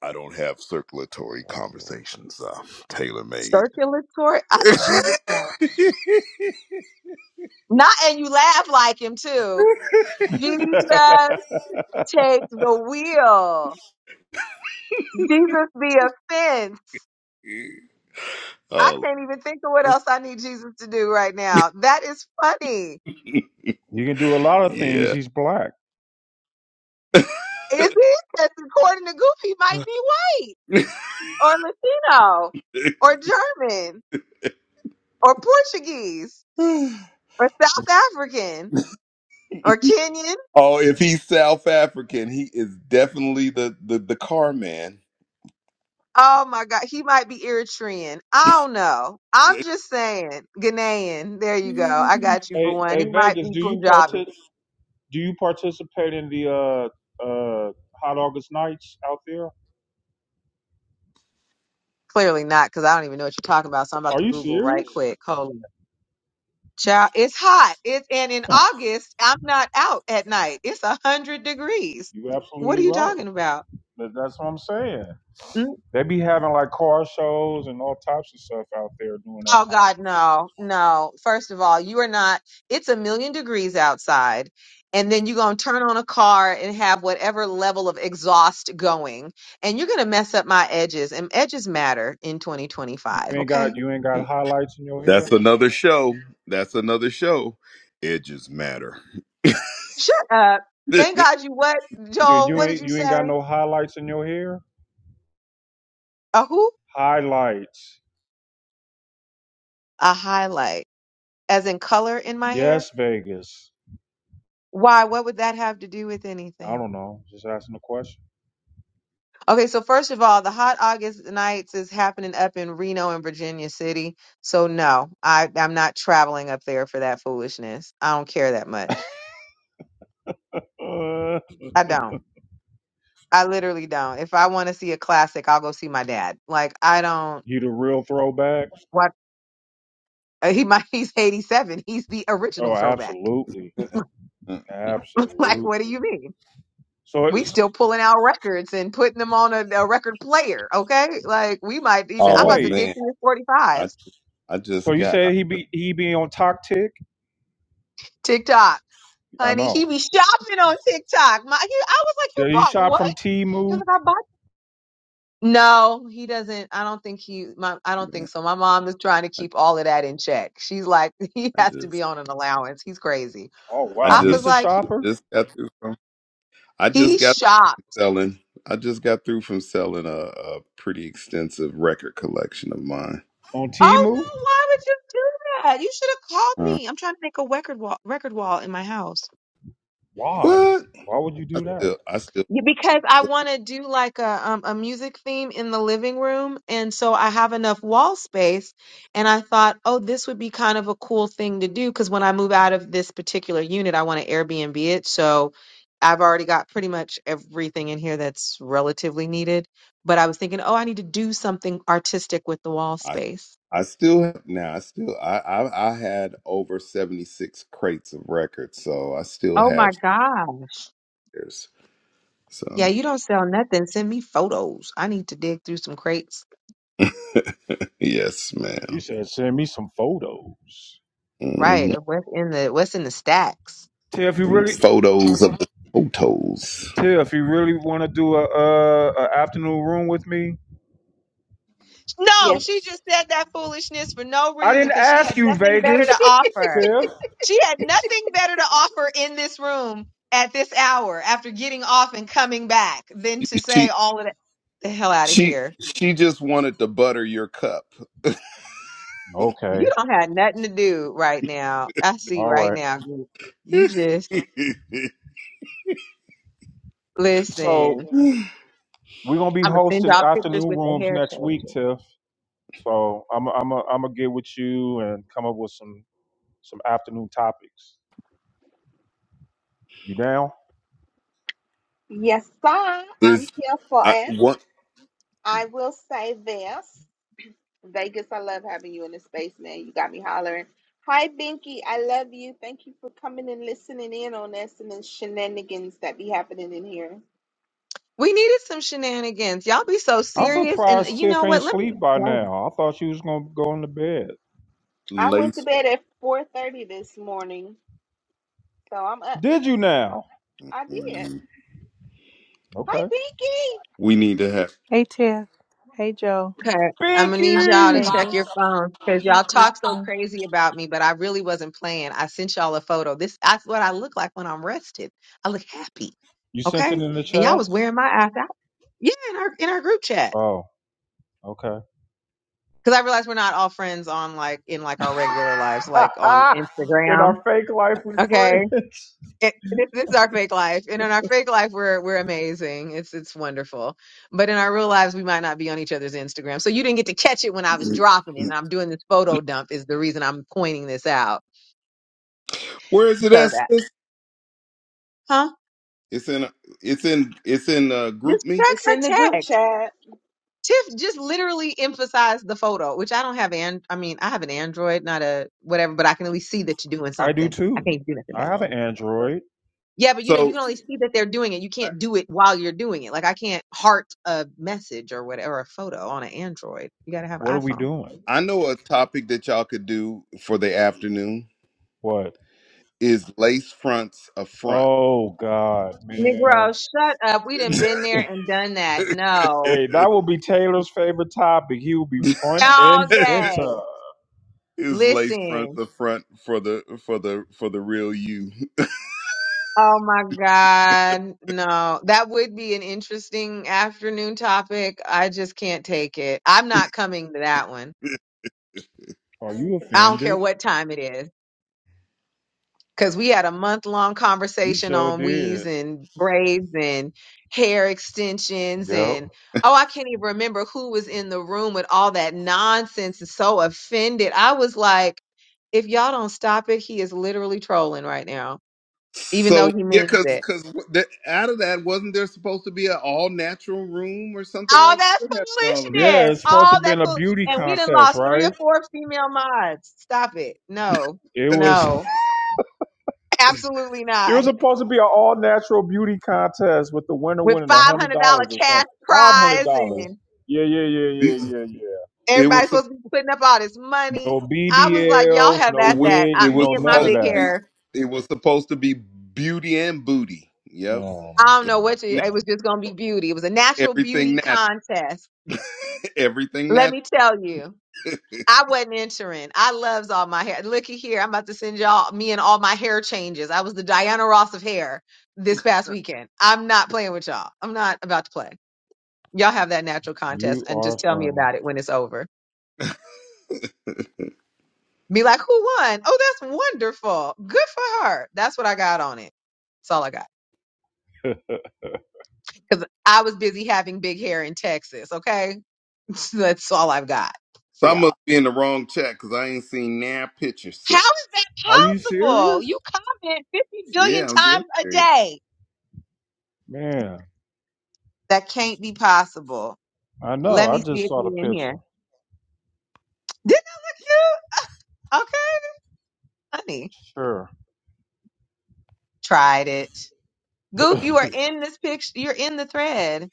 I don't have circulatory conversations. Uh, tailor made. Circulatory. sort? Jesus Christ. Not, and you laugh like him too. Jesus, take the wheel. Jesus, the offense. I oh, can't even think of what else I need Jesus to do right now. That is funny. you can do a lot of things. yeah. He's black. Is it? Because according to Goofy, he might be white or Latino or German or Portuguese or South African or Kenyan. oh, if he's South African, he is definitely the, the, the car man. Oh my God, he might be Eritrean. I don't know. I'm just saying, Ghanaian. There you go. I Mm. got you for Hey, one. hey, He might Vegas, be do you Punjabi. partic- Do you participate in the uh, uh, hot August nights out there? Clearly not, because I don't even know what you're talking about. So I'm about Are to you Google right serious? quick. Hold on. Child, it's hot. It's and in August, I'm not out at night. It's a hundred degrees. You What are absolutely you right. talking about? That- That's what I'm saying. Mm. They be having like car shows and all types of stuff out there during that Oh God, time. no, no. First of all, you are not. It's a million degrees outside, and then you're gonna turn on a car and have whatever level of exhaust going, and you're gonna mess up my edges. And edges matter in You 2025. ain't got Okay, you ain't got highlights in your hair. That's another show. That's another show. Edges matter. shut up. Thank God you what, You Joel? you What did ain't you you ain't got say? no highlights in your hair. A who? Highlights. A highlight, as in color in my hair. Yes, Vegas. Why? What would that have to do with I anything? don't know. Just asking a question. Okay, so first of all, the Hot August Nights is happening up in Reno and Virginia City. So no, I I'm not traveling up there for that foolishness. I don't care that much. Uh, I don't. I literally don't. If I want to see a classic, I'll go see my dad. Like I don't. you the real throwback? What uh, he might he's 87. He's the Oh, original throwback. absolutely, Like what do absolutely. you mean? So We it's still pulling out records and putting them on a, a record player. Okay, like we might even. so I'm oh about to wait. dig man, through I 45s. I So just you got I said he just be he be on Toktik? TikTok. I honey. know. He be shopping on TikTok. My, he, I was like, you Did he bought shop what? from He was Timu? like, I bought. No, he doesn't. I don't think he. My, I don't man, think so. My mom is trying to I, keep all of that in check. She's like, he I has to just be on an allowance. He's crazy. Oh I wow, I was he's the just like, he, shopper just got through from I just he got shopped. Selling. I just got through from selling a, a pretty extensive record collection of mine. on Oh Timu. no, why would you do that? You should have called Huh. me. I'm trying to make a record wall, record wall in my house. Why? What? Why would you I do that? still, I still, Yeah, Because I want to do like a um, a music theme in the living room, and so I have enough wall space, and I thought, oh, this would be kind of a cool thing to do because when I move out of this particular unit, I want to Airbnb it. So I've already got pretty much everything in here that's relatively needed. But I was thinking, oh, I need to do something artistic with the wall I, space. I still have now. I still, I, I, I had over seventy six crates of records, so I still Oh my have gosh. spares. Yeah, So, you don't sell nothing. Send me photos. I need to dig through some crates. yes, She madam said, send me some photos. hmm Right. of What's in the what's in the stacks? Till if you really, Photos of the photos. Till if you really want to do a, a, a afternoon room with me, No, Yes. she just said that foolishness for no I reason didn't because she ask had you, nothing better to Vegas. offer. Tiff. She had nothing better to offer in this room at this hour after getting off and coming back than to She, say all of that. The hell out of she, here. she just wanted to butter your cup. You Okay. don't have nothing to do right now. I see All right right. now. girl. You just listen. So We're gonna be I'm going to send hosting y'all pictures afternoon with the rooms hair next week, changer. Tiff. So I'm I'm a, I'm gonna get with you and come up with some some afternoon topics. You down? Yes, sir. I'm is here for I, it. one. I will say this. Vegas, I love having you in the space, man. You got me hollering. Hi, Binky. I love you. Thank you for coming and listening in on us and the shenanigans that be happening in here. We needed some shenanigans. Y'all be so I'm serious. And surprised you Tiff know ain't what? Let me sleep by explain. now. I thought she was gonna go into bed. I went to Lacing. bed at 4.30 this morning, so I'm up. Did you now? I did. Okay. Hi, Binky. We need to have. Hey Tiff. Hey Joe. Okay, I'm gonna need y'all to Hey, this Binky! check is your phones because y'all talk so crazy about me, but I really wasn't playing. I sent y'all a photo. This that's what I look like when I'm rested. I look happy. You sent Okay, it in the and y'all chat? was wearing my ass out. Yeah, in our in our group chat Oh, okay. because I realized we're not all friends on like in like our regular lives, like on in our Instagram. fake life with Okay, friends. it, this this is our fake life, and in our fake life, we're we're amazing. It's it's wonderful, but in our real lives, we might not be on each other's Instagram. So you didn't get to catch it when I was dropping it, and I'm doing this photo dump is the reason I'm pointing this out. Where is it So at? that, Sis? huh? It's in. It's in. It's in. Uh, group Just me. check It's in the our group text. chat. Tiff just literally emphasized the photo, which I don't have. And I mean, I have an Android, not a whatever, but I can at least see that you're doing I do something. I too. can't do nothing I back. have Oh, an okay. Android. Yeah, but you know, you So can only see that they're doing it. You I can't do it while you're doing it. Like I can't heart a message or whatever, a photo on an Android. You gotta have What are an we iPhone. doing? I know a topic that y'all could do for the afternoon What? is lace fronts a front. Oh God, man. Negro, shut up. We done been there and done that. No. Hey, that will be Taylor's favorite topic. He will be front All and day. center. is lace fronts Listen. a front for the for the for the real you? Oh my God. No. That would be an interesting afternoon topic. I just can't take it. I'm not coming to that one. Are you I don't care offended? what time it is. because we had a month long We conversation sure on weaves did. and braids and hair extensions Yep. and oh i can't even remember who was in the room with all that nonsense and so offended i was like if y'all don't stop it he is literally trolling right now even though So he yeah, means because it because that, out of that wasn't there supposed to be an all natural room or something all like that? that what happened to all of that? Yeah, foolishness it's supposed to all have that been a fool beauty and we done contest, lost three or right? four female mods stop it no It was no absolutely It was not supposed to be an all natural beauty contest with the winner with winning a hundred $500 dollars or something. cash Five hundred prize dollars. Yeah, yeah, yeah, yeah, It, yeah, yeah. it Everybody's was. supposed to be putting up all this money. No I was like, y'all BBLs, have no It at was that. wigs, it I, was me no and my none of supposed big to that. be hair, it was supposed to be beauty and booty. Yep. Oh I my don't know god, what to, Na- man. it was just going to be beauty. It was a natural Everything beauty natural. contest. Everything Let natural. me tell you, So I wasn't entering. I loves all my hair. Looky here, I'm about to send y'all me and all my hair changes. I was the Diana Ross of hair this past weekend. I'm not playing with y'all. I'm not about to play. Y'all have that natural contest You and are just tell me funny. about it when it's over. Be like, who won? Oh, that's wonderful. Good for her. That's what I got on it. That's all I got. Because I was busy having big hair in Texas, okay? That's all I've got for I must y'all. be in the wrong chat because I ain't seen now pictures, How sister. is that Are you possible? You serious? comment 50 billion Yeah, I'm dead times a serious. day. Man, That can't be possible. I Mhm. know. Let I me see just if saw the you're in picture. here. Didn't I look cute? Okay, honey. Sure. Tried it. Goop, you are in this picture. You're in the thread.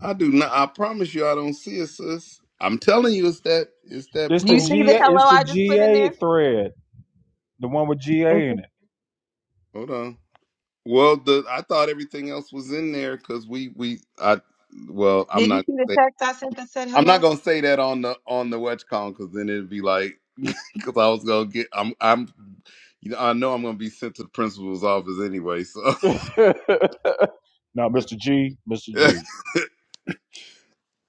I do not I promise you I don't see it, sis. I'm telling you it's that it's that It's Do the you pro see the GA hello it's the I just put in GA there? thread. The one with Is GA it- in hold on. Well the I thought everything else was in there because we we I well I'm Did you not see the text I sent that said I'm hello? not gonna say that on the on the WatchCon because then it'd be like because I was gonna get I'm I'm you know I know I'm gonna be sent to the principal's office anyway. So it. No, Mr. G, Mr. G.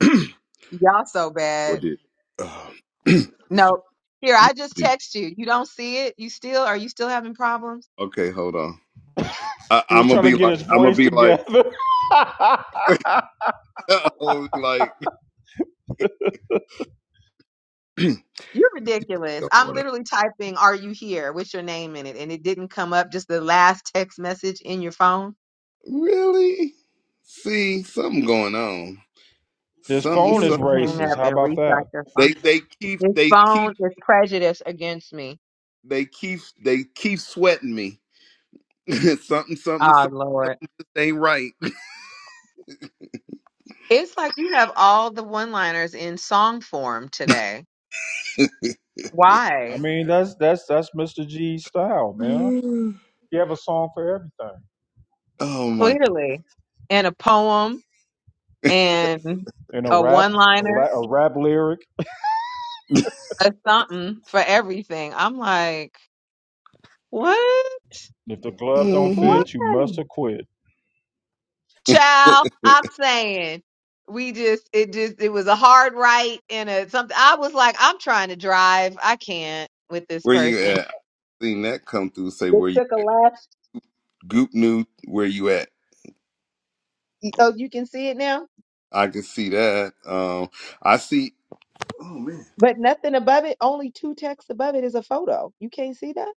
Y'all so what bad. did uh, Mr. No. Here, Mr. I just G? text you. You don't see it? You still are you still having problems? Okay, hold on. I, He I'm was gonna trying to be get his like I'm gonna voice be like together. I'm gonna be like you You're ridiculous. don't I'm wanna literally typing are you here with your name in it and it didn't come up just the last text message in your phone. really see something going on his something You phone is need to hang something racist. up How and about that? restart your they phone. they keep This they phone keep is prejudiced against me. they keep they keep sweating me something, something, Oh something Lord. ain't right. It's like you have all the one-liners in song form today. I Why? mean, that's that's that's Mr. G's style, man. Mm. He have a song for everything. Oh my! Clearly. And a poem and And a a rap, a, la- one-liner. a rap lyric. a something for everything. I'm like, what? If the glove don't What? fit, you must have quit. Child, I'm saying we just it just it was a hard right and a something. I was like, I'm trying to drive. I can't with this Where you person. at? I seen that come through. Say It where you took a at? left. Goop new. Where you at? Oh, you can see it now, I can see that. Um, I see. but nothing above it. Only two texts above it is a photo. You can't see that.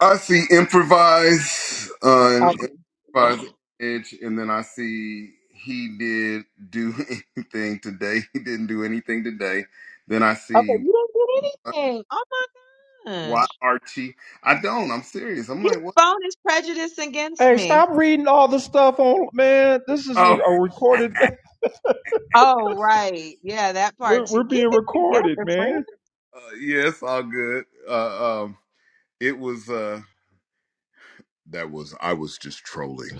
I see improvise on Okay. improvise edge, and then I see he did do anything today. He didn't do anything today. Then I Okay, see you don't get anything. Oh my why gosh, Archie. I don't. I'm serious. I'm his like what? phone is prejudiced against Hey, me. stop reading all the stuff on, man. This is Oh. a recorded. Oh, right. Yeah, that part We're too. we're Get being it recorded, together, friend. man. Uh, yeah, it's all good. Uh, um, it was uh, that was I was just trolling.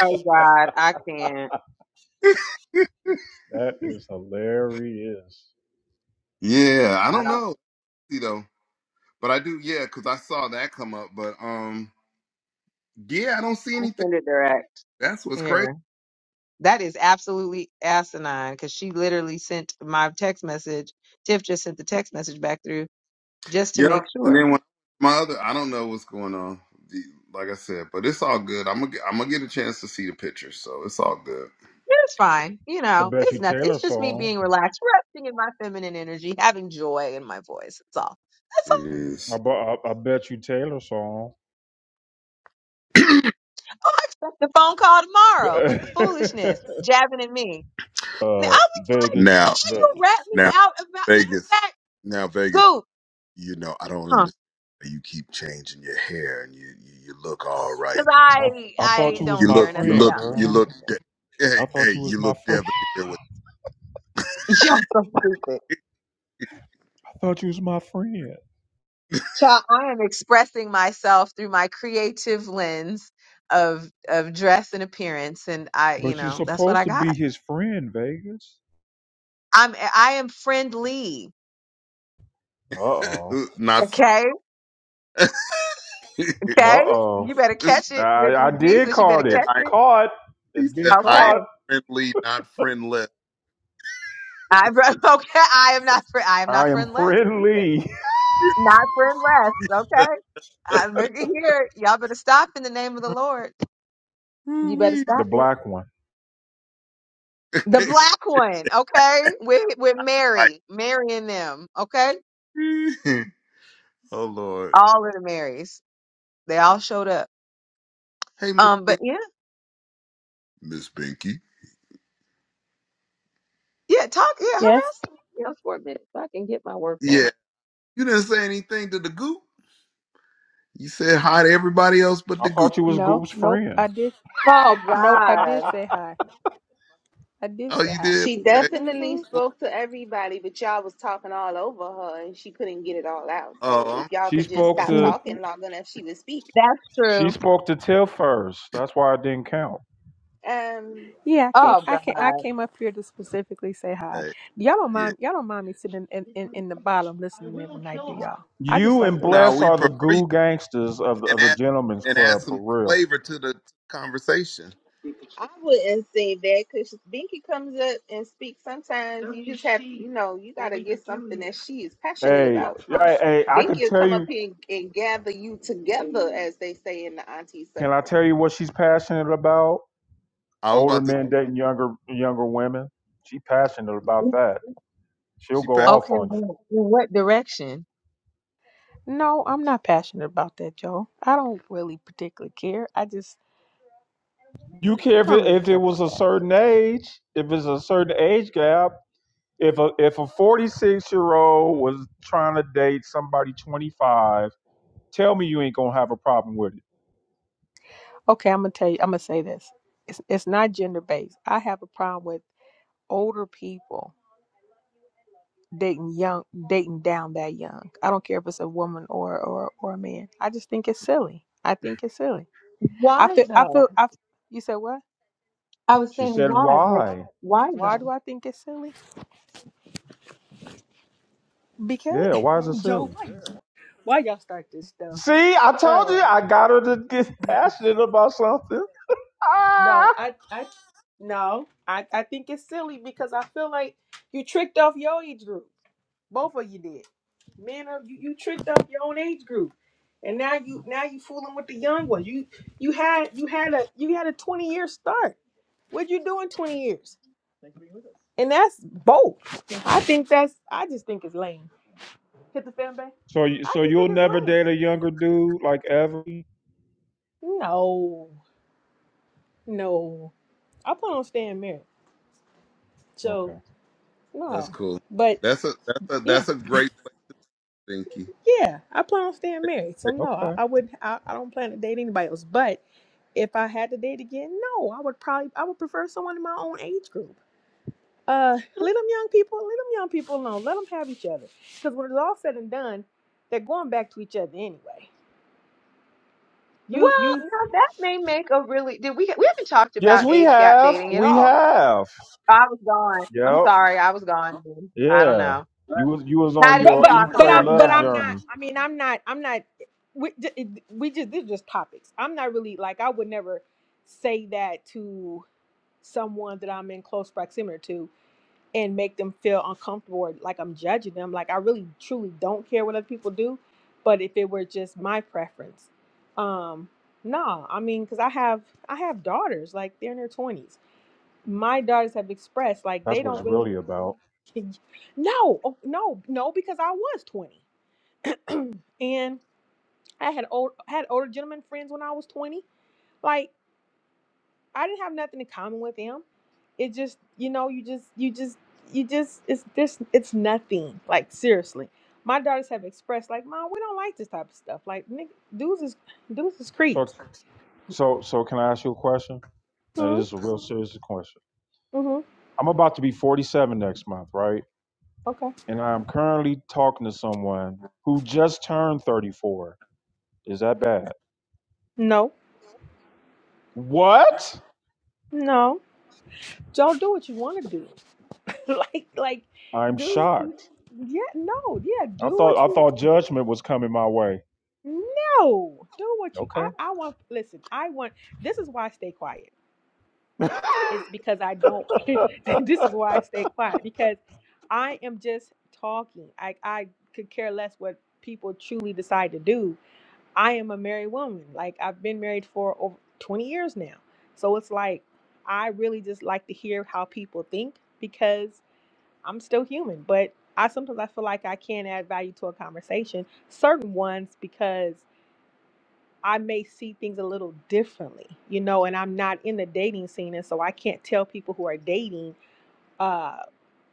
Oh God, I can't. That is hilarious. Yeah, I I don't don't. know, you know, but I do. Yeah, because I saw that come up, but um, yeah, I don't see I'll anything. send it direct That's what's crazy. here. That is absolutely asinine because she literally sent my text message. Tiff just sent the text message back through just to Yep. make And sure. then when my other, I don't know what's going on. The, like I said, but it's all good. I'm gonna get, I'm gonna get a chance to see the picture, so it's all good. Yeah, It's fine. You I know, bet you it's nothing. Taylor It's just me saw being relaxed, resting in my feminine energy, having joy in my voice. That's all. That's all. It I, is I, I bet you Taylor saw Oh, I expect the phone call tomorrow with the foolishness, jabbing at me. And I uh, was like, Vegas, now how you rat Vegas. me now out about matter Vegas. of fact, Now Vegas. go, you know, I don't huh? understand. You keep changing your hair, and you, you you look all right. Cause I I I thought I you was don't You my care look, you nothing friend, look, about that you girl. look. De- foolishness. hey, I thought hey, you was you my look friend. debonair with Y'all so stupid. I thought you was my friend. Child, I am expressing myself through my creative lens of of dress and appearance, and I, you But you're know, that's what supposed I to be got. his friend, Vegas. I'm I am friendly. Uh oh. not. Friend- Okay, he Uh okay. oh. You better said, catch it, You're- I, I you're did Jesus. You better caught it. catch I, it. Caught. It's he been said, I am caught. Okay. friendly, not friendless. I okay. I am not fri- I am I not am friendless either. friendly. Not friend less, okay? I look at here. Y'all better stop in the name of the Lord. You better Ooh-wee. The stop it. black one. The black one, okay? With with like, Mary. Mary and them, okay? oh Lord. All of the Marys. They all showed up. Hey, Miss Um, Binky. but yeah, Miss Binky. yeah, talk, yeah, Yes? harass somebody else for a minute so I can get my work done. Yeah. You didn't say anything to the goop. You said hi to everybody else but I the goop. thought you was No. Goop's Nope. friend. I did Oh I nope, I did God. say hi. I did Oh, say you hi. did? She Okay. definitely hmm cool. spoke to everybody, but y'all was talking all over her and she couldn't get it all out. So if y'all She could just spoke stop to talking long enough, she would speak. That's she true. spoke to Tiff first. That's why it didn't count. Um, Yeah, I can't Oh I can not of- I God. came up here to specifically say hi. Hey, Y'all don't yeah. mind y'all don't mind me sitting in, in, in the bottom listening every night, do y'all? I just You like and to Now Bless listen. we are the prefer you goo gangsters of the, and of the add gentlemen's and add club for some real. flavor to the conversation. I wouldn't say that because Binky comes up and speaks. Sometimes you just have, you know, you got to get something that she is passionate Hey, about. hey, hey, I Binky could will tell come up you. here and, and gather you together, as they say in the auntie Can I circle. tell you what she's passionate about? I was Older about to. men dating younger younger women. She passionate about that. She'll She go passed. off Okay, on you. well, in what direction? No, I'm not passionate about that, Joe. I don't really particularly care. I just You care if I don't it, really if it care was about a that. certain age, if it's a certain age gap, if a if a 46 year old was trying to date somebody 25 tell me you ain't gonna have a problem with it Okay, I'm gonna tell you I'm gonna say this. It's it's not gender based. I have a problem with older people dating young dating down that young. I don't care if it's a woman or or or a man. I just think it's silly. I think it's silly. I Why feel I though? feel I you said what? I was she saying said why, like why why Why though? do I think it's silly? Because yeah why is it Joe, silly White. why y'all start this stuff? see i told Uh you i got her to get passionate about something no, I I no, I I think it's silly because I feel like you tricked off your age group. Both of you did. Men are you, you tricked up your own age group. And now you now you fooling with the young ones. You you had you had a you had a 20 year start. What'd you do in 20 years? And that's bold. I think that's I just think it's lame. Hit the fan base. so you I so just you'll think it's never lame. date a younger dude like ever No. No. I plan on staying married. okay So That's no. cool. But That's a that's a yeah. that's a great play, Binky. Yeah, I plan on staying married. So no, I, okay I wouldn't. I, I don't plan to date anybody else. But if I had to date again, no, I would probably. I would prefer someone in my own age group. Uh, let them young people. Let them young people alone. Let them have each other. Because when it's all said and done, they're going back to each other anyway. You Well, you. now that may make a really did we we haven't talked yes about we age gap have dating at we all. have I was gone. I'm yep sorry, I was gone. dude. I don't yeah know. you was you was How on did But you your but e talk but pray about it I'm but love I'm journey not. I mean, I'm not. I'm not. We we just these are just topics. I'm not really like I would never say that to someone that I'm in close proximity to and make them feel uncomfortable or like I'm judging them. Like I really truly don't care what other people do, but if it were just my preference, um, nah. I mean, because I have I have daughters, like they're in their twenties. My daughters have expressed like that's they what it's don't really, really about no, oh, no, no, because I was twenty and I had old had older gentlemen friends when I was twenty. Like I didn't have nothing in common with him. It just, you know, you just, you just, you just, it's this, it's nothing. Like seriously, my daughters have expressed like, "Mom, we don't like this type of stuff. Like, nigga, dudes is, dudes is So. creeps." So, so can I ask you a question? And Hmm. this is a real serious question. Hmm. I'm about to be 47 next month, right? Okay. And I'm currently talking to someone who just turned 34. Is that bad? No. What? No. Joe, do what you want to do. like, like, I'm do. shocked. Yeah. No. Yeah. I Do thought what I you. thought judgment was coming my way. No. Do what you. Okay. I. I want. Listen. I want. This is why I stay quiet. It's because I don't. this is why I stay quiet because I am just talking. I I could care less what people truly decide to do. I am a married woman. Like I've been married for over 20 years now. So it's like I really just like to hear how people think because I'm still human, but I sometimes I feel like I can add value to a conversation, certain ones because I may see things a little differently, you know, and I'm not in the dating scene. And so I can't tell people who are dating uh,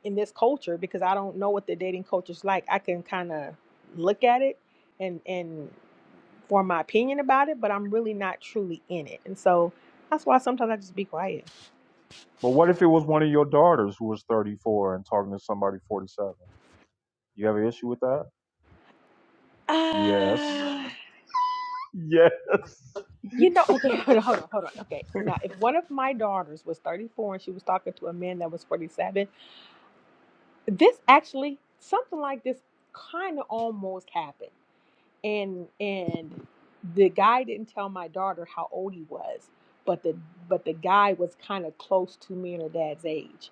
in this culture because I don't know what the dating culture is like. I can kind of look at it and, and form my opinion about it, but I'm really not truly in it. And so that's why sometimes I just be quiet. But what if it was one of your daughters who was 34 and talking to somebody 47? You have an issue with that? Yes. Uh, Yes. you know, okay, hold on, hold on, hold on. Okay. Now, if one of my daughters was 34 and she was talking to a man that was 47, this actually something like this kind of almost happened and and the guy didn't tell my daughter how old he was but the but the guy was kind of close to me and her dad's age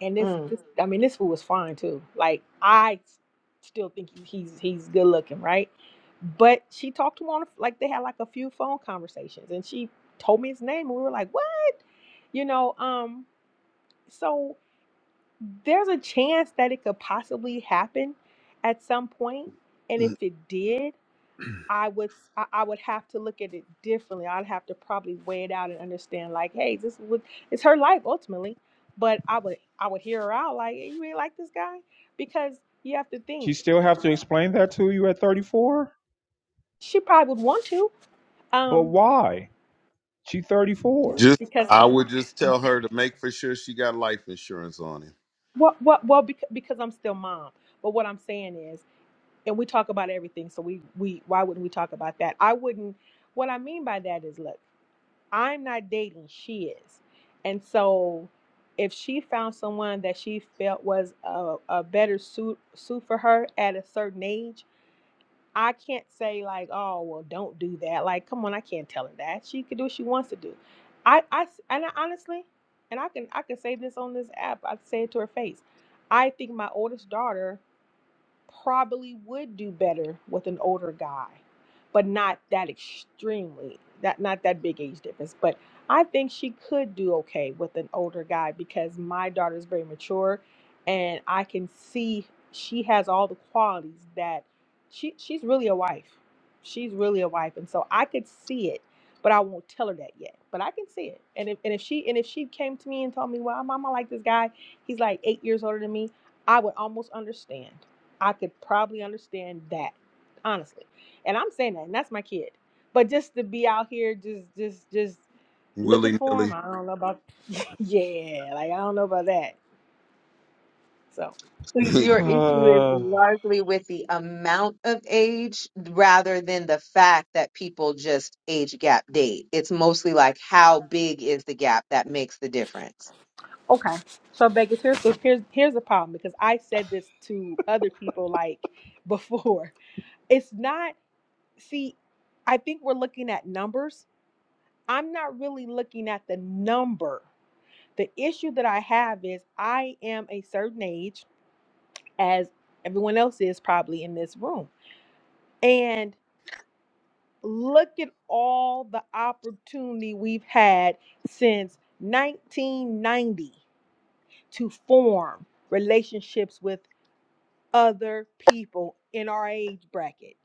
and this, though? this i mean this fool was fine too like i s- still think he- he's he's good looking right but she talked to him on the- like they had like a few phone conversations and she told me his name and we were like what you know um so there's a chance that it could possibly happen at some point and if it did i would i I would have to look at it differently i'd have to probably weigh it out and understand like hey this is what it's her life ultimately but i would i would hear her out like "Hey, you ain't like this guy because you have to She think still have to explain that to you at 34? she probably would want to But um why? She 34. Just because I would just tell her to make for sure she got life insurance on him. what what well because, because i'm still mom but what i'm saying is and we talk about everything so we we why wouldn't we talk about that i wouldn't what i mean by that is look I'm not dating, she is. And so if she found someone that she felt was a, a better suit suit for her at a certain age, I can't say like, oh well don't do that. Like, come on, I can't tell her that. She can do what she wants to do. I I and I honestly, and I can I can say this on this app, I can say it to her face. I think my oldest daughter probably would do better with an older guy, but not that extremely, that not that big age difference. But I think she could do okay with an older guy because my daughter is very mature and I can see she has all the qualities that she she's really a wife. She's really a wife. And so I could see it, but I won't tell her that yet. But I can see it. And if and if she and if she came to me and told me, Well, mama I like this guy, he's like eight years older than me, I would almost understand. I could probably understand that, honestly. And I'm saying that, and that's my kid. But just to be out here, just, just, just looking Willy for nilly. him, I don't know about. Yeah, like I don't know about that. So So your issue is Uh, largely with the amount of age rather than the fact that people just age gap date. It's mostly like how big is the gap that makes the difference. okay, so Vegas, here's the here's here's the problem because I said this to other people like before. It's not. See, I think we're looking at numbers. I'm not really looking at the number. The issue that I have is I am a certain age. as everyone else is probably in this room. And look at all the opportunity we've had since 1990 to form relationships with other people in our age bracket.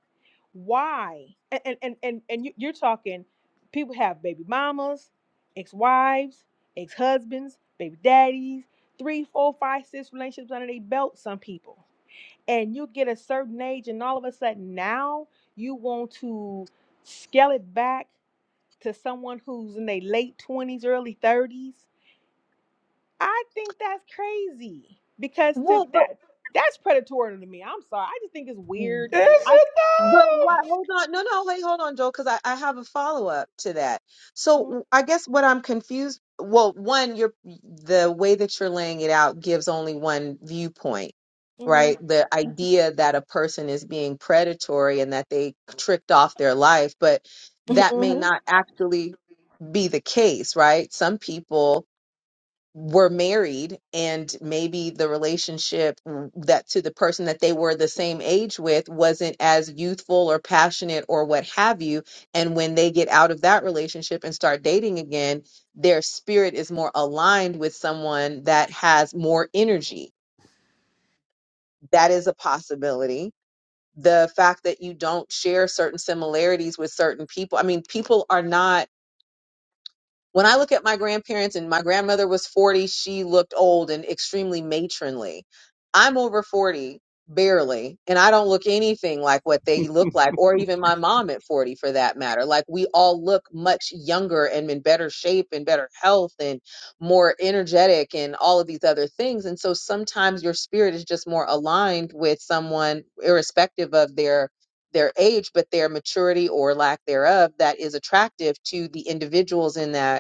Why? And and and and, and you, you're talking people have baby mamas, ex-wives, ex-husbands, baby daddies, three, four, five, six relationships under their belt, some people and you get a certain age and all of a sudden now you want to scale it back to someone who's in their late 20s early 30s i think that's crazy because to Well, but that that's predatory to me i'm sorry i just think it's Mm. weird i But why? Hold on. No, no, wait, hold on, Joel, because I, I have a follow up to that. So w- I guess what I'm confused. Well, one, you're the way that you're laying it out gives only one viewpoint, hmm right? The idea that a person is being predatory and that they tricked off their life, but that may hmm not actually be the case, right? Some people were married and maybe the relationship that to the person that they were the same age with wasn't as youthful or passionate or what have you and when they get out of that relationship and start dating again their spirit is more aligned with someone that has more energy that is a possibility the fact that you don't share certain similarities with certain people i mean people are not when I look at my grandparents and my grandmother was 40, she looked old and extremely matronly. I'm over 40, barely, and I don't look anything like what they look like, or even my mom at 40 for that matter. Like we all look much younger and in better shape and better health and more energetic and all of these other things. And so sometimes your spirit is just more aligned with someone, irrespective of their their age, but their maturity or lack thereof that is attractive to the individuals in that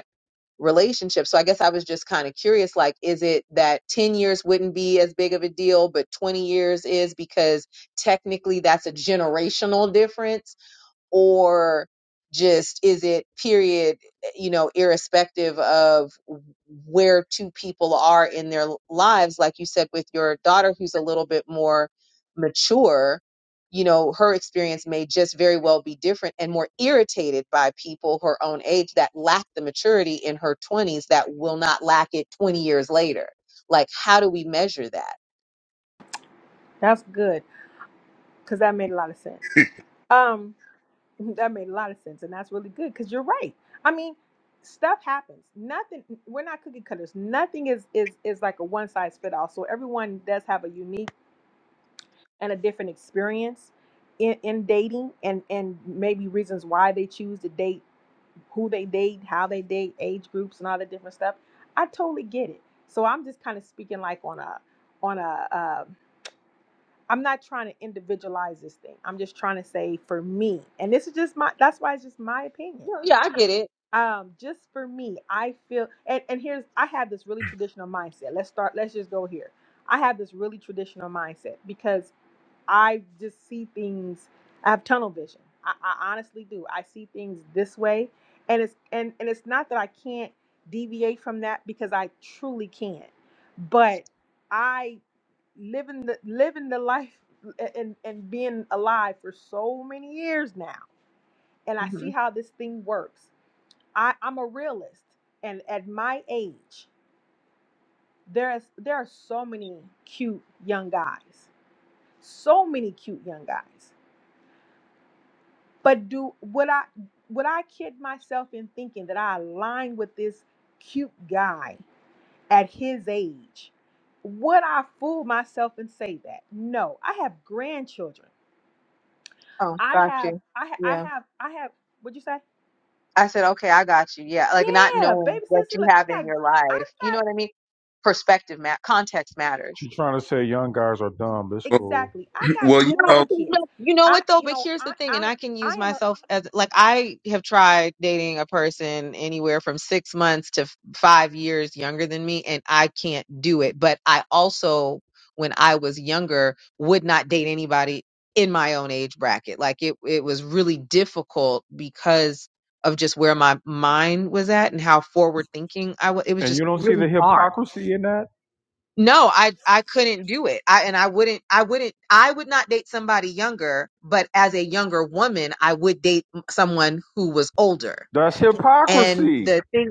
relationship. So I guess I was just kind of curious like is it that 10 years wouldn't be as big of a deal but 20 years is because technically that's a generational difference or just is it period you know irrespective of where two people are in their lives like you said with your daughter who's a little bit more mature you know her experience may just very well be different and more irritated by people her own age that lack the maturity in her 20s that will not lack it 20 years later like how do we measure that that's good because that made a lot of sense um That made a lot of sense, and that's really good because you're right. I mean, stuff happens. Nothing. We're not cookie cutters. Nothing is is is like a one size fit all. So everyone does have a unique and a different experience in, in dating, and and maybe reasons why they choose to date, who they date, how they date, age groups, and all that different stuff. I totally get it. So I'm just kind of speaking like on a on a. Uh, I'm not trying to individualize this thing. I'm just trying to say for me, and this is just my. That's why it's just my opinion No, yeah i get it um just for me i feel and and here's i have this really traditional mindset let's start let's just go here i have this really traditional mindset because i just see things i have tunnel vision i, I honestly do i see things this way and it's and and it's not that i can't deviate from that because i truly can't but i living the living the life and and being alive for so many years now and i hmm see how this thing works I, I'm a realist, and at my age, there is there are so many cute young guys, so many cute young guys. But do would I would I kid myself in thinking that I align with this cute guy at his age? Would I fool myself and say that? No, I have grandchildren. oh I got have you I ha- I Yeah. have I have. What'd you say? I said, okay, I got you. Yeah. Like not Yeah, knowing baby, see, what see, you look, have I in got your I life. got You know what I mean? Perspective, ma- context matters. she trying to say young guys are dumb. but It's cool. Exactly. I got well, you You know. grandkids. know, you know I, what though? you But know, here's I, the thing, and I, I can I use am myself as like I have tried dating a person anywhere from six months to f- five years younger than me, and I can't do it. But I also, when I was younger, would not date anybody in my own age bracket. Like it, it was really difficult because of just where my mind was at and how forward thinking I was. It was And you just don't see the really hard. hypocrisy in that? No, I I couldn't do it. I and I wouldn't I wouldn't I would not date somebody younger, but as a younger woman, I would date m- someone who was older. That's And hypocrisy. the thing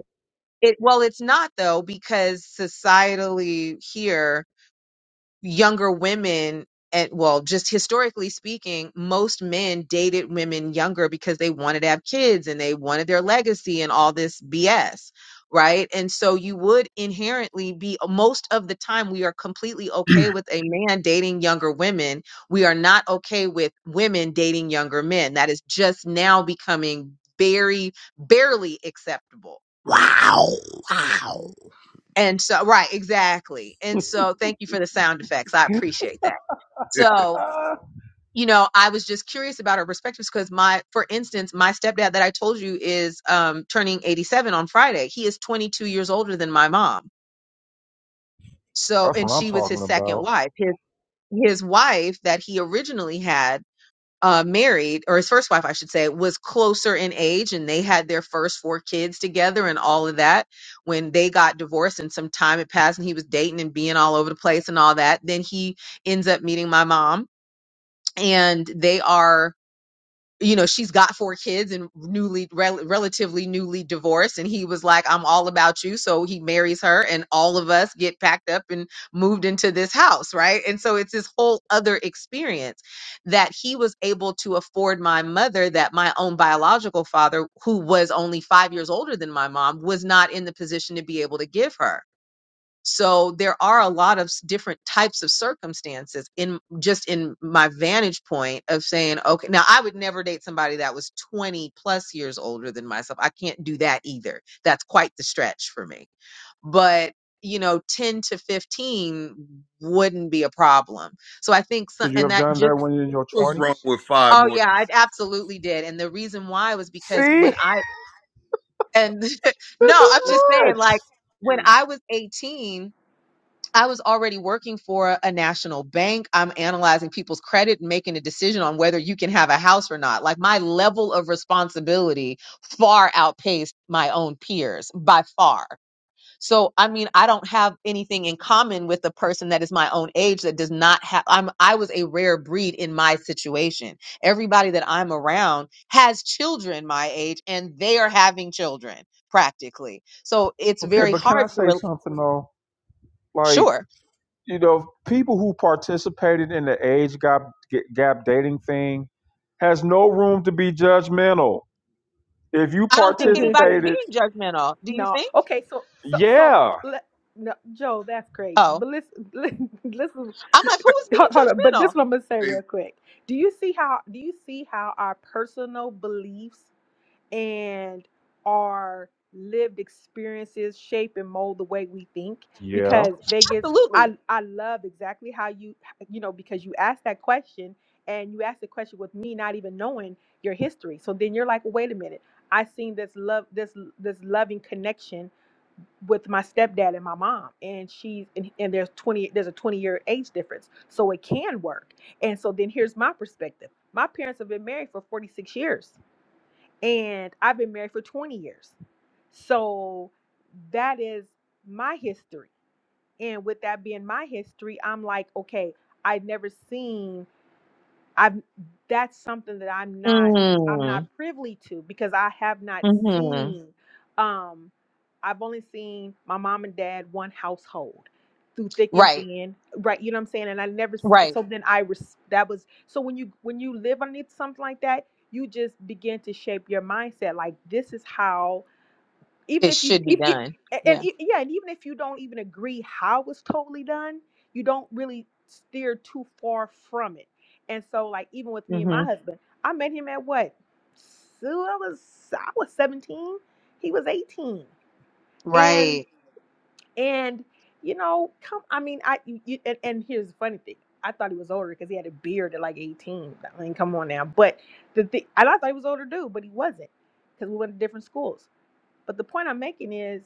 it well it's not though because societally here younger women and well just historically speaking most men dated women younger because they wanted to have kids and they wanted their legacy and all this bs right and so you would inherently be uh, most of the time we are completely okay with a man dating younger women we are not okay with women dating younger men that is just now becoming very barely acceptable wow. Wow. and so right exactly and so thank you for the sound effects i appreciate that so you know, I was just curious about her perspectives because my, for instance, my stepdad that I told you is um, turning 87 on Friday. He is 22 years older than my mom. So, That's what and I'm she was talking his second about. wife. His his wife that he originally had uh, married, or his first wife, I should say, was closer in age, and they had their first four kids together and all of that. When they got divorced and some time had passed, and he was dating and being all over the place and all that, then he ends up meeting my mom, and they are you know she's got four kids and newly rel- relatively newly divorced and he was like i'm all about you so he marries her and all of us get packed up and moved into this house right and so it's this whole other experience that he was able to afford my mother that my own biological father who was only five years older than my mom was not in the position to be able to give her so there are a lot of s- different types of circumstances in just in my vantage point of saying, okay, now I would never date somebody that was 20 plus years older than myself. I can't do that either. That's quite the stretch for me. But you know, 10 to 15 wouldn't be a problem. So I think, some, Because you and have that done that just, when you're in your What's 20s. wrong with five oh more yeah, I absolutely did. And the reason why was because when It I, and no, five I'm more just saying, like, when years? I was 18, I was already working for a national bank. I'm analyzing people's credit and making a decision on whether you can have a house or not. Like my level of responsibility far outpaced my own peers by far. So, I mean, I don't have anything in common with a person that is my own age that does not have, I'm, I was a rare breed in my situation. Everybody that I'm around has children my age and they are having children practically. So it's Okay, very but can I hard to, say re- something though? Like, sure. you know, people who participated in the age gap, gap dating thing has no room to be judgmental. If you I don't think a anybody's being participated, judgmental. Do you no. think? Okay, so, so, so, yeah. let, no, Joe, that's crazy. Oh, But listen, listen, listen I'm like, who is hold, hold on. being But judgmental? this one I'm gonna say real quick. Do you see how? Do you see how our personal beliefs and our lived experiences shape and mold the way we think Yeah. because they get Absolutely. I, I love exactly how you you know because you asked that question and you asked the question with me not even knowing your history so then you're like well, wait a minute i seen this love this this loving connection with my stepdad and my mom and she's and, and there's 20 there's a 20 year age difference so it can work and so then here's my perspective my parents have been married for 46 years and I've been married for 20 years. So that is my history. And with that being my history, I'm like, okay, I've never seen I've that's something that I'm not I'm not Mm, privy to because I have not hmm seen um I've only seen my mom and dad one household through thick and Right. thin right you know what I'm saying and I never s- Right. so then I res, that was so when you when you live underneath something like that you just begin to shape your mindset like this is how even It if you should be if, if, done. and Yeah. e- yeah and even if you don't even agree how it's totally done you don't really steer too far from it and so like even with me and hmm my husband i met him at what so i was i was 17 he was 18 and Right. and you know come i mean i you, you- and, and here's the funny thing i thought he was older because he had a beard at like 18 i mean come on now but the thing and i thought he was older dude but he wasn't because we went to different schools but the point i'm making is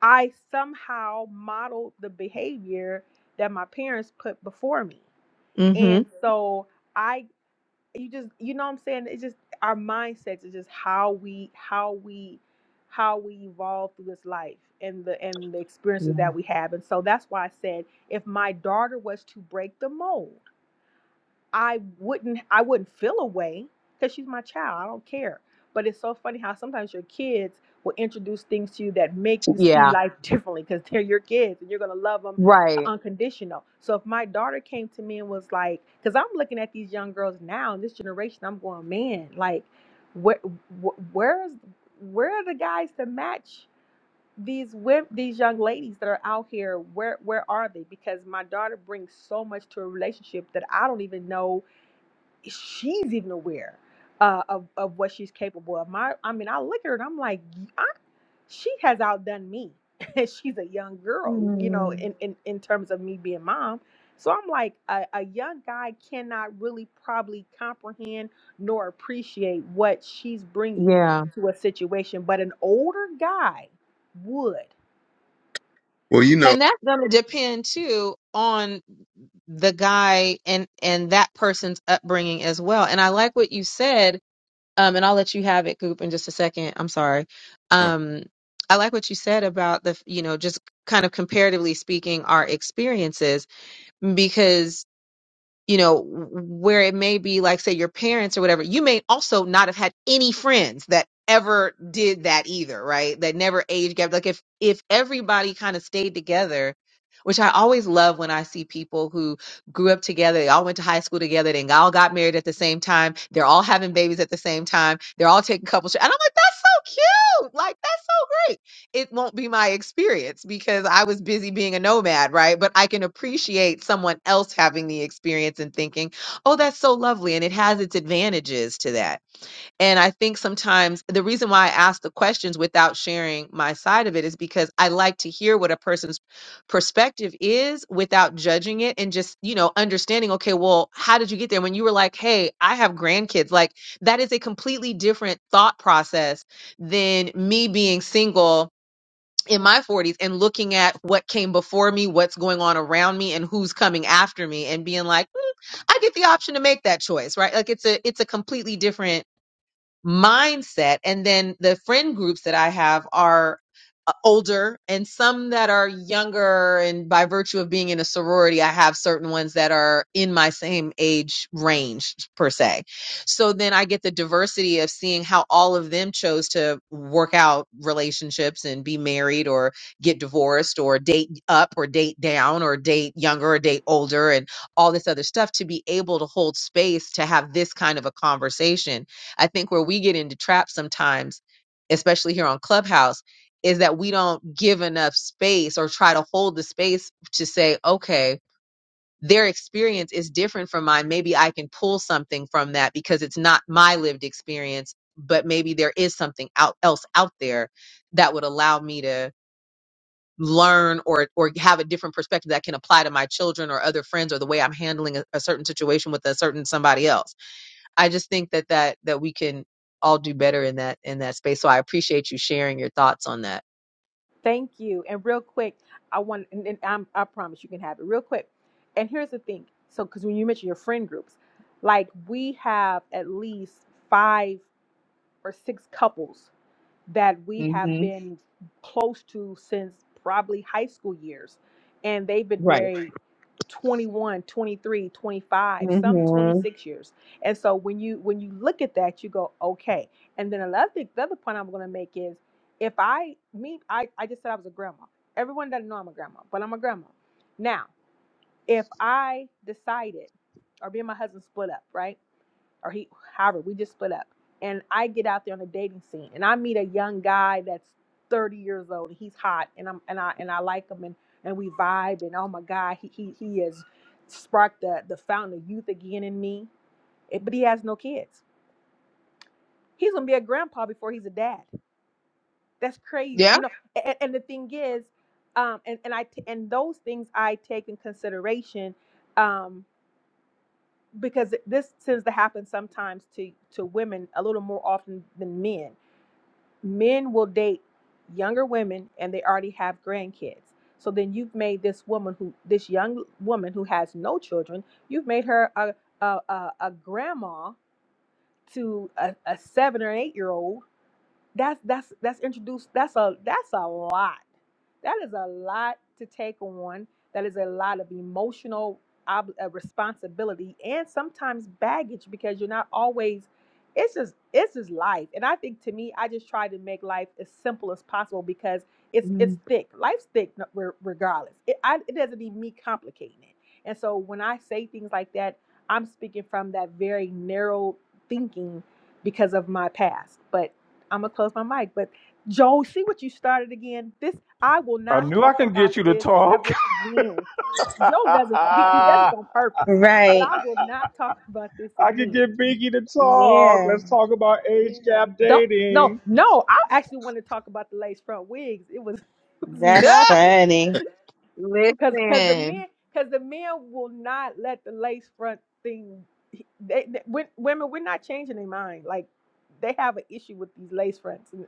I somehow modeled the behavior that my parents put before me. hmm And Mhm. so I you just you know what I'm saying? It's just our mindsets is just how we how we how we evolve through this life and the and the experiences Yeah. that we have. And so that's why I said if my daughter was to break the mold, I wouldn't I wouldn't feel a way because she's my child. I don't care. But it's so funny how sometimes your kids will introduce things to you that make you see Yeah. life differently because they're your kids and you're gonna love them Right. unconditional. So if my daughter came to me and was like, because I'm looking at these young girls now in this generation, I'm going, man, like, where, wh- where is, where are the guys to match these women, these young ladies that are out here? Where, where are they? Because my daughter brings so much to a relationship that I don't even know she's even aware uh, of of what she's capable of. My, I mean, I look at her and I'm like, I, she has outdone me, and she's a young girl, you know, Mm, in in in terms of me being mom. So I'm like, a, a young guy cannot really probably comprehend nor appreciate what she's bringing yeah. to a situation, but an older guy would. Well, you know. And that's going to depend too on the guy and and that person's upbringing as well. And I like what you said Um, and I'll let you have it, Goop, in just a second. I'm sorry. uh, Um, I like what you said about the, you know, just kind of comparatively speaking, our experiences, you know, where it may be like, say, your parents or whatever, you may also not have had any friends that ever did that either, right? That never age gap. Like if if everybody kind of stayed together, which I always love when I see people who grew up together, they all went to high school together, they all got married at the same time, they're all having babies at the same time, they're all taking couples. And I'm like, that's so cute. Like that's so great it won't be my experience because I was busy being a nomad, right? But I can appreciate someone else having the experience and thinking, oh, that's so lovely. And it has its advantages to that. And I think sometimes the reason why I ask the questions without sharing my side of it is because I like to hear what a person's perspective is without judging it and just, you know, understanding, okay, well, how did you get there? When you were like, hey, I have grandkids, like that is a completely different thought process than me being single in my 40s and looking at what came before me, what's going on around me and who's coming after me and being like, "Mm, I get the option to make that choice, right? Like it's a it's a completely different mindset. And then the friend groups that I have are uh, older and some that are younger. And by virtue of being in a sorority, I have certain ones that are in my same age range, per se. So then I get the diversity of seeing how all of them chose to work out relationships and be married or get divorced or date up or date down or date younger or date older and all this other stuff to be able to hold space to have this kind of a conversation I think where we get into traps sometimes, especially here on Clubhouse, is that we don't give enough space or try to hold the space to say, okay, their experience is different from mine. Maybe I can pull something from that because it's not my lived experience, but maybe there is something out, else out there that would allow me to learn or or have a different perspective that can apply to my children or other friends or the way I'm handling a, a certain situation with a certain somebody else I just think that that that we can all do better in that in that space. So I appreciate you sharing your thoughts on that. Thank you. And real quick, I want, and, and I'm, I promise you can have it real quick. And here's the thing. So, because when you mention your friend groups, like we have at least five or six couples that we have been close to since probably high school years. And they've been Right. married 21, 23, 25, some 26 years. And so when you when you look at that, you go, okay. And then another thing, the other point I'm gonna make is if I meet I, I just said I was a grandma. Everyone doesn't know I'm a grandma, but I'm a grandma. Now, if I decided or me and my husband split up, right? or he however we just split up and i get out there on the dating scene and i meet a young guy that's 30 years old and he's hot and i'm and i and i like him and and we vibe and oh my god he he, he has sparked the the fountain of youth again in me Eh, but he has no kids he's gonna be a grandpa before he's a dad that's crazy Yeah. you know and, and the thing is um and and i t- and those things i take in consideration um because this tends to happen sometimes to to women a little more often than men men will date younger women and they already have grandkids. So then you've made this woman who this young woman who has no children, you've made her a a, a, a grandma to a, a seven or eight year old that's that's that's introduced. That's a that's a lot. That is a lot to take on. That is a lot of emotional ob- uh, responsibility and sometimes baggage because you're not always. It's just it's just life, and I think to me, I just try to make life as simple as possible because it's it's Mhm. thick. Life's thick no- re- regardless. It, I, it doesn't need me complicating it. And so when I say things like that, I'm speaking from that very narrow thinking because of my past. But I'm gonna close my mic. But Joel, see what you started again. This I will I not knew I talk can about get you to this talk. ever again. Joe does this. He, he does this on purpose. But Right. I will not talk about this I could again. get Binky to talk. Yeah. Let's talk about age gap Don't no dating. no. I actually want to talk about the lace front wigs. It was it was That's not Ah, funny. listen. because because the men because the men will not let the lace front thing. They, they wen- women we're not changing their mind. Like they have an issue with these lace fronts. And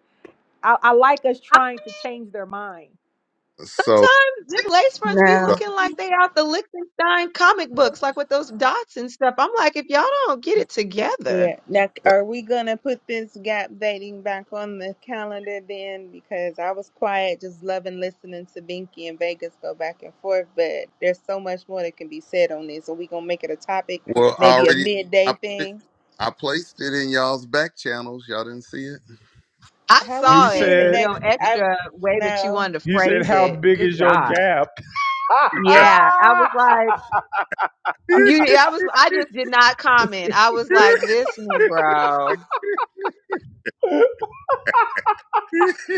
I, I like us I, trying to change their mind So. sometimes them lace fronts be No. so, looking like they out the Liechtenstein comic books, like with those dots and stuff. I'm like, if y'all don't get it together. Yeah. Now, so. are we gonna put this gap dating back on the calendar then? Because I was quiet, just loving listening to Binky and Vegas go back and forth. But there's so much more that can be said on this. Are we gonna make it a topic? Well, I Maybe a already I midday put it thing. I placed it in y'all's back channels. Y'all didn't see it? I How we He saw it seeing it in said, back? your I extra way that you no. wanted to he said, phrase how it. big Good is your God. gap? Yeah. I was like, You, I was, I just did not comment. I was like, this Negro.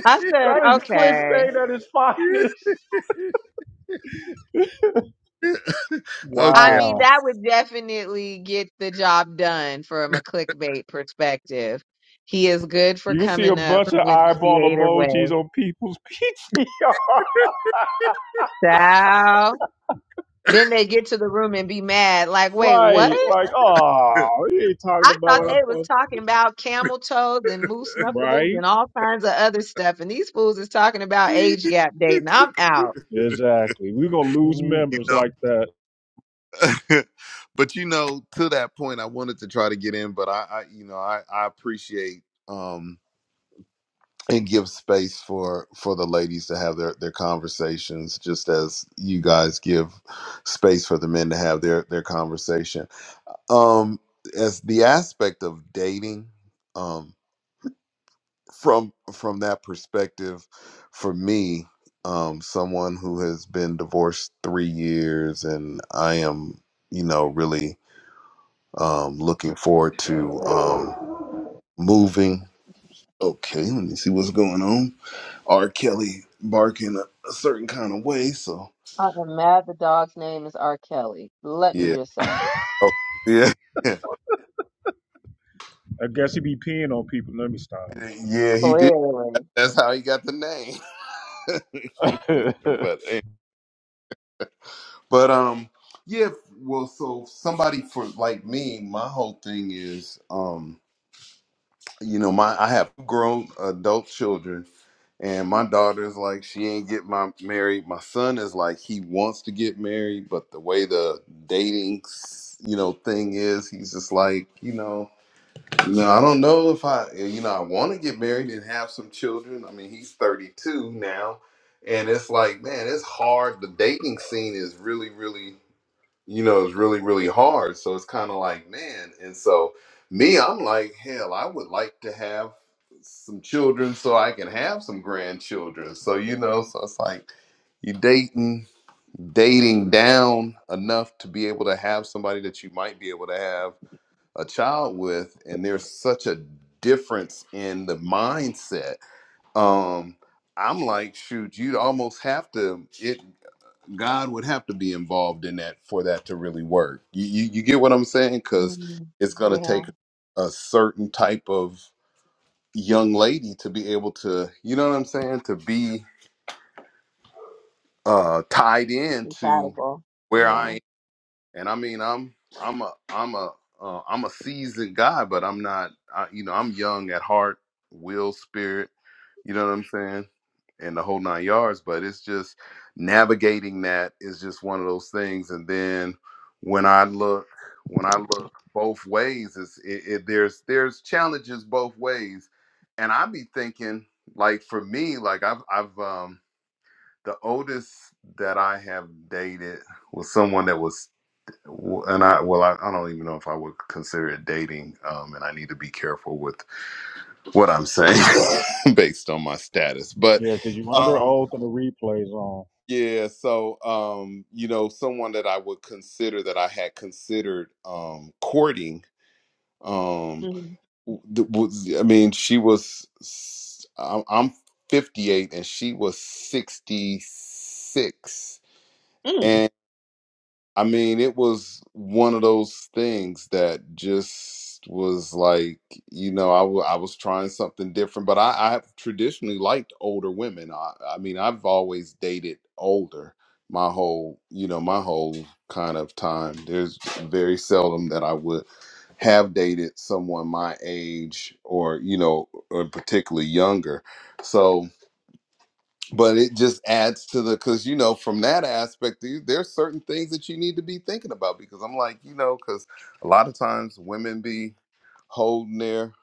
I said, that is okay. clickbait at its finest. I okay. mean, Wow. that would definitely get the job done from a clickbait perspective. He is good for You will see a coming up bunch of with eyeball creative emojis ways. on people's PTR. Ciao. Then they get to the room and be mad. Like, wait, what? right. Like, oh, you ain't talking I about thought what they I was thought. talking about camel toes and moose knuckles Right. and all kinds of other stuff. And these fools is talking about age gap dating. I'm out. Exactly. We're going to lose you members know like that. but you know, to that point I wanted to try to get in, but I, I you know, I, I appreciate um, and give space for for the ladies to have their their conversations just as you guys give space for the men to have their their conversation um as the aspect of dating um from from that perspective for me um someone who has been divorced 3 years and I am you know really um looking forward to um moving okay let me see what's going on R. Kelly barking a, a certain kind of way. So I am mad the dog's name is R. Kelly. Let me yeah, just say. oh, yeah, I guess he be peeing on people. Let me stop. yeah, he did. Clearly. That's how he got the name. but eh, but um yeah. Well, so somebody for like me, my whole thing is um you know my I have grown adult children. And my daughter's like, she ain't get my married. My son is like, he wants to get married, but the way the dating, you know, thing is, he's just like, you know, No, I don't know if I, eh, you know, I want to get married and have some children. I mean, he's 32 now, and it's like, man, it's hard. The dating scene is really, really, you know, it's really, really hard. So it's kind of like, man, and so me, I'm like, hell, I would like to have some children so I can have some grandchildren. So, you know, so it's like you dating, dating down enough to be able to have somebody that you might be able to have a child with and there's such a difference in the mindset um i'm like shoot you'd almost have to it god would have to be involved in that for that to really work you you, you get what i'm saying because Mm, it's going to yeah, take a certain type of young lady to be able to you know what i'm saying to be uh tied in to compatible. where i Yeah. and I mean I'm I'm a I'm a uh, I'm a seasoned guy, but I'm not I, you know I'm young at heart, will, spirit, you know what I'm saying, and the whole nine yards. But it's just navigating that is just one of those things. And then when I look when I look both ways, it's, it, it there's there's challenges both ways, and I be thinking like for me like I've I've um the oldest that I have dated was someone that was W- and I well, I, I don't even know if I would consider it dating, um, and I need to be careful with what I'm saying based on my status. But Yeah, because you under um, oath and the replay's on. yeah, so um, you know, someone that I would consider that I had considered um, courting um, Mm. w- th- was, I mean, she was s- I'm I'm 58 and she was 66 Mm. I mean, it was one of those things that just was like, you know, I wa- I was trying something different, but I, I have traditionally liked older women. I, I mean, I've always dated older my whole, you know, my whole kind of time. There's very seldom that I would have dated someone my age or, you know, or particularly younger. So, but it just adds to the because you know from that aspect there- there's certain things that you need to be thinking about because i'm like you know because a lot of times women be holding their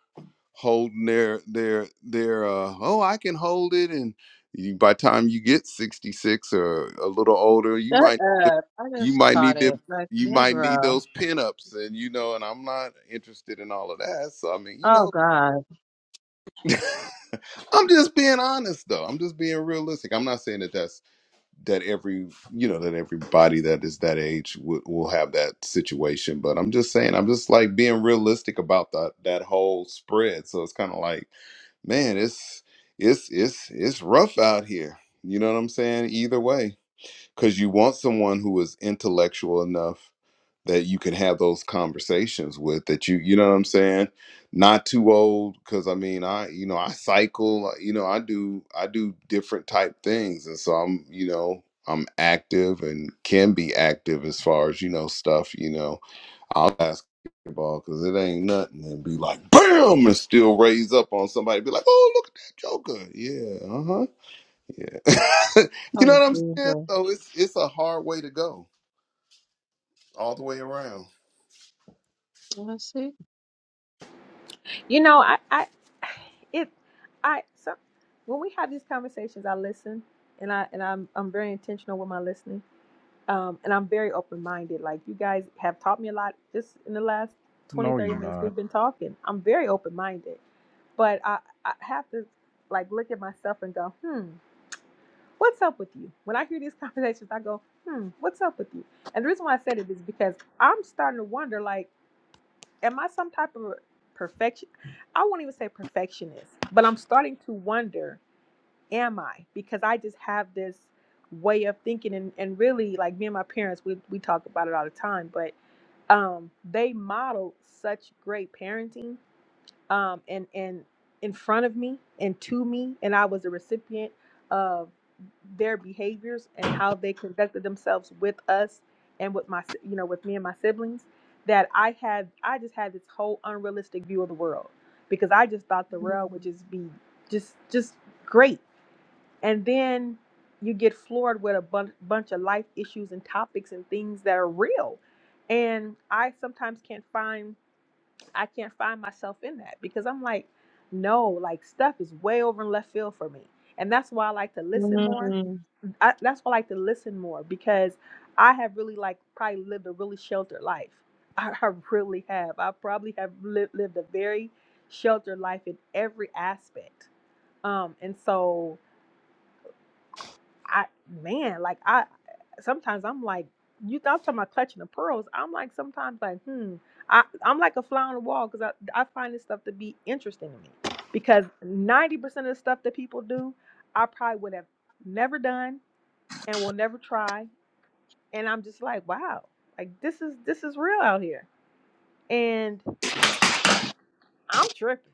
holding their their their uh oh i can hold it and you, by the time you get 66 or a little older you Shut might up. I you just might caught need it. them Like, you might need Negro. those pinups and you know and i'm not interested in all of that so i mean you Oh, know God. i'm just being honest though i'm just being realistic i'm not saying that that's that every you know that everybody that is that age will, will have that situation but i'm just saying i'm just like being realistic about that that whole spread so it's kind of like man it's it's it's it's rough out here you know what i'm saying either way because you want someone who is intellectual enough that you can have those conversations with that you you know what i'm saying not too old because i mean i you know i cycle you know i do i do different type things and so i'm you know i'm active and can be active as far as you know stuff you know i'll ask ball because it ain't nothing and be like bam and still raise up on somebody be like oh look at that joker yeah uh-huh yeah. you know what Oh, I'm saying? Jesus. So it's it's a hard way to go all the way around. Let's see. You know, I, I, it, I, so when we have these conversations, I listen, and I, and I'm, I'm very intentional with my listening, um, and I'm very open minded. Like you guys have taught me a lot just in the last 20 No, 30 you're minutes not. we've been talking. I'm very open minded, but I, I have to like look at myself and go, hmm, what's up with you? When I hear these conversations, I go, hmm, what's up with you? And the reason why I said it is because I'm starting to wonder, like am I some type of perfection? I won't even say perfectionist, but I'm starting to wonder, am I? Because I just have this way of thinking and, and really like me and my parents we, we talk about it all the time but um they modeled such great parenting um and and in front of me and to me and i was a recipient of their behaviors and how they conducted themselves with us and with my si- you know with me and my siblings that i had i just had this whole unrealistic view of the world because i just thought the world would Mm. just be just just great and then you get floored with a bun- bunch of life issues and topics and things that are real and i sometimes can't find i can't find myself in that because i'm like no like stuff is way over in left field for me and that's why i like to listen more Mm. I, that's why I like to listen more because I have really like probably lived a really sheltered life. I, I really have. I probably have lived, lived a very sheltered life in every aspect. Um, and so I, man, like I, sometimes I'm like, you I'm talking about clutching the pearls. I'm like sometimes like, hmm, I, I'm like a fly on the wall because I, I find this stuff to be interesting to me because 90% of the stuff that people do, I probably would have never done and will never try and I'm just like, wow, like this is this is real out here, and I, I'm tripping.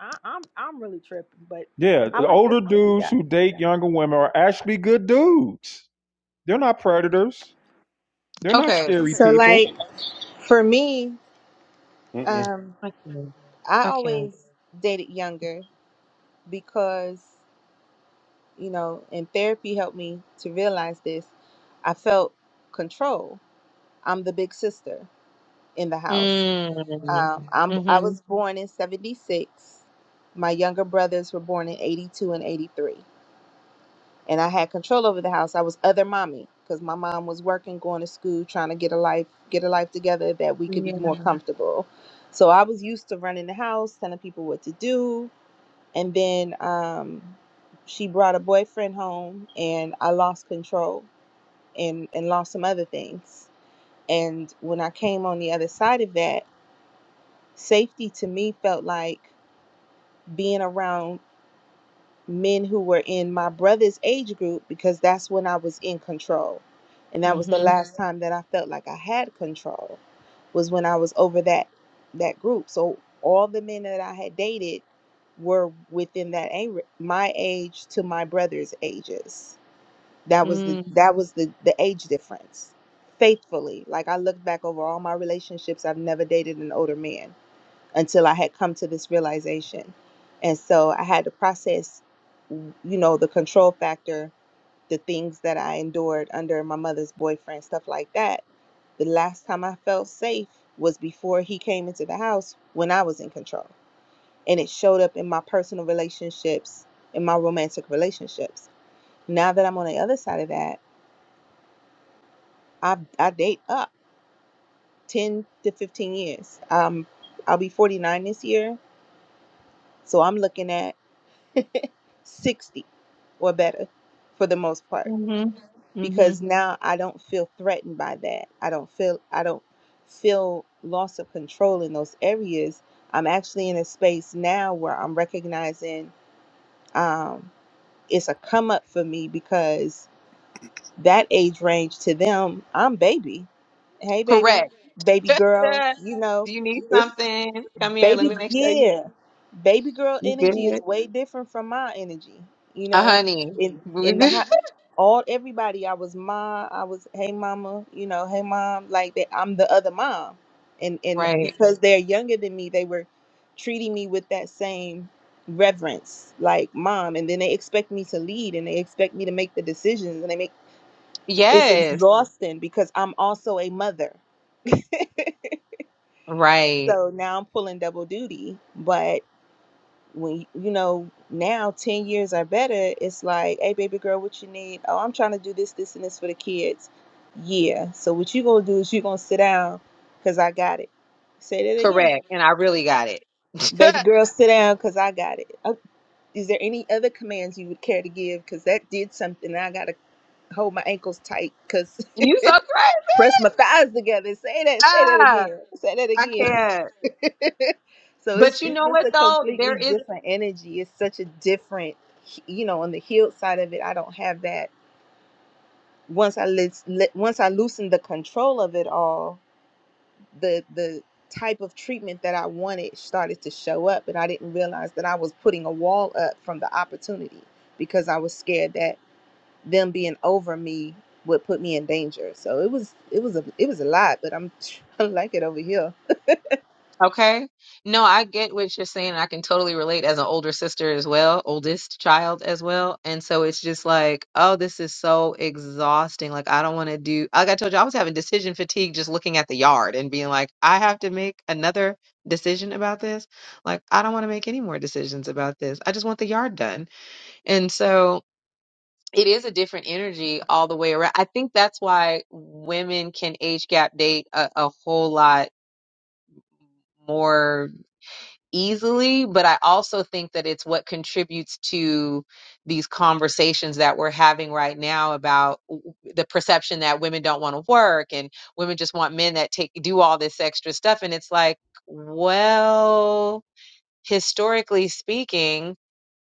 I, I'm I'm really tripping, but Yeah, I the like older listening to you dudes who guys. date younger women are actually good dudes. They're not predators. They're not Okay. scary So people. like for me, Mm-mm. um, I can't. I I can't. always dated younger because you know, and therapy helped me to realize this. I felt control I'm the big sister in the house. Mm. Um, I'm I Mm-hmm. was born in '76. My younger brothers were born in '82 and '83, and I had control over the house. I was other mommy because my mom was working, going to school, trying to get a life get a life together that we could Yeah. be more comfortable. So I was used to running the house, telling people what to do, and then um, she brought a boyfriend home, and I lost control and and lost some other things. And when I came on the other side of that safety to me felt like being around men who were in my brother's age group because that's when I was in control. And that was the Mm-hmm. last Mhm. time that I felt like I had control was when I was over that that group. So all the men that I had dated were within that a- my age to my brother's ages. That was the Mm. that was the the age difference. Faithfully, like I look back over all my relationships, I've never dated an older man until I had come to this realization. And so I had to process, you know, the control factor, the things that I endured under my mother's boyfriend, stuff like that. The last time I felt safe was before he came into the house when I was in control. And it showed up in my personal relationships, in my romantic relationships. Now that I'm on the other side of that, I, I date up 10 to 15 years. Um, I'll be 49 this year. So I'm looking at 60 or better for the most part Mm-hmm. because Mm-hmm. now I don't feel threatened by that. I don't feel I don't feel loss of control in those areas. I'm actually in a space now where I'm recognizing um it's a come up for me because that age range to them, I'm baby. Hey, baby, baby Do girl. You know, you need it's something? Come here. Let me baby. make sure you Yeah, baby girl you energy is good. way different from my energy. You A know, honey. in in the house, all everybody. I was ma. I was hey mama. You know, hey mom. Like that. I'm the other mom, and and Right. because they're younger than me, they were treating me with that same reverence like mom and then they expect me to lead and they expect me to make the decisions and they make it's Yes. exhausting because I'm also a mother. Right. So now I'm pulling double duty. But when you know now, ten years are better, it's like, hey, baby girl, what you need? Oh, I'm trying to do this, this, and this for the kids. Yeah. So what you gonna do is you gonna sit down, cause I got it. Say that again, Correct. And I really got it. baby you girl, sit down, cause I got it. Oh, is there any other commands you would care to give? Cause that did something. I gotta hold my ankles tight, cause so crazy. press my thighs together. Say that. Say that Ah, again. Say that I again. can't. so it's But you it's know just what a though? There completely is. different energy. It's such a different, you know, on the healed side of it. I don't have that. Once I let, let once I loosened the control of it all, the the type of treatment that I wanted started to show up, and I didn't realize that I was putting a wall up from the opportunity because I was scared that them being over me would put me in danger. So it was it was a it was a lot, but I'm I like it over here. Okay. No, I get what you're saying. I can totally relate as an older sister as well, oldest child as well. And so it's just like, oh, this is so exhausting. Like, I don't want to do, like I told you, I was having decision fatigue just looking at the yard and being like, I have to make another decision about this. Like, I don't want to make any more decisions about this. I just want the yard done. And so it is a different energy all the way around. I think that's why women can age gap date a, a whole lot more easily, but I also think that it's what contributes to these conversations that we're having right now about w- the perception that women don't want to work and women just want men that take do all this extra stuff and it's like, well, historically speaking,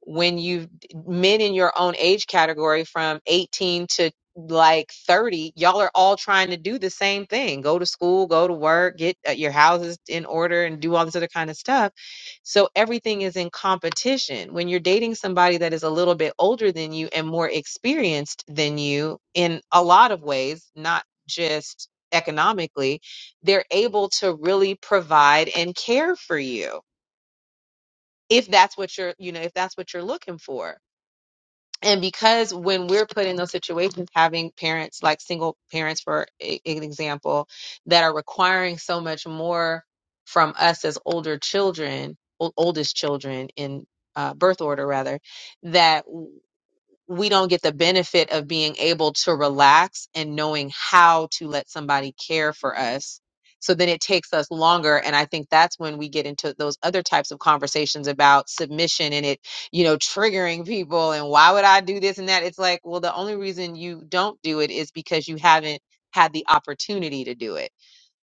when you men in your own age category from 18 to like 30, y'all are all trying to do the same thing go to school, go to work, get uh, your houses in order, and do all this other kind of stuff. So everything is in competition. When you're dating somebody that is a little bit older than you and more experienced than you in a lot of ways, not just economically, they're able to really provide and care for you if that's what you're you know if that's what you're looking for and because when we're put in those situations having parents like single parents for a, an example that are requiring so much more from us as older children ol- oldest children in uh, birth order rather that we don't get the benefit of being able to relax and knowing how to let somebody care for us. So then it takes us longer. And I think that's when we get into those other types of conversations about submission and it, you know, triggering people and why would I do this and that? It's like, well, the only reason you don't do it is because you haven't had the opportunity to do it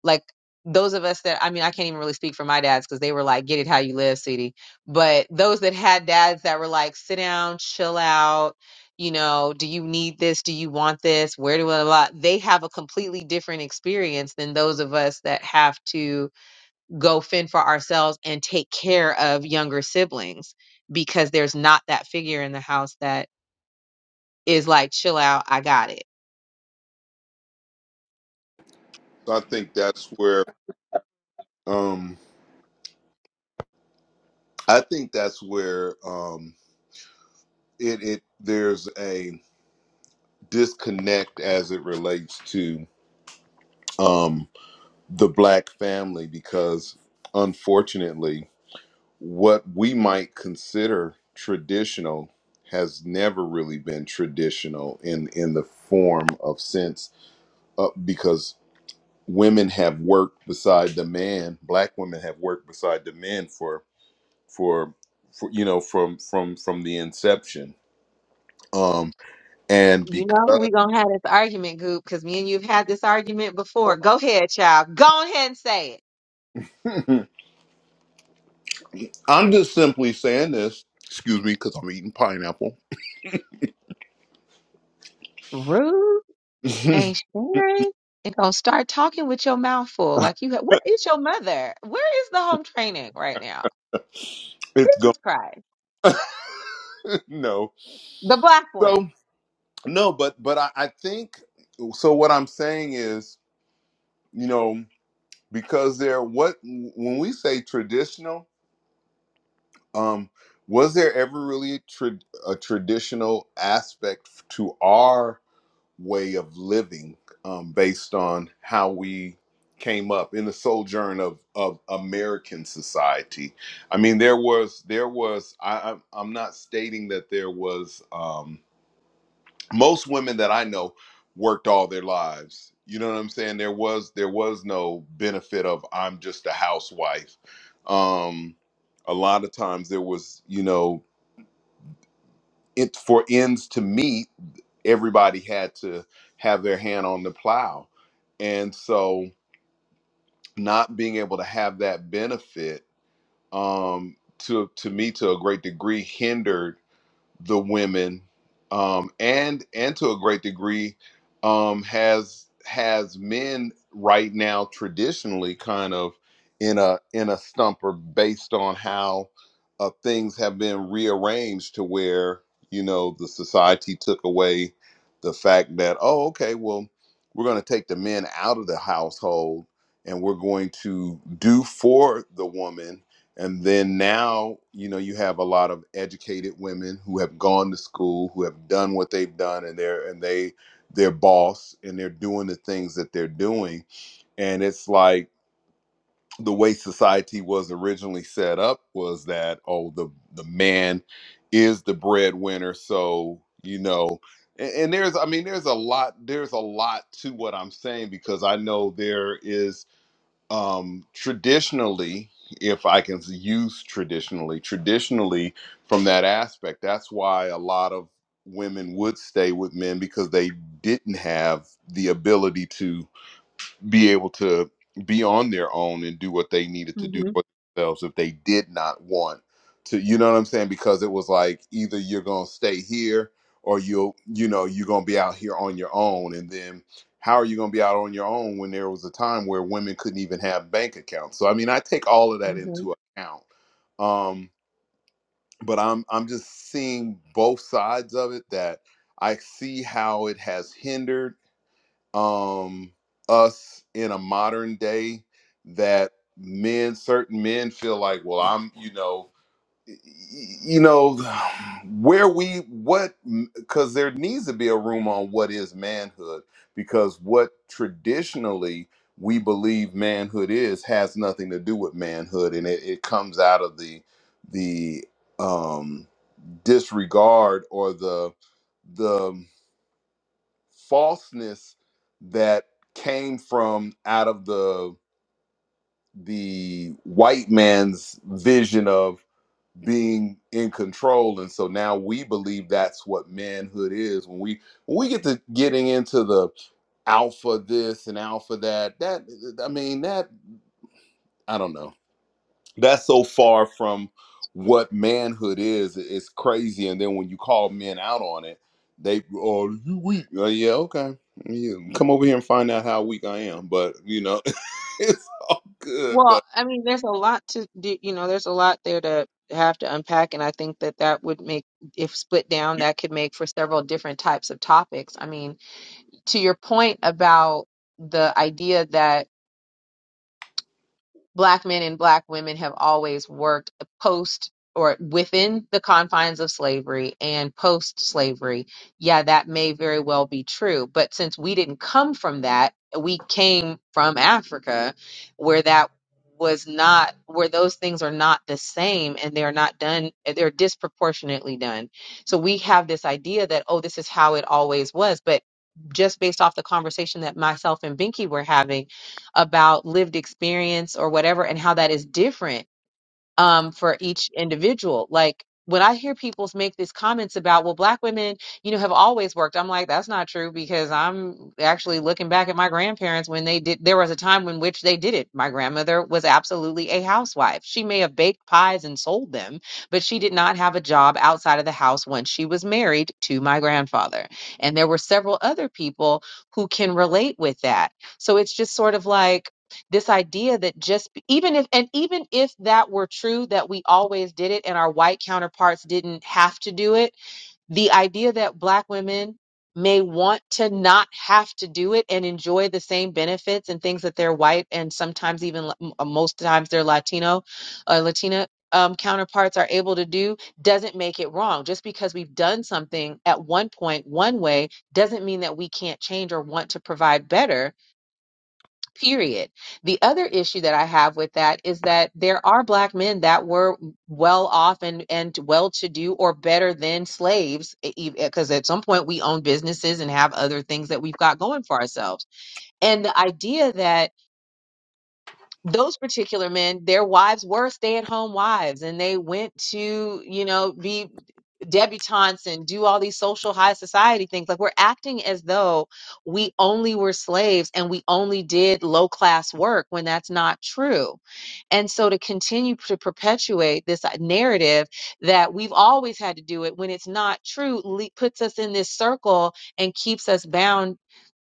like those of us that I mean, I can't even really speak for my dads because they were like, "Get it how you live, city." But those that had dads that were like, "Sit down, chill out." You know, do you need this? Do you want this? Where do I lot? They have a completely different experience than those of us that have to go fend for ourselves and take care of younger siblings because there's not that figure in the house that is like, chill out, I got it So I think that's where um I think that's where um it it there's a disconnect as it relates to um the black family because unfortunately what we might consider traditional has never really been traditional in in the form of sense uh, because women have worked beside the man black women have worked beside the men for for, for you know from from from the inception um and You know, because we gonna have this argument, Goop, because me and you've had this argument before. Go ahead, child. Go ahead and say it. i'm just simply saying this excuse me because i'm eating pineapple Rude it's and Sharon and gonna start talking with your mouth full. Like you have, where is your mother? Where is the home training right now? gone Jesus Christ. no The black one. so no but but I, I think so what i'm saying is you know because there what when we say traditional Um, was there ever really a, tra- a traditional aspect to our way of living um, based on how we came up in the sojourn of, of American society? I mean, there was there was I, I'm I'm not stating that there was. Um, most women that I know worked all their lives. You know what I'm saying? There was there was no benefit of I'm just a housewife. Um, a lot of times there was, you know, it for ends to meet, everybody had to have their hand on the plow. And so not being able to have that benefit um to to me to a great degree hindered the women um, and and to a great degree um, has has men right now traditionally kind of in a in a stumper based on how uh, things have been rearranged to where you know the society took away the fact that oh okay well we're going to take the men out of the household and we're going to do for the woman and then now, you know, you have a lot of educated women who have gone to school, who have done what they've done, and they're and they they're boss and they're doing the things that they're doing. And it's like the way society was originally set up was that oh the the man is the breadwinner, so you know. And, and there's I mean there's a lot there's a lot to what I'm saying because I know there is um, traditionally, if I can use traditionally, traditionally from that aspect, that's why a lot of women would stay with men because they didn't have the ability to be able to be on their own and do what they needed to do hmm for themselves if they did not want to you know what i'm saying because it was like either you're going to stay here or you'll you know you're going to be out here on your own and then how are you going to be out on your own when there was a time where women couldn't even have bank accounts so i mean i take all of that hmm into account um but i'm i'm just seeing both sides of it that i see how it has hindered um us in a modern day that men certain men feel like well i'm you know y- you know where we what because there needs to be a room on what is manhood because what traditionally we believe manhood is has nothing to do with manhood and it, it comes out of the the um disregard or the the falseness that came from out of the the white man's vision of being in control and so now we believe that's what manhood is when we when we get to getting into the alpha this and alpha that that i mean that i don't know that's so far from what manhood is it's crazy and then when you call men out on it they oh you weak oh yeah okay yeah, come over here and find out how weak i am but you know it's all good but Well, I mean, there's a lot to do, you know, there's a lot there to have to unpack, and I think that that would make, if split down, you- that could make for several different types of topics. I mean, to your point about the idea that black men and black women have always worked post or within the confines of slavery and post slavery. Yeah, that may very well be true. But since we didn't come from that, we came from Africa where that was not where those things are not the same and they're not done they're disproportionately done. So we have this idea that oh this is how it always was, but just based off the conversation that myself and Binky were having about lived experience or whatever and how that is different um, for each individual. Like when I hear people make these comments about, well, black women, you know, have always worked, I'm like, that's not true because I'm actually looking back at my grandparents when they did, there was a time in which they did it. My grandmother was absolutely a housewife. She may have baked pies and sold them, but she did not have a job outside of the house once she was married to my grandfather. And there were several other people who can relate with that. So it's just sort of like, this idea that just even if and even if that were true that we always did it and our white counterparts didn't have to do it the idea that black women may want to not have to do it and enjoy the same benefits and things that their white and sometimes even m- uh, most times their latino uh, latina um, counterparts are able to do doesn't make it wrong just because we've done something at one point one way doesn't mean that we can't change or want to provide better period. The other issue that I have with that is that there are black men that were well off and, and well to do or better than slaves, because at some point we own businesses and have other things that we've got going for ourselves. And the idea that those particular men, their wives were stay at home wives and they went to, you know, be debutantes and do all these social high society things. Like we're acting as though we only were slaves and we only did low class work when that's not true. And so to continue to perpetuate this uh, narrative that we've always had to do it when it's not true le- puts us in this circle and keeps us bound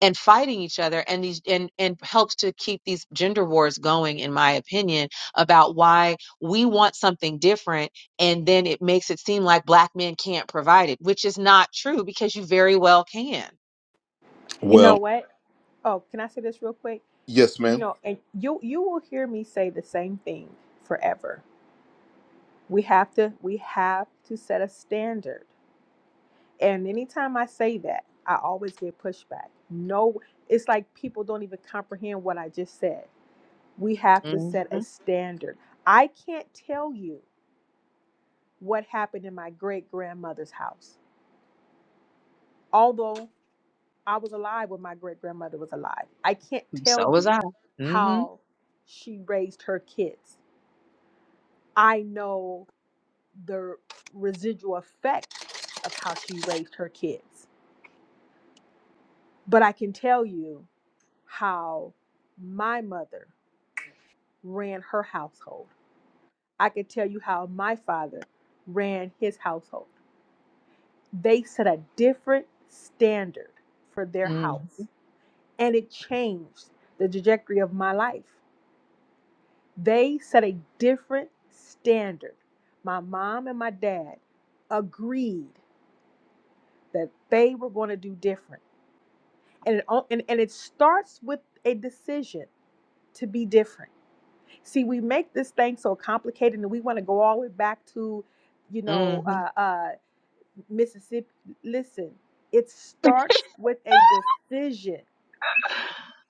and fighting each other and these and and helps to keep these gender wars going in my opinion about why we want something different and then it makes it seem like black men can't provide it which is not true because you very well can You know well what? Oh, can I say this real quick? yes You ma'am know, and you you will hear me say the same thing forever. We have to we have to set a standard, and anytime I say that, I always get pushback. No, it's like people don't even comprehend what I just said. We have to hmm set a standard. I can't tell you what happened in my great grandmother's house. Although I was alive when my great grandmother was alive, I can't tell so was you i hmm how she raised her kids. I know the residual effect of how she raised her kids, but I can tell you how my mother ran her household. I can tell you how my father ran his household. They set a different standard for their hmm house and it changed the trajectory of my life. They set a different standard. My mom and my dad agreed that they were going to do different. And it, o- and, and it starts with a decision to be different. See, we make this thing so complicated and we want to go all the way back to, you hmm know, uh, uh, Mississippi. Listen, it starts with a decision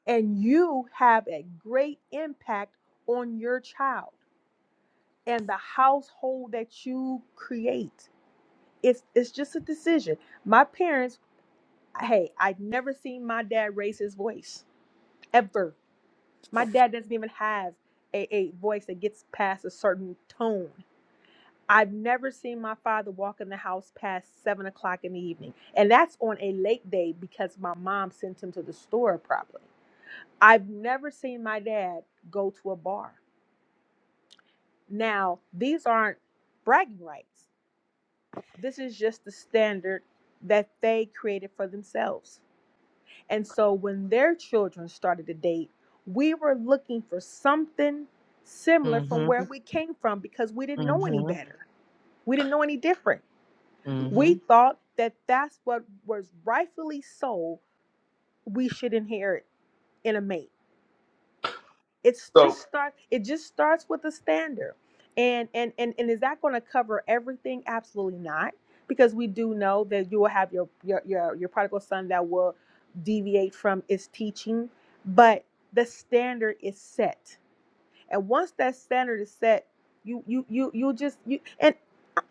and you have a great impact on your child and the household that you create. It's it's just a decision. My parents, hey, I've never seen my dad raise his voice ever. My dad doesn't even have a, a voice that gets past a certain tone. I've never seen my father walk in the house past seven o'clock in the evening. And that's on a late day because my mom sent him to the store probably. I've never seen my dad go to a bar. Now, these aren't bragging rights. This is just the standard that they created for themselves. And so when their children started to date, we were looking for something similar from hmm where we came from because we didn't hmm know any better. We didn't know any different. We hmm thought that that's what was rightfully so we should inherit in a mate. it's so just start it just starts with a standard and and and, and is that going to cover everything absolutely not because we do know that you will have your your your, your prodigal son that will deviate from its teaching but the standard is set and once that standard is set, you you you you just you and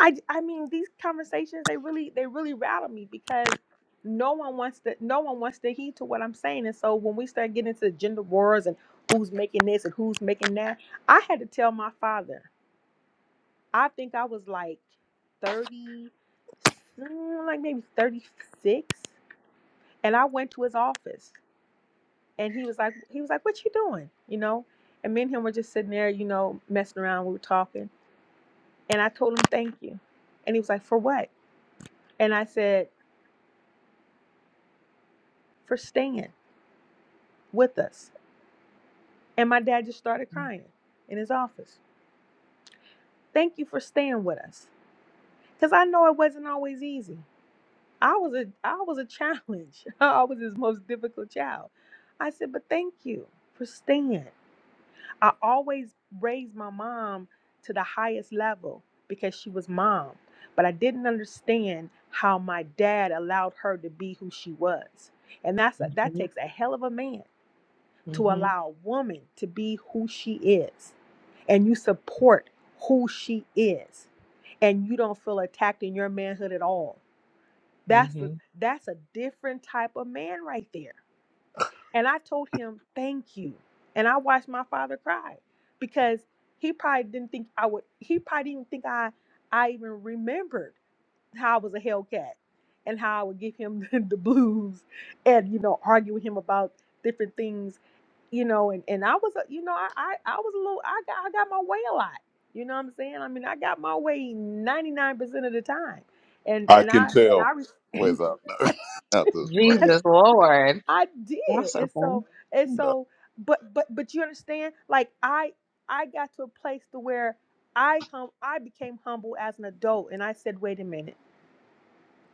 I I mean these conversations they really they really rattle me because no one wants to no one wants to heed to what I'm saying. And so when we start getting into gender wars and who's making this and who's making that, I had to tell my father. I think I was like 30 mm, like maybe 36 and I went to his office and he was like he was like what you doing? You know? And me and him were just sitting there, you know, messing around, we were talking. And I told him, thank you. And he was like, for what? And I said, for staying with us. And my dad just started crying in his office. Thank you for staying with us. Cause I know it wasn't always easy. I was a I was a challenge. I was his most difficult child. I said, but thank you for staying. I always raised my mom to the highest level because she was mom. But I didn't understand how my dad allowed her to be who she was. And that's a, that takes a hell of a man to hmm allow a woman to be who she is and you support who she is and you don't feel attacked in your manhood at all. That's the, hmm that's a different type of man right there. And I told him, thank you. And I watched my father cry because he probably didn't think I would, he probably didn't think I, I even remembered how I was a Hellcat and how I would give him the, the blues and, you know, argue with him about different things, you know, and, and I was, a, you know, I, I, I was a little, I got, I got my way a lot. You know what I'm saying? I mean, I got my way 99% of the time. And, i and can I, and I, tell re- what's up No, not this plan jesus lord I did. that's so And funny so and no so but but but you understand like I I got to a place to where I hum I became humble as an adult and I said, "Wait a minute.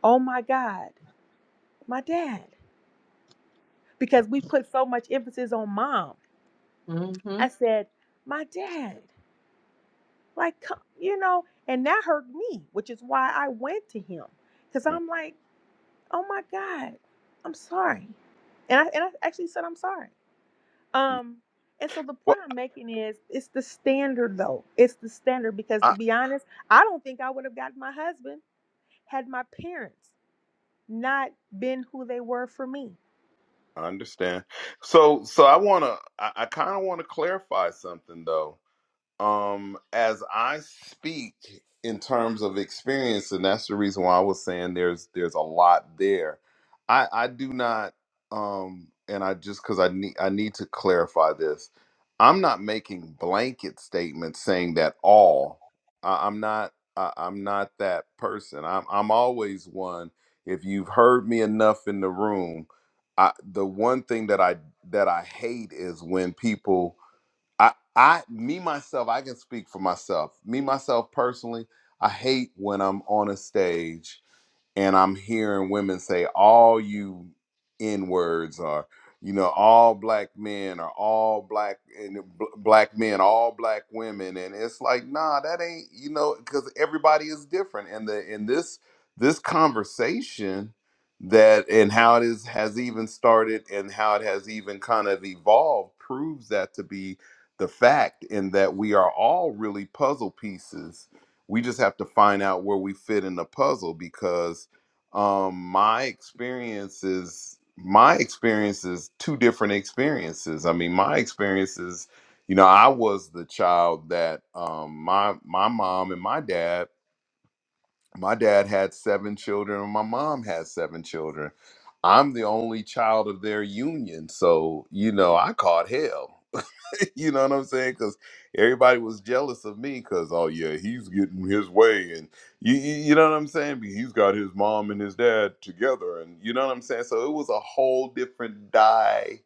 Oh my god. My dad." Because we put so much emphasis on mom. hmm I said, "My dad." Like come, you know, and that hurt me, which is why I went to him cuz I'm like, "Oh my god. I'm sorry." And I and I actually said, "I'm sorry." Um, and so the well, point I'm making is it's the standard though. It's the standard because to I, be honest, I don't think I would have gotten my husband had my parents not been who they were for me. I understand so so i want to i, I kind of want to clarify something though um as i speak in terms of experience and that's the reason why i was saying there's there's a lot there i i do not um and i just because i need i need to clarify this i'm not making blanket statements saying that all I, i'm not I, i'm not that person i'm i'm always one if you've heard me enough in the room i the one thing that i that i hate is when people I, I, me myself, I can speak for myself. Me myself personally, I hate when I'm on a stage and I'm hearing women say all you n words are you know all black men are all black and b- black men all black women and it's like nah that ain't you know because everybody is different and the in this this conversation that and how it is has even started and how it has even kind of evolved proves that to be the fact in that we are all really puzzle pieces we just have to find out where we fit in the puzzle because um my experiences my experiences two different experiences i mean my experiences you know i was the child that um my my mom and my dad my dad had seven children and my mom had seven children i'm the only child of their union so you know i caught hell you know what I'm saying? Because everybody was jealous of me because, oh, yeah, he's getting his way. And you, you you know what I'm saying? He's got his mom and his dad together. And you know what I'm saying? So it was a whole different dynamic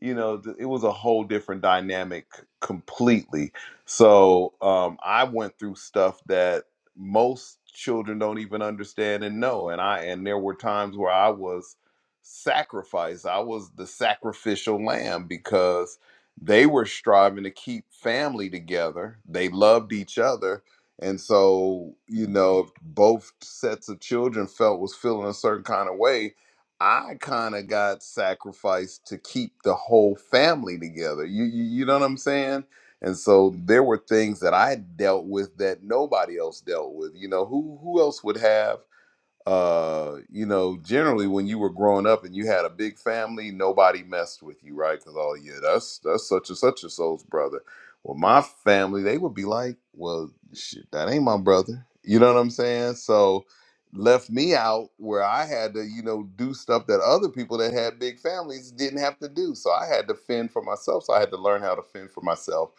you know, th- it was a whole different dynamic completely. So um, I went through stuff that most children don't even understand and know. And I and there were times where I was sacrificed. I was the sacrificial lamb because they were striving to keep family together. They loved each other. And so, you know, if both sets of children felt was feeling a certain kind of way, I kind of got sacrificed to keep the whole family together. You, you you know what I'm saying? And so there were things that I dealt with that nobody else dealt with. You know, who who else would have uh you know generally when you were growing up and you had a big family nobody messed with you right because oh yeah that's that's such and such a soul's brother well my family they would be like well shit that ain't my brother you know what i'm saying so left me out where i had to you know do stuff that other people that had big families didn't have to do so i had to fend for myself so i had to learn how to fend for myself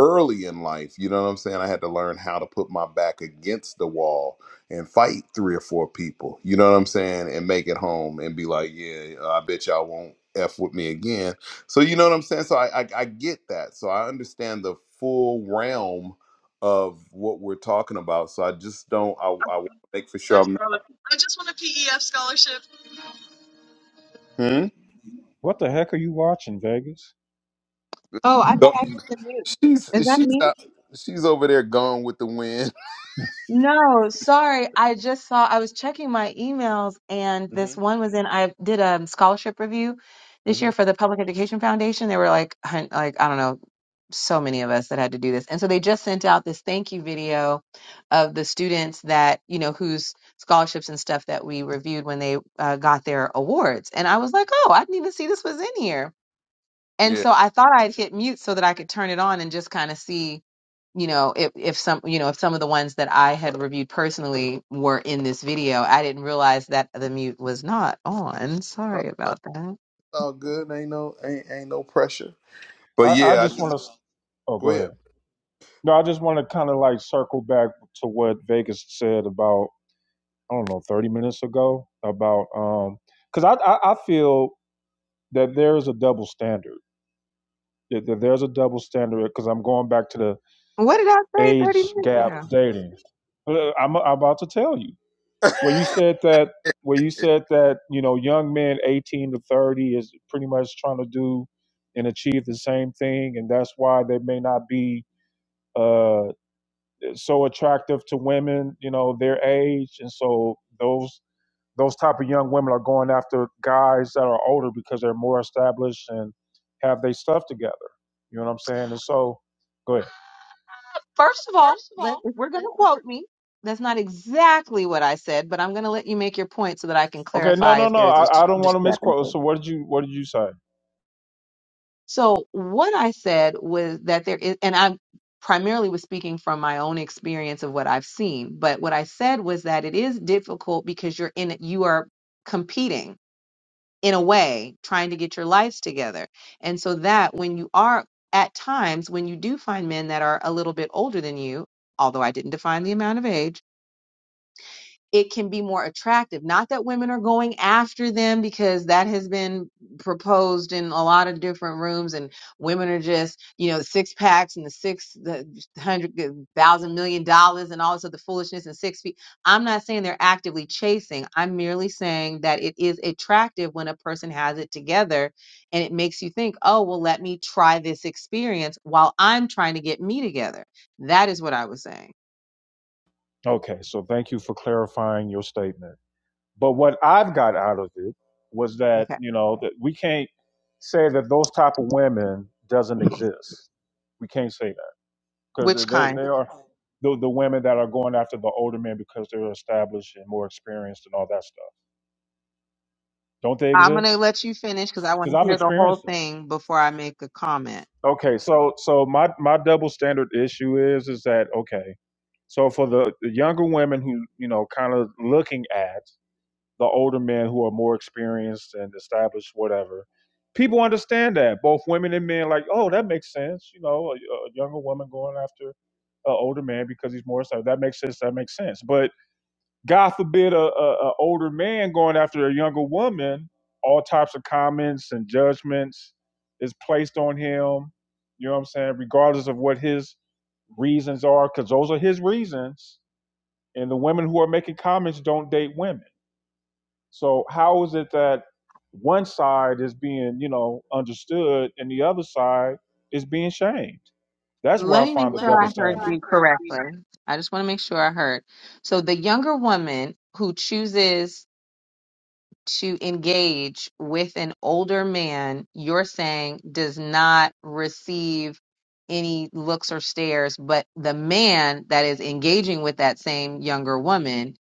early in life you know what i'm saying i had to learn how to put my back against the wall and fight three or four people. You know what I'm saying? And make it home and be like, yeah, I bet y'all won't f with me again. So you know what I'm saying? So I I, I get that. So I understand the full realm of what we're talking about. So I just don't. I I want to make for sure I'm. not Hmm? What the heck are you watching, Vegas? oh i thought Not, i hit the mute she's is that she's me out, she's over there gone with the wind. No, sorry. I just saw, I was checking my emails and hmm this one was in, I did a scholarship review this hmm year for the Public Education Foundation. There were like, hun- like, I don't know, so many of us that had to do this. And so they just sent out this thank you video of the students that, you know, whose scholarships and stuff that we reviewed when they uh, got their awards. And I was like, oh, I didn't even see this was in here. And Yeah, so I thought I'd hit mute so that I could turn it on and just kind of see you know if if some you know if some of the ones that I had reviewed personally were in this video, I didn't realize that the mute was not on. it's Sorry about that. all good. Ain't no ain't ain't no pressure. But I, I yeah, I just just like want to. Oh, go go ahead. No, I just want to kind of like circle back to what Vegas said about I don't know thirty minutes ago about um because I, I I feel that there is a double standard. That that there's a double standard because I'm going back to the What did I say age 30 minutes gap ago? dating. Uh, I'm, I'm about to tell you. ahead. Where you said that, where you said that, you know, young men 18 to 30 is pretty much trying to do and achieve the same thing, and that's why they may not be uh, so attractive to women, you know, their age, and so those those type of young women are going after guys that are older because they're more established and have their stuff together. You know what I'm saying? And so, go ahead. First of all, let if we're going to quote me, that's not exactly what I said, but I'm going to let you make your point so that I can Okay, no, clarify no, if there no. is a I, dis- I don't want to misquote. discrepancy. So what did you what did you say? So what I said was that there is, and I primarily was speaking from my own experience of what I've seen, but what I said was that it is difficult because you're in it, you are competing in a way, trying to get your lives together. And so that when you are at times when you do find men that are a little bit older than you, although I didn't define the amount of age, it can be more attractive. Not that women are going after them because that has been proposed in a lot of different rooms, and women are just, you know, six packs and the six, the hundred the thousand million dollars and all this other foolishness and six feet. I'm not saying they're actively chasing. I'm merely saying that it is attractive when a person has it together and it makes you think, oh, well, let me try this experience while I'm trying to get me together. That is what I was saying. Okay, so thank you for clarifying your statement. But what I've got out of it was that, Okay. you know, that we can't say that those type of women doesn't exist. We can't say that because Which they, kind? they are the, the women that are going after the older men because they're established and more experienced and all that stuff. Don't they I'm going to exist? let you finish because I want Because to I've hear the whole experienced them. thing before I make a comment. Okay, so so my my double standard issue is is that okay? So for the, the younger women who, you know, kind of looking at the older men who are more experienced and established, whatever, people understand that both women and men like, oh, that makes sense. You know, a, a younger woman going after an older man because he's more established. That makes sense. That makes sense. But God forbid a, a, a older man going after a younger woman, all types of comments and judgments is placed on him. You know what I'm saying? Regardless of what his reasons are, because those are his reasons and the women who are making comments don't date women. So how is it that one side is being, you know, understood and the other side is being shamed? That's where Let I me make find the sure I double heard standard you correctly. I just want to make sure I heard. So, the younger woman who chooses to engage with an older man, you're saying does not receive any looks or stares, but the man that is engaging with that same younger woman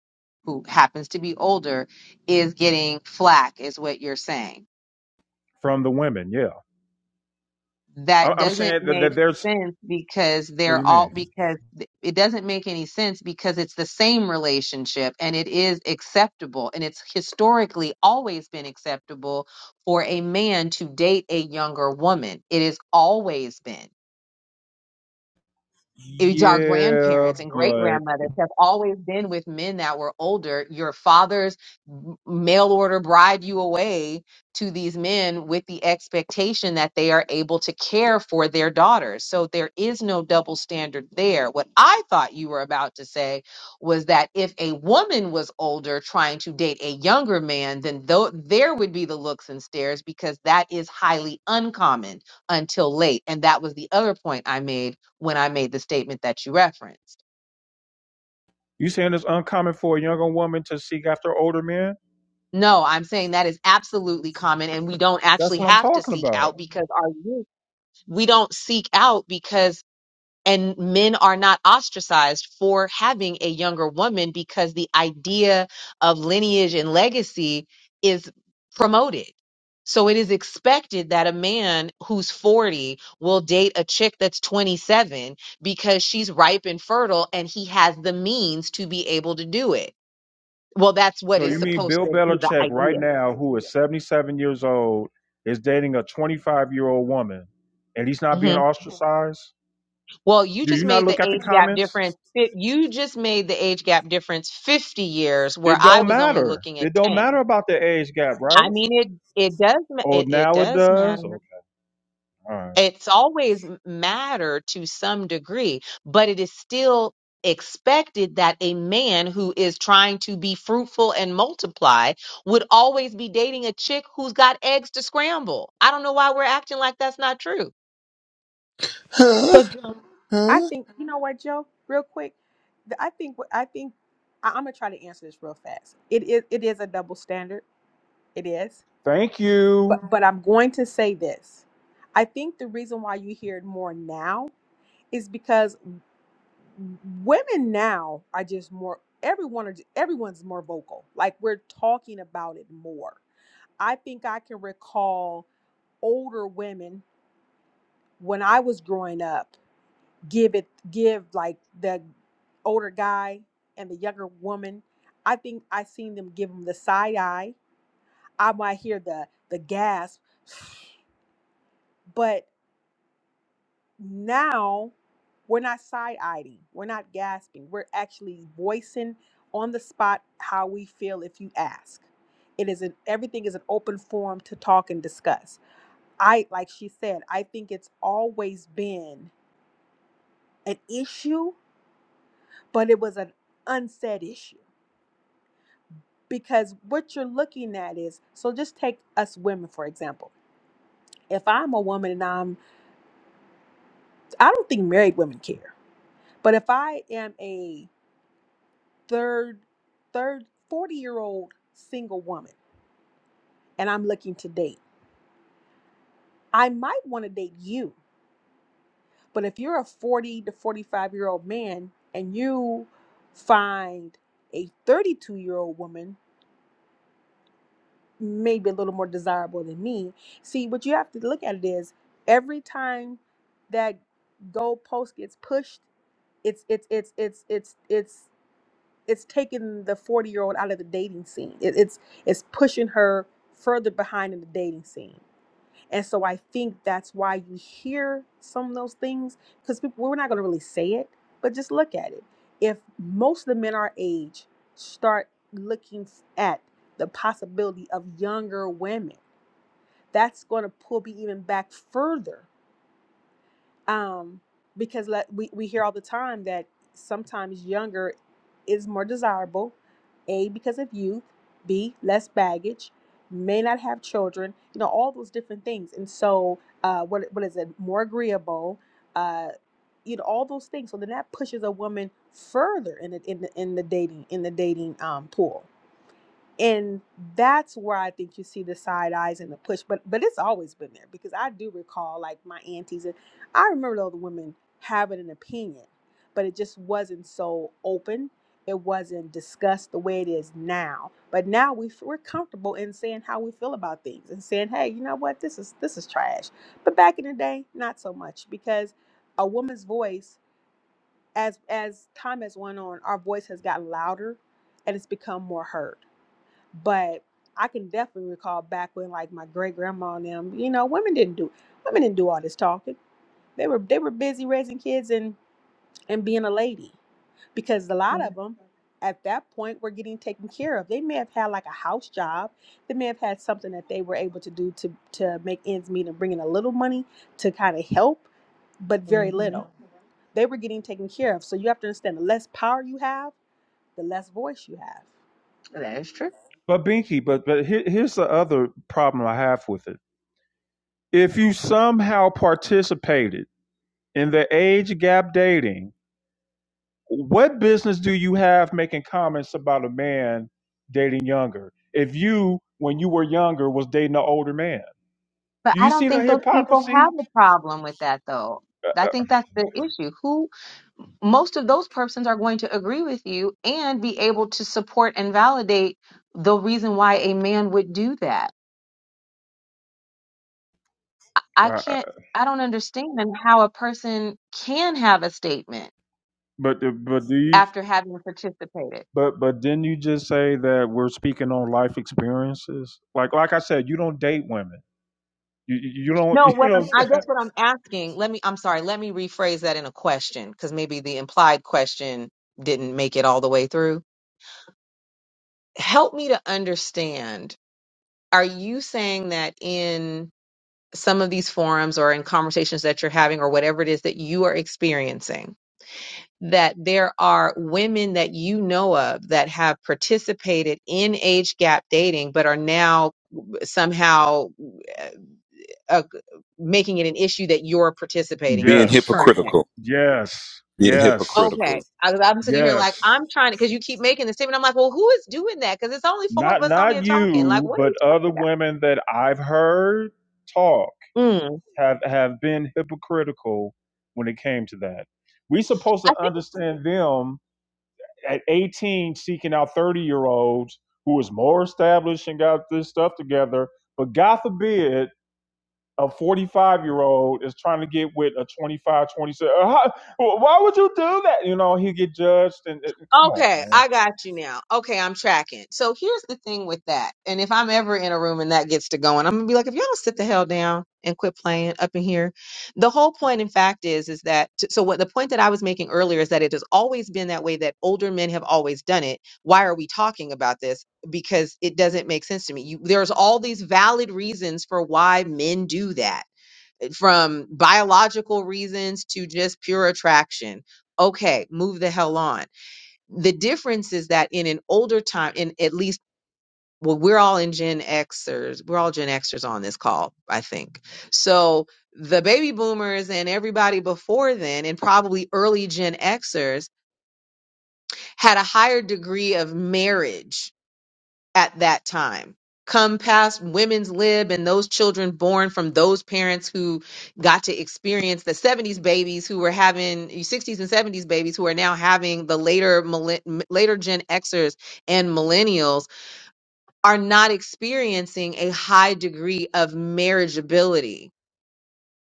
who happens to be older is getting flack, is what you're saying. from the women. Yeah, I, that I'm doesn't saying that, make that there's. sense because What do they're you all mean? because th- it doesn't make any sense because it's the same relationship and it is acceptable and it's historically always been acceptable for a man to date a younger woman it has always been it's our Yeah, grandparents and great but grandmothers have always been with men that were older. Your fathers m- mail order bride you away to these men with the expectation that they are able to care for their daughters. So there is no double standard there. What I thought you were about to say was that if a woman was older trying to date a younger man, then though there would be the looks and stares because that is highly uncommon until late. And that was the other point I made when I made the statement that you referenced. you saying it's uncommon for a younger woman to seek after older men? No, I'm saying that is absolutely common and we don't That's actually what I'm have to talking seek about. out because our youth, we don't seek out because, and men are not ostracized for having a younger woman because the idea of lineage and legacy is promoted. So it is expected that a man who's 40 will date a chick that's 27 because she's ripe and fertile and he has the means to be able to do it Well, that's what So is you mean supposed Bill to be the Belichick right idea. now, who is 77 years old, is dating a 25 year old woman, and he's not being hmm ostracized? Well, you Do you just not made the look at the age gap comments? difference. fi- You just made the age gap difference 50 years, where It I don't was only matter. looking It at don't 10. matter about the age gap, I right? mean, it it does ma- Oh, it, it now it does does. matter. Okay, all right. It's always m- matter to some degree, but it is still expected that a man who is trying to be fruitful and multiply would always be dating a chick who's got eggs to scramble. I don't know why we're acting like that's not true. Huh? So Huh? I think you know what, Joe. Real quick, the- I think what I think I, I'm gonna try to answer this real fast. It is it is a double standard. It is, Thank you. but but I'm going to say this. I think the reason why you hear it more now is because. women now are just more everyone are everyone's more vocal like we're talking about it more i think i can recall older women when i was growing up give it give like the older guy and the younger woman i think i seen them give them the side eye i might hear the the gasp but now we're not side-eyeing we're not gasping we're actually voicing on the spot how we feel if you ask it is an everything is an open forum to talk and discuss i like she said i think it's always been an issue but it was an unsaid issue because what you're looking at is so just take us women for example if i'm a woman and i'm i don't think married women care but if i am a third third 40 year old single woman and i'm looking to date i might want to date you but if you're a 40 to 45 year old man and you find a 32 year old woman maybe a little more desirable than me see what you have to look at it is every time that goalpost gets pushed it's it's it's it's it's it's it's taking the 40 year old out of the dating scene it, it's it's pushing her further behind in the dating scene and so i think that's why you hear some of those things because we're not going to really say it but just look at it if most of the men our age start looking at the possibility of younger women that's going to pull me even back further um, because let, we, we hear all the time that sometimes younger is more desirable a because of youth b less baggage may not have children you know all those different things and so uh, what, what is it more agreeable uh, you know all those things so then that pushes a woman further in the in the, in the dating in the dating um, pool and that's where I think you see the side eyes and the push. But but it's always been there because I do recall like my aunties and I remember all the women having an opinion, but it just wasn't so open. It wasn't discussed the way it is now. But now we f- we're comfortable in saying how we feel about things and saying, hey, you know what, this is this is trash. But back in the day, not so much because a woman's voice, as as time has went on, our voice has gotten louder and it's become more heard but I can definitely recall back when like my great grandma and them, you know, women didn't do women didn't do all this talking. They were they were busy raising kids and and being a lady because a lot of them at that point were getting taken care of. They may have had like a house job. They may have had something that they were able to do to to make ends meet and bring in a little money to kind of help, but very Mhm. little. They were getting taken care of. So you have to understand the less power you have, the less voice you have. That is true. But Binky, but but here, here's the other problem I have with it. If you somehow participated in the age gap dating what business do you have making comments about a man dating younger if you when you were younger was dating an older man But do I you don't see the think those people hypocrisy have a problem with that, though. I think that's the issue. Who most of those persons are going to agree with you and be able to support and validate the reason why a man would do that. I uh, can't, I don't understand how a person can have a statement but but do you after having participated. but but didn't you just say that we're speaking on life experiences like like i said you don't date women you you you don't No, you what I'm, know I guess what I'm asking, let me, I'm sorry, let me rephrase that in a question because maybe the implied question didn't make it all the way through help me to understand are you saying that in some of these forums or in conversations that you're having or whatever it is that you are experiencing that there are women that you know of that have participated in age gap dating but are now somehow uh, uh, making it an issue that you're participating in Being it yes currently. hypocritical. yes Being yes hypocritical. Okay, I, I'm sitting here like yes I'm trying to because you keep making the statement. I'm like, well, who is doing that? Because it's only four of not us on not here talking. Like, you what are but we other talking women that i've heard talk about? have have been hypocritical when it came to that. We supposed to I think understand them at 18 seeking out 30 year olds who is more established and got this stuff together. But God forbid a 45 year old is trying to get with a 25, twenty-seven. Uh, how- Why would you do that? You know, he get judged and, and come on, okay, man. I got you now. Okay, I'm tracking. So here's the thing with that. And if I'm ever in a room and that gets to going, I'm gonna be like, if y'all don't sit the hell down and quit playing up in here. The whole point, in fact, is is that t- so what the point that I was making earlier is that it has always been that way that older men have always done it. Why are we talking about this? Because it doesn't make sense to me. You, there's all these valid reasons for why men do that, eh, from biological reasons to just pure attraction okay, move the hell on. the difference is that in an older time, in at least, well, we're all in Gen Xers. We're all Gen Xers on this call, I think. So the baby boomers and everybody before then, and probably early Gen Xers, had a higher degree of marriage at that time. Come past women's lib and those children born from those parents who got to experience the 70s babies who were having 60s and 70s babies who are now having the later millen- later Gen Xers and millennials are not experiencing a high degree of marriageability.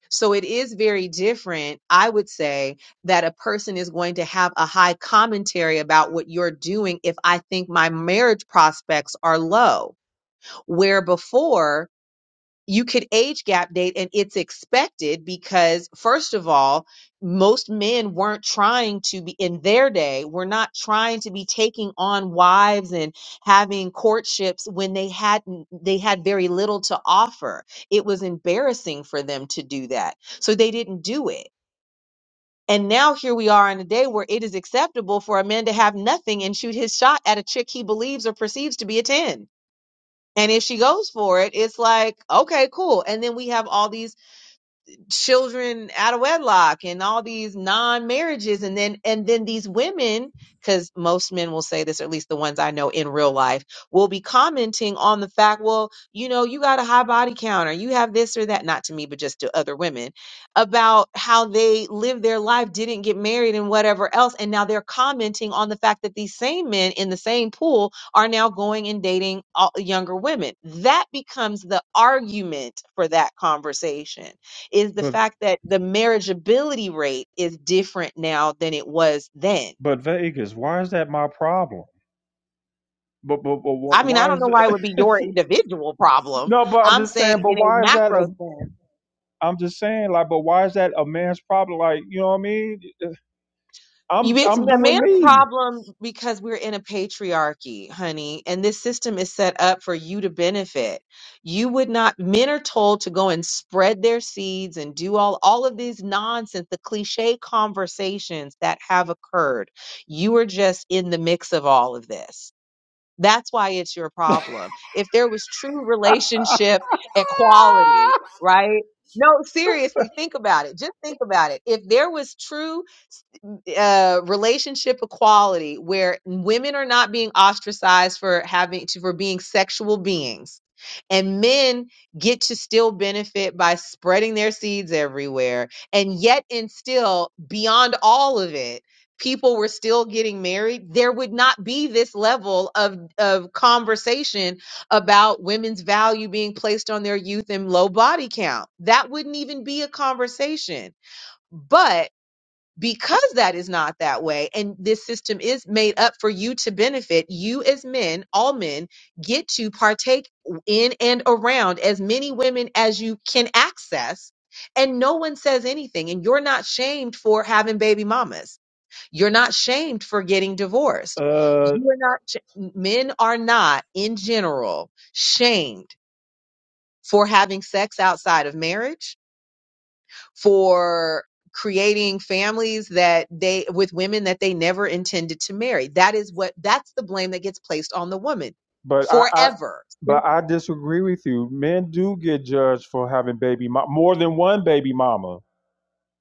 So it is very different, I would say, that a person is going to have a high commentary about what you're doing if I think my marriage prospects are low where before you could age gap date and it's expected because first of all most men weren't trying to be in their day were not trying to be taking on wives and having courtships when they had not they had very little to offer it was embarrassing for them to do that so they didn't do it and now here we are in a day where it is acceptable for a man to have nothing and shoot his shot at a chick he believes or perceives to be a 10 and if she goes for it, it's like, okay, cool. And then we have all these children out of wedlock and all these non-marriages and then and then these women because most men will say this or at least the ones i know in real life will be commenting on the fact well you know you got a high body count or you have this or that not to me but just to other women about how they lived their life didn't get married and whatever else and now they're commenting on the fact that these same men in the same pool are now going and dating all- younger women that becomes the argument for that conversation is the But fact that the marriageability rate is different now than it was then. but Vegas, why is that my problem? But but, but I mean, I why don't is know why it would be it? your individual problem. no, but I'm I'm just saying. saying But in a why is that? macro a, sense. I'm just saying, like, but why is that a man's problem? Like, you know what I mean? You, I'm it's a I'm doing man's me. problem because we're in a patriarchy, honey, and this system is set up for you to benefit. You would not, men are told to go and spread their seeds and do all, all of these nonsense, the cliche conversations that have occurred. You are just in the mix of all of this That's why it's your problem. If there was true relationship equality, right? No, seriously, think about it. Just think about it. If there was true uh, relationship equality where women are not being ostracized for having to for being sexual beings and men get to still benefit by spreading their seeds everywhere and yet and still beyond all of it people were still getting married there would not be this level of of conversation about women's value being placed on their youth and low body count that wouldn't even be a conversation but because that is not that way and this system is made up for you to benefit you as men all men get to partake in and around as many women as you can access and no one says anything and you're not shamed for having baby mamas you're not shamed for getting divorced Uh, you're not sh- men are not in general shamed for having sex outside of marriage for creating families that they with women that they never intended to marry. That is what that's the blame that gets placed on the woman but I, I forever but I disagree with you. Men do get judged for having baby mo- more than one baby mama.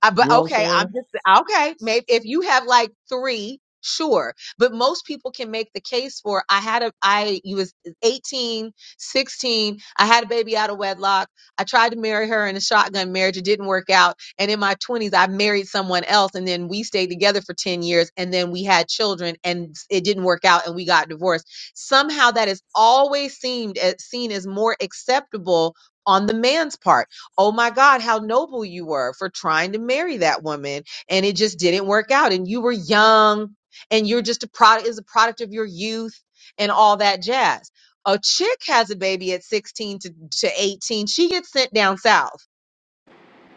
I, You but know what I'm okay, I'm saying? just okay. Maybe if you have like three, sure. But most people can make the case for I had a I you was 18, 16. I had a baby out of wedlock. I tried to marry her in a shotgun marriage. It didn't work out. And in my 20s, I married someone else, and then we stayed together for 10 years, and then we had children, and it didn't work out, and we got divorced. Somehow, that is always seemed as, seen as more acceptable on the man's part Oh my God, how noble you were for trying to marry that woman and it just didn't work out. And you were young and you're just a product is a product of your youth and all that jazz. A chick has a baby at 16 to, to 18. She gets sent down south.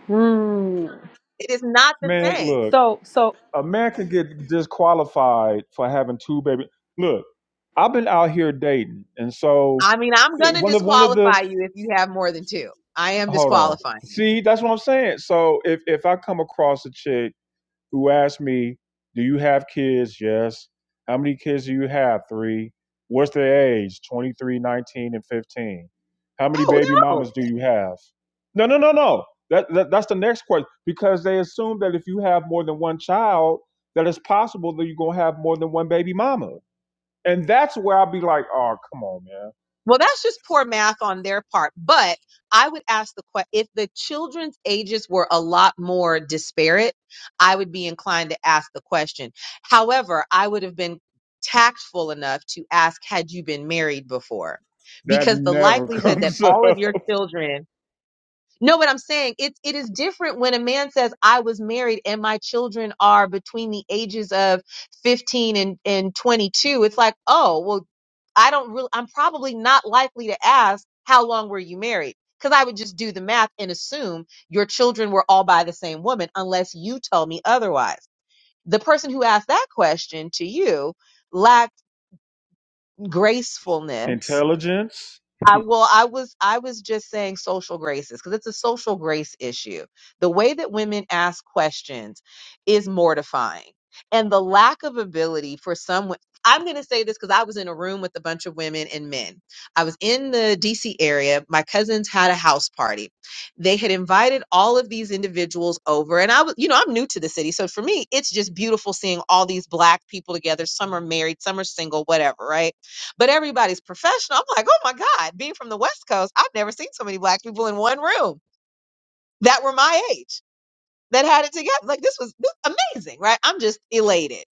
Hmm. It is not the Man, same. look, So so a man can get disqualified for having two baby. Look, I've been out here dating, and so I mean, I'm uh, gonna one of one of the disqualify you if you have more than two. I am hold on. disqualifying. See, that's what I'm saying. So if if I come across a chick who asked me, Do you have kids? Yes. How many kids do you have? Three. What's their age? 23, 19, and 15. How many Oh, baby they're mamas do you have? No, no, no, no. That, that That's the next question because they assume that if you have more than one child, that it's possible that you're going to have more than one baby mama. And that's where I'll be like, oh, come on, man. Well, that's just poor math on their part. But I would ask the question if the children's ages were a lot more disparate, I would be inclined to ask the question. However, I would have been tactful enough to ask, had you been married before? That Because the never likelihood that comes up. all of your children no, but I'm saying it it is different when a man says, I was married and my children are between the ages of 15 and, and 22. It's like, oh, well, I don't really, I'm probably not likely to ask, how long were you married? Because I would just do the math and assume your children were all by the same woman, unless you tell me otherwise. The person who asked that question to you lacked gracefulness Intelligence I well, I was I was just saying social graces because it's a social grace issue. The way that women ask questions is mortifying, and the lack of ability for some. wo- I'm going to say this because I was in a room with a bunch of women and men. I was in the DC area. My cousins had a house party. They had invited all of these individuals over. And I was, you know, I'm new to the city. So for me, it's just beautiful seeing all these black people together. Some are married, some are single, whatever, right? but everybody's professional. I'm like, oh my God, being from the West Coast, I've never seen so many black people in one room that were my age that had it together. Like this was this- amazing, right? I'm just elated.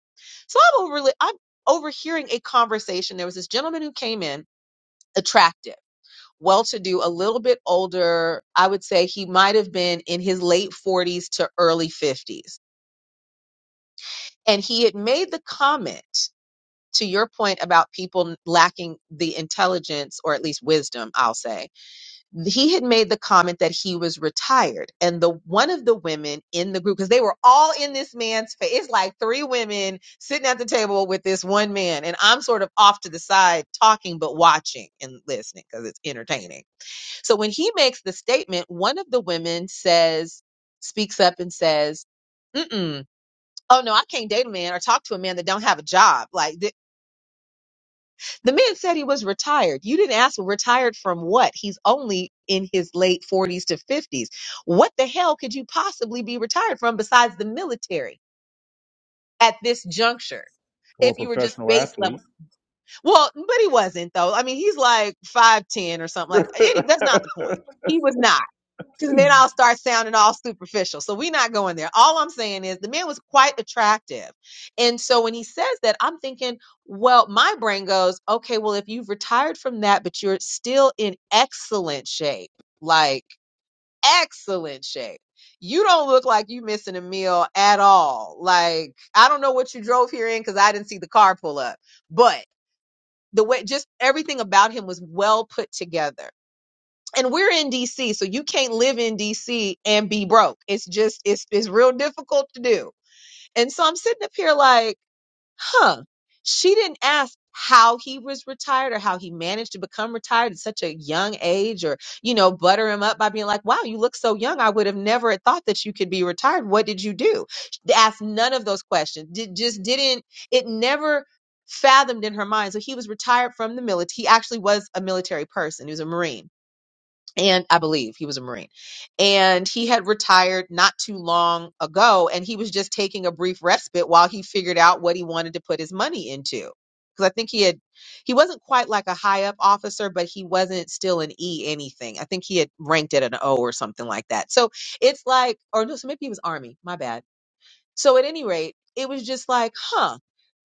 So I'm over I'm overhearing a conversation. There was this gentleman who came in, attractive, well to do, a little bit older. I would say he might have been in his late 40s to early 50s. And he had made the comment to your point about people lacking the intelligence or at least wisdom, I'll say he had made the comment that he was retired and the one of the women in the group because they were all in this man's face it's like three women sitting at the table with this one man and i'm sort of off to the side talking but watching and listening because it's entertaining so when he makes the statement one of the women says speaks up and says Mm-mm. Oh no, I can't date a man or talk to a man that don't have a job. Like, th- the man said he was retired. You didn't ask him retired from what? He's only in his late 40s to 50s. What the hell could you possibly be retired from besides the military at this juncture? or If you were just professional base athlete. level. Well, but he wasn't though. I mean, he's like 5'10 or something like any that's not the point. He was not. Because then I'll start sounding all superficial. So we're not going there. All I'm saying is the man was quite attractive. And so when he says that, I'm thinking, well, my brain goes, okay, well, if you've retired from that, but you're still in excellent shape, like excellent shape. You don't look like you missing a meal at all. Like, I don't know what you drove here in because I didn't see the car pull up. But the way just everything about him was well put together and we're in DC, so you can't live in DC and be broke. It's just it's it's real difficult to do. And so I'm sitting up here like, huh, she didn't ask how he was retired or how he managed to become retired at such a young age or you know butter him up by being like wow you look so young i would have never had thought that you could be retired what did you do She asked none of those questions did, just didn't it never fathomed in her mind so he was retired from the military he actually was a military person he was a marine and I believe he was a Marine. And he had retired not too long ago, and he was just taking a brief respite while he figured out what he wanted to put his money into. Because I think he had, he wasn't quite like a high up officer, but he wasn't still an E anything. I think he had ranked at an O or something like that. So it's like, or no, so maybe he was Army. My bad so at any rate, it was just like, huh,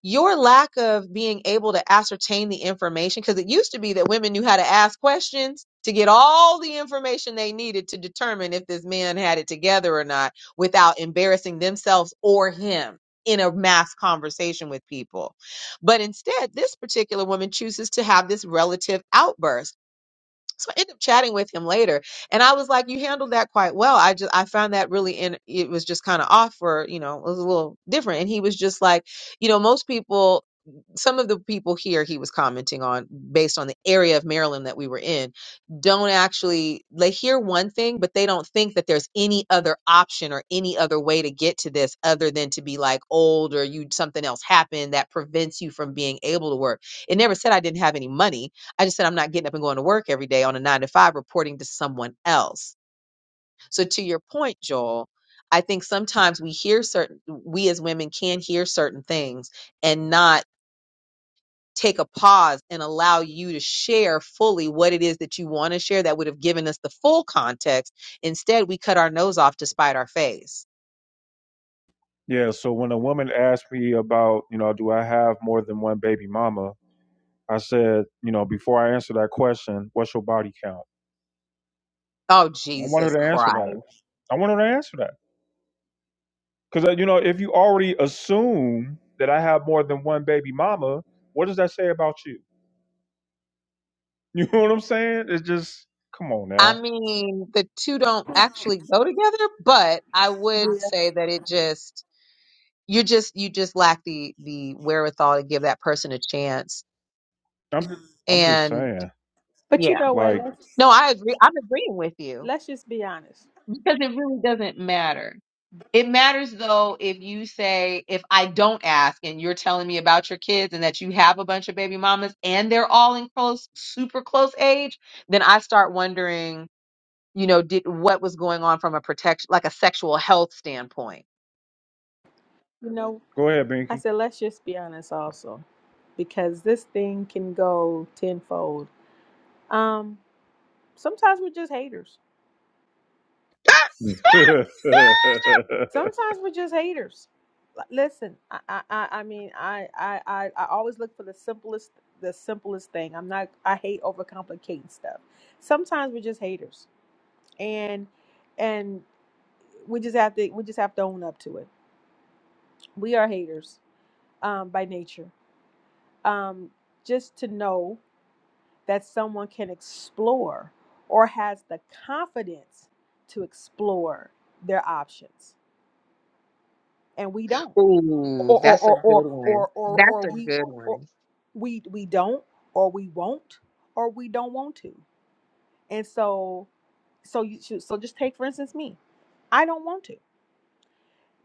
your lack of being able to ascertain the information, because it used to be that women knew how to ask questions to get all the information they needed to determine if this man had it together or not without embarrassing themselves or him in a mass conversation with people. But instead, this particular woman chooses to have this relative outburst so I ended up chatting with him later, and I was like, "You handled that quite well." I just I found that really in it was just kind of off, or you know, it was a little different. And he was just like, you know, most people, some of the people here, he was commenting on based on the area of Maryland that we were in, don't actually they hear one thing, but they don't think that there's any other option or any other way to get to this other than to be like old or you something else happened that prevents you from being able to work. It never said I didn't have any money I just said I'm not getting up and going to work every day on a nine to five reporting to someone else. So to your point, Joel, I think sometimes we hear certain we as women can hear certain things and not take a pause and allow you to share fully what it is that you want to share that would have given us the full context. Instead, we cut our nose off to spite our face. Yeah, so when a woman asked me about, you know, do I have more than one baby mama? I said, you know, before I answer that question, what's your body count? Oh I want her Jesus to answer Christ. that. I want her to answer that. Because, you know, if you already assume that I have more than one baby mama, what does that say about you? You know what I'm saying? It's just, come on I now. mean, the two don't actually go together, but I yeah. would say that it just you just you just lack the the wherewithal to give that person a chance I'm, just, I'm just and saying. But you yeah know what? Like, Let's no i agree i'm agreeing with you let's just be honest. because it really doesn't matter it matters though if you say if i don't ask and you're telling me about your kids and that you have a bunch of baby mamas and they're all in close super close age then i start wondering you know did what was going on from a protection like a sexual health standpoint You know, go ahead, I Binky. said let's just be honest also, because this thing can go tenfold. Um, sometimes we're just haters. Sometimes we're just haters. L- Listen, I I I I mean I I I, I always look for the simplest the simplest thing. I'm not I hate overcomplicating stuff. Sometimes we're just haters, and and we just have to we just have to own up to it. We are haters um, by nature um, just to know that someone can explore or has the confidence to explore their options and we don't ooh or or that's a or good or one or or, that's or a we good or one we we don't or we won't or we don't want to and so so you should, so just take for instance me i don't want to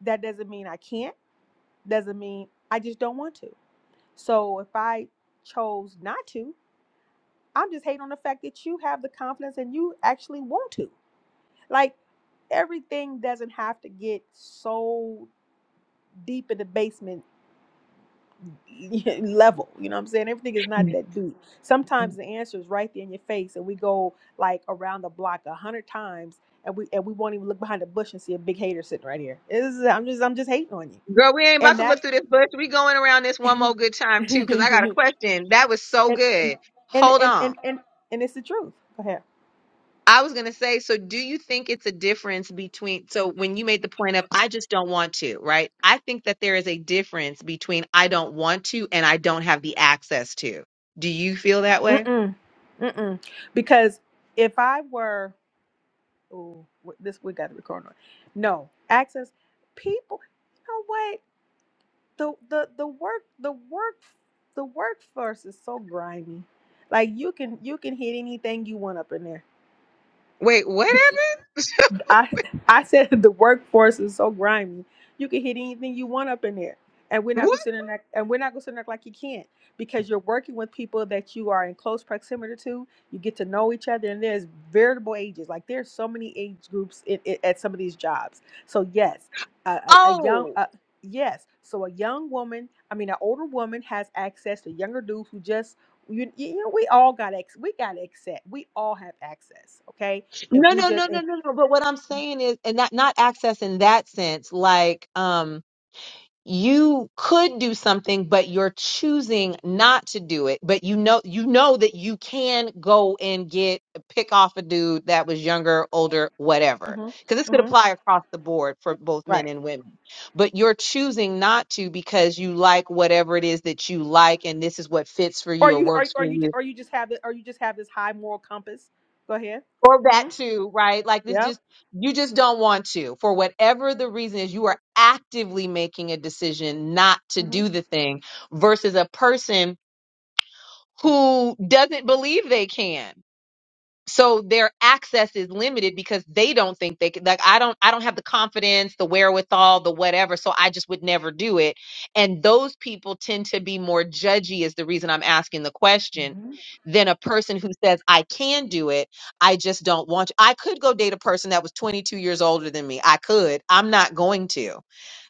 that doesn't mean i can't doesn't mean i just don't want to so if i chose not to I'm just hating on the fact that you have the confidence and you actually want to. Like everything doesn't have to get so deep in the basement level. You know what I'm saying? Everything is not that deep. Sometimes the answer is right there in your face, and we go like around the block a hundred times, and we and we won't even look behind the bush and see a big hater sitting right here. This is- I'm just I'm just hating on you, Girl, we ain't about and to that look through this bush. We going around this one more and, good time too, because I got a question. That was so and good. and Hold and on. and and and it's the truth. Go ahead. I was going to say, so do you think it's a difference between, so when you made the point of, I just don't want to, right? I think that there is a difference between I don't want to and I don't have the access to. Do you feel that way? Mm-mm. Mm-mm. Because if I were, oh, this we got to record on. No access. People, you know what? The the the work the work the workforce is so grimy. Like you can you can hit anything you want up in there. Wait, what happened? I I said the workforce is so grimy. You can hit anything you want up in there, and we're not gonna sit in that, and we're not gonna sit in there like you can't because you're working with people that you are in close proximity to. You get to know each other, and there's veritable ages. Like there's so many age groups in, in, at some of these jobs. So yes, a, a, a young. Oh, A, Yes, so a young woman, I mean, an older woman has access to younger dudes who just you, you know we all got ex we got access we all have access okay no, if we no, just no, no, if no, no. But what I'm saying is, and not not access in that sense, like um you could do something, but you're choosing not to do it. But you know you know that you can go and get pick off a dude that was younger, older, whatever. hmm Because this could hmm apply across the board for both right, men and women. But you're choosing not to because you like whatever it is that you like and this is what fits for or you or you or, works or for you you or you just have it, or you just have this high moral compass. Go ahead. or hmm that too, right? Like this Yep. just you just don't want to for whatever the reason is you are actively making a decision not to hmm do the thing versus a person who doesn't believe they can so their access is limited because they don't think they could like i don't i don't have the confidence the wherewithal the whatever so i just would never do it and those people tend to be more judgy is the reason i'm asking the question hmm than a person who says i can do it i just don't want to i could go date a person that was 22 years older than me i could i'm not going to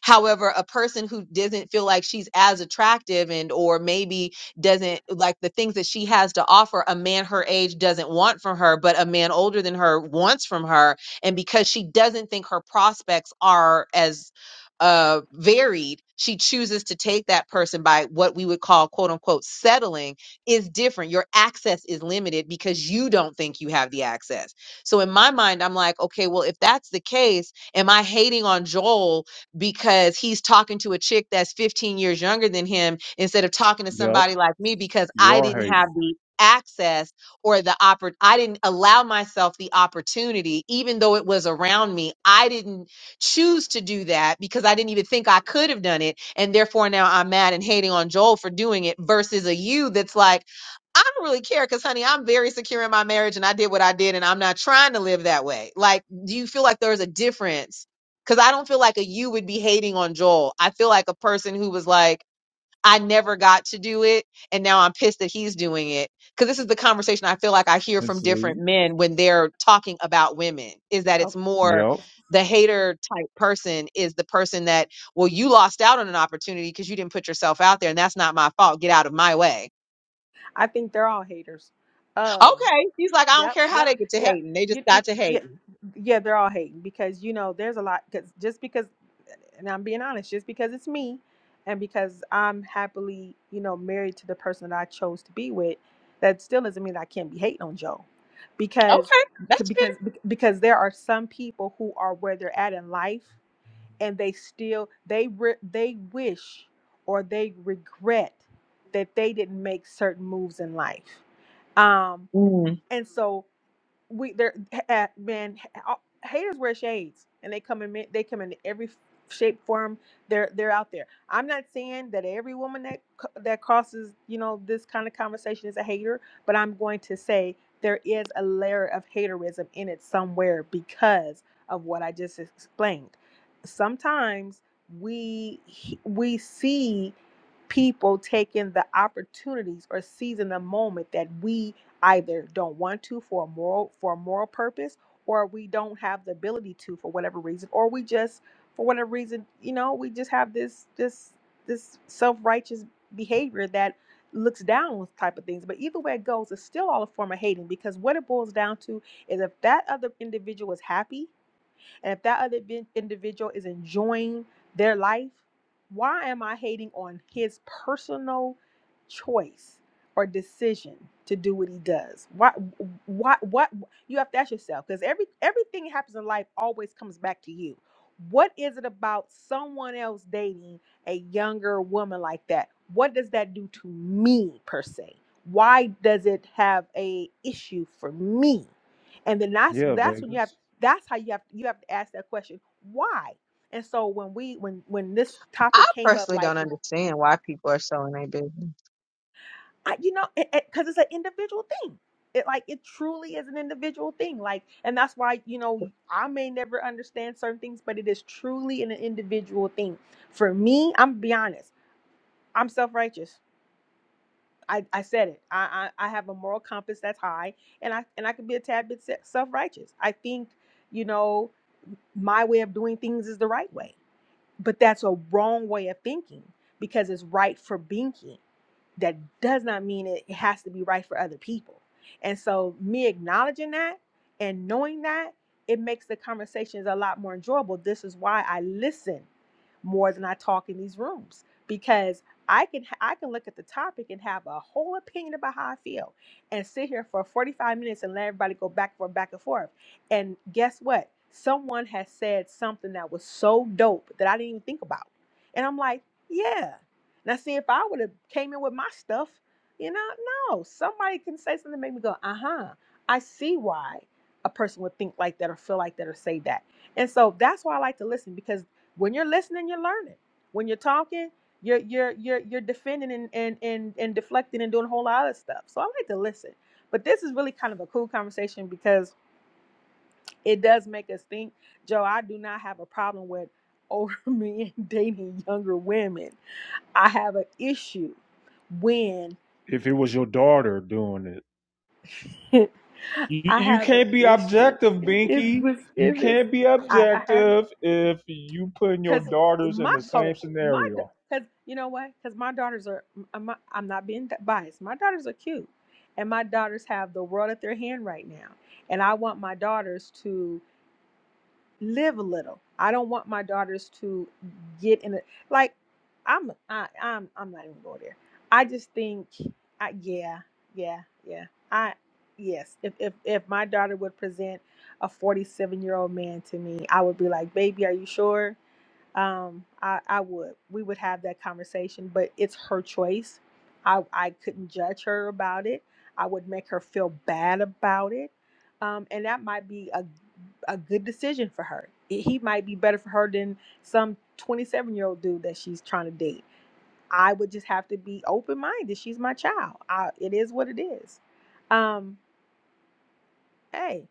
however a person who doesn't feel like she's as attractive and or maybe doesn't like the things that she has to offer a man her age doesn't want from her but a man older than her wants from her and because she doesn't think her prospects are as uh varied she chooses to take that person by what we would call quote unquote settling is different your access is limited because you don't think you have the access so in my mind i'm like okay well if that's the case am i hating on joel because he's talking to a chick that's 15 years younger than him instead of talking to yep, somebody like me because you I are didn't have hating. the access or the oppor- I didn't allow myself the opportunity even though it was around me I didn't choose to do that because I didn't even think I could have done it and therefore now I'm mad and hating on Joel for doing it versus a you that's like I don't really care because, honey, I'm very secure in my marriage and I did what I did and I'm not trying to live that way. Like, do you feel like there's a difference Cause I don't feel like a you would be hating on Joel. I feel like a person who was like, I never got to do it. And now I'm pissed that he's doing it. Cause this is the conversation I feel like I hear Let's from see. different men when they're talking about women is that it's Oh, more Yep. the hater type person is the person that, well, you lost out on an opportunity because you didn't put yourself out there. And that's not my fault. Get out of my way. I think they're all haters. Uh, Okay. He's like, I don't Yep, care how yep, they get to yep. hating. They just You, you, got to yeah, hating. yeah, they're all hating because you know there's a lot. Because just because, and I'm being honest, just because it's me, and because I'm happily, you know, married to the person that I chose to be with, that still doesn't mean I can't be hating on Joe, because Okay. That's fair. because because there are some people who are where they're at in life, and they still they re- they wish or they regret that they didn't make certain moves in life. Um, Mm. and so we they're uh, man h- haters wear shades and they come in ma- they come in every shape form they're they're out there i'm not saying that every woman that c- that crosses you know this kind of conversation is a hater but i'm going to say there is a layer of haterism in it somewhere because of what i just explained sometimes we we see people taking the opportunities or seizing the moment that we either don't want to for a moral for a moral purpose or we don't have the ability to for whatever reason or we just for whatever reason you know we just have this this this self-righteous behavior that looks down on type of things but either way it goes it's still all a form of hating because what it boils down to is if that other individual is happy and if that other vin- individual is enjoying their life, why am I hating on his personal choice or decision to do what he does? Why why what you have to ask yourself because every everything that happens in life always comes back to you. What is it about someone else dating a younger woman like that? What does that do to me per se? Why does it have a issue for me? And then that's Yeah, that's when you have Vegas. that's how you have you have to ask that question why and so when we when when this I topic came up personally like don't understand why people are so in their business. I, you know because it, it- 'cause it's an individual thing it like it truly is an individual thing like and that's why you know i may never understand certain things but it is truly an individual thing for me i'm gonna be honest i'm self-righteous I, I said it. I, I I have a moral compass that's high, and I and I can be a tad bit self righteous. I think, you know, my way of doing things is the right way But that's a wrong way of thinking because it's right for binking that does not mean it it has to be right for other people. And so, me acknowledging that and knowing that, it makes the conversations a lot more enjoyable. This is why I listen more than I talk in these rooms because I can I can look at the topic and have a whole opinion about how I feel and sit here for 45 minutes and let everybody go back and forth, back and forth. And guess what? Someone has said something that was so dope that I didn't even think about. And I'm like, yeah, now, see, if I would have came in with my stuff, you know, no, somebody can say something to make me go, uh huh, I see why a person would think like that or feel like that or say that. And so that's why I like to listen because when you're listening, you're learning. When you're talking, you're you're you're you're defending and and and, and deflecting and doing a whole lot of stuff. So I like to listen. But this is really kind of a cool conversation because it does make us think. Joe, I do not have a problem with older men dating younger women I have an issue when if it was your daughter doing it. I You, you have an can't be issue. objective, If Binky. it's, You if it's, can't be I, I have, objective if you putting your cause daughters in my the hold same on, my scenario. cause you know what? Cause my daughters are, I'm not, I'm not being biased. My daughters are cute, and my daughters have the world at their hand right now, and I want my daughters to. live a little. I don't want my daughters to get in it. like. I'm I, I'm I'm not even going there. I just think, I, yeah, yeah, yeah. I yes, if if if my daughter would present a 47 year old man to me, I would be like, baby, are you sure? um i i would we would have that conversation but it's her choice i i couldn't judge her about it i would make her feel bad about it um and that might be a a good decision for her It- he might be better for her than some 27 year old dude that she's trying to date i would just have to be open minded she's my child I, it is what it is um hey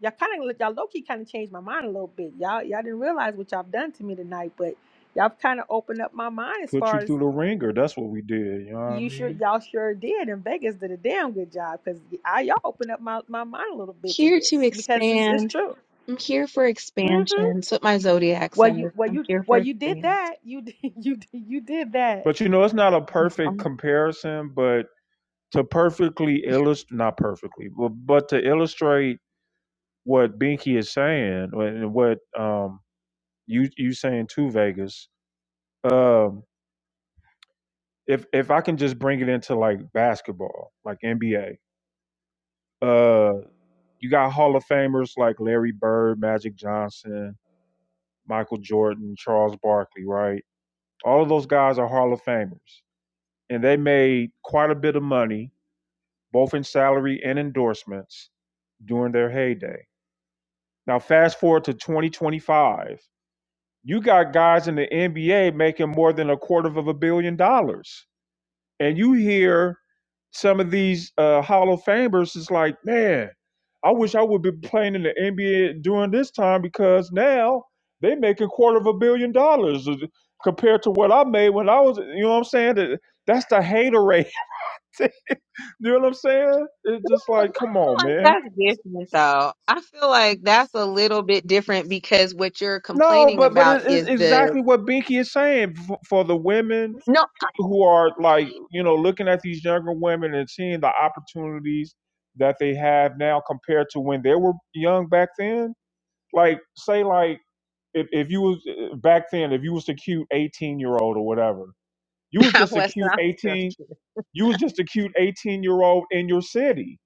Y'all kind of y'all low key kind of changed my mind a little bit. Y'all y'all didn't realize what y'all done to me tonight, but y'all kind of opened up my mind as Put you far as through the ringer. That's what we did. You know what I you sure mean? y'all sure did. And Vegas did a damn good job because I y'all opened up my, my mind a little bit to Here to this because it's it's expand. true. I'm here for hmm expansion. That's what my zodiac Well, says. you well I'm you here well for you did expansion. that. You did you did, you did that. But you know, it's not a So, perfect well, comparison, but to perfectly illustrate, not perfectly, but, but to illustrate what Binky is saying and what um, you you saying to Vegas. Um, if if I can just bring it into like basketball, like NBA, Uh, you got Hall of Famers like Larry Bird, Magic Johnson, Michael Jordan, Charles Barkley, right? All of those guys are Hall of Famers, and they made quite a bit of money, both in salary and endorsements, during their heyday. Now, fast forward to 2025, you got guys in the NBA making more than a quarter of a billion dollars and you hear some of these uh, Hall of Famers is like, man, I wish I would be playing in the NBA during this time because now they making quarter of a billion dollars compared to what I made when I was. You know what I'm saying? That- That's the hater you know what I'm saying? It's just like, I come on, feel like man. that's different, though. I feel like that's a little bit different because what you're No, complaining but but about it's, it's is the exactly what Binky is saying for, for the women no, who are like you know looking at these younger women and seeing the opportunities that they have now compared to when they were young back then like say like if, if you was eh, eh, back then if you was a cute 18 year old or whatever you was just a Weston. cute I'm 18 joking. you was just a cute 18 year old in your city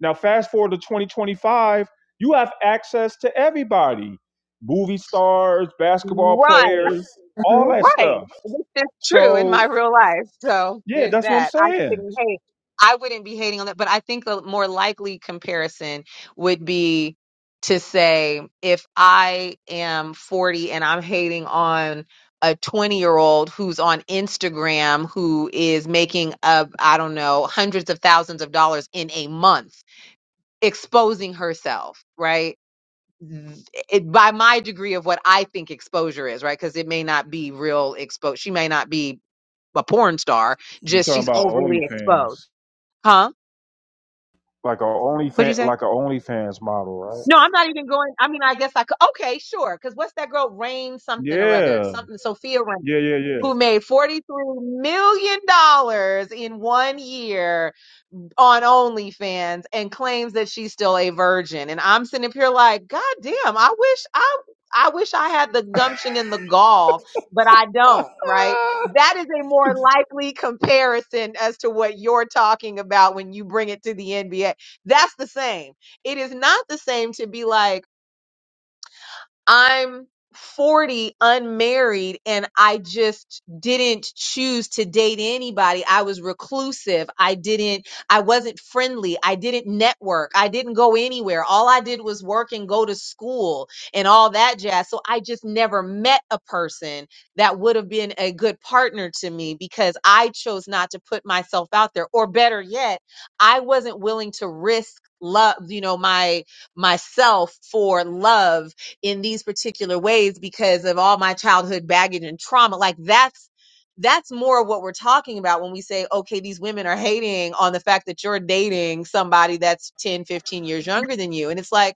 now fast forward to 2025 you have access to everybody movie stars basketball Right. players all Mhm. that Right. stuff This is true in so my real life. So yeah there's that's what i'm that. I saying couldn't hate. I wouldn't be hating on that. But I think the more likely comparison would be to say if I am 40 and I'm hating on a 20 year old who's on Instagram who is making I I don't know hundreds of thousands of dollars in a month exposing herself, right? it, by my degree of what I think exposure is, right? Because it may not be real exposure. She may not be a porn star, You just talking she's about overly exposed. OnlyFans? Huh? Like a What'd you OnlyFans, say? like a OnlyFans model, right? No, I'm not even going. I mean, I guess I could. Okay, sure. Because what's that girl, Rain something or other? Yeah, Something, Sophia Rain, yeah, yeah, yeah. who made $43 million dollars in one year on OnlyFans and claims that she's still a virgin. And I'm sitting up here like, God damn, I wish I. I wish I had the gumption and the gall, but I don't, right? That is a more likely comparison as to what you're talking about when you bring it to the NBA. That's the same. It is not the same to be like, I'm 40, unmarried, and I just didn't choose to date anybody. I was reclusive. I didn't, I wasn't friendly. I didn't network. I didn't go anywhere. All I did was work and go to school and all that jazz. So I just never met a person that would have been a good partner to me because I chose not to put myself out there. Or better yet, I wasn't willing to risk love, you know, my myself for love in these particular ways because of all my childhood baggage and trauma like that's that's more of what we're talking about when we say okay these women are hating on the fact that you're dating somebody that's 10, 15 years younger than you and it's like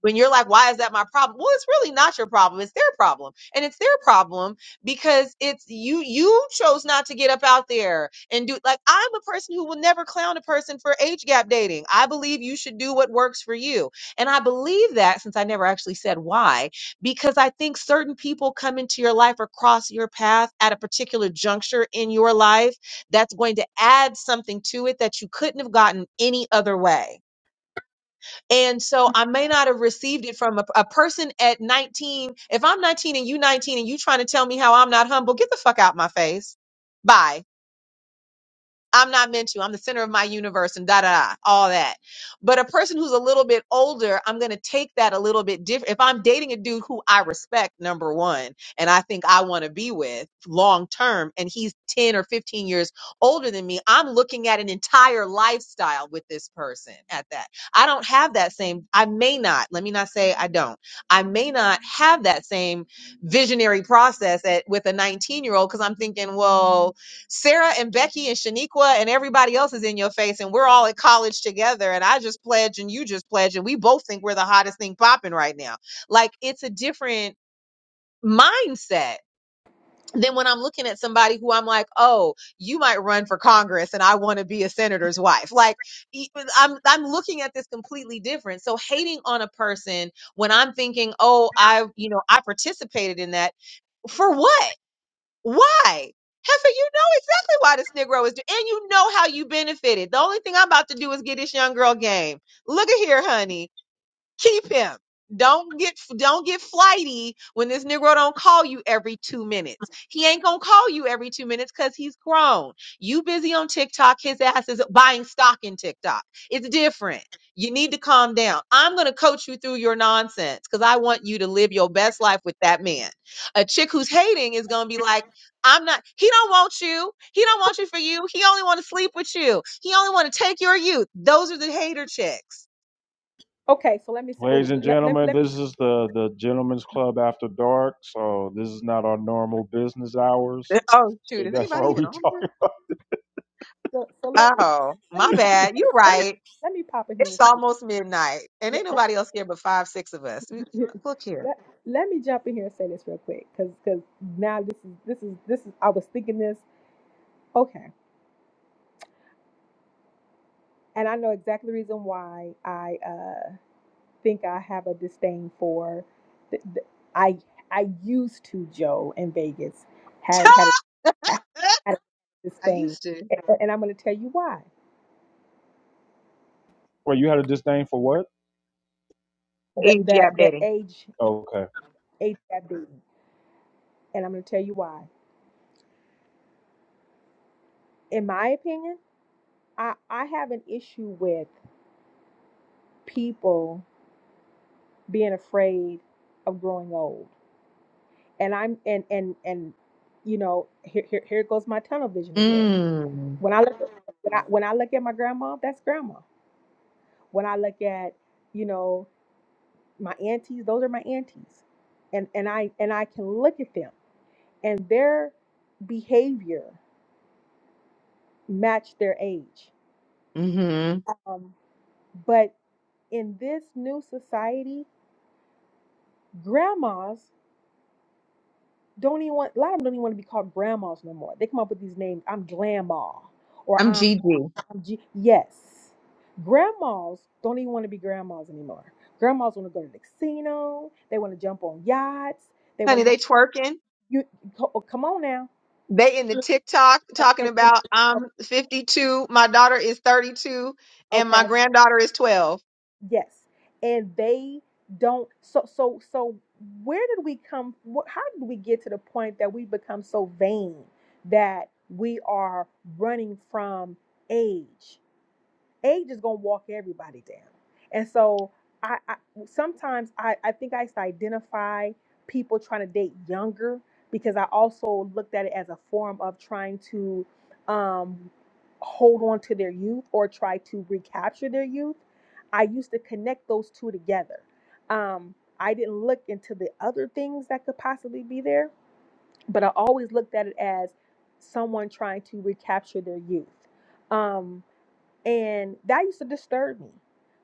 when you're like, why is that my problem? Well, it's really not your problem. It's their problem. And it's their problem because it's you, you chose not to get up out there and do like, I'm a person who will never clown a person for age gap dating. I believe you should do what works for you. And I believe that since I never actually said why, because I think certain people come into your life or cross your path at a particular juncture in your life that's going to add something to it that you couldn't have gotten any other way and so I may not have received it from a, a person at 19. If I'm 19 and you 19 and you trying to tell me how I'm not humble, get the fuck out my face. Bye. I'm not meant to. I'm the center of my universe and da da da, all that. But a person who's a little bit older, I'm going to take that a little bit different. If I'm dating a dude who I respect, number one, and I think I want to be with long term, and he's 10 or 15 years older than me, I'm looking at an entire lifestyle with this person at that. I don't have that same, I may not, let me not say I don't, I may not have that same visionary process at, with a 19 year old because I'm thinking, well, Sarah and Becky and Shaniqua and everybody else is in your face, and we're all at college together. And I just pledge, and you just pledge, and we both think we're the hottest thing popping right now. Like it's a different mindset than when I'm looking at somebody who I'm like, oh, you might run for Congress, and I want to be a senator's wife. Like i am I'm I'm looking at this completely different. So hating on a person when I'm thinking, oh, I you know I participated in that for what? Why? Heifer, you know exactly why this Negro is doing, and you know how you benefited. The only thing I'm about to do is get this young girl game. Look at here, honey. Keep him. Don't get don't get flighty when this Negro don't call you every two minutes. He ain't gonna call you every two minutes because he's grown. You busy on TikTok, his ass is buying stock in TikTok. It's different. You need to calm down. I'm gonna coach you through your nonsense because I want you to live your best life with that man. A chick who's hating is gonna be like, I'm not, he don't want you. He don't want you for you. He only wanna sleep with you. He only wanna take your youth. Those are the hater chicks Okay, so let me say. Oh, Ladies and let, let, gentlemen, let me this is the the Gentlemen's Club After Dark. So this is not our normal business hours. Oh shoot, So is that's anybody why even we on here? talking. so, so let Oh, let my me pop- bad. You're let me right. let me pop in here It's and say. almost midnight. And ain't nobody else here but five, six of us. We- Look here. let, let me jump in here and say this real quick because now this is this is this is i was thinking this okay and i know exactly the reason why i uh think i have a disdain for th- th- i i used to joe in vegas had had a, had a I disdain used to. and, and i'm going to tell you why Well, you had a disdain for what? the Age you the the updating. age Okay, age that being and i'm going to tell you why in my opinion i i have an issue with people being afraid of growing old. And I'm and and and you know, here here, here goes my tunnel vision again. Mm. When I look when I when I look at my grandma, that's grandma. When I look at, you know, my aunties, those are my aunties. And and I and I can look at them and their behavior match their age. Mm-hmm. Um, but in this new society, grandmas don't even want a lot of them don't even want to be called grandmas no more. They come up with these names. I'm grandma or I'm I'm Gigi. G. Yes, grandmas don't even want to be grandmas anymore. Grandmas want to go to the casino. They want to jump on yachts. They want Honey, to have they twerking. you co- oh, come on now. They in the TikTok talking And and- about I'm 52, my daughter is 32, and my okay, granddaughter is 12. yes, and they don't. So so so where did we come? wh- How did we get to the point that we become so vain that we are running from age? age is gonna walk everybody down. And so I, I sometimes I, I think I used to identify people trying to date younger because I also looked at it as a form of trying to um, hold on to their youth or try to recapture their youth. I used to connect those two together. Um, I didn't look into the other things that could possibly be there, but I always looked at it as someone trying to recapture their youth. Um, and that used to disturb me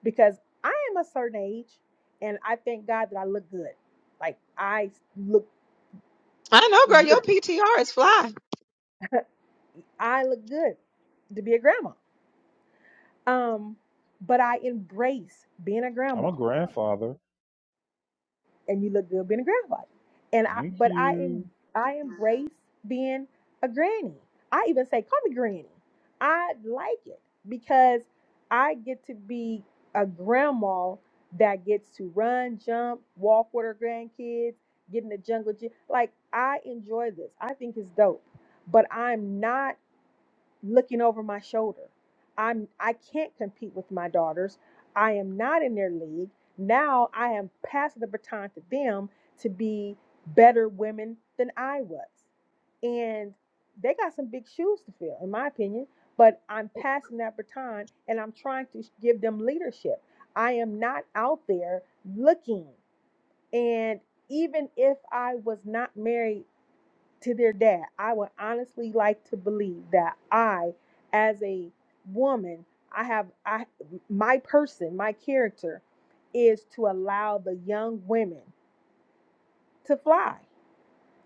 because I am a certain age and I thank God that I look good. Like I look I know, girl. Your PTR is fly. I look good to be a grandma. Um, but I embrace being a I'm a grandma. grandfather. and you look good being a grandfather. And I, Thank but I am, you. I embrace being a granny. I even say, call me granny. I like it because I get to be a grandma that gets to run, jump, walk with her grandkids, get in the jungle. gym. Like I enjoy this. I think it's dope. But I'm not looking over my shoulder. I'm I can't compete with my daughters. I am not in their league. Now I am passing the baton to them to be better women than I was. And they got some big shoes to fill, in my opinion. But I'm passing that baton and I'm trying to give them leadership. I am not out there looking. And even if I was not married to their dad, I would honestly like to believe that I, as a woman, I have I my person, my character is to allow the young women to fly,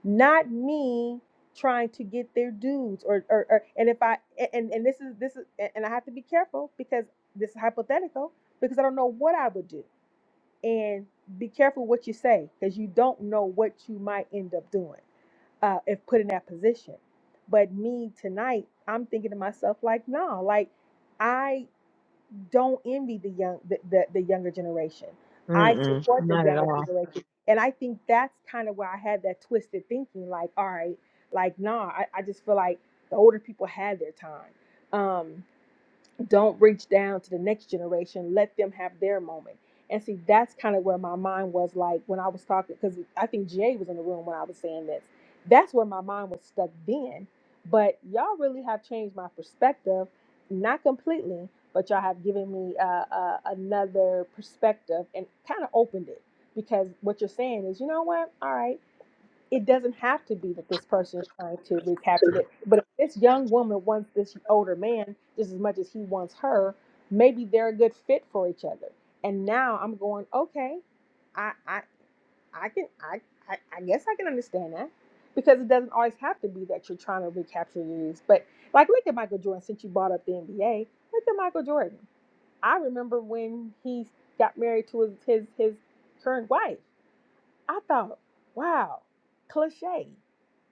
not me trying to get their dudes or or, or and if I and and this is this is and I have to be careful because this is hypothetical because I don't know what I would do and be careful what you say because you don't know what you might end up doing uh, if put in that position. But me tonight, I'm thinking to myself like, no, like I don't envy the young, the, the, the younger generation. I Mm-mm. support the Not at younger all. generation, and I think that's kind of where I had that twisted thinking. Like, all right, like nah, I, I just feel like the older people had their time. Um, don't reach down to the next generation let them have their moment and see that's kind of where my mind was like when i was talking because i think jay was in the room when i was saying this that's where my mind was stuck then but y'all really have changed my perspective not completely but y'all have given me uh, uh, another perspective and kind of opened it because what you're saying is you know what all right it doesn't have to be that this person is trying to recapture it. But if this young woman wants this older man just as much as he wants her, maybe they're a good fit for each other. And now I'm going, okay, I I I can I I, I guess I can understand that. Because it doesn't always have to be that you're trying to recapture your youth. But like look at Michael Jordan, since you brought up the NBA, look at Michael Jordan. I remember when he got married to his his, his current wife. I thought, wow, cliche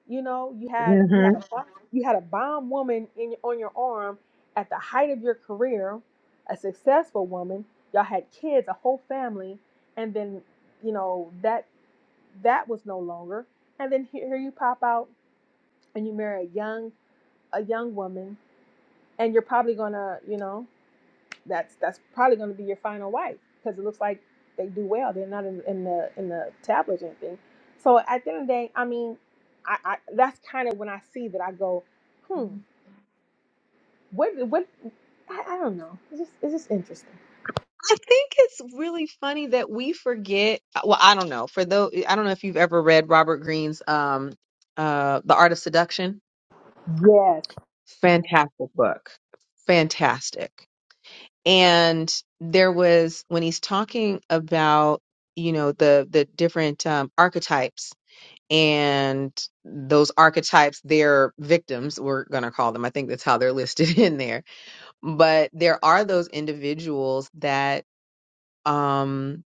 you know, you had you had a Mm-hmm. bo- you had a bomb woman in on your arm at the height of your career, a successful woman. Y'all had kids, a whole family, and then you know that that was no longer. And then here here you pop out and you marry a young a young woman, and you're probably gonna you know that's that's probably going to be your final wife because it looks like they do well. They're not in, in the in the tablets or anything. So at the end of the day, I mean, I, I that's kind of when I see that I go, hmm, what what I, I don't know. It's just it's just interesting. I think it's really funny that we forget. Well, I don't know. For though, I don't know if you've ever read Robert Greene's um, uh, The Art of Seduction. Yes. Fantastic book. Fantastic. And there was when he's talking about you know the the different um, archetypes and those archetypes their victims we're going to call them i think that's how they're listed in there but there are those individuals that Um,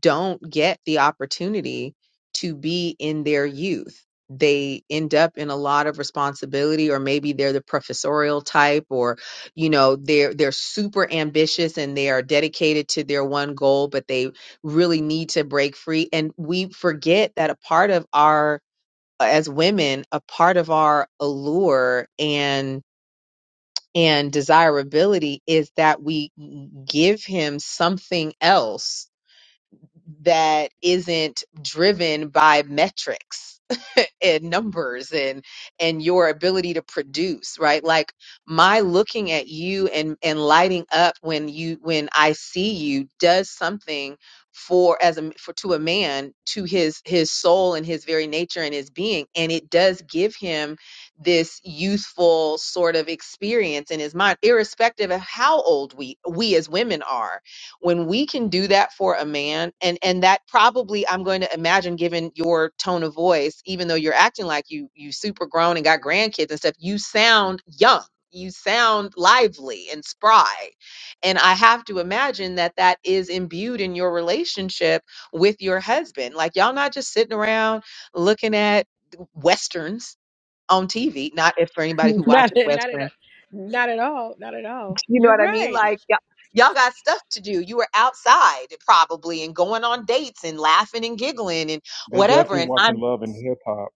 don't get the opportunity to be in their youth. They end up in a lot of responsibility, or maybe they're the professorial type, or you know they're they're super ambitious and they are dedicated to their one goal, but they really need to break free. And we forget that a part of our as women, a part of our allure and and desirability is that we give him something else that isn't driven by metrics and numbers and and your ability to produce right like my looking at you and and lighting up when you when i see you does something for as a for to a man to his his soul and his very nature and his being and it does give him this youthful sort of experience in his mind irrespective of how old we we as women are when we can do that for a man and and that probably i'm going to imagine given your tone of voice even though you're acting like you you super grown and got grandkids and stuff you sound young you sound lively and spry and i have to imagine that that is imbued in your relationship with your husband like y'all not just sitting around looking at westerns on tv not if for anybody who Not watches not at westerns not at all. Not at all. you know You're what I mean? right. Like y'all, y'all got stuff to do. You were outside probably and going on dates and laughing and giggling and They're whatever. definitely And watching I'm Love and Hip Hop.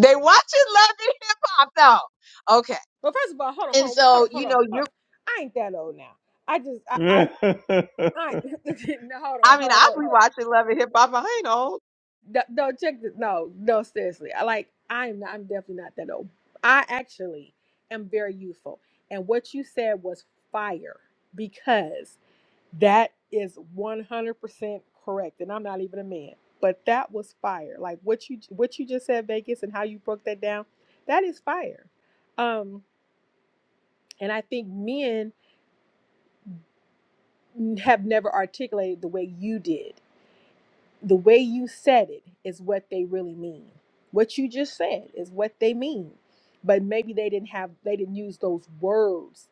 they watching Love and Hip Hop though. Okay. Well, first of all, hold on, hold And on, hold so, on, you hold on. know, Hold on. you're I ain't that old now. I just I I, I no, hold on, I mean, hold on, i hold will be on. watching Love and Hip Hop. I ain't old. No, no, check this. No, no, seriously. I like I am I'm definitely not that old. I actually am very youthful. And what you said was fire because that is 100% correct. And I'm not even a man, but that was fire. Like what you what you just said Vegas and how you broke that down, that is fire. Um and I think men have never articulated the way you did the way you said it is what they really mean. What you just said is what they mean, but maybe they didn't have they didn't use those words,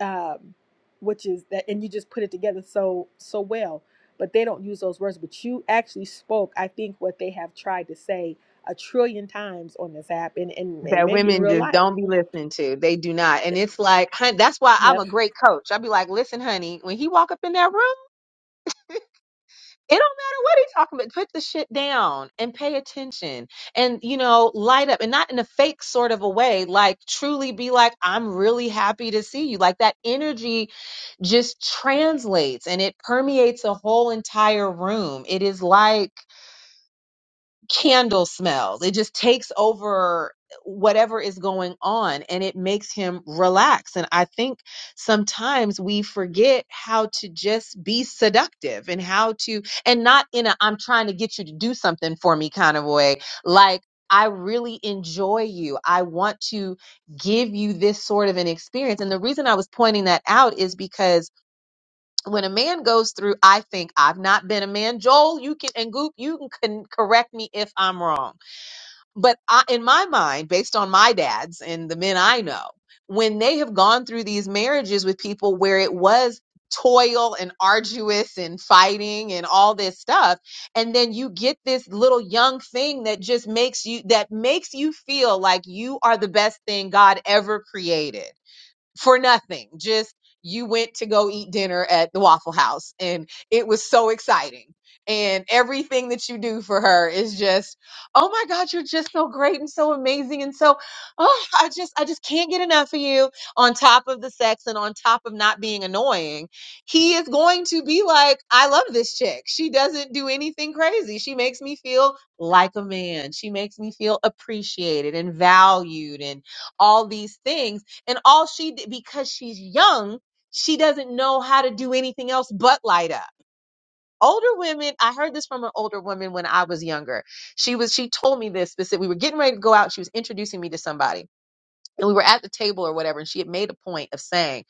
um, which is that, and you just put it together so so well. But they don't use those words. But you actually spoke, I think, what they have tried to say a trillion times on this app, and and, and That maybe in women real just life. don't be listening to. They do not. And it's like, hun, that's why I'm a great coach. I'd be like, listen, honey, when he walk up in that room. It don't matter what he's talking about. Put the shit down and pay attention and, you know, light up and not in a fake sort of a way. Like, truly be like, I'm really happy to see you. Like, that energy just translates and it permeates a whole entire room. It is like, candle smells. It just takes over whatever is going on and it makes him relax. And I think sometimes we forget how to just be seductive and how to, and not in a I'm trying to get you to do something for me kind of way. Like, I really enjoy you. I want to give you this sort of an experience. And the reason I was pointing that out is because when a man goes through, I think I've not been a man. Joel, you can and Goop, you can con- correct me if I'm wrong. But I, in my mind, based on my dads and the men I know, when they have gone through these marriages with people where it was toil and arduous and fighting and all this stuff and then you get this little young thing that just makes you that makes you feel like you are the best thing God ever created for nothing. Just you went to go eat dinner at the Waffle House and it was so exciting. And everything that you do for her is just, oh my God, you're just so great and so amazing. And so, oh, I just, I just can't get enough of you on top of the sex and on top of not being annoying. He is going to be like, I love this chick. She doesn't do anything crazy. She makes me feel like a man. She makes me feel appreciated and valued and all these things and all she did, because she's young, she doesn't know how to do anything else but light up. Older women, I heard this from an older woman when I was younger. She was, she told me this specific. We were getting ready to go out. She was introducing me to somebody and we were at the table or whatever and she had made a point of saying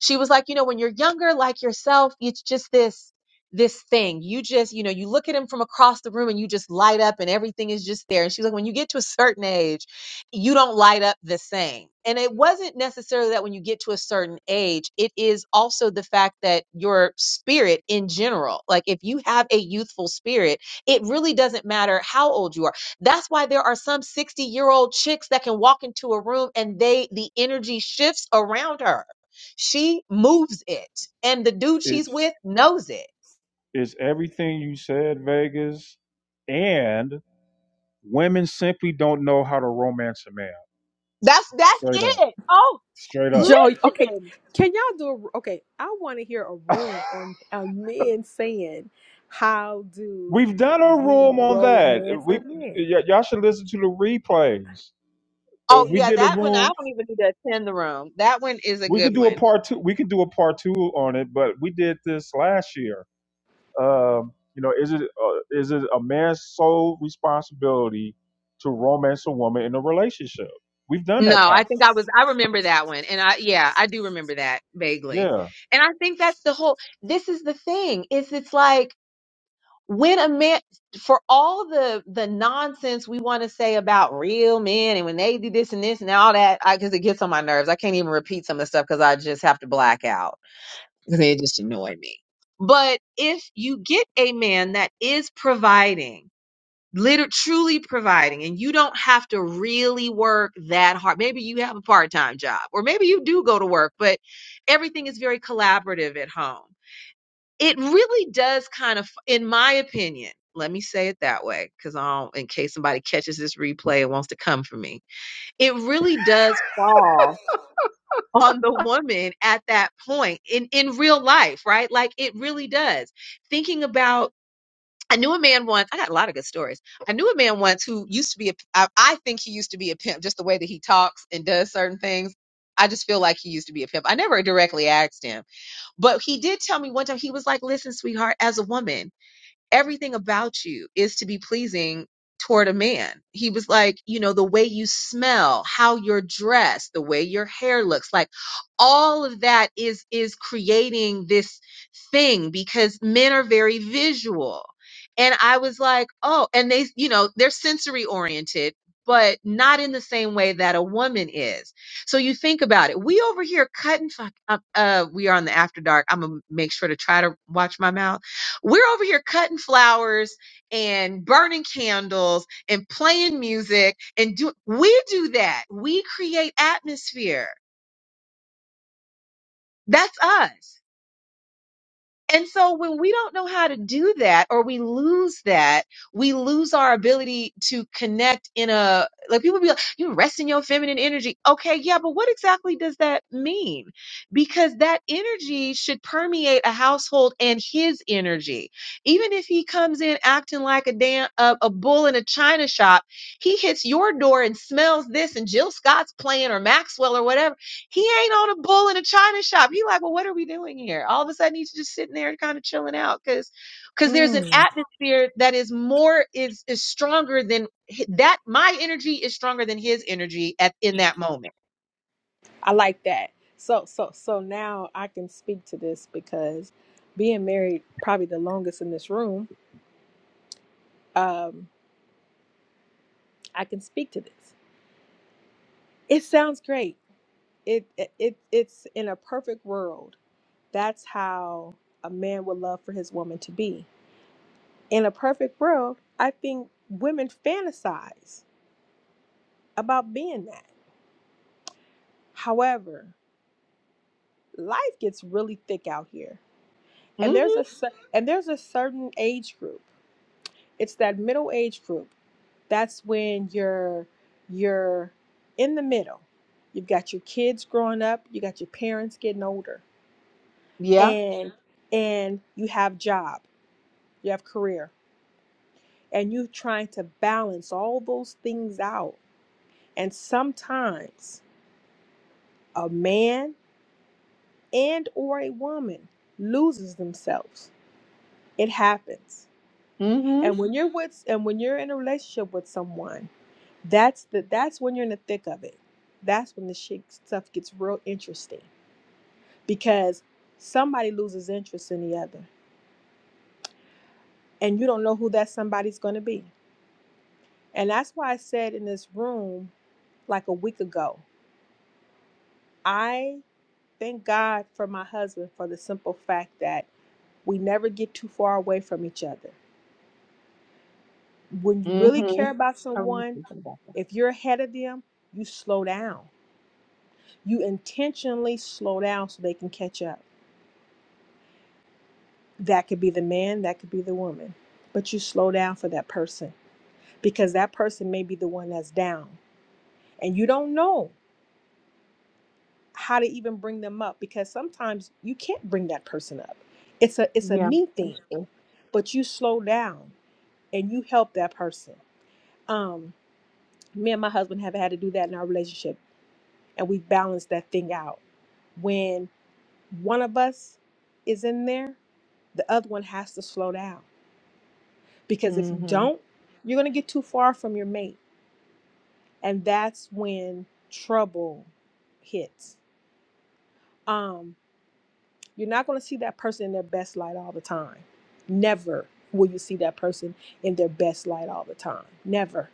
she was like you know when you're younger like yourself it's just this this thing you just you know you look at him from across the room and you just light up and everything is just there and she's like when you get to a certain age you don't light up the same and it wasn't necessarily that when you get to a certain age it is also the fact that your spirit in general like if you have a youthful spirit it really doesn't matter how old you are that's why there are some 60 year old chicks that can walk into a room and they, the energy shifts around her. She moves it and the dude she's it's with knows it. it's everything you said, Vegas, and Women simply don't know how to romance a man. That's, that's Straight up. it. Oh, Straight up. Joe, okay, listen. can y'all do a, okay? I want to hear a room on a men saying, "How do We've done a we room on that. romance a We man?" y- y'all should listen to the replays. Uh, Oh We yeah, did a that one I room. don't even need to attend the room. That one is a We good could do a one. part two. We could do a part two on it, but we did this last year. Um, you know, is it uh, is it a man's sole responsibility to romance a woman in a relationship? We've done that No, I topic. think I was I remember that one. And I yeah, I do remember that vaguely. Yeah. And I think that's the whole this is the thing. Is it's like when a man for all the the nonsense we want to say about real men and when they do this and this and all that i because it gets on my nerves i can't even repeat some of the stuff because i just have to black out because it just annoy me but if you get a man that is providing literally, truly providing and you don't have to really work that hard maybe you have a part-time job or maybe you do go to work but everything is very collaborative at home it really does kind of in my opinion let me say it that way because i don't in case somebody catches this replay and wants to come for me it really does fall on the woman at that point in in real life right like it really does thinking about I knew a man once. I got a lot of good stories. I knew a man once who used to be a. I, I think he used to be a pimp, just the way that he talks and does certain things. I just feel like he used to be a pimp. I never directly asked him, but he did tell me one time. He was like, "Listen, sweetheart, as a woman, everything about you is to be pleasing toward a man. He was like, you know, the way you smell, how you're dressed, the way your hair looks, like all of that is is creating this thing because men are very visual. And I was like, oh, and they, you know, they're sensory oriented, but not in the same way that a woman is. So you think about it. We over here cutting fuck up uh we are on the after dark. I'm gonna make sure to try to watch my mouth we're over here cutting flowers and burning candles and playing music and do we do that. We create atmosphere. That's us. And so when we don't know how to do that or we lose that, we lose our ability to connect in a like people be like, you rest in your feminine energy. Okay, yeah, but what exactly does that mean? Because that energy should permeate a household and his energy. Even if he comes in acting like a damn a, a bull in a china shop, he hits your door and smells this and Jill Scott's playing or Maxwell or whatever he ain't on a bull in a china shop. He like, well, what are we doing here? All of a sudden, he's just sitting there, kind of chilling out, because because there's an Mm. atmosphere that is more is is stronger than hi- that. My energy is stronger than his energy at in that moment. I like that. So, so, so now I can speak to this because being married probably the longest in this room, um, I can speak to this. It sounds great. It, it, it it's in a perfect world. That's how a man would love for his woman to be in a perfect world, I think women fantasize about being that. However, life gets really thick out here. hmm And there's a cer- and there's a certain age group. It's that middle age group. That's when you're you're in the middle. You've got your kids growing up, you got your parents getting older. Yeah. And and you have job, you have career, and you're trying to balance all those things out. And sometimes a man and or a woman loses themselves it happens hmm and when you're with and when you're in a relationship with someone that's the that's when you're in the thick of it that's when the shit stuff gets real interesting because somebody loses interest in the other and you don't know who that somebody's going to be and that's why i said in this room like a week ago i thank god for my husband for the simple fact that we never get too far away from each other when you really care hmm about I really someone, thinking about that. if you're ahead of them, you slow down. You intentionally slow down so they can catch up. That could be the man, that could be the woman. But you slow down for that person because that person may be the one that's down. And you don't know how to even bring them up because sometimes you can't bring that person up. It's a it's a Yeah, me thing, that's true. but you slow down and you help that person. Um, me and my husband have had to do that in our relationship and we balance that thing out. When one of us is in there, the other one has to slow down because if you hmm don't, you're going to get too far from your mate, and that's when trouble hits. Um, you're not going to see that person in their best light all the time. Never will you see that person in their best light all the time. Never.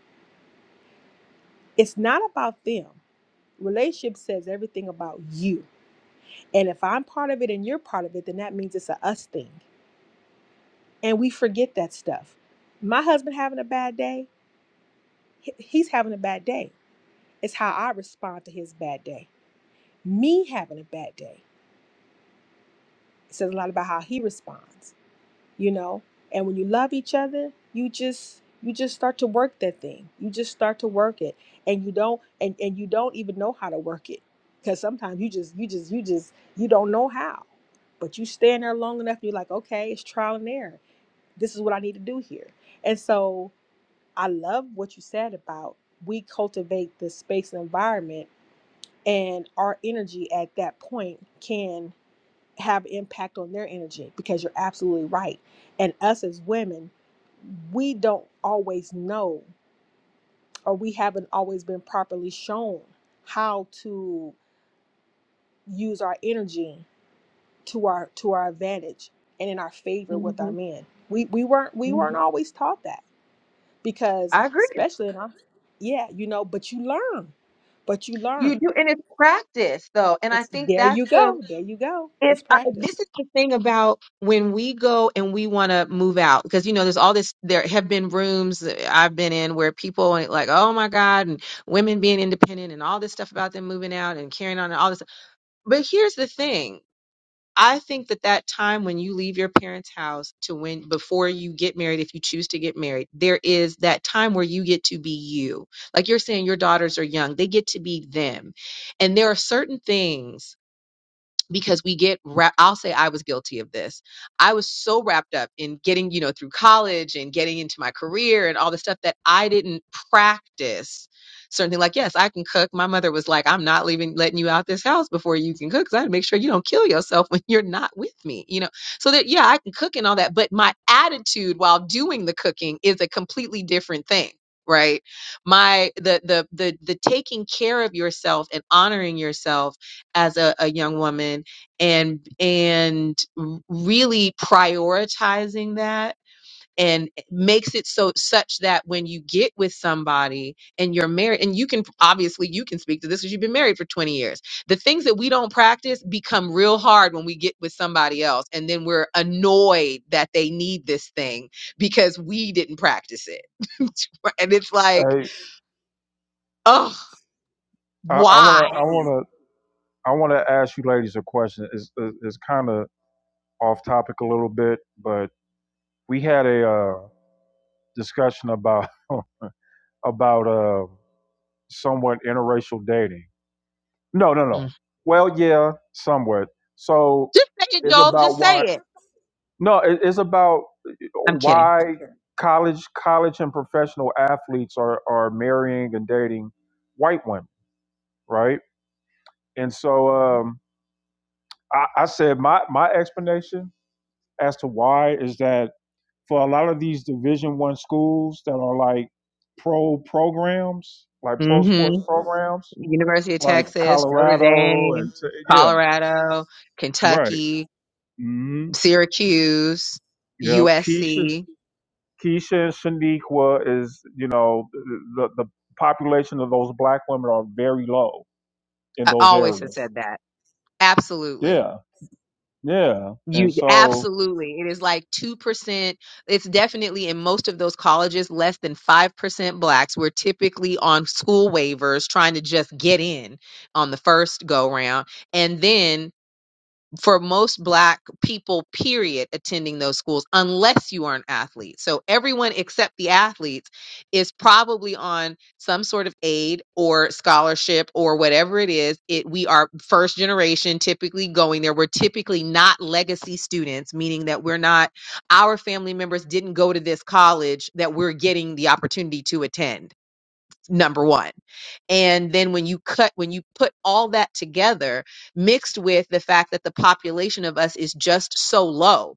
It's not about them. Relationship says everything about you. And if I'm part of it and you're part of it, then that means it's a us thing. and we forget that stuff. My husband having a bad day, he- he's having a bad day. It's how I respond to his bad day. Me having a bad day it says a lot about how he responds, you know. And when you love each other, you just you just start to work that thing. You just start to work it, and you don't and and you don't even know how to work it because sometimes you just you just you just you don't know how. But you stand there long enough, and you're like, okay, it's trial and error. This is what I need to do here. And so I love what you said about we cultivate the space and environment, and our energy at that point can have impact on their energy because you're absolutely right. And us as women, we don't always know, or we haven't always been properly shown how to use our energy to our to our advantage and in our favor with our hmm men. We we weren't we hmm weren't always taught that because I agree. especially in our yeah you know but you learn but you You learn do, and it's practice though, and I it's think there you that's the go there you go if it's I, this practice is the thing about when we go and we want to move out because you know there's all this there have been rooms that I've been in where people are like oh my god and women being independent and all this stuff about them moving out and carrying on and all this but here's the thing I think that that time when you leave your parents house to when before you get married if you choose to get married there is that time where you get to be you like you're saying your daughters are young they get to be them and there are certain things because we get wra- I'll say I was guilty of this. I was so wrapped up in getting, you know, through college and getting into my career and all the stuff that I didn't practice certain things like yes, I can cook. My mother was like, I'm not leaving letting you out this house before you can cook cuz I had to make sure you don't kill yourself when you're not with me, you know. So that yeah, I can cook and all that, but my attitude while doing the cooking is a completely different thing, right? My the the the the taking care of yourself and honoring yourself as a, a young woman and and really prioritizing that and makes it so such that when you get with somebody and you're married and you can obviously you can speak to this because you've been married for 20 years the things that we don't practice become real hard when we get with somebody else and then we're annoyed that they need this thing because we didn't practice it and it's like Hey, oh I want why to I want to I want to ask you ladies a question. It's it's kind of off topic a little bit, but we had a uh, discussion about about uh, somewhat interracial dating. No, no, Mm. no. Well, yeah, somewhat. So just say it it's joel just about say why. it No, it, it's about i'm kidding why college college and professional athletes are are marrying and dating white women, right? And so um, I, I said my my explanation as to why is that for a lot of these division one schools that are like pro programs like pro sports Mm-hmm. programs University of like Texas, Notre colorado Dame, and t- yeah Colorado, right Kentucky, hmm Syracuse, yep keisha USC. keisha and shaniqua is you know the, the population of those black women are very low in I those always have areas said that. Absolutely. yeah yeah and You so absolutely. It is like 2%. It's definitely in most of those colleges less than 5% blacks. We're typically on school waivers trying to just get in on the first go round. And then for most black people period attending those schools unless you are an athlete so everyone except the athletes is probably on some sort of aid or scholarship or whatever it is it we are first generation typically going there we're typically not legacy students meaning that we're not our family members didn't go to this college that we're getting the opportunity to attend number 1 and then when you cut, when you put all that together, mixed with the fact that the population of us is just so low,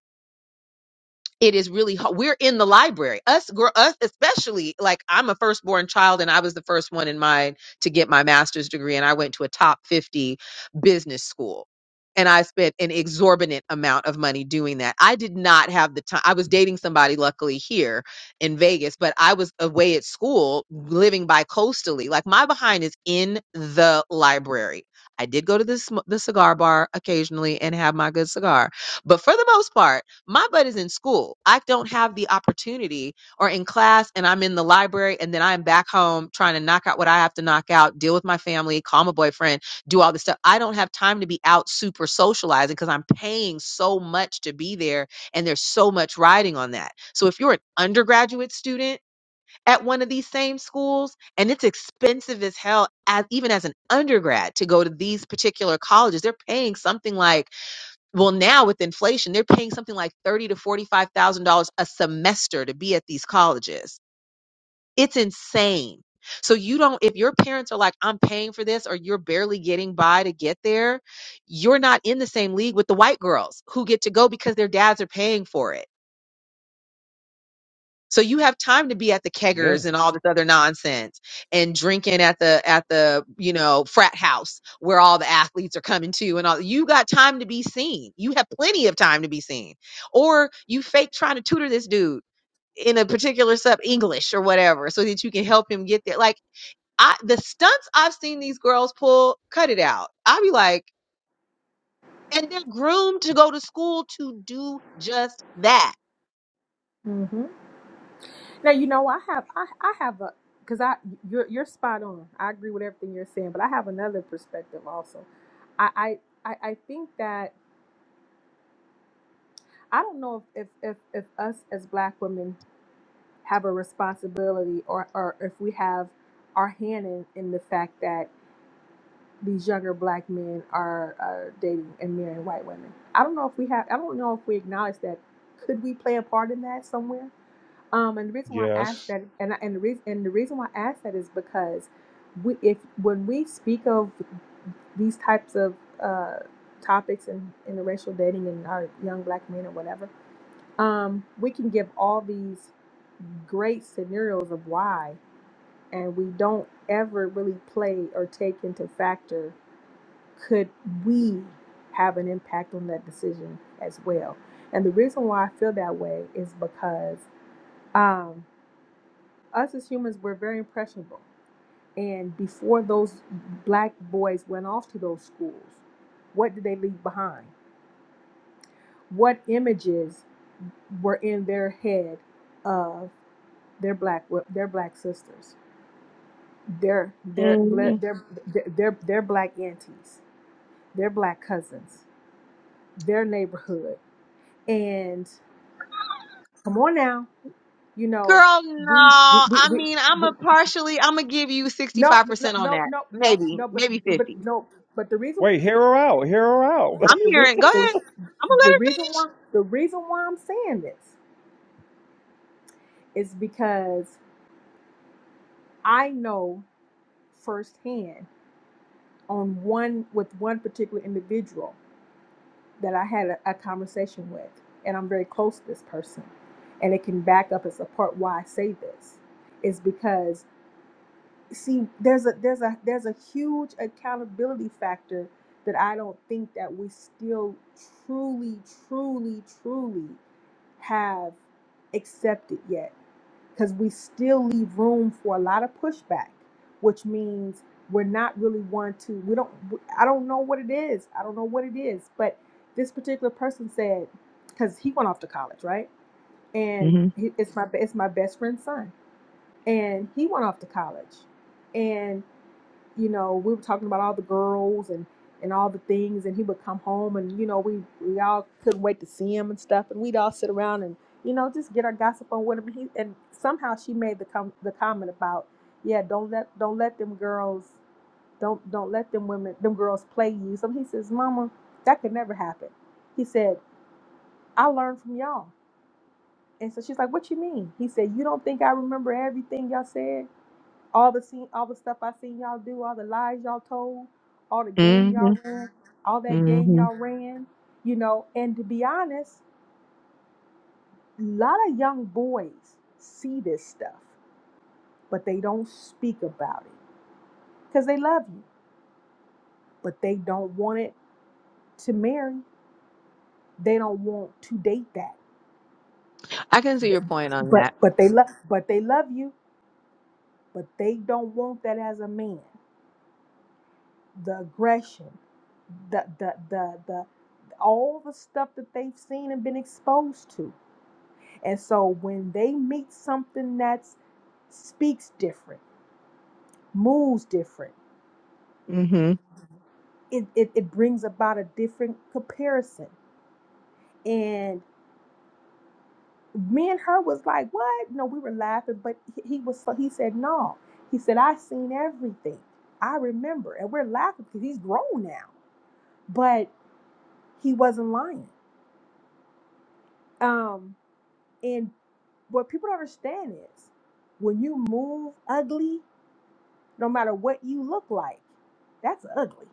it is really hard. We're in the library. Us, girl, us, especially like I'm a firstborn child and I was the first one in mine to get my master's degree. And I went to a top 50 business school and I spent an exorbitant amount of money doing that. I did not have the time. I was dating somebody luckily here in Vegas, but I was away at school living bi coastally. Like my behind is in the library. I did go to the, sm- the cigar bar occasionally and have my good cigar. But for the most part, my butt is in school. I don't have the opportunity or in class and I'm in the library and then I'm back home trying to knock out what I have to knock out, deal with my family, call my boyfriend, do all this stuff. I don't have time to be out super socializing because I'm paying so much to be there and there's so much riding on that. So if you're an undergraduate student at one of these same schools and it's expensive as hell as even as an undergrad to go to these particular colleges, they're paying something like well, now with inflation, they're paying something like thirty to forty-five thousand dollars a semester to be at these colleges. It's insane. So you don't if your parents are like, I'm paying for this, or you're barely getting by to get there, you're not in the same league with the white girls who get to go because their dads are paying for it. So you have time to be at the yeah keggers and all this other nonsense and drinking at the at the, you know, frat house where all the athletes are coming to and all you got time to be seen. You have plenty of time to be seen. Or you fake trying to tutor this dude in a particular sub English or whatever so that you can help him get there. Like I the stunts I've seen these girls pull, cut it out. I'll be like, and they're groomed to go to school to do just that hmm Now you know I have I, I have a because I you're you're spot on. I agree with everything you're saying, but I have another perspective also. I I I I think that I don't know if if if, if us as Black women have a responsibility or or if we have our hand in in the fact that these younger black men are uh, dating and marrying white women. I don't know if we have. I don't know if we acknowledge that. Could we play a part in that somewhere? Um, and the reason why I ask yes that, and I, and the reason and the reason why I ask that is because we, if when we speak of these types of uh, topics in interracial dating and our young black men or whatever, um, we can give all these great scenarios of why, and we don't ever really play or take into factor could we have an impact on that decision as well? And the reason why I feel that way is because um, us as humans, we're very impressionable. And before those black boys went off to those schools, what did they leave behind? What images were in their head of their black their black sisters, their their their their their, their black aunties, their black cousins, their neighborhood, and Come on now. You know, Girl, no. we we we I we, mean, I'm we a partially, I'm gonna give you no, no, 65% on no, that. no, no, Maybe, no, but maybe but 50. no, but the reason, wait hear her out hear her out I'm but the re, hearing, go the, ahead. I'm gonna the reason why let the reason why I'm saying this is because I know firsthand on one with one particular individual that I had a, a conversation with, and I'm very close to this person, and it can back up and support why I say this, is because see there's a there's a there's a huge accountability factor that I don't think that we still truly truly truly have accepted yet because we still leave room for a lot of pushback which means we're not really one to we don't i don't know what it is i don't know what it is but this particular person said because he went off to college right her and finish. he, it's my it's my best friend's son and he went off to college you know, we were talking about all the girls and and all the things, and he would come home, and you know, we we all couldn't wait to see him and stuff, and we'd all sit around and you know just get our gossip on whatever he. And somehow she made the com- the comment about, yeah, don't let don't let them girls don't don't let them women them girls play you. So he says, Mama, that could never happen. He said, I learned from y'all. And so she's like, What you mean? He said, You don't think I remember everything y'all said? all the scene, all the stuff I seen y'all do, all the lies y'all told, all the game Mm-hmm. Mm-hmm. y'all ran, all that game hmm y'all ran, you know. And to be honest, a lot of young boys see this stuff, but they don't speak about it because they love you, but they don't want it to marry. They don't want to date that. I can see Th- your point on But that. but they love but they love you, but they don't want that as a man. the aggression, the the the the all the stuff that they've seen and been exposed to. And so when they meet something that speaks different, moves different, Mm-hmm. it, it, it brings about a different comparison. And me and her was like, what? No, we were laughing, but he he was so he said, no. He said, I seen everything. I remember. And we're laughing because he's grown now. But he wasn't lying. Um, And what people don't understand is when you move ugly, no matter what you look like, that's ugly.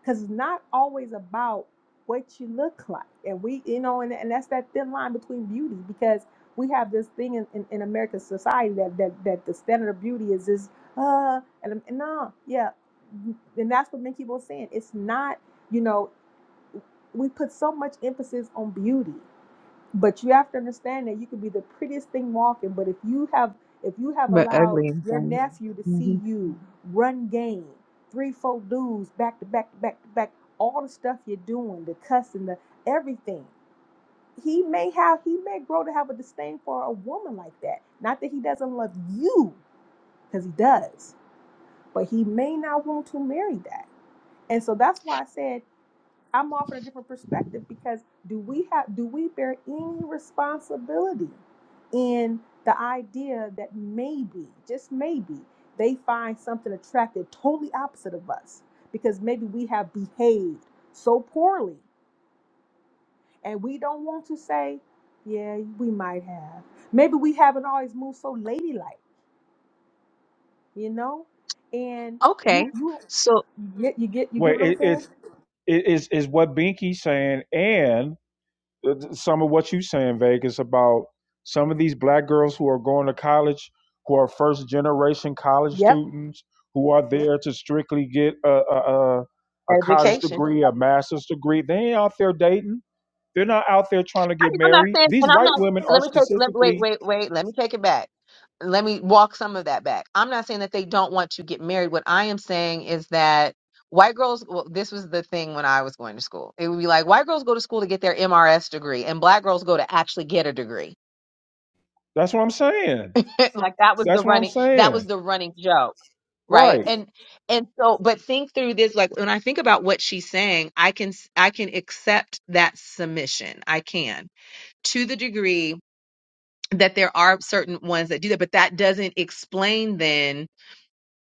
Because it's not always about what you look like. And we, you know, and, and that's that thin line between beauty because we have this thing in, in, in American society that, that that the standard of beauty is this, uh, and, I'm- and no, yeah. And that's what many people are saying. It's not, you know, we put so much emphasis on beauty but you have to understand that you could be the prettiest thing walking, but if you have if you have But allowed ugly and your funny. nephew to Mm-hmm. see you run game, three, four dudes back to back to back to back, all the stuff you're doing, the cussing, the everything, he may have he may grow to have a disdain for a woman like that. Not that he doesn't love you, because he does, but he may not want to marry that. And so that's why I said I'm offering a different perspective because do we have do we bear any responsibility in the idea that maybe, just maybe, they find something attractive totally opposite of us because maybe we have behaved so poorly and we don't want to say, yeah, we might have. Maybe we haven't always moved so ladylike, you know? And Okay. you you So you get you get you get wait what I'm it, saying? it's it is is what binky's saying and uh, some of what you saying, Vegas, about some of these black girls who are going to college, who are first generation college Yep. students, who are there to strictly get a, a, a a college education. degree, a master's degree. They ain't out there dating. They're not out there trying to I get mean, I'm not married. saying, These and I'm white not. women are Let me take. Let wait, specifically. wait, wait. Let me take it back. Let me walk some of that back. I'm not saying that they don't want to get married. What I am saying is that white girls. Well, this was the thing when I was going to school. It would be like white girls go to school to get their MRS degree, and black girls go to actually get a degree. That's what I'm saying. like that was the That's what I'm running. That saying. was the running joke, right? Right. And and so, but think through this. Like when I think about what she's saying, I can s- I can accept that submission. I can to the degree that there are certain ones that do that, but that doesn't explain then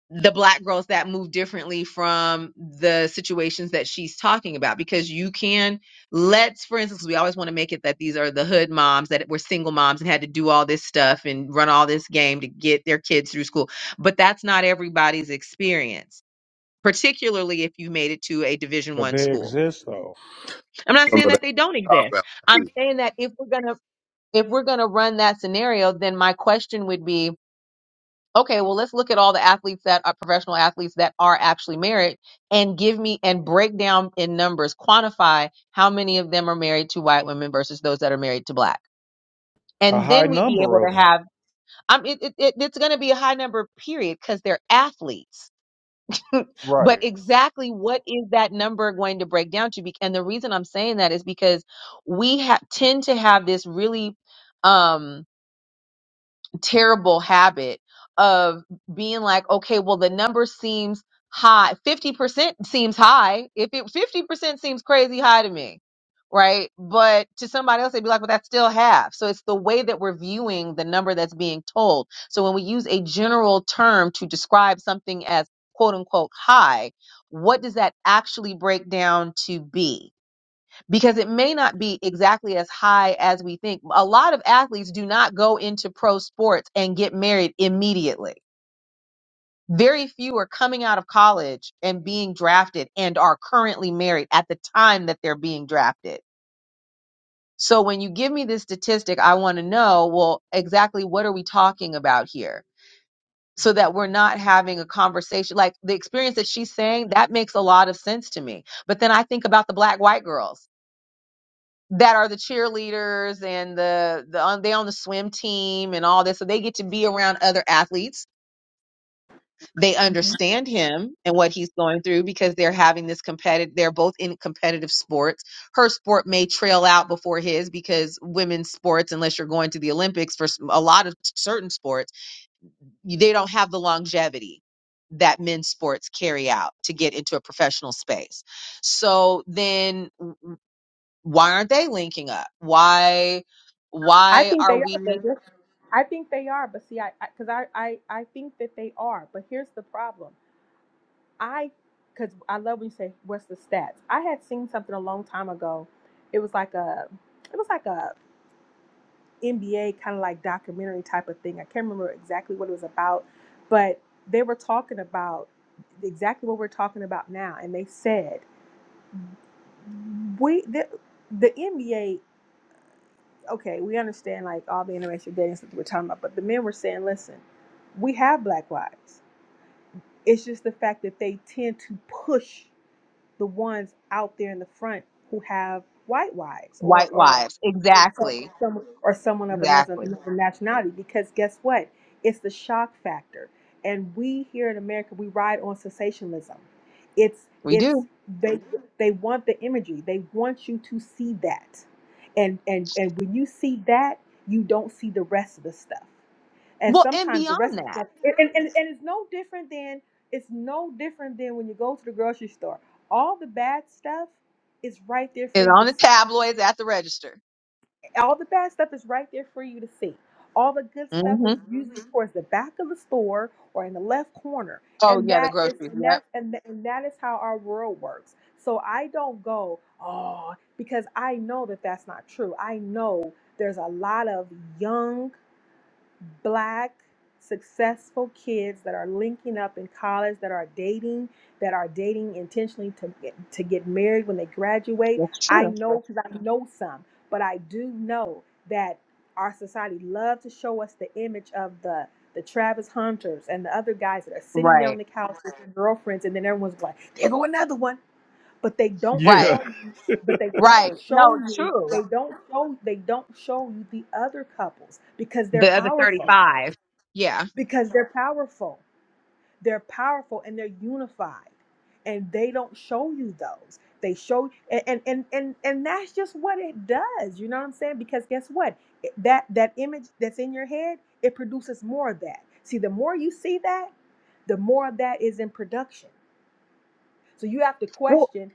the black girls that move differently from the situations that she's talking about because you can let's for instance we always want to make it that these are the hood moms that were single moms and had to do all this stuff and run all this game to get their kids through school but that's not everybody's experience particularly if you made it to a division But 1 they school exist though. i'm not Some saying of that that they don't cop exist out. i'm saying that if we're going to if we're going to run that scenario then my question would be okay, well, let's look at all the athletes that are professional athletes that are actually married and give me and break down in numbers, quantify how many of them are married to white women versus those that are married to black. A And high then we'd be number able of to them. have, um, it, it, it- it's going to be a high number, period, because they're athletes. but Right. exactly what is that number going to break down to? Be- And the reason I'm saying that is because we ha- tend to have this really, um terrible habit of being like, okay, well, the number seems high. 50% seems high. If it 50% seems crazy high to me, right? But to somebody else, they'd be like, well, that's still half. So it's the way that we're viewing the number that's being told. So when we use a general term to describe something as quote unquote high, what does that actually break down to be? because it may not be exactly as high as we think. A lot of athletes do not go into pro sports and get married immediately. Very few are coming out of college and being drafted and are currently married at the time that they're being drafted. So when you give me this statistic, I want to know, well, exactly what are we talking about here? So that we're not having a conversation. Like the experience that she's saying, that makes a lot of sense to me. But then I think about the black white girls that are the cheerleaders and the the on, they on the swim team and all this so they get to be around other athletes they understand him and what he's going through because they're having this competitive they're both in competitive sports her sport may trail out before his because women's sports unless you're going to the olympics for s- a lot of certain sports you- they don't have the longevity that men's sports carry out to get into a professional space so then why aren't they linking up why I why think are they we are. I think they are, but see, I because I I I think that they are, but here's the problem. I because I love when you say what's the stats. I had seen something a long time ago. It was like a it was like a NBA kind of like documentary type of thing. I can't remember exactly what it was about, but they were talking about exactly what we're talking about now, and they said we the, the NBA okay, we understand like all the interracial dating stuff that we're talking about, but the men were saying, listen, we have black wives. It's just the fact that they tend to push the ones out there in the front who have white wives or white or wives or, some, exactly someone, or someone of another, exactly another nationality because guess what it's the shock factor and we here in america we ride on sensationalism it's we do it's they they want the imagery they want you to see that and and and when you see that you don't see the rest of the stuff and well and sometimes the rest beyond of the that stuff and, and, and and it's no different than it's no different than when you go to the grocery store all the bad stuff is right there for is you on to the see tabloids at the register all the bad stuff is right there for you to see all the good stuff hmm is usually Mhm. towards the back of the store or in the left corner oh and yeah the that is groceries and yep that and, th- and that is how our world works so i don't go oh because i know that that's not true i know there's a lot of young black successful kids that are linking up in college that are dating that are dating intentionally to get, to get married when they graduate that's i true know because i know some but i do know that our society loves to show us the image of the the Travis Hunters and the other guys that are sitting there right on the couch with their girlfriends, and then everyone's like, "There go another one," but they don't Yeah. right show you. But they right don't show no it's you. true They don't show. They don't show you the other couples because they're the other powerful 35 yeah because they're powerful. They're powerful and they're unified. And they don't show you those. They show and and and and, and that's just what it does. You know what I'm saying? Because guess what? It- That that image that's in your head, it produces more of that. See, the more you see that, the more of that is in production. So you have to well question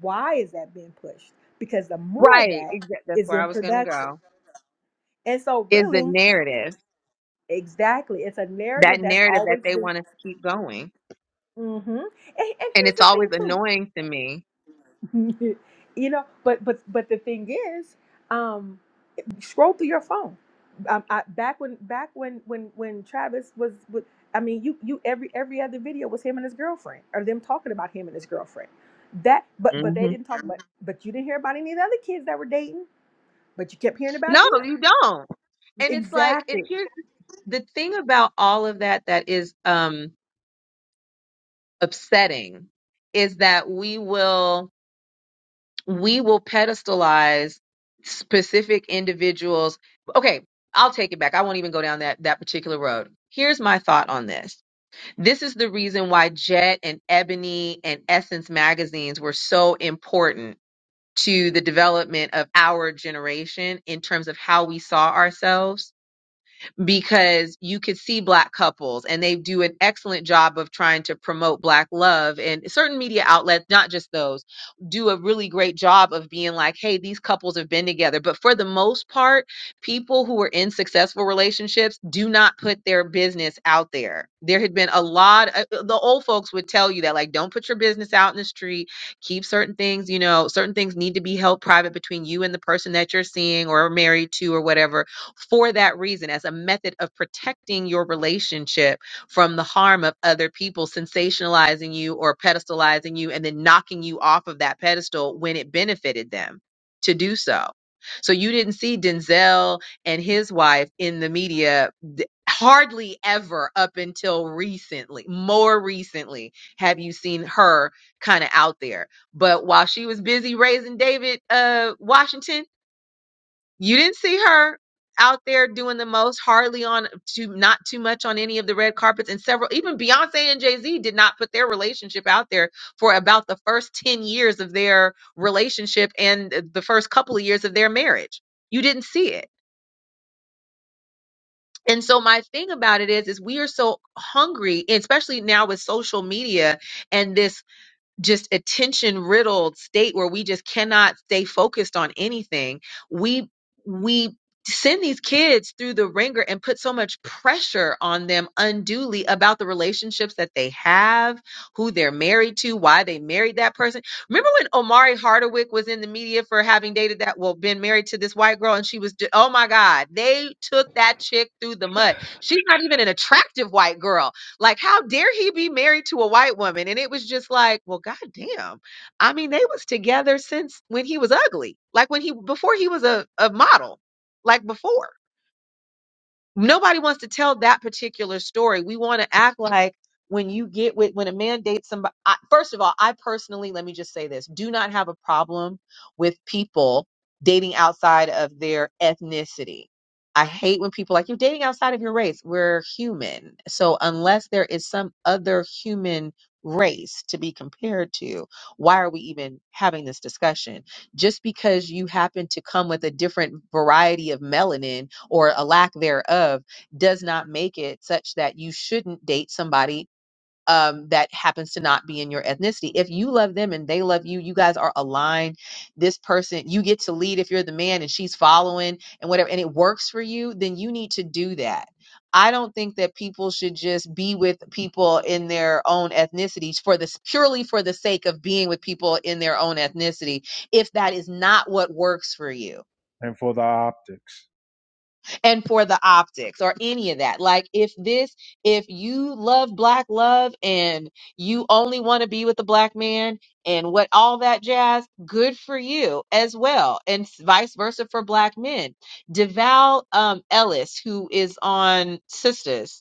why is that being pushed? Because the more of right that exactly that's is where i in was gonna production. go And so is the really, narrative exactly, it's a that narrative that's narrative that always they been want to keep going Mm-hmm. And, and and here's it's the thing always annoying to me too, you know, but but but the thing is, um, scroll through your phone. Um, I, back when back when when when Travis was, was, I mean, you you every every other video was him and his girlfriend or them talking about him and his girlfriend. That but but they hmm didn't talk about, but you didn't hear about any of the other kids that were dating, but you kept hearing about No, him. you don't. And it's like it, Exactly. here's the thing about all of that that is um upsetting is that we will we will pedestalize specific individuals. Okay, I'll take it back. I won't even go down that that particular road. Here's my thought on this. This is the reason why Jet and Ebony and Essence magazines were so important to the development of our generation in terms of how we saw ourselves because you could see black couples and they do an excellent job of trying to promote black love and certain media outlets not just those do a really great job of being like hey these couples have been together but for the most part people who are in successful relationships do not put their business out there there had been a lot uh, uh, the old folks would tell you that like don't put your business out in the street keep certain things you know certain things need to be held private between you and the person that you're seeing or married to or whatever for that reason as a method of protecting your relationship from the harm of other people sensationalizing you or pedestalizing you and then knocking you off of that pedestal when it benefited them to do so. So you didn't see Denzel and his wife in the media d- hardly ever up until recently. More recently have you seen her kind of out there. But while she was busy raising David uh Washington you didn't see her out there doing the most, hardly on too not too much on any of the red carpets, and several even Beyonce and Jay Z did not put their relationship out there for about the first ten years of their relationship and the first couple of years of their marriage. You didn't see it. And so my thing about it is, is we are so hungry, especially now with social media and this just attention riddled state where we just cannot stay focused on anything we we send these kids through the ringer and put so much pressure on them unduly about the relationships that they have who they're married to why they married that person remember when omari hardwick was in the media for having dated that well been married to this white girl and she was ju- oh my god they took that chick through the mud she's not even an attractive white girl like, how dare he be married to a white woman? And it was just like, well, goddamn. I mean, they was together since when he was ugly, like when he before he was a, a model, like before nobody wants to tell that particular story. We want to act like when you get with when a man dates somebody. I, first of all, I personally let me just say this: do not have a problem with people dating outside of their ethnicity. I hate when people are like you're dating outside of your race. We're human, so unless there is some other human race to be compared to, why are we even having this discussion? just because you happen to come with a different variety of melanin or a lack thereof does not make it such that you shouldn't date somebody um, that happens to not be in your ethnicity. If you love them and they love you, you guys are aligned. This person, you get to lead if you're the man and she's following and whatever, and it works for you, then you need to do that. I don't think that people should just be with people in their own ethnicities for this purely for the sake of being with people in their own ethnicity if that is not what works for you And for the optics. and for the optics or any of that. Like if this, if you love black love and you only want to be with a black man and what all that jazz, good for you as well. And s- vice versa for black men. DeVal um, Ellis, who is on Sisters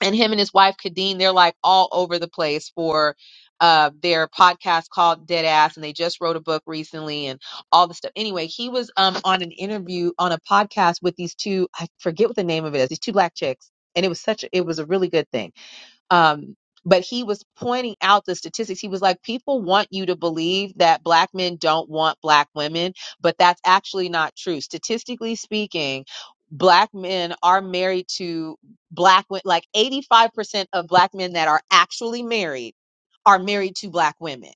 and him and his wife Kadeen, they're like all over the place for uh their podcast called Dead Ass, and they just wrote a book recently and all the stuff. Anyway, he was um on an interview on a podcast with these two, I forget what the name of it is, these two black chicks. And it was such a, it was a really good thing. Um, but he was pointing out the statistics. He was like, people want you to believe that black men don't want black women, but that's actually not true. Statistically speaking, black men are married to black women. Like 85% of black men that are actually married are married to black women.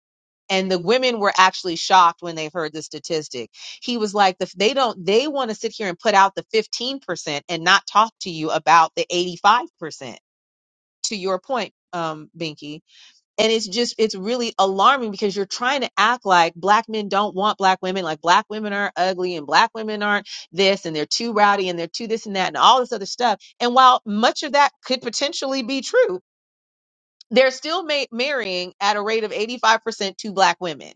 And the women were actually shocked when they heard the statistic. He was like, the, they don't, they want to sit here and put out the 15% and not talk to you about the 85% to your point, um, Binky. And it's just, it's really alarming because you're trying to act like black men don't want black women, like black women are ugly and black women aren't this and they're too rowdy and they're too this and that and all this other stuff. And while much of that could potentially be true, they're still ma- marrying at a rate of 85% to black women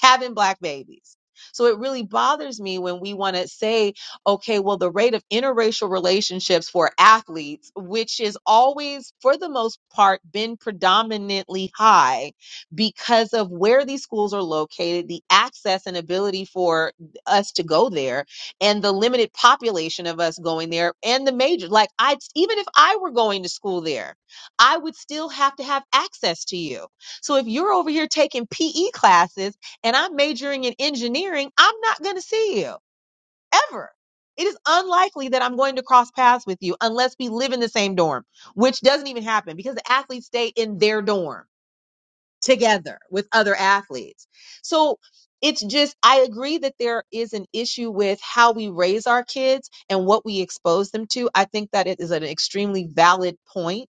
having black babies. So it really bothers me when we want to say, okay, well, the rate of interracial relationships for athletes, which is always, for the most part, been predominantly high because of where these schools are located, the access and ability for us to go there, and the limited population of us going there, and the major. Like, I, even if I were going to school there, I would still have to have access to you. So if you're over here taking PE classes, and I'm majoring in engineering, I'm not going to see you ever. It is unlikely that I'm going to cross paths with you unless we live in the same dorm, which doesn't even happen because the athletes stay in their dorm together with other athletes. So it's just, I agree that there is an issue with how we raise our kids and what we expose them to. I think that it is an extremely valid point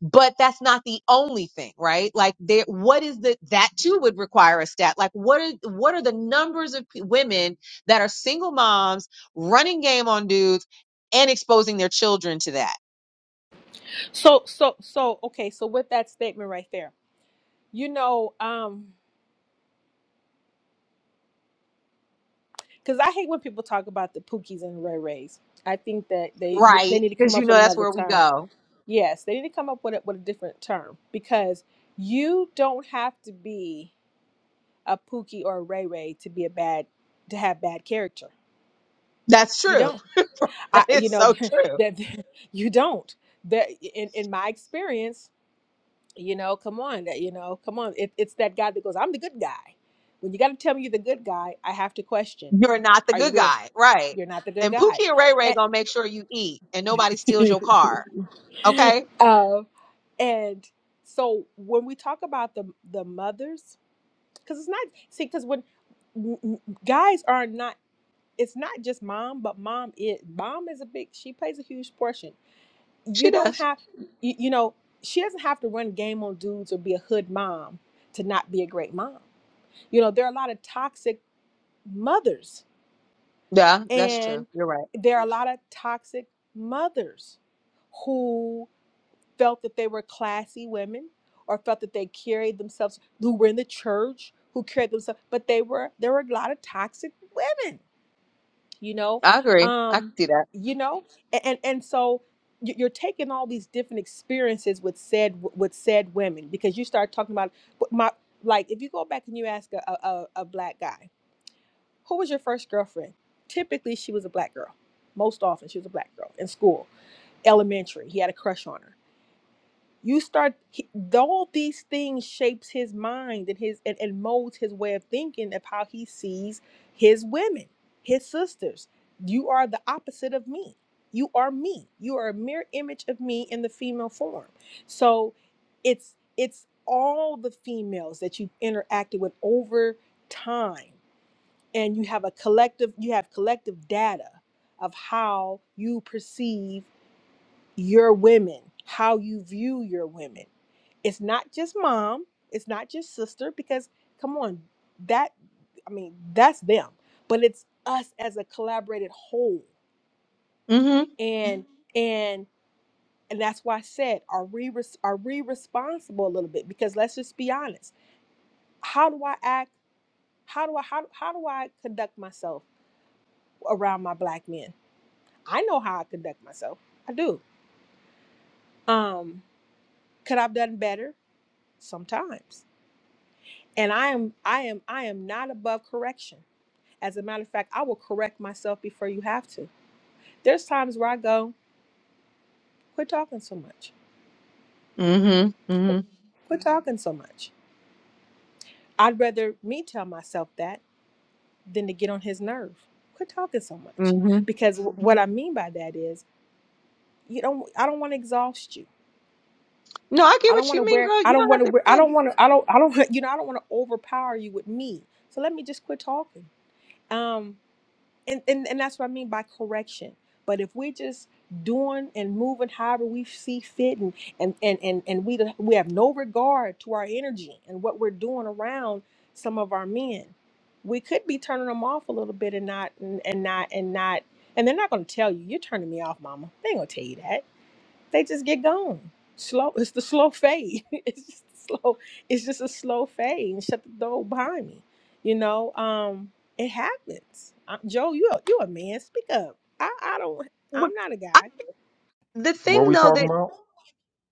but that's not the only thing right like there what is the that too would require a stat like what are what are the numbers of p- women that are single moms running game on dudes and exposing their children to that So so so okay. So with that statement right there, you know, um. because I hate when people talk about the Pookies and Ray Rays. I think that they they right need to come because you up know with that's another where we term. go Yes, they need to come up with a, with a different term because you don't have to be a Pookie or a Ray Ray to be a bad to have bad character. that's You true don't. that I you is know so true that you don't. That in in my experience, you know, come on, that you know, come on. It, it's that guy that goes, "I'm the good guy." When you got to tell me you're the good guy, I have to question. you're not the Are you good with? guy right You're not the good and guy pookie and ray ray A- gonna make sure you eat and nobody steals your car okay um, and so when we talk about the the mothers, because it's not see, because when m- m- guys are not, it's not just mom, but mom is mom is a big. She plays a huge portion. You she don't does have, you, you know, she doesn't have to run game on dudes or be a hood mom to not be a great mom. You know, there are a lot of toxic mothers, yeah that's true and you're right there are a lot of toxic mothers felt that they were classy women or felt that they carried themselves who were in the church who carried themselves but they were there were a lot of toxic women you know i agree i can um see that you know and and, and so you- you're taking all these different experiences with said with said women because you start talking about but my like if you go back and you ask a, a, a a black guy who was your first girlfriend typically she was a black girl most often she was a black girl in school elementary he had a crush on her you start he- all these things shapes his mind and his and, and molds his way of thinking of how he sees his women his sisters you are the opposite of me you are me you are a mere image of me in the female form so it's it's all the females that you've interacted with over time and you have a collective you have collective data of how you perceive your women, how you view your women. It's not just mom, it's not just sister, because come on, that I mean, that's them, but it's us as a collaborated whole. Mm-hmm. And Mhm. and and that's why I said, are we res- are we responsible a little bit? Because let's just be honest. How do I act? How do I how, how do I conduct myself around my black men? I know how I conduct myself. I do. Um, could I've done better? Sometimes and i am i am i am not above correction as a matter of fact i will correct myself before you have to there's times where i go quit talking so much hmm hmm quit Mhm. talking so much i'd rather me tell myself that than to get on his nerve quit talking so much hmm because wh- what i mean by that is you don't i don't want to exhaust you No, I get i don't what want to you mean, wear girl. i You don't don't want have to to wear i don't explain. want to i don't i don't you know i don't want to overpower you with me so let me just quit talking Um. and, and and that's what I mean by correction. But if we're just doing and moving however we see fit, and and and and, and we don't- we have no regard to our energy and what we're doing around some of our men, we could be turning them off a little bit and not and, and not and not and they're not going to tell you you're turning me off, Mama. They ain't gonna tell you that they just get gone. Slow. It's the slow fade. it's just slow. It's just a slow fade and shut the door behind me. You know, um, it happens. i Joe, you a, you a man? Speak up. I I don't. What- I'm not a I, guy. the What are thing we though talking that about?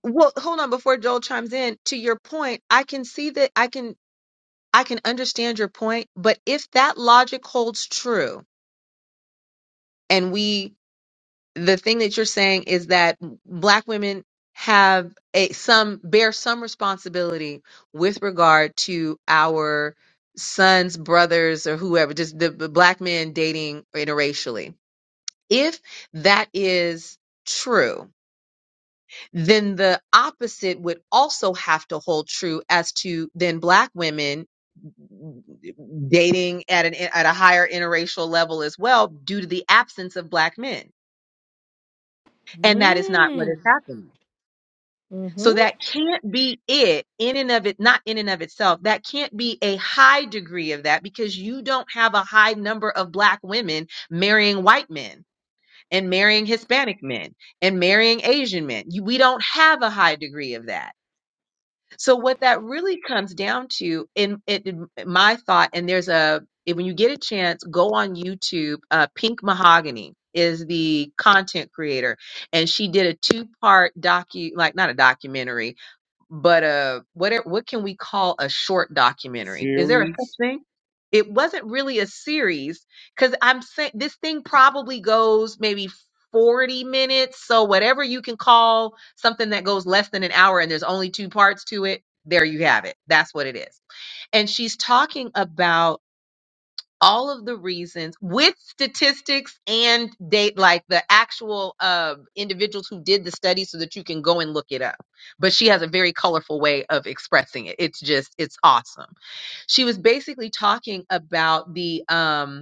well, hold on before Joel chimes in, to your point, I can see that I can I can understand your point, but if that logic holds true and we the thing that you're saying is that black women have a some bear some responsibility with regard to our sons, brothers, or whoever, just the, the black men dating interracially If that is true, then the opposite would also have to hold true as to then black women dating at an at a higher interracial level as well due to the absence of black men and that is not what is Mm. happening Hmm. so that can't be it in and of it not in and of itself that can't be a high degree of that because you don't have a high number of black women marrying white men and marrying Hispanic men and marrying Asian men. You- We don't have a high degree of that. So what that really comes down to, in, in in my thought, and there's a if- when you get a chance, go on YouTube. Uh, Pink Mahogany is the content creator, and she did a two part docu, like not a documentary, but uh what are- what can we call a short documentary is there a Series. such thing it wasn't really a series because i'm saying this thing probably goes maybe 40 minutes so whatever you can call something that goes less than an hour and there's only two parts to it there you have it that's what it is and she's talking about all of the reasons with statistics and date like the actual uh, individuals who did the study so that you can go and look it up but she has a very colorful way of expressing it it's just it's awesome she was basically talking about the um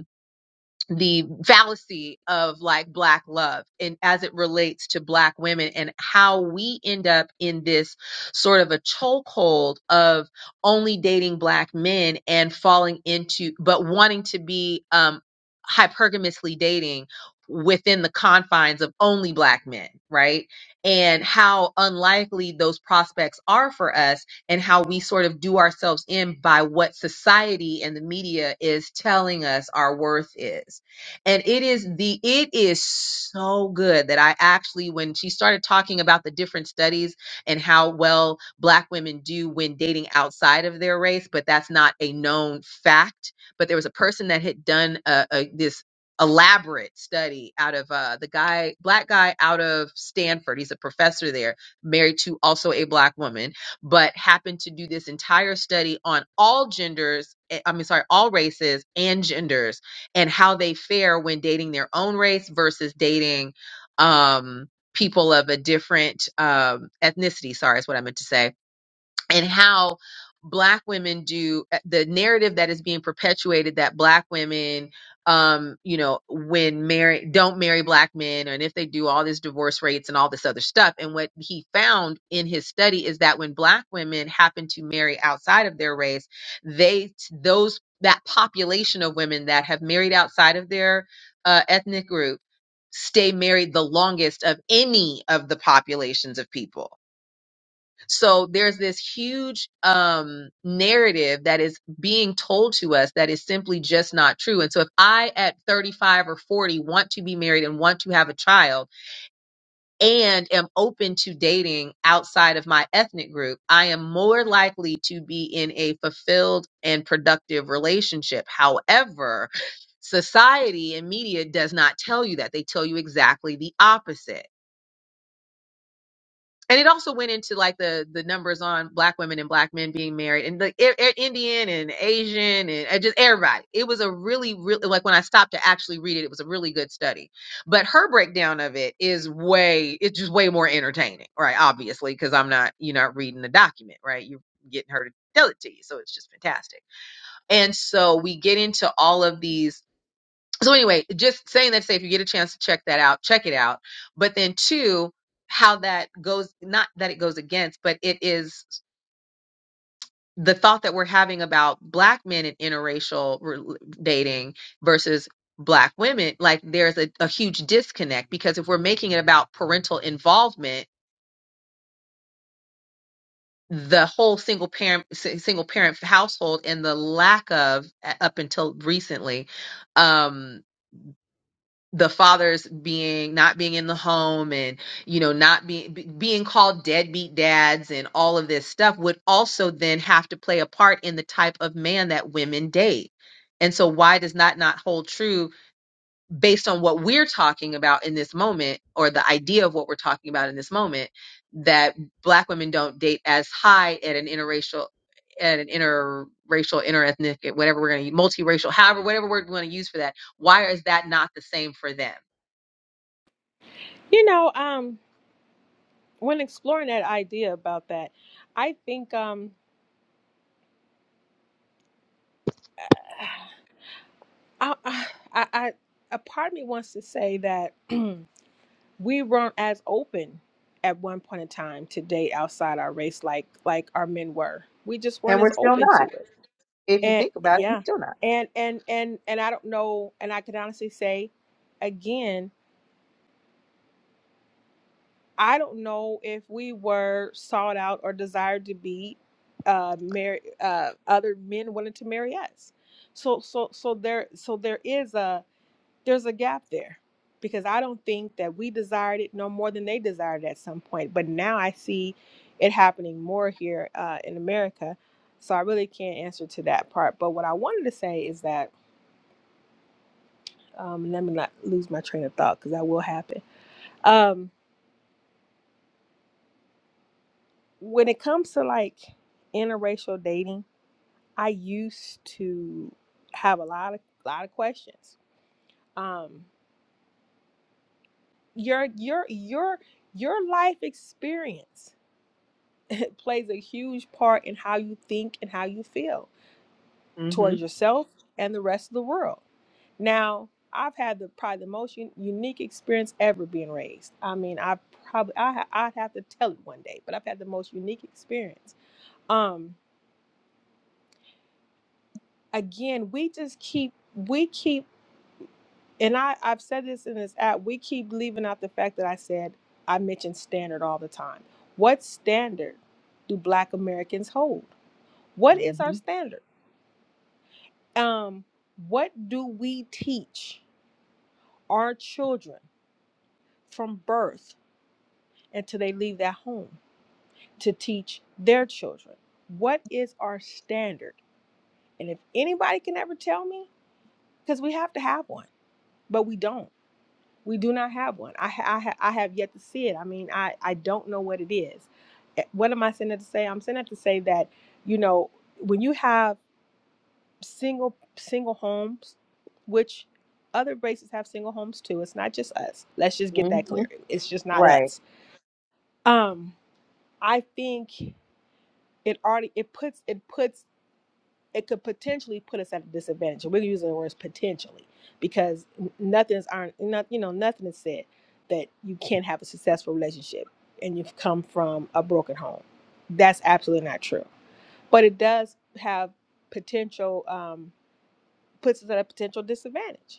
the fallacy of like black love and as it relates to black women and how we end up in this sort of a chokehold of only dating black men and falling into but wanting to be um hypergamously dating within the confines of only black men right and how unlikely those prospects are for us and how we sort of do ourselves in by what society and the media is telling us our worth is and it is the it is so good that i actually when she started talking about the different studies and how well black women do when dating outside of their race but that's not a known fact but there was a person that had done a, a this elaborate study out of uh the guy black guy out of stanford he's a professor there married to also a black woman but happened to do this entire study on all genders eh, i mean sorry all races and genders and how they fare when dating their own race versus dating um people of a different um ethnicity sorry is what i meant to say and how black women do eh, the narrative that is being perpetuated that black women um you know when marry don't marry black men and if they do all these divorce rates and all this other stuff and what he found in his study is that when black women happen to marry outside of their race they those that population of women that have married outside of their uh, ethnic group stay married the longest of any of the populations of people so there's this huge um, narrative that is being told to us that is simply just not true. And so if I at 35 or 40 want to be married and want to have a child and am open to dating outside of my ethnic group, I am more likely to be in a fulfilled and productive relationship. However, society and media does not tell you that. They tell you exactly the opposite. and it also went into like the the numbers on black women and black men being married and like I- I- indian and asian and uh, just everybody it was a really really like when i stopped to actually read it it was a really good study but her breakdown of it is way it's just way more entertaining right obviously because i'm not you're not reading the document right you're getting her to tell it to you so it's just fantastic and so we get into all of these so anyway, just saying that to say if you get a chance to check that out, check it out. But then two, how that goes not that it goes against, but it is the thought that we're having about black men in interracial rel- dating versus black women, like there's a, a huge disconnect because if we're making it about parental involvement, the whole single parent si- single parent household and the lack of a- up until recently um the fathers being not being in the home and you know not being be, being called deadbeat dads and all of this stuff would also then have to play a part in the type of man that women date and so why does that not hold true based on what we're talking about in this moment or the idea of what we're talking about in this moment that black women don't date as high at an interracial at an interracial interethnic whatever we're going to use, multiracial however whatever word we want to use for that why is that not the same for them You know, um, when exploring that idea about that, I think um, I I I, I a part of me wants to say that. we weren't as open at one point in time to date outside our race like like our men were we just weren't as open to it and yeah and and and and i don't know and i can honestly say again i don't know if we were sought out or desired to be uh marry uh other men wanted to marry us so so so there so there is a there's a gap there because I don't think that we desired it no more than they desired it at some point. But now I see it happening more here uh, in America. So I really can't answer to that part. But what I wanted to say is that, um, let me not lose my train of thought because that will happen. Um, when it comes to like interracial dating, I used to have a lot of lot of questions. Um, your your your your life experience plays a huge part in how you think and how you feel hmm towards yourself and the rest of the world. Now, I've had the probably the most un- unique experience ever being raised. I mean, I probably I ha- I'd have to tell it one day, but I've had the most unique experience. Um, again, we just keep we keep, and I I've said this in this app. We keep leaving out the fact that I said I mentioned standard all the time. What standard do Black Americans hold? What hmm is our hmm standard? um, what do we teach our children from birth until they leave that home to teach their children? What is our standard? And if anybody can ever tell me, because we have to have one, but we don't. We do not have one. I, ha- I, ha- I have yet to see it. I mean, I, I don't know what it is. Eh, What am I saying that to say? I'm saying that to say that, you know, when you have single single homes, which other races have single homes too. It's not just us. Let's just get that clear. It's just not Right. us. Um, I think it already it puts it puts it could potentially put us at a disadvantage. And We're using the words potentially because n- nothing's aren't not you know nothing is said that you can't have a successful relationship and you've come from a broken home. That's absolutely not true. But it does have potential um, puts us at a potential disadvantage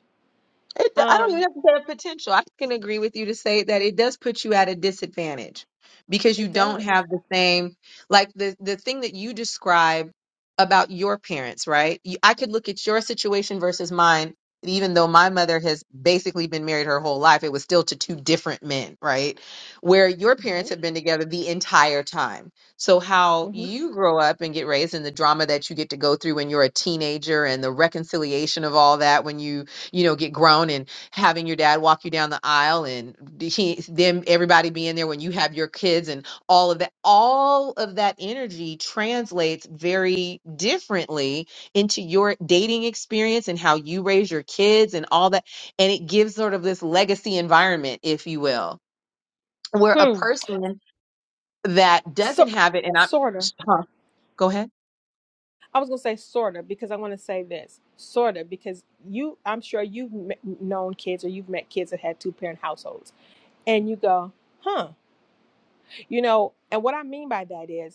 It, I don't even Um, have to say a potential. I can agree with you to say that it does put you at a disadvantage because you it don't does. have the same, like the the thing that you describe about your parents, right? You, I could look at your situation versus mine. and Even though my mother has basically been married her whole life, it was still to two different men, right? Where your hmm parents have been together the entire time. So, how hmm you grow up and get raised and the drama that you get to go through when you're a teenager and the reconciliation of all that when you you know, get grown and having your dad walk you down the aisle and he, them, everybody being there when you have your kids and all of that, all of that energy translates very differently into your dating experience and how you raise your kids and all that. And it gives sort of this legacy environment, if you will, where a Hmm. person that So, doesn't have it, and I, sorta. huh, go ahead. I was gonna say sorta because I want to say this sorta because you, I'm sure you've met, known kids or you've met kids that had two parent households, and you go, huh, you know. And what I mean by that is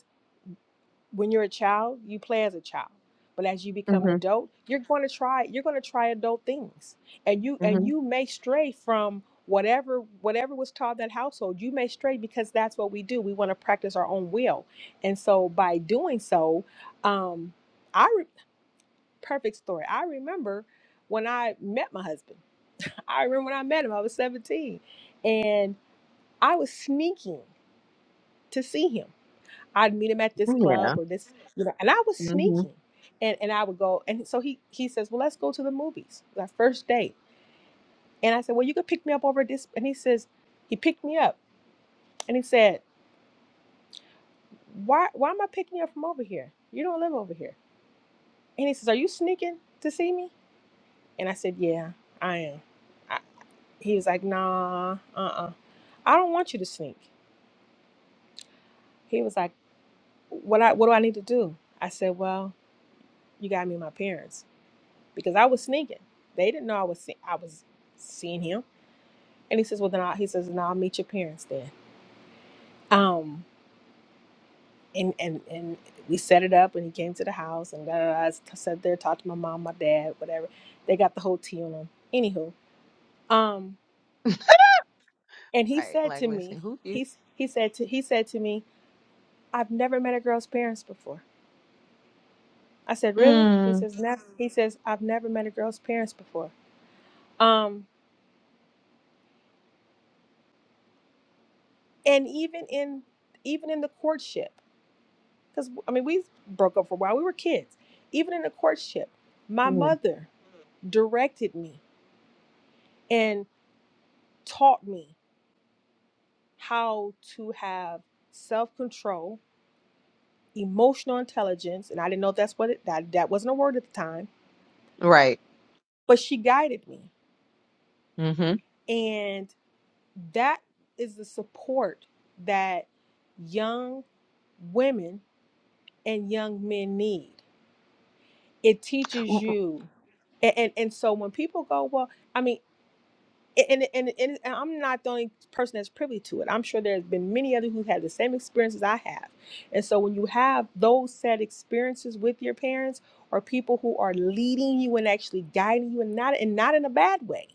when you're a child, you play as a child. But as you become an hmm adult, you're going to try you're going to try adult things. And you and hmm you may stray from whatever whatever was taught in that household. You may stray because that's what we do. We want to practice our own will. And so by doing so, um I re- perfect story. I remember when I met my husband. I remember when I met him, I was 17, and I was sneaking to see him. I'd meet him at this club Yeah. or this, you know, and I was hmm sneaking. And and I would go and so he he says, Well, let's go to the movies, our first date. And I said, Well, you could pick me up over this and he says, he picked me up and he said, Why why am I picking you up from over here? You don't live over here. And he says, Are you sneaking to see me? And I said, Yeah, I am. I, he was like, Nah, uh uh. I don't want you to sneak. He was like, What I what do I need to do? I said, Well, you gotta meet my parents. because I was sneaking. They didn't know I was see- I was seeing him. And he says, "Well, then I'll, he says, "No, I'll meet your parents then." Um, and and and we set it up, and he came to the house, and da, da, da, I s- sat there, talked to my mom, my dad, whatever. They got the whole tea on him. Anywho, um, and he Right. said Like, to listen, me, who you? he's he said to he said to me, "I've never met a girl's parents before." I said, "Really?" He Mm. says, "Never." He says, "I've never met a girl's parents before." Um, and even in even in the courtship. Because, I mean, we broke up for a while. We were kids. Even in a courtship, my Yeah. mother directed me and taught me how to have self control, emotional intelligence. And I didn't know that's what it, that, that wasn't a word at the time, Right. but she guided me. Mm-hmm. And that is the support that young women and young men need. It teaches you and, and and so when people go well i mean and and, and and I'm not the only person that's privy to it. I'm sure there's been many others who had the same experiences I have. And so when you have those sad experiences with your parents or people who are leading you and actually guiding you and not and not in a bad way,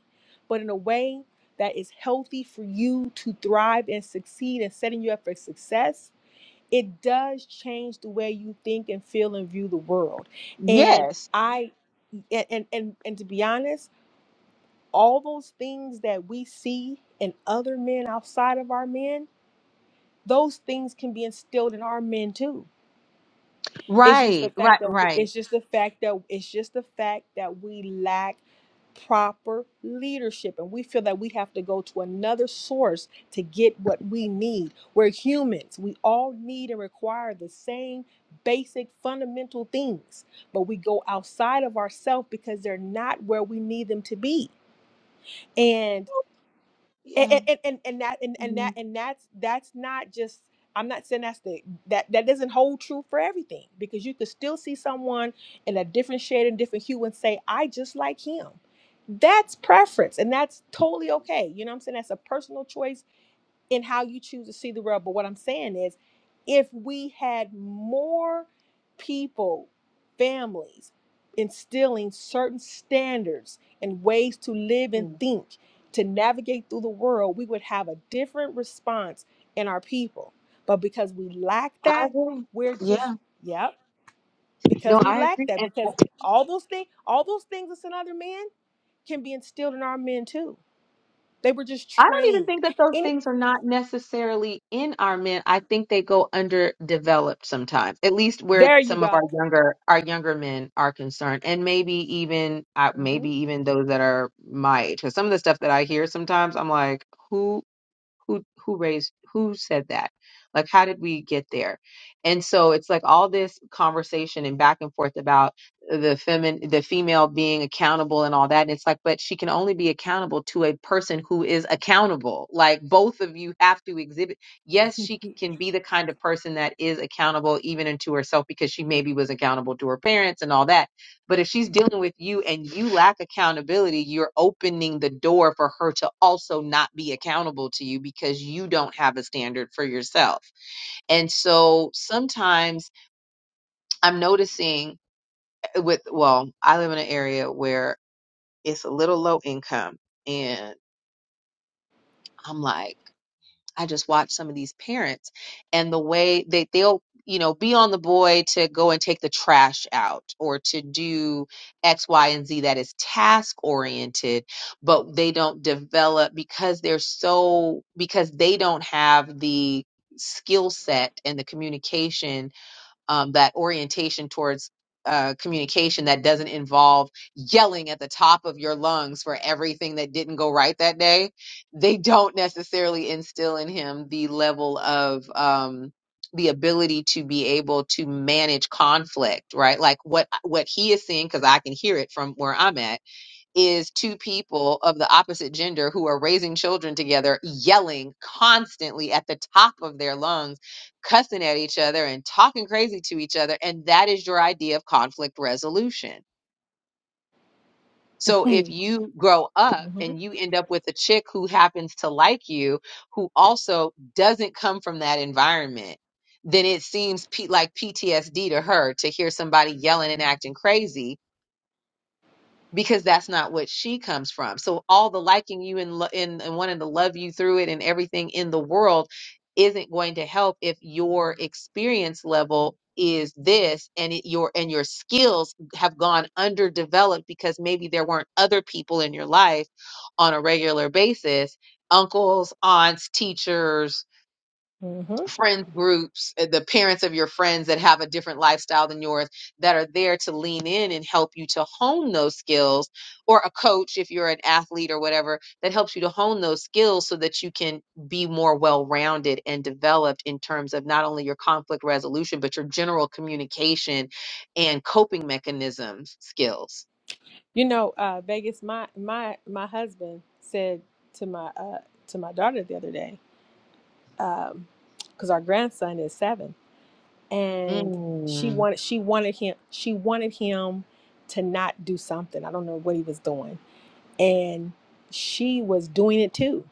but in a way that is healthy for you to thrive and succeed and setting you up for success, it does change the way you think and feel and view the world. And Yes. I and and and, and to be honest, all those things that we see in other men outside of our men, those things can be instilled in our men too. It's just the Right. Right. fact that Right. it's just the fact that it's just the fact that we lack proper leadership and we feel that we have to go to another source to get what we need. We're humans. We all need and require the same basic fundamental things, but we go outside of ourselves because they're not where we need them to be. and. Yeah. and and and, and that and, and Yeah. that and that's that's not just i'm not saying that's the that that doesn't hold true for everything because you could still see someone in a different shade and different hue and say i just like him that's preference and that's totally okay you know what i'm saying that's a personal choice in how you choose to see the world. But what I'm saying is, if we had more people, families, instilling certain standards and ways to live and yeah. think, to navigate through the world, we would have a different response in our people. But because we lack I that, agree. we're just, Yeah. yep, because No, we I lack agree. that, And because all those things, all those things that's in other men can be instilled in our men too they were just I don't even trained. think that those Any things are not necessarily in our men. I think they go underdeveloped sometimes, at least where there you some of go. our younger our younger men are concerned, and maybe even uh, maybe hmm even those that are my age. Because some of the stuff that I hear sometimes, I'm like, who? who who raised who said that like how did we get there and so it's like all this conversation and back and forth about the femin the female being accountable and all that and it's like but she can only be accountable to a person who is accountable like both of you have to exhibit yes she c- can be the kind of person that is accountable even unto herself because she maybe was accountable to her parents and all that but if she's dealing with you and you lack accountability, you're opening the door for her to also not be accountable to you because you don't have a standard for yourself. And so sometimes I'm noticing eh, with, well, I live in an area where it's a little low income and I'm like, I just watch some of these parents and the way they they'll you know be on the boy to go and take the trash out or to do x y and z that is task oriented but they don't develop because they're so because they don't have the skill set and the communication um, that orientation towards uh, communication that doesn't involve yelling at the top of your lungs for everything that didn't go right that day, they don't necessarily instill in him the level of um, the ability to be able to manage conflict, right? Like what what he is seeing, because I can hear it from where I'm at is two people of the opposite gender who are raising children together, yelling constantly at the top of their lungs, cussing at each other and talking crazy to each other. And that is your idea of conflict resolution. So if you grow up hmm and you end up with a chick who happens to like you, who also doesn't come from that environment, then it seems P- like PTSD to her to hear somebody yelling and acting crazy because that's not what she comes from. So all the liking you and lo- and, and wanting to love you through it and everything in the world isn't going to help if your experience level is this and it, your and your skills have gone underdeveloped because maybe there weren't other people in your life on a regular basis uncles aunts teachers hmm friends groups, uh, the parents of your friends that have a different lifestyle than yours that are there to lean in and help you to hone those skills, or a coach if you're an athlete or whatever that helps you to hone those skills so that you can be more well rounded and developed in terms of not only your conflict resolution, but your general communication and coping mechanisms skills. You know, uh, Vegas. My my my husband said to my uh, to my daughter the other day, because our grandson is seven, and she Mm. wanted she wanted him she wanted him to not do something. I don't know what he was doing, and she was doing it too.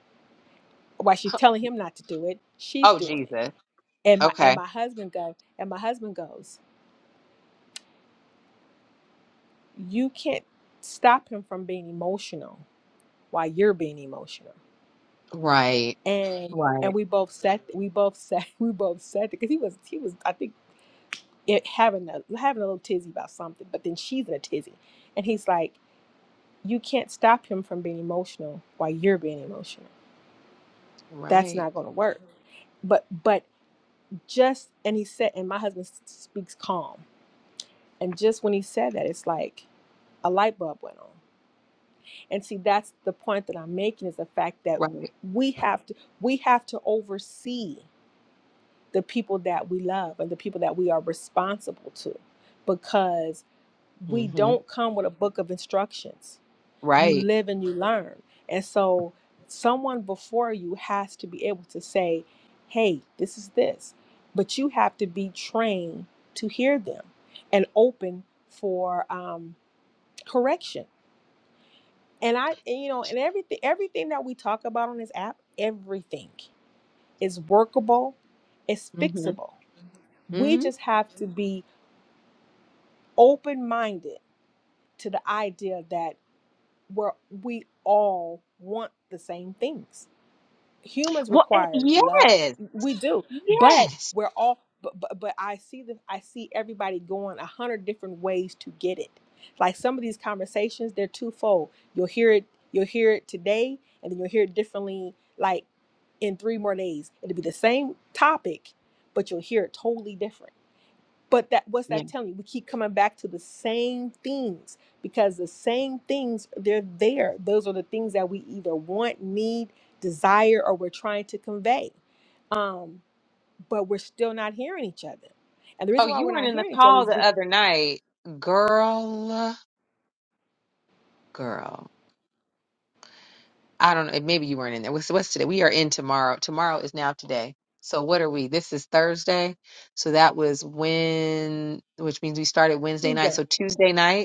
while she's telling him not to do it, she's Oh, doing it. Jesus. And my and Okay. my husband go and my husband goes, you can't stop him from being emotional while you're being emotional. Right. And and Right. we both sat we both sat we both sat because he was he was I think it, having a having a little tizzy about something, but then she's in a tizzy, and he's like, you can't stop him from being emotional while you're being emotional. That's Right. not going to work. But but just and he said and my husband s- speaks calm And just when he said that, it's like a light bulb went on. And see, that's the point that I'm making is the fact that Right. we have to we have to oversee the people that we love and the people that we are responsible to because we hmm don't come with a book of instructions. You Right. live and you learn. And so someone before you has to be able to say, "Hey, this is this." But you have to be trained to hear them and open for um, correction. And I, and, you know, and everything, everything that we talk about on this app, everything is workable, it's fixable. We hmm just have to be open minded to the idea that we're, we all want the same things humans Well, and require love yes, we do but yes, we're all but, but, but i see them i see everybody going a hundred different ways to get it like some of these conversations they're twofold you'll hear it you'll hear it today and then you'll hear it differently like in three more days it'll be the same topic but you'll hear it totally different but that what's yeah. that telling you? We keep coming back to the same things because the same things they're there. Those are the things that we either want, need, desire, or we're trying to convey. Um, but we're still not hearing each other. And the Oh, reason why you we're weren't not in the hearing each other call is the because other night, girl, girl. I don't know. Maybe you weren't in there. What's what's today? We are in tomorrow. Tomorrow is now today. So what are we? This is Thursday. So that was when, which means we started Wednesday night. Tuesday. So Tuesday night.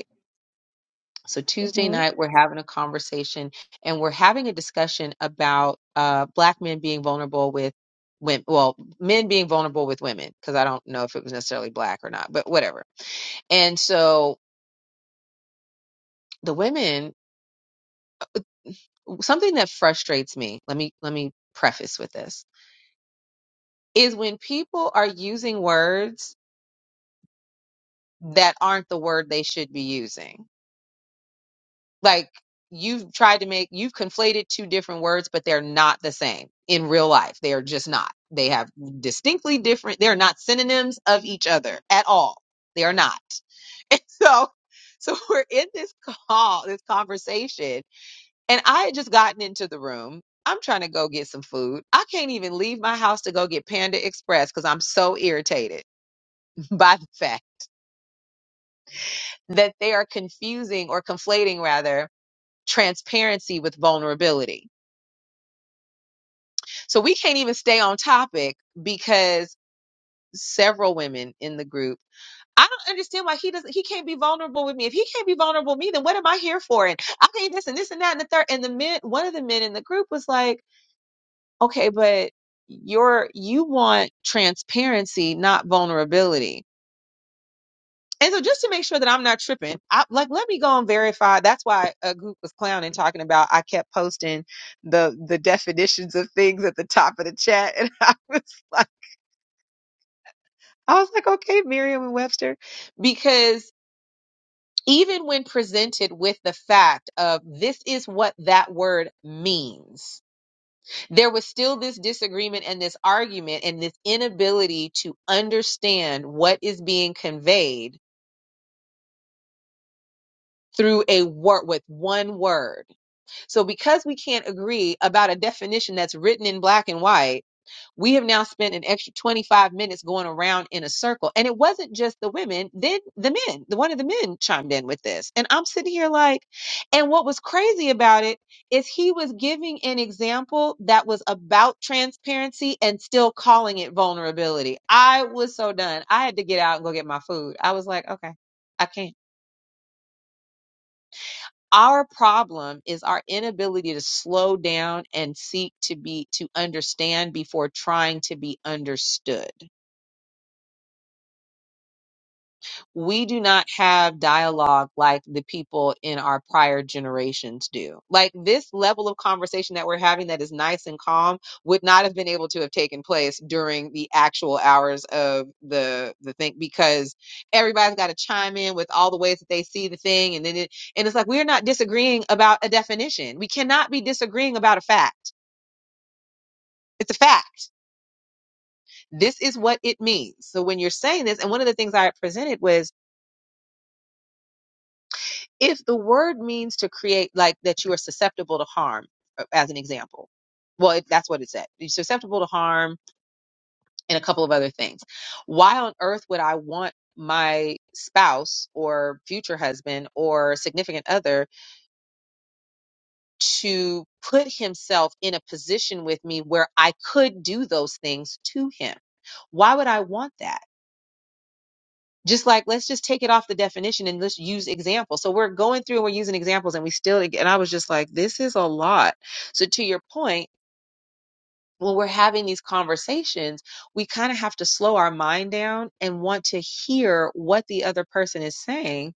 So Tuesday hmm night, we're having a conversation and we're having a discussion about uh, black men being vulnerable with women. Well, men being vulnerable with women, because I don't know if it was necessarily black or not, but whatever. And so the women, something that frustrates me. Let me let me preface with this is when people are using words that aren't the word they should be using like you've tried to make you've conflated two different words but they're not the same in real life they are just not they have distinctly different they're not synonyms of each other at all they are not and so so we're in this call this conversation and i had just gotten into the room i'm trying to go get some food i can't even leave my house to go get panda express because i'm so irritated by the fact that they are confusing or conflating rather transparency with vulnerability So we can't even stay on topic because several women in the group. I don't understand why he doesn't. He can't be vulnerable with me. If he can't be vulnerable with me, then what am I here for? And I think this and this and that and the third. And the men, one of the men in the group was like, "Okay, but you're you want transparency, not vulnerability." And so, just to make sure that I'm not tripping, I, like let me go and verify. That's why a group was clowning, talking about I kept posting the the definitions of things at the top of the chat, and I was like I was like, okay, Merriam Webster. Because even when presented with the fact of this is what that word means, there was still this disagreement and this argument and this inability to understand what is being conveyed through a word with one word. So because we can't agree about a definition that's written in black and white, we have now spent an extra 25 minutes going around in a circle. And it wasn't just the women, then the men, the one of the men chimed in with this. And I'm sitting here like, and what was crazy about it is he was giving an example that was about transparency and still calling it vulnerability. I was so done. I had to get out and go get my food. I was like, okay, I can't. Our problem is our inability to slow down and seek to be to understand before trying to be understood we do not have dialogue like the people in our prior generations do. Like this level of conversation that we're having that is nice and calm would not have been able to have taken place during the actual hours of the the thing because everybody's got to chime in with all the ways that they see the thing and then it and it's like we're not disagreeing about a definition. We cannot be disagreeing about a fact. It's a fact. This is what it means. So when you're saying this and one of the things I presented was if the word means to create like that you are susceptible to harm uh, as an example well if that's what it said you're susceptible to harm and a couple of other things why on earth would i want my spouse or future husband or significant other to put himself in a position with me where i could do those things to him why would i want that just like let's just take it off the definition and let's use examples. So we're going through and we're using examples and we still and I was just like this is a lot. So to your point, when we're having these conversations, we kind of have to slow our mind down and want to hear what the other person is saying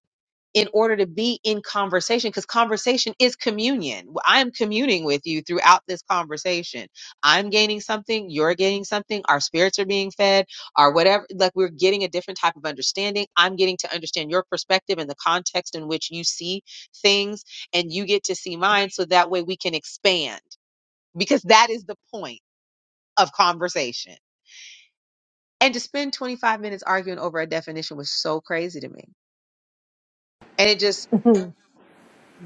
in order to be in conversation because conversation is communion. I'm communing with you throughout this conversation. I'm gaining something, you're gaining something, our spirits are being fed, or whatever. Like we're getting a different type of understanding. I'm getting to understand your perspective and the context in which you see things, and you get to see mine so that way we can expand because that is the point of conversation. And to spend 25 minutes arguing over a definition was so crazy to me. And it just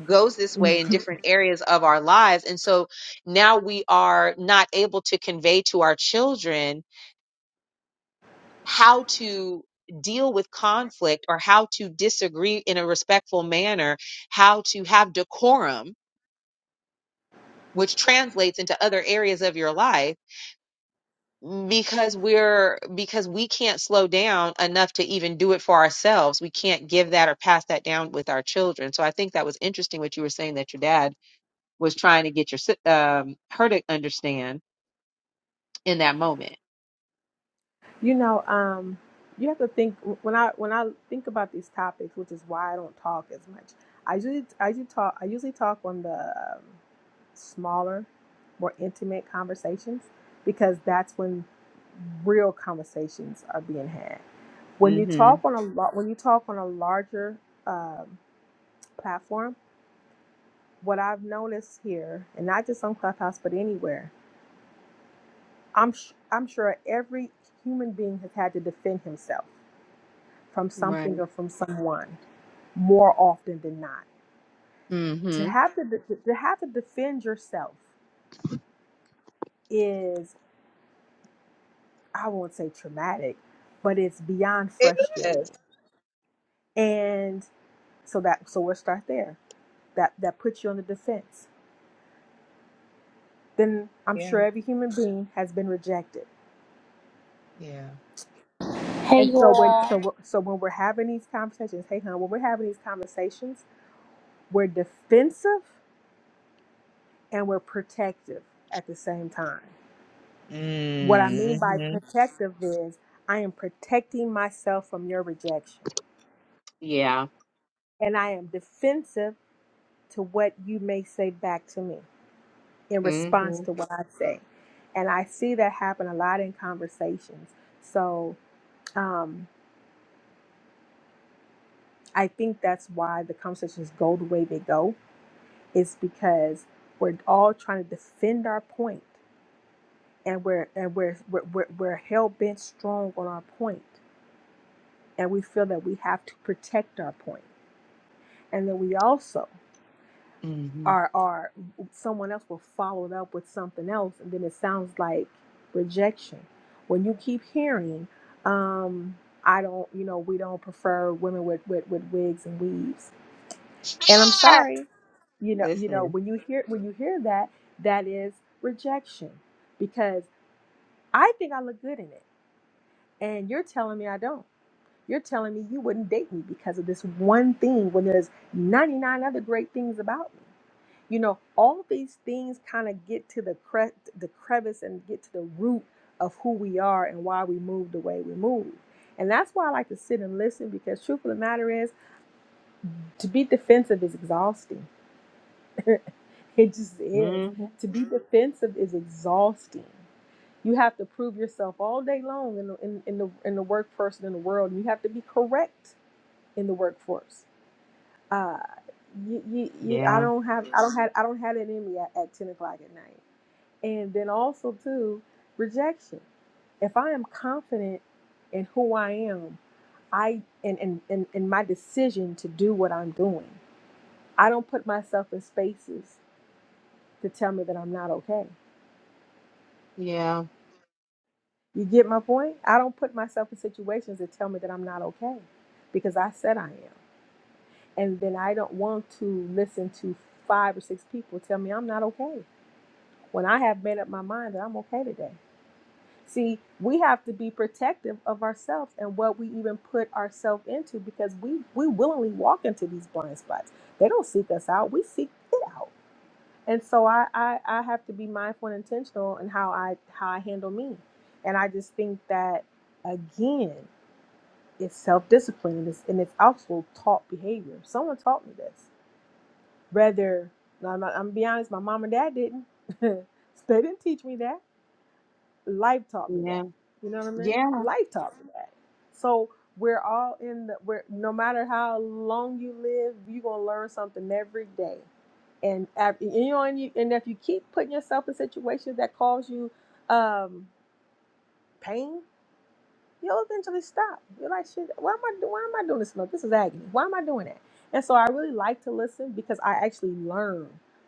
goes this way in different areas of our lives. And so now we are not able to convey to our children how to deal with conflict or how to disagree in a respectful manner, how to have decorum, which translates into other areas of your life because we're because we can't slow down enough to even do it for ourselves we can't give that or pass that down with our children so i think that was interesting what you were saying that your dad was trying to get your si- um, her to understand in that moment. you know, um, you have to think when I when I think about these topics, which is why I don't talk as much. I usually I usually talk I usually talk on the um, smaller, more intimate conversations because that's when real conversations are being had. When you Mm-hmm. talk on a lot, when you talk on a larger um, platform, what I've noticed here, and not just on Clubhouse but anywhere, I'm sh- I'm sure every human being has had to defend himself from something Right. or from someone more often than not. To Mm-hmm. have to de- to have to defend yourself is. I won't say traumatic, but it's beyond It frustrating. is. And so that so we'll start there. That that puts you on the defense. Then I'm sure Yeah. every human being has been rejected. Yeah. Hey And so when y'all. so wh- so when we're having these conversations, hey hon, when we're having these conversations, we're defensive and we're protective at the same time. What I mean by Mm-hmm. protective is I am protecting myself from your rejection. Yeah. And I am defensive to what you may say back to me. in response Mm-hmm. to what I say. And I see that happen a lot in conversations. So um, I think that's why the conversations go the way they go is because we're all trying to defend our point and we're and we're we're, we're, we're hell bent strong on our point and we feel that we have to protect our point and then we also Mm-hmm. or or someone else will follow it up with something else and then it sounds like rejection when you keep hearing um i don't you know we don't prefer women with with, with wigs and weaves and i'm Ah! sorry you know you know Listen. when you hear when you hear that that is rejection because i think i look good in it and you're telling me i don't you're telling me you wouldn't date me because of this one thing when there's 99 other great things about me you know, all these things kind of get to the cre- the crevice and get to the root of who we are and why we move the way we move. And that's why I like to sit and listen because truth of the matter is to be defensive is exhausting. it just is. hmm To be defensive is exhausting. You have to prove yourself all day long in the, in, in the in the workforce and in the world. You have to be correct in the workforce uh, you, you, you, I Yeah, don't have, I don't have, I don't have it in me at, at ten o'clock at night. And then also too, rejection. If I am confident in who I am, I and and and, and my decision to do what I'm doing, I don't put myself in spaces to tell me that I'm not okay. yeah, You get my point? I don't put myself in situations that tell me that I'm not okay, because I said I am, and then I don't want to listen to five or six people tell me I'm not okay. when I have made up my mind that I'm okay today. See, we have to be protective of ourselves and what we even put ourselves into because we we willingly walk into these blind spots. They don't seek us out; we seek it out. And so I I, I have to be mindful and intentional in how I how I handle me. And I just think that again, it's self discipline and it's and it's also taught behavior. Someone taught me this. Whether now I'm, not, I'm gonna be honest, my mom and dad didn't. they didn't teach me that life taught me yeah, that. You know what I mean? yeah. Life taught me that. So we're all in the we're no matter how long you live, you're gonna learn something every day. And af- you know, and, you, and if you keep putting yourself in situations that cause you um, pain, you'll eventually stop. You're like, shit, why am I do- why am I doing this? No, this is agony. Why am I doing that? And so I really like to listen because I actually learn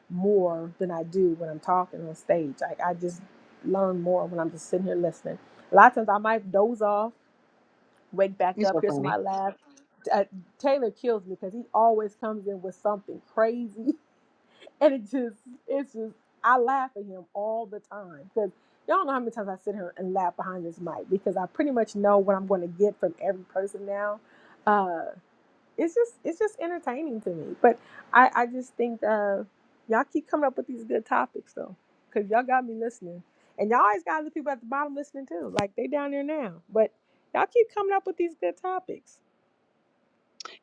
more than I do when I'm talking on stage. Like I just learn more when I'm just sitting here listening. A lot of times I might doze off, wake back You're up, so hear funny. somebody laugh. Uh, Taylor kills me because he always comes in with something crazy and it just it's just I laugh at him all the time because y'all know how many times I sit here and laugh behind this mic because I pretty much know what I'm going to get from every person now. Uh, it's just it's just entertaining to me, but I I just think uh, y'all keep coming up with these good topics though because y'all got me listening and y'all always got the people at the bottom listening too like they down there now but y'all keep coming up with these good topics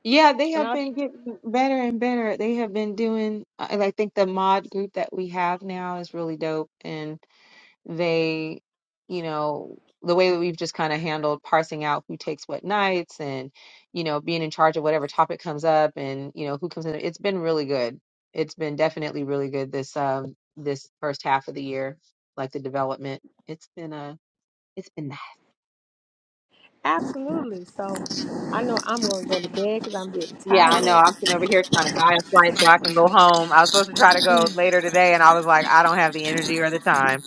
Yeah, they and have I been getting better and better. They have been doing, uh, and I think the mod group that we have now is really dope. And they, you know, the way that we've just kind of handled parsing out who takes what nights and, you know, being in charge of whatever topic comes up and, you know, who comes in. It's been really good. It's been definitely really good this um this first half of the year, like the development. It's been a, it's been nice. absolutely so I know I'm going to go to bed because I'm getting Yeah, I know. tired. I'm sitting over here trying to buy a flight so I can go home. I was supposed to try to go later today, and I was like, I don't have the energy or the time.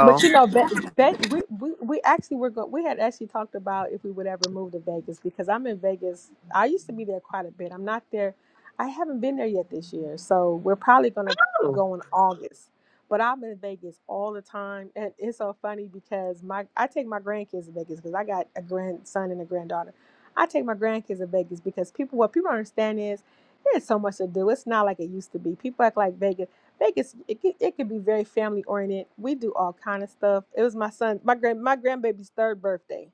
But you know, Ve- Ve- we, we we actually were going. We had actually talked about if we would ever move to Vegas because I'm in Vegas. I used to be there quite a bit. I'm not there. I haven't been there yet this year, so we're probably gonna Ooh. go in August. But I'm in Vegas all the time, and it's so funny because my I take my grandkids to Vegas because I got a grandson and a granddaughter. I take my grandkids to Vegas because people what people don't understand is there's so much to do. It's not like it used to be. People act like Vegas. Vegas, it could, it could be very family oriented. We do all kind of stuff. It was my son, my grand, my grandbaby's third birthday.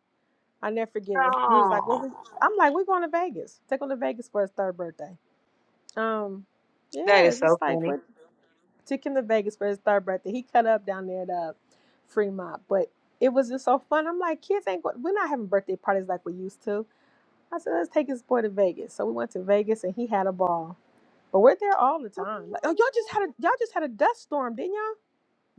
I never forget it. We was like, well, oh, we, I'm like, we're going to Vegas. Take him to Vegas for his third birthday. Um, that yeah, is it's so just like funny. what took him to Vegas for his third birthday. He cut up down there at uh, Fremont, but it was just so fun. I'm like, kids ain't going. We're not having birthday parties like we used to. I said, let's take his boy to Vegas. So we went to Vegas and he had a ball. But we're there all the time. Like, oh, y'all just had a y'all just had a dust storm, didn't y'all?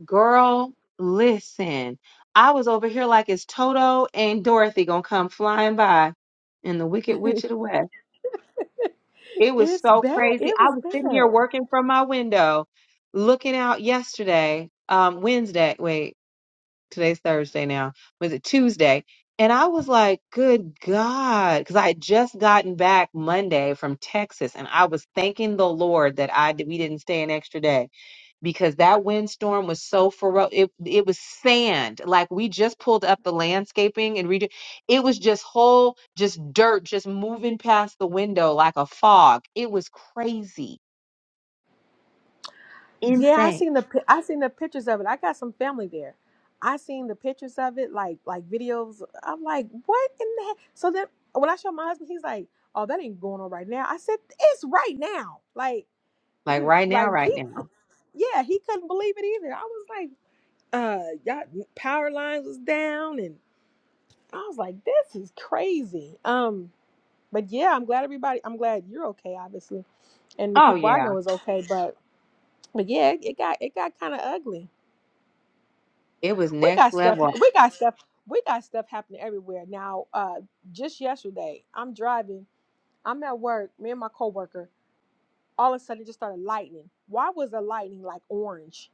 Girl, listen, I was over here like it's Toto and Dorothy gonna come flying by in the Wicked Witch it's of the West. It was so bad. crazy. It I was was sitting here bad. working from my window, looking out yesterday, um, Wednesday. Wait. today's Thursday now, was it Tuesday? And I was like, good God, because I had just gotten back Monday from Texas and I was thanking the Lord that I we didn't stay an extra day because that windstorm was so ferocious. It, it was sand. Like we just pulled up the landscaping and redo. It was just whole, just dirt, just moving past the window like a fog. It was crazy, Yeah, I insane. seen the pi- I seen the pictures of it. I got some family there. I seen the pictures of it, like like videos. I'm like, what in the heck? So then when I showed my husband, he's like, oh, that ain't going on right now. I said, it's right now. Like Like he was right now, like right he, now. yeah, he couldn't believe it either. I was like, uh, y'all power lines was down, and I was like, this is crazy. Um, but yeah, I'm glad everybody. I'm glad you're okay, obviously, and the Oh people I yeah, know is okay, but. But yeah, it got it got kind of ugly. it was We next got stuff. level. We got stuff. We got stuff happening everywhere now. Uh, just yesterday, I'm driving. I'm at work. Me and my coworker. All of a sudden, it just started lightning. Why was the lightning like orange?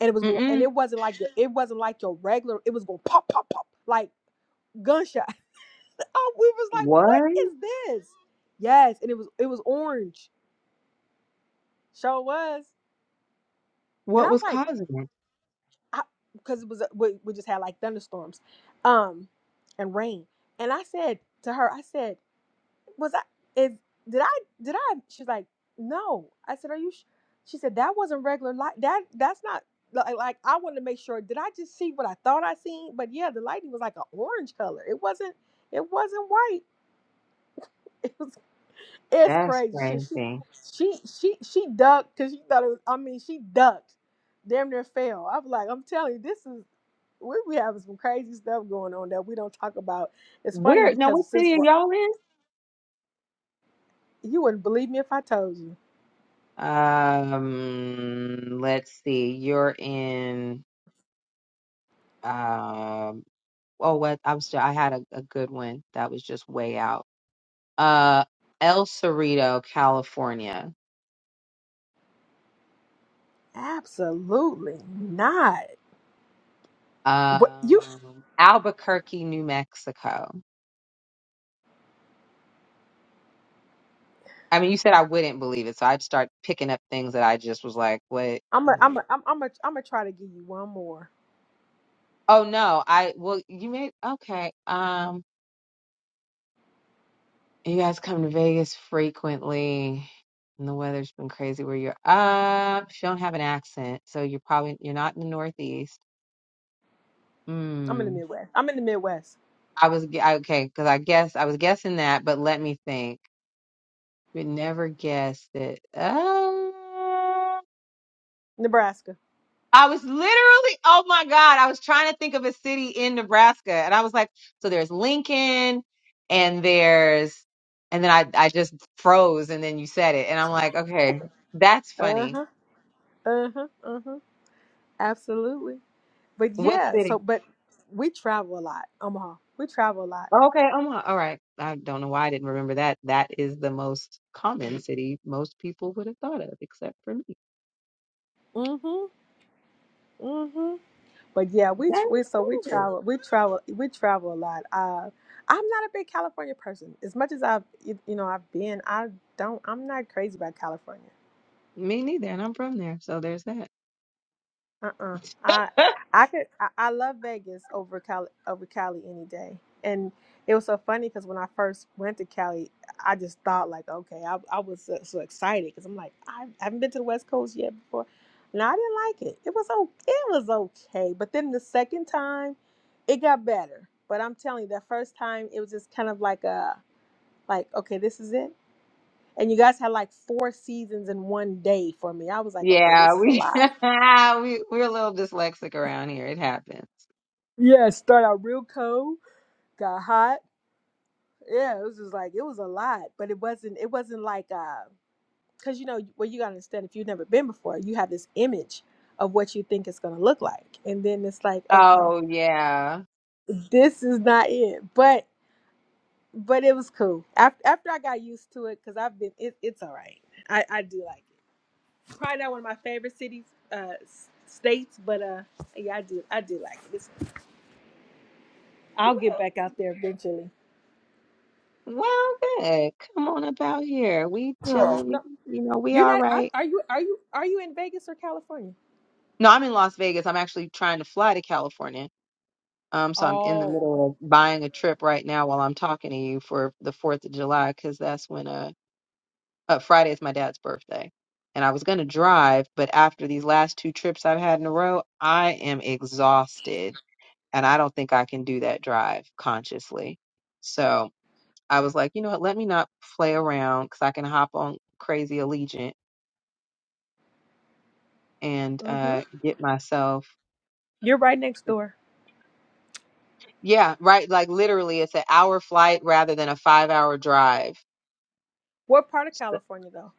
And it was going. And Mm-mm. it wasn't like the, it wasn't like your regular. It was going pop, pop, pop, like gunshot. oh, we was like, What? what is this? Yes, and it was it was orange. Sure was. And I What was was like, causing it? I, because it was we, we just had like thunderstorms, um, and rain. And I said to her, I said, "Was I? Is did I? Did I?" She's like, "No." I said, "Are you?" Sh-? She said, "That wasn't regular light. That that's not like like I wanted to make sure. Did I just see what I thought I seen? But yeah, the lightning was like an orange color. It wasn't. It wasn't white. It was it's That's crazy. Shit, she crazy. she she she ducked because she thought it was. I mean, she ducked, damn near fell. I was like, I'm telling you, this is we we have some crazy stuff going on that we don't talk about. It's funny Where? Now, what because city since are we're, y'all in? you wouldn't believe me if I told you. Um, let's see. You're in. Um. Oh, what? I'm still. I had a, a good one that was just way out. Uh, El Cerrito, California. Absolutely not. What you? Um, Albuquerque, New Mexico. I mean, you said I wouldn't believe it, so I'd start picking up things that I just was like, "What?" I'm I'm a, I'm like, a, I'm I'm a, I'm gonna try to give you one more. oh no, I well, you made okay. Um. You guys come to Vegas frequently, and the weather's been crazy where you're up. You don't have an accent, so you're probably you're not in the Northeast. I'm in the Hmm. Midwest. I'm in the Midwest, I was gu- I- okay because I guess I was guessing that, but let me think. You would never guess that. Uh, Nebraska. I was literally, oh my God, I was trying to think of a city in Nebraska, and I was like, so there's Lincoln, and there's, and then I I just froze, and then you said it, and I'm like, okay, that's Uh funny. huh. Uh huh. Uh huh. Absolutely. But What yeah. So, city? but we travel a lot, Omaha. We travel a lot. Oh, okay, Omaha. All right. I don't know why I didn't remember that. That is the most common city most people would have thought of, except for me. Mm hmm. Mm hmm. But yeah, we That tr- is we so we cool. travel we travel we travel a lot. Uh, I'm not a big California person. As much as I've you you know I've been, I don't I'm not crazy about California. Me neither, and I'm from there, so there's that. Uh-uh. I I could I, I love Vegas over Cali over Cali any day. And it was so funny because when I first went to Cali, I just thought like, okay, I, I was so, so excited because I'm like, I haven't been to the West Coast yet before, and I didn't like it. It was okay. It was okay, but then the second time, it got better. But I'm telling you, that first time it was just kind of like a like, okay, this is it. And you guys had like four seasons in one day for me. I was like, okay, Yeah, this is a we lot. we we're a little dyslexic around here. It happens. Yeah, start out real cold got hot. Yeah, it was just like it was a lot, but it wasn't. It wasn't like uh, because you know what you gotta understand if you've never been before, you have this image of what you think it's gonna look like, and then it's like, okay, Oh yeah. this is not it. But but it was cool. After after I got used to it, because I've been, it, it's all right. I I do like it. Probably not one of my favorite cities, uh, s- states, but uh, yeah, I do I do like it. It's, Well, I'll get back out there eventually. well, good. Come on up out here. We chilling. We, No, you know, we you're all not. I, right. are you? Are you? Are you in Vegas or California? No, I'm in Las Vegas. I'm actually trying to fly to California. Um, so I'm in the Oh, okay. middle of buying a trip right now while I'm talking to you for the 4th of July because that's when uh, uh Friday is my dad's birthday. And I was going to drive, but after these last two trips I've had in a row, I am exhausted and I don't think I can do that drive consciously. So I was like, you know what? Let me not play around because I can hop on Crazy Allegiant and Mm-hmm. uh, get myself. You're right next door. Yeah, right. Like literally, it's an hour flight rather than a five hour drive. What part of California though?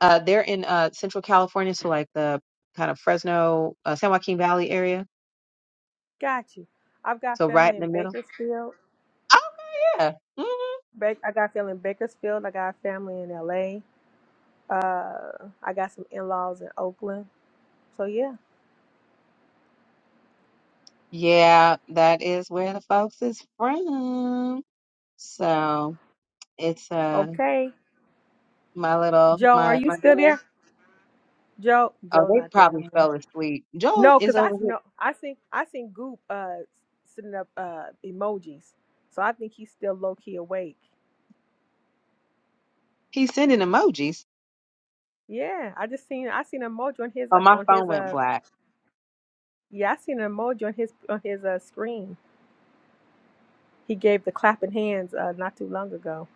Uh, they're in uh, Central California, so like the kind of Fresno, uh, San Joaquin Valley area. Got you. I've got So right family in in the middle. Bakersfield. Oh yeah, Mhm. Ba- I got family in Bakersfield. I got family in LA. Uh, I got some in-laws in Oakland. So yeah. yeah, that is where the folks is from. So it's uh Okay. my little Joe, are my you my still dad. there? Joe, Oh, Joe they not there probably no more. fell asleep. Joel No, is cause I over here. no, I seen I seen Goop uh sending up uh emojis, so I think he's still low key awake. He's sending emojis. Yeah, I just seen I seen an emoji on his Oh, uh, my on phone his went uh black. yeah I seen an emoji on his on his uh screen. He gave the clapping hands uh not too long ago.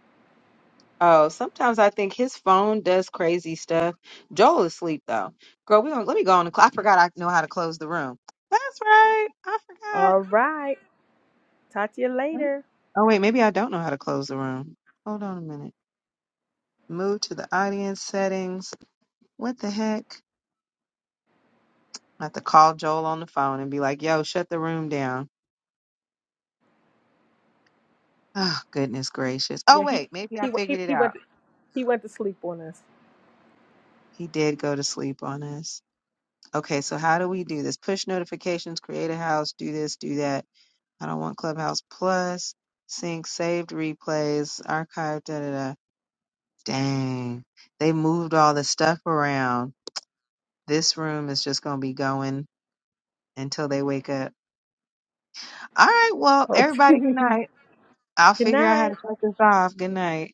Oh, sometimes I think his phone does crazy stuff. Joel is asleep though. Girl, we gonna let me go on the clock. I forgot I know how to close the room. That's right. I forgot. All right, talk to you Hmm. later. Oh wait, maybe I don't know how to close the room. Hold on a minute. Move to the audience settings. What the heck? I have to call Joel on the phone and be like, yo, shut the room down. Oh, goodness gracious. Oh Yeah, he wait, maybe I he he figured it he out. went he went to sleep on us. He did go to sleep on us. Okay, so how do we do this? Push notifications, create a house, do this, do that. I don't want Clubhouse Plus, sync saved replays, archive, da da da. Dang. They moved all the stuff around. This room is just gonna be going until they wake up. All right, well, Oh. everybody good night. I'll Good figure out how night. to shut this off. Good night.